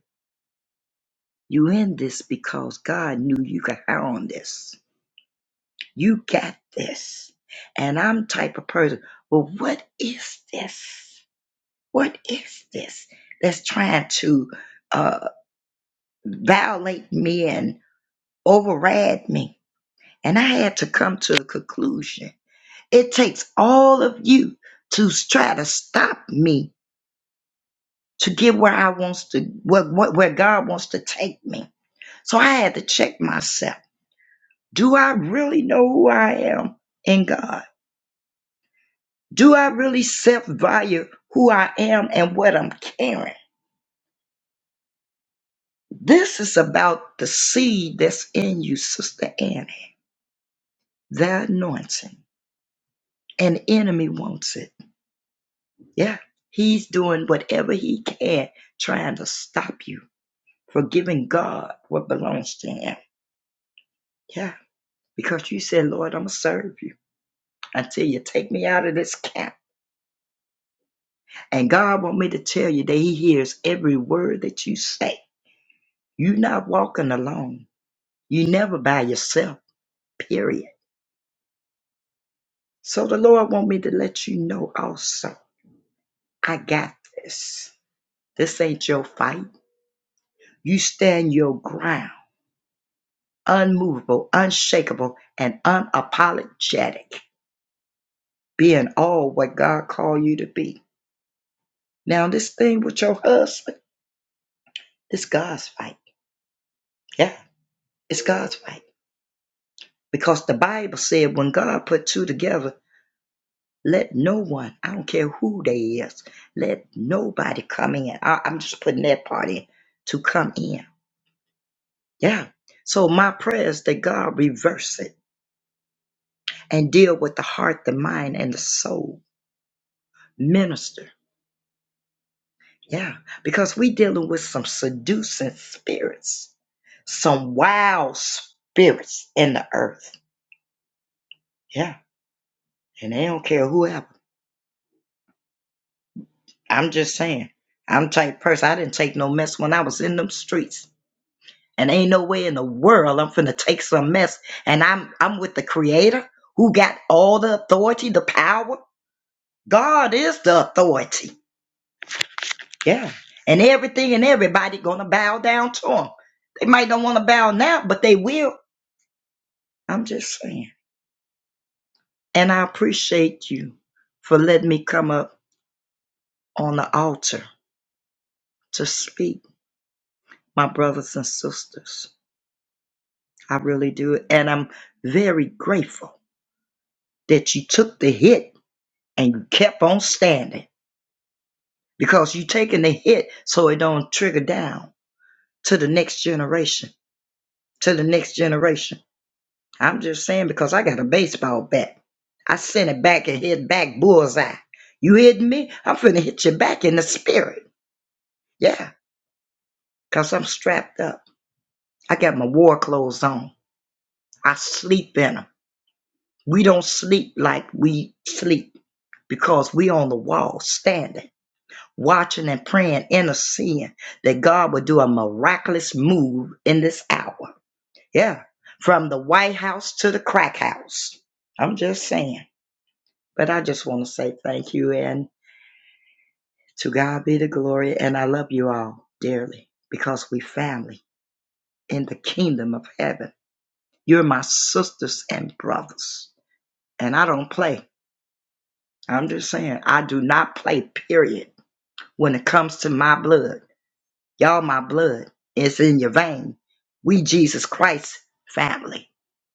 O: You in this because God knew you could count on this. You got this. And I'm type of person. Well, what is this? What is this that's trying to uh, violate me and override me? And I had to come to a conclusion. It takes all of you to try to stop me to get where I wants to, what, where God wants to take me. So I had to check myself. Do I really know who I am in God? Do I really self value who I am and what I'm carrying? This is about the seed that's in you, Sister Annie, the anointing. An enemy wants it. Yeah, he's doing whatever he can trying to stop you from giving God what belongs to him. Yeah, because you said, Lord, I'm going to serve you until you take me out of this camp. And God want me to tell you that he hears every word that you say. You're not walking alone. You never by yourself, period. So the Lord want me to let you know also, I got this. This ain't your fight. You stand your ground, unmovable, unshakable, and unapologetic, being all what God called you to be. Now this thing with your husband, it's God's fight. Yeah, it's God's fight. Because the Bible said when God put two together, Let no one, I don't care who they is, let nobody come in. I, I'm just putting that part in to come in. Yeah. So my prayer is that God reverse it and deal with the heart, the mind, and the soul. Minister. Yeah. Because we dealing with some seducing spirits, some wild spirits in the earth. Yeah. And they don't care whoever. I'm just saying. I'm the type of person I didn't take no mess when I was in them streets. And ain't no way in the world I'm finna take some mess. And I'm I'm with the creator who got all the authority, the power. God is the authority. Yeah. And everything and everybody gonna bow down to him. They might not want to bow now, but they will. I'm just saying. And I appreciate you for letting me come up on the altar to speak, my brothers and sisters. I really do. And I'm very grateful that you took the hit and you kept on standing because you're taking the hit so it don't trigger down to the next generation to the next generation i'm just saying because i got a baseball bat i sent it back and hit back bullseye you hit me i'm finna hit you back in the spirit yeah because i'm strapped up i got my war clothes on i sleep in them we don't sleep like we sleep because we on the wall standing watching and praying interceding that god would do a miraculous move in this hour Yeah, from the White House to the crack house. I'm just saying. But I just want to say thank you and to God be the glory. And I love you all dearly because we family in the kingdom of heaven. You're my sisters and brothers. And I don't play. I'm just saying, I do not play, period, when it comes to my blood. Y'all, my blood. is in your vein. We Jesus Christ family.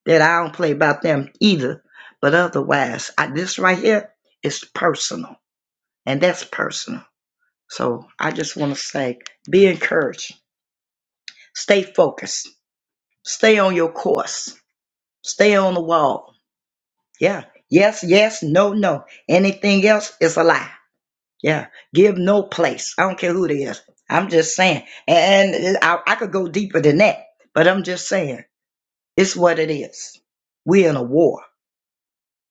O: That I don't play about them either. But otherwise, I, this right here is personal. And that's personal. So I just want to say be encouraged. Stay focused. Stay on your course. Stay on the wall. Yeah. Yes, yes, no, no. Anything else is a lie. Yeah, give no place. I don't care who it is. I'm just saying. And I, I could go deeper than that, but I'm just saying it's what it is. We're in a war.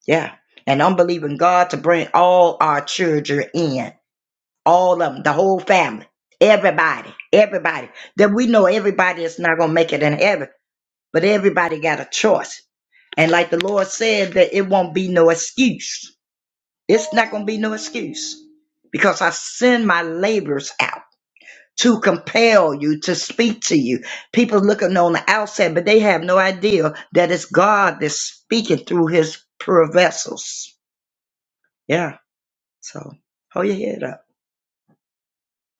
O: Yeah. And I'm believing God to bring all our children in, all of them, the whole family, everybody, everybody. That we know everybody is not going to make it in heaven, but everybody got a choice. And like the Lord said, that it won't be no excuse. It's not going to be no excuse because I send my laborers out. to compel you to speak to you. People looking on the outside, but they have no idea that it's God that's speaking through his pure vessels. Yeah. So hold your head up.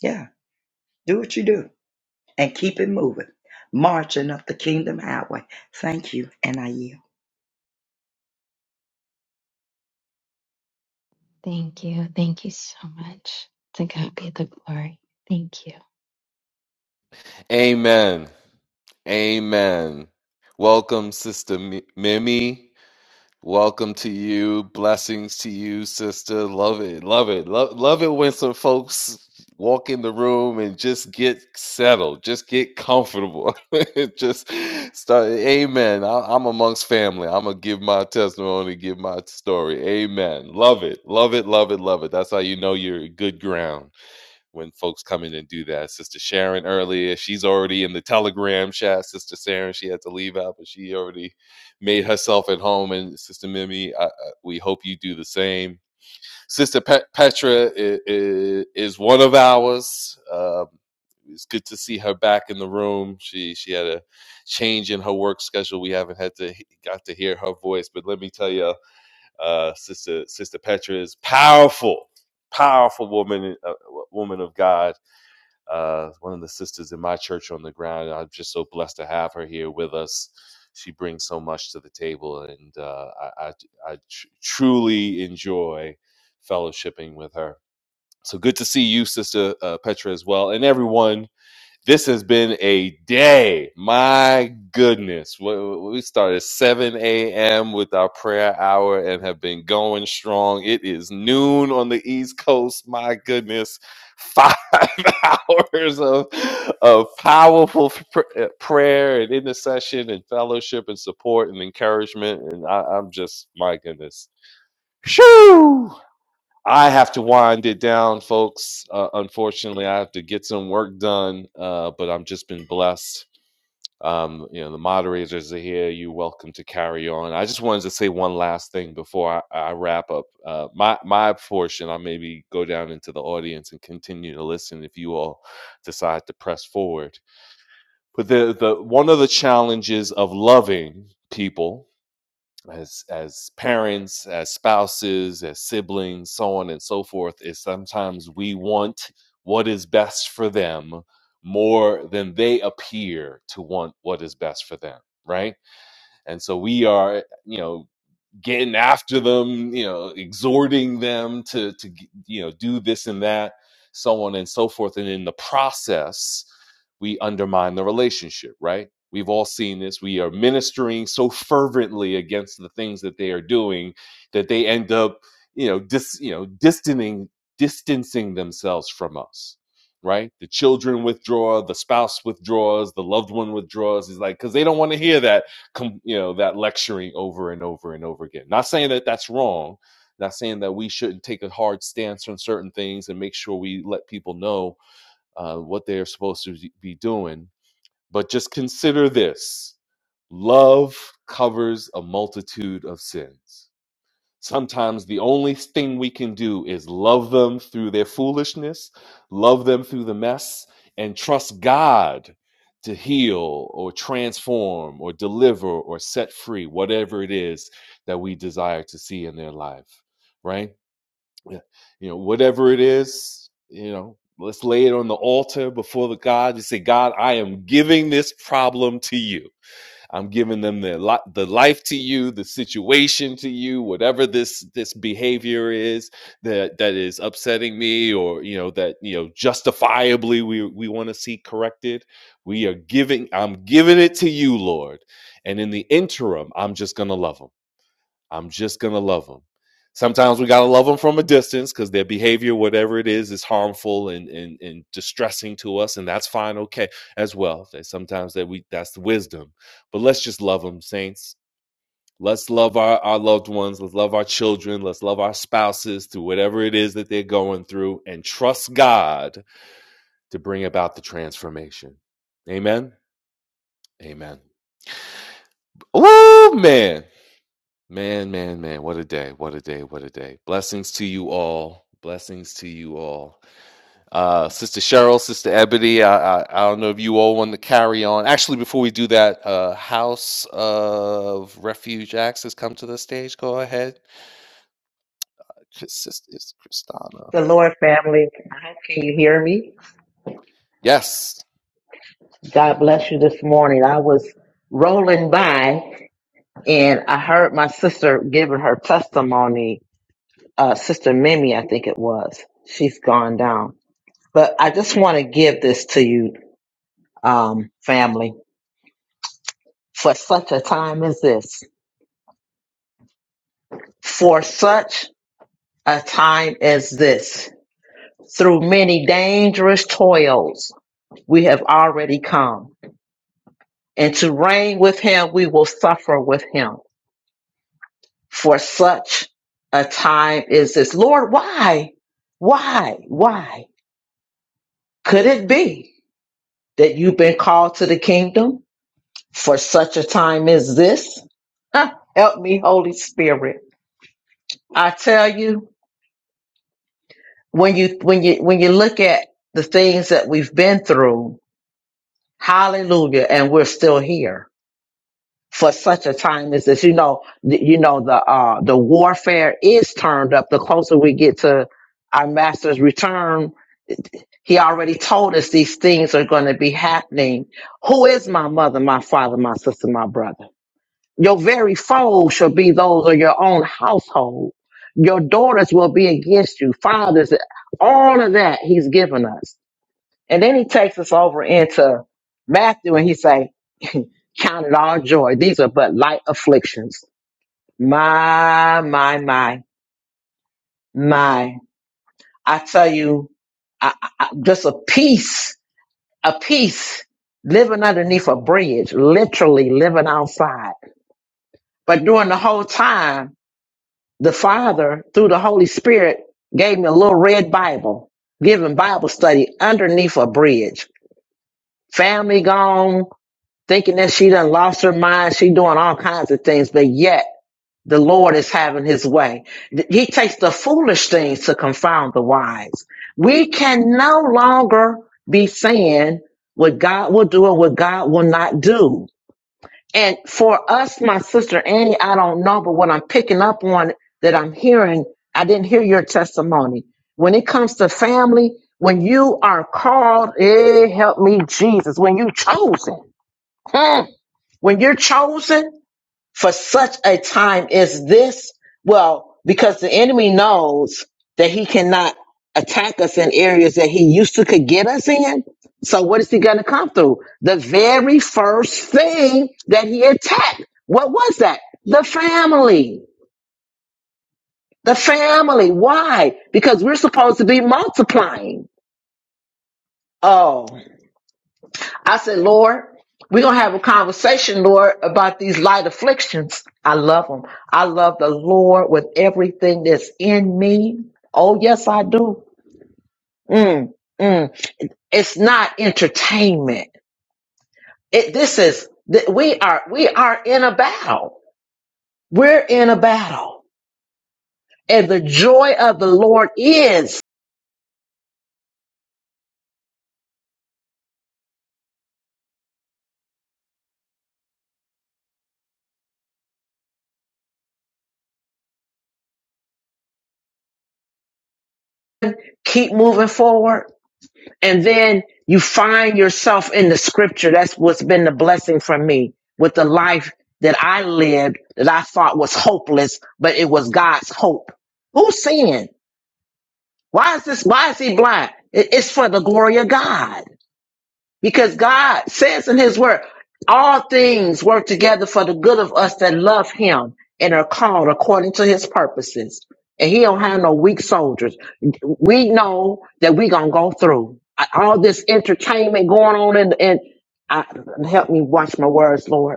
O: Yeah. Do what you do and keep it moving. Marching up the kingdom highway. Thank you. And I yield.
L: Thank you. Thank you so much. To God be the glory. Thank you.
F: Amen. Amen. Welcome, Sister Mi- Mimi. Welcome to you. Blessings to you, sister. Love it. Love it. Love, love it when some folks walk in the room and just get settled, just get comfortable. just start. Amen. I, I'm amongst family. I'm going to give my testimony, give my story. Amen. Love it. Love it. Love it. Love it. That's how you know you're good ground when folks come in and do that. Sister Sharon earlier, she's already in the Telegram chat. Sister Sharon, she had to leave out, but she already made herself at home. And Sister Mimi, I, I, we hope you do the same. Sister Pe- Petra is, is one of ours. Um it's good to see her back in the room. She she had a change in her work schedule. We haven't had to got to hear her voice, but let me tell you, uh, sister sister Petra is powerful, powerful woman, uh, woman of God uh, one of the sisters in my church on the ground. I'm just so blessed to have her here with us. She brings so much to the table, and uh, I, I, I tr- truly enjoy fellowshipping with her. So good to see you, Sister uh, Petra, as well, and everyone this has been a day. My goodness. We we started at 7 a.m. with our prayer hour and have been going strong. It is noon on the East Coast. My goodness. Five hours of, of powerful pr- uh, prayer and intercession and fellowship and support and encouragement. And I, I'm just, my goodness. Shoo! I have to wind it down, folks. Uh, unfortunately, I have to get some work done, uh, but I've just been blessed. Um, you know, the moderators are here. You're welcome to carry on. I just wanted to say one last thing before I, I wrap up. Uh, my my portion, I maybe go down into the audience and continue to listen if you all decide to press forward. But the the one of the challenges of loving people as as parents, as spouses, as siblings, so on and so forth, is sometimes we want what is best for them more than they appear to want what is best for them, right? And so we are, you know, getting after them, you know, exhorting them to to you know do this and that, so on and so forth. And in the process, we undermine the relationship, right? We've all seen this. We are ministering so fervently against the things that they are doing that they end up, you know, dis, you know, distancing distancing themselves from us, right? The children withdraw, the spouse withdraws, the loved one withdraws. Is like because they don't want to hear that you know that lecturing over and over and over again not saying that that's wrong not saying that we shouldn't take a hard stance on certain things and make sure we let people know uh, what they're supposed to be doing but just consider this love covers a multitude of sins Sometimes the only thing we can do is love them through their foolishness, love them through the mess, and trust God to heal or transform or deliver or set free whatever it is that we desire to see in their life, right? Yeah. You know, whatever it is, you know, let's lay it on the altar before the God and say, God, I am giving this problem to you I'm giving them the li- the life to you, the situation to you, whatever this this behavior is that that is upsetting me, or you know that you know justifiably we we want to see corrected. We are giving. I'm giving it to you, Lord, and in the interim, I'm just gonna love them. I'm just gonna love them. Sometimes we gotta love them from a distance because their behavior, whatever it is, is harmful and, and and distressing to us, and that's fine, okay, as well. Sometimes that we that's the wisdom, but let's just love them, saints. Let's love our, our loved ones. Let's love our children. Let's love our spouses through whatever it is that they're going through, and trust God to bring about the transformation. Amen. Amen. Oh man. Man, man, man, what a day, what a day, what a day. Blessings to you all. Blessings to you all. Uh, Sister Cheryl, Sister Ebony, I, I, I don't know if you all want to carry on. Actually, before we do that, uh, House of Refuge Acts has come to the stage. Go ahead. Sister it's
P: The Lord family, I hope can you hear me?
F: Yes,
P: God bless you this morning. I was rolling by and I heard my sister giving her testimony. Uh, sister Mimi, I think it was. She's gone down. But I just want to give this to you, um, family, for such a time as this. For such a time as this. Through many dangerous toils, we have already come. And to reign with him, we will suffer with him for such a time is this. Lord, why? Why? Why? Could it be that you've been called to the kingdom for such a time as this? Huh, Help me, Holy Spirit. I tell you, when you when you when you look at the things that we've been through, hallelujah, and we're still here for such a time as this. You know, th- you know the uh the warfare is turned up the closer we get to our master's return He already told us these things are going to be happening. Who is my mother, my father, my sister, my brother? Your very foes shall be those of your own household. Your daughters will be against you. Fathers, all of that he's given us. And then he takes us over into Matthew and he say, count it all joy. These are but light afflictions. My, my, my, my. I tell you, I, I, I- just a peace a piece living underneath a bridge, literally living outside. But during the whole time, the Father, through the Holy Spirit, gave me a little red Bible, giving Bible study underneath a bridge. Family gone, thinking that she done lost her mind. She doing all kinds of things, but yet the Lord is having his way. He takes the foolish things to confound the wise. We can no longer be saying what God will do and what God will not do. And for us, my sister Annie, I don't know, but what I'm picking up on that I'm hearing, I didn't hear your testimony. When it comes to family, when you are called, eh, help me, Jesus, when you chosen, hmm, when you're chosen for such a time as this? Well, because the enemy knows that he cannot attack us in areas that he used to could get us in. So what is he going to come through? The very first thing that he attacked, what was that? The family. The family. Why? Because we're supposed to be multiplying. Oh. I said, Lord, we're going to have a conversation, Lord, about these light afflictions. I love them. I love the Lord with everything that's in me. Oh, yes, I do. Mm, mm. It's not entertainment. It, this is, th- we are, we are in a battle. We're in a battle. And the joy of the Lord is keep moving forward and then you find yourself in the scripture. That's what's been the blessing for me with the life that I lived that I thought was hopeless, but it was God's hope. Who's sin? Why is this? Why is he blind? It- It's for the glory of God. Because God says in his word, all things work together for the good of us that love him and are called according to his purposes. And he don't have no weak soldiers. We know that we gonna go through all this entertainment going on and, and I, help me watch my words, Lord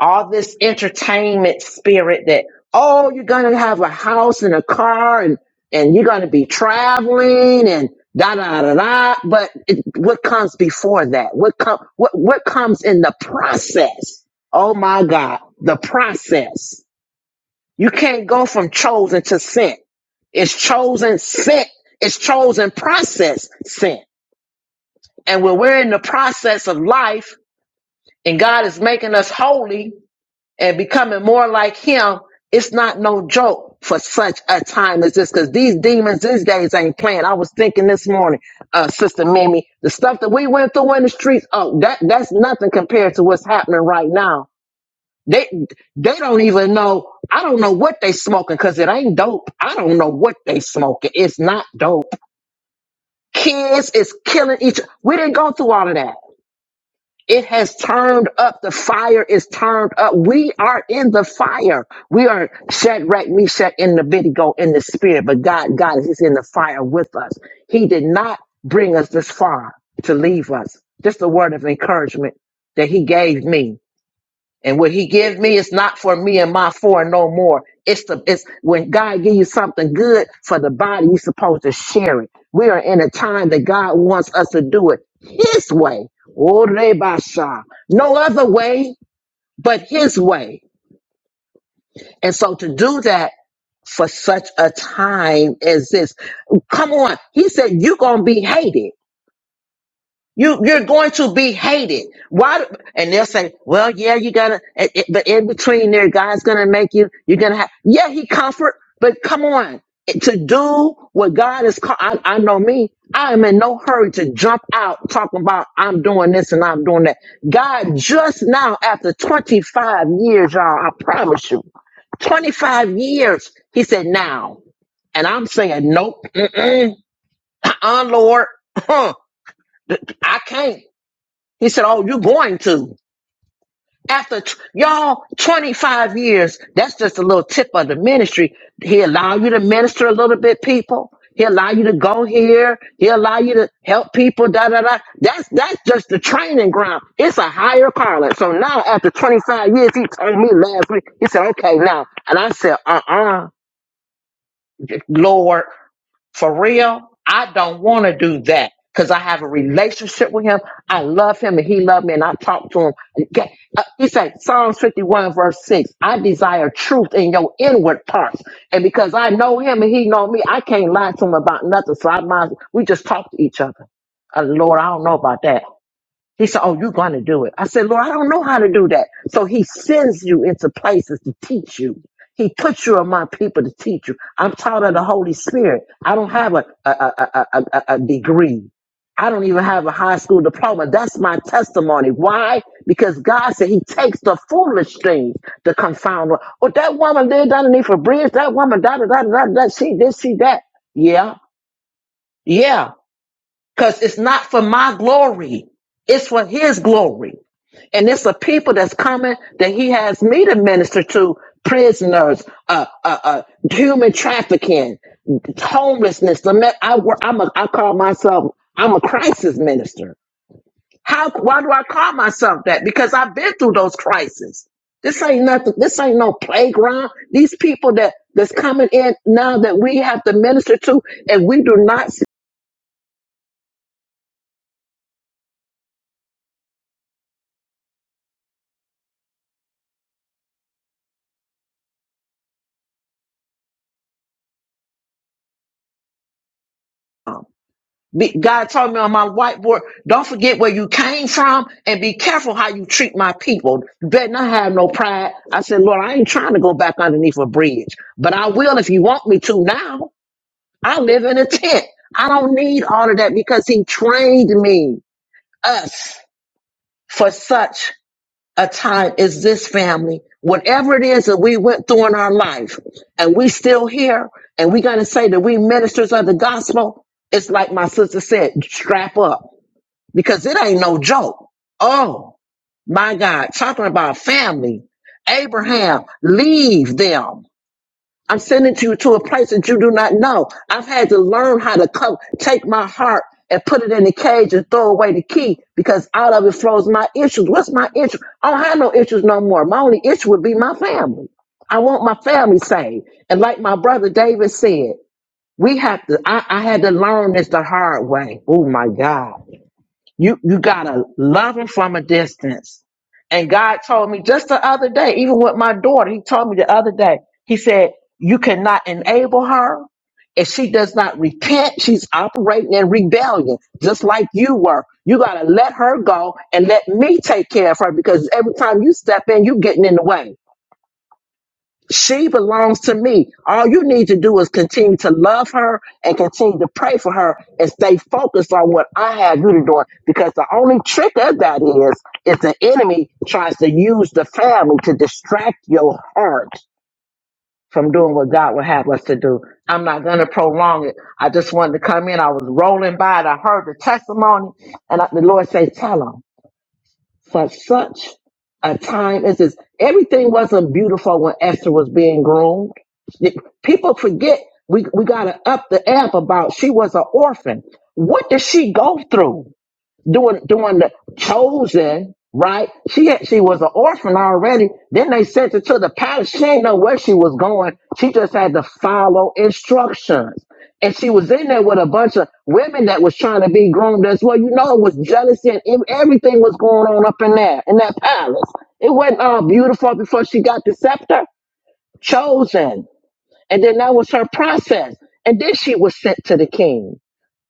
P: all this entertainment spirit that oh you're gonna have a house and a car and and you're gonna be traveling and da da da da but it, what comes before that what come what what comes in the process oh my god the process you can't go from chosen to sent it's chosen sent it's chosen process sent and when we're in the process of life and god is making us holy and becoming more like him, it's not no joke for such a time as this because these demons these days ain't playing. I was thinking this morning, uh, Sister Mimi, the stuff that we went through in the streets, oh, that that's nothing compared to what's happening right now. They they don't even know. I don't know what they smoking because it ain't dope. I don't know what they smoking. It's not dope. Kids is killing each. We didn't go through all of that. It has turned up. The fire is turned up. We are in the fire. We are Shadrach, Meshach, and Abednego in the spirit, but God, God is in the fire with us. He did not bring us this far to leave us. Just a word of encouragement that He gave me. And what he gives me is not for me and my four no more. It's the it's when God gives you something good for the body, you're supposed to share it. We are in a time that God wants us to do it his way. Orebasha. No other way but his way. And so to do that for such a time as this, come on. He said, You're gonna be hated. You you're going to be hated. Why? do- And they'll say, "Well, yeah, you gotta." It, it- but in between there, God's gonna make you. You're gonna have. Yeah, He comfort, but come on, Eh, to do what God is. Call, I, I know me. I am in no hurry to jump out talking about I'm doing this and I'm doing that. God just now, after 25 years, y'all, I promise you, 25 years, He said now, and I'm saying nope, mm-mm, uh-uh, Lord, I can't. He said, Oh, you're going to. After t- y'all 25 years, that's just a little tip of the ministry. He allow you to minister a little bit, people. He allow you to go here. He allow you to help people. Da da da. That's that's just the training ground. It's a higher calling. So now, after 25 years, he told me last week. He said, "Okay, now," and I said, "Uh uh, Lord." For real, I don't want to do that because I have a relationship with him. I love him and he loved me and I talk to him. Ga- uh, He said, Psalms 51 verse 6, I desire truth in your inward parts. And because I know him and he know me, I can't lie to him about nothing. So I might, we just talk to each other. Uh, Lord, I don't know about that. He said, Oh, you're going to do it. I said, Lord, I don't know how to do that. So he sends you into places to teach you. He puts you among people to teach you. I'm taught of the Holy Spirit. I don't have a, a, a, a, a, a degree. I don't even have a high school diploma. That's my testimony. Why? Because God said He takes the foolish things to confound. the- Oh, that woman lived underneath a bridge. That woman, da da da da da. She this, she that. Yeah, yeah. Because it's not for my glory. It's for His glory. And it's a people that's coming that he has me to minister to prisoners, uh, uh, uh, human trafficking, homelessness. The me- I, wor- I'm a, I call myself, I'm a crisis minister. How, why do I call myself that? Because I've been through those crises. This ain't nothing. This ain't no playground. These people that, that's coming in now that we have to minister to and we do not see. Be, God told me on my whiteboard, don't forget where you came from and be careful how you treat my people. You better not have no pride. I said, Lord, I ain't trying to go back underneath a bridge, but I will if you want me to now. I live in a tent. I don't need all of that because he trained me, us, for such a time as this family. Whatever it is that we went through in our life and we still here and we got to say that we ministers of the gospel, it's like my sister said, strap up because it ain't no joke. Oh my God, talking about family. Abraham, leave them. I'm sending you to a place that you do not know. I've had to learn how to come, take my heart and put it in the cage and throw away the key because out of it flows my issues. What's my issue? I don't have no issues no more. My only issue would be my family. I want my family saved. And like my brother David said, we have to, I, I had to learn this the hard way. Oh my God you you gotta love him from a distance. And God told me just the other day, even with my daughter, he told me the other day, he said, You cannot enable her. If she does not repent, she's operating in rebellion, just like you were. You gotta let her go and let me take care of her because every time you step in, you getting in the way. She belongs to me. All you need to do is continue to love her and continue to pray for her and stay focused on what I have you to do. Because the only trick of that is, is the enemy tries to use the family to distract your heart from doing what God would have us to do. I'm not going to prolong it. I just wanted to come in. I was rolling by and I heard the testimony and I, the Lord say, tell 'em." for such a time as this. Everything wasn't beautiful when Esther was being groomed. People forget we, we got to up the amp about she was an orphan. What did she go through? doing doing the chosen, right? She had- she was an orphan already. Then they sent her to the palace. She didn't know where she was going. She just had to follow instructions. And she was in there with a bunch of women that was trying to be groomed as well. You know, it was jealousy and ev- everything was going on up in there, in that palace. It wasn't all beautiful before she got the scepter chosen. And then that was her process. And then she was sent to the king.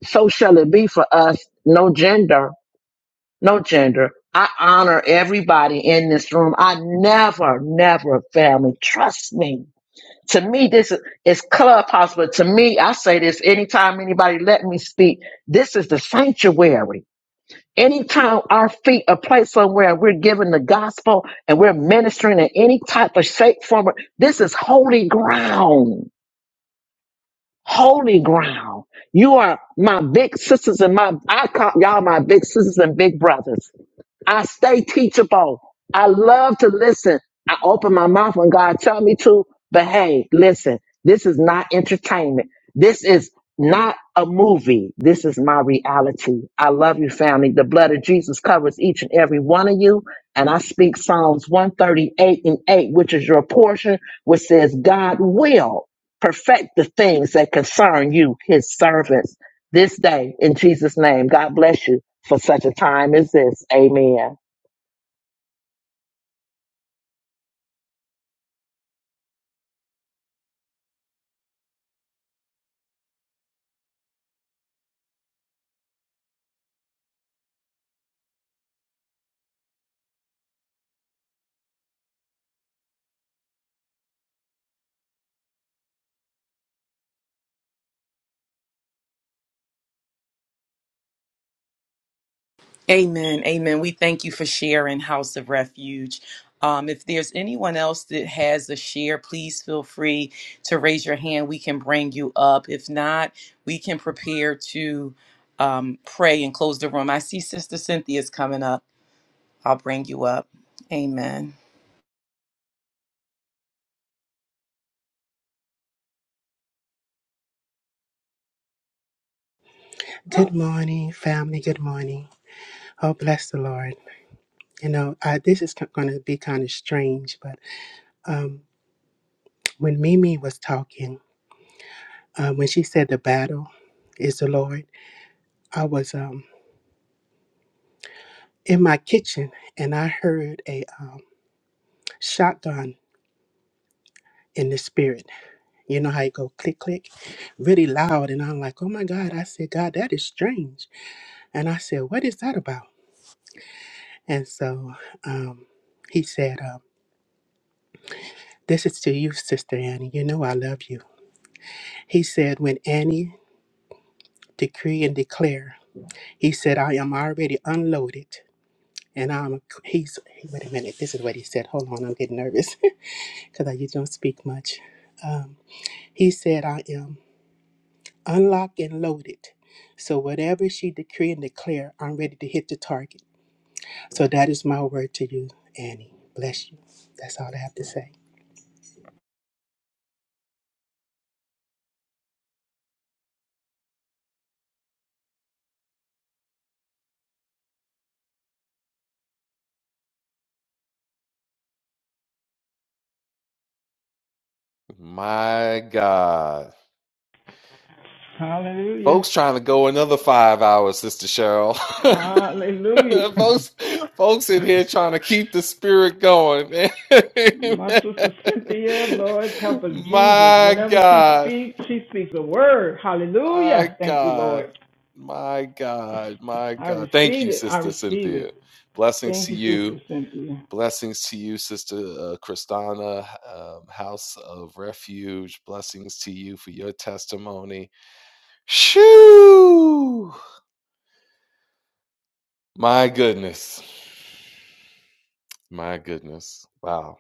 P: So shall it be for us, no gender no gender. I honor everybody in this room. I never, never family. Trust me. To me, this is it's clubhouse, but to me, I say this anytime anybody let me speak, this is the sanctuary. Anytime our feet are placed somewhere and we're giving the gospel and we're ministering in any type of shape, form, or- this is holy ground. Holy ground. You are my big sisters and my, I call y'all my big sisters and big brothers I stay teachable. I love to listen. I open my mouth when God tell me to, but hey, listen, this is not entertainment. This is not a movie. This is my reality. I love you, family. The blood of Jesus covers each and every one of you. And I speak Psalms 138 and 8, which is your portion, which says, God will perfect the things that concern you, his servants, this day in Jesus' name. God bless you for such a time as this. Amen.
H: Amen. Amen. We thank you for sharing House of Refuge. Um, if there's anyone else that has a share, please feel free to raise your hand. We can bring you up. If not, we can prepare to um, pray and close the room. I see Sister Cynthia's coming up. I'll bring you up. Amen.
Q: Good morning, family. Good morning. Oh, bless the Lord. You know, I, this is going to be kind of strange, but um, when Mimi was talking, uh, when she said the battle is the Lord, I was um, in my kitchen and I heard a um, shotgun in the spirit. You know how you go click, click, really loud. And I'm like, oh my God. I said, God, that is strange. And I said, what is that about? And so um, he said, um, this is to you, Sister Annie. You know I love you. He said, When Annie decree and declare, he said, I am already unloaded. And I'm, he's, wait a minute, this is what he said. Hold on, I'm getting nervous because I usually don't speak much. Um, he said, I am unlocked and loaded. So whatever she decree and declare, I'm ready to hit the target. So that is my word to you, Annie. Bless you. That's all I have to say.
F: my God.
M: Hallelujah.
F: Folks trying to go another five hours, Sister Cheryl.
M: Hallelujah.
F: folks, folks in here trying to keep the spirit going, man.
M: My sister Cynthia, Lord, help us, Jesus.
F: my
M: Whenever she
F: God,
M: speaks, she speaks a word.
F: my
M: Hallelujah. Thank you,
F: God,
M: Lord.
F: my God, my
M: I
F: God.
M: receive
F: Thank you,
M: it. I
F: Sister
M: receive
F: Cynthia.
M: it.
F: Blessings
M: Thank
F: to
M: you,
F: you.
M: Sister Cynthia.
F: Blessings to you, Sister uh, Christina, um, House of Refuge. Blessings to you for your testimony. Shoo! My goodness. My goodness. Wow.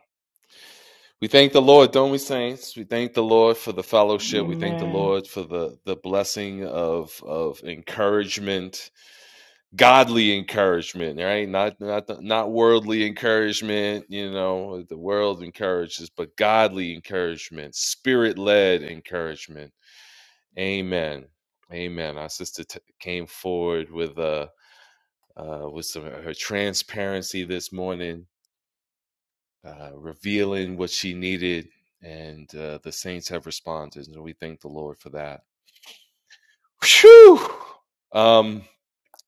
F: We thank the Lord, don't we, saints? We thank the Lord for the fellowship. We thank the
M: Amen.
F: Lord for the the blessing of of encouragement, godly encouragement, right? Not not not worldly encouragement. You know, the world encourages, but godly encouragement, spirit led encouragement. Amen. Amen. Our sister t- came forward with uh, uh, with some her transparency this morning uh, revealing what she needed, and uh, the saints have responded, and we thank the Lord for that. Whew! Um,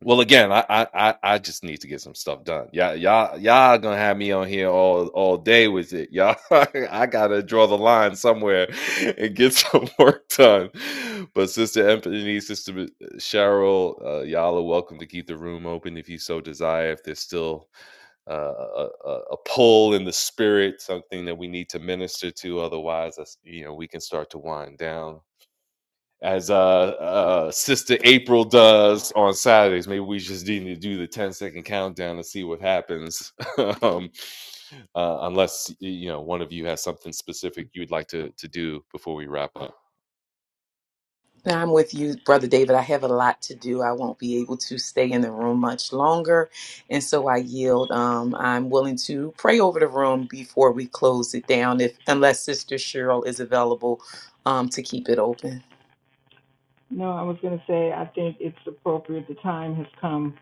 F: well, again, I, I I just need to get some stuff done. Y'all y'all y'all gonna have me on here all all day with it. Y'all, I gotta draw the line somewhere and get some work done. But Sister Anthony, Sister uh, Cheryl, uh, y'all are welcome to keep the room open if you so desire. If there's still uh, a, a pull in the spirit, something that we need to minister to. Otherwise, that's, you know, we can start to wind down. As uh, uh, Sister April does on Saturdays, maybe we just need to do the ten-second countdown and see what happens. um, uh, unless you know one of you has something specific you would like to to do before we wrap up.
H: I'm with you, Brother David. I have a lot to do. I won't be able to stay in the room much longer. And so I yield. Um, I'm willing to pray over the room before we close it down, if unless Sister Cheryl is available um, to keep it open.
M: No, I was going to say, I think it's appropriate. The time has come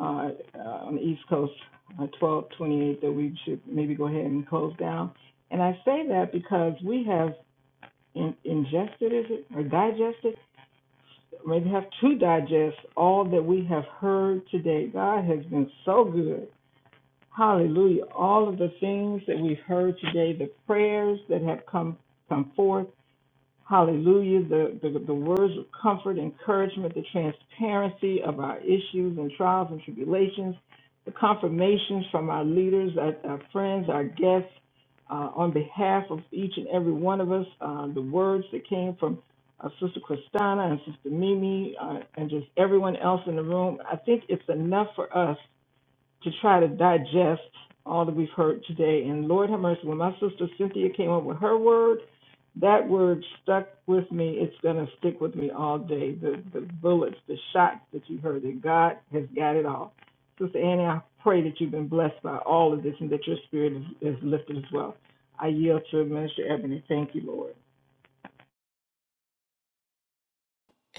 M: uh, uh, on the East Coast, uh, 12 twenty-eight, that we should maybe go ahead and close down. And I say that because we have in- ingested, is it, or digested? maybe have to digest all that we have heard today. God has been so good. Hallelujah. All of the things that we've heard today, the prayers that have come come forth, Hallelujah. The, the, the words of comfort, encouragement, the transparency of our issues and trials and tribulations, the confirmations from our leaders, our, our friends, our guests, uh, on behalf of each and every one of us, uh, the words that came from uh, Sister Christina and Sister Mimi uh, and just everyone else in the room. I think it's enough for us to try to digest all that we've heard today. And Lord have mercy, when my sister Cynthia came up with her word, that word stuck with me. It's going to stick with me all day. The, the bullets, the shots that you heard, that God has got it all. Sister Annie, I pray that you've been blessed by all of this and that your spirit is, is lifted as well. I yield to Minister Ebony. Thank you, Lord.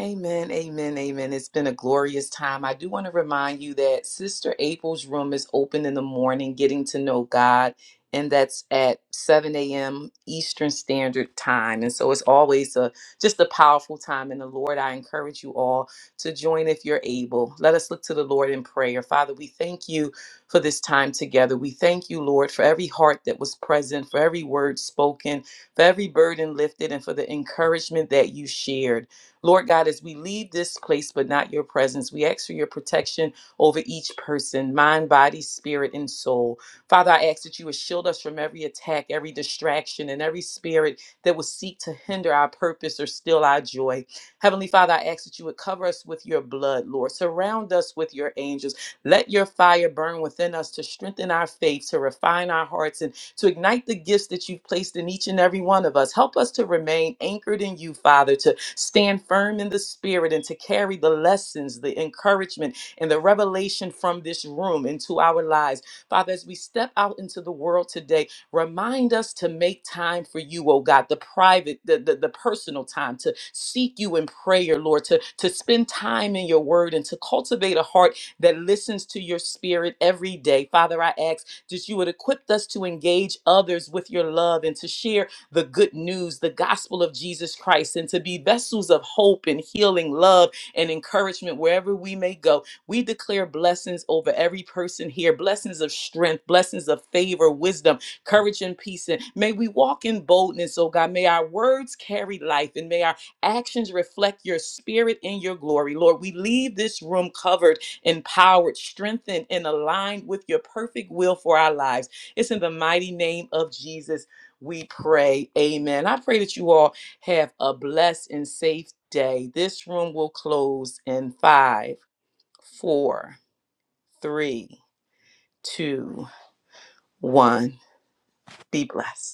H: Amen, amen, amen. It's been a glorious time. I do want to remind you that Sister April's room is open in the morning, getting to know God, and that's at 7 a.m. Eastern Standard Time. And so it's always a just a powerful time in the Lord. I encourage you all to join if you're able. Let us look to the Lord in prayer. Father, we thank you for this time together. We thank you, Lord, for every heart that was present, for every word spoken, for every burden lifted, and for the encouragement that you shared. Lord God, as we leave this place but not your presence, we ask for your protection over each person, mind, body, spirit, and soul. Father, I ask that you would shield us from every attack, every distraction, and every spirit that would seek to hinder our purpose or steal our joy. Heavenly Father, I ask that you would cover us with your blood, Lord. Surround us with your angels. Let your fire burn within us to strengthen our faith, to refine our hearts, and to ignite the gifts that you've placed in each and every one of us. Help us to remain anchored in you, Father, to stand firm in the spirit and to carry the lessons, the encouragement, and the revelation from this room into our lives. Father, as we step out into the world today, remind us to make time for you, oh God, the private, the, the, the personal time, to seek you in prayer, Lord, to, to spend time in your word and to cultivate a heart that listens to your spirit every day. Father, I ask that you would equip us to engage others with your love and to share the good news, the gospel of Jesus Christ, and to be vessels of hope and healing, love and encouragement wherever we may go. We declare blessings over every person here, blessings of strength, blessings of favor, wisdom, courage, and peace. And may we walk in boldness, oh God. May our words carry life and may our actions reflect your spirit and your glory. Lord, we leave this room covered, empowered, strengthened, and aligned with your perfect will for our lives. It's in the mighty name of Jesus we pray. Amen. I pray that you all have a blessed and safe day. This room will close in five, four, three, two, one. Be blessed.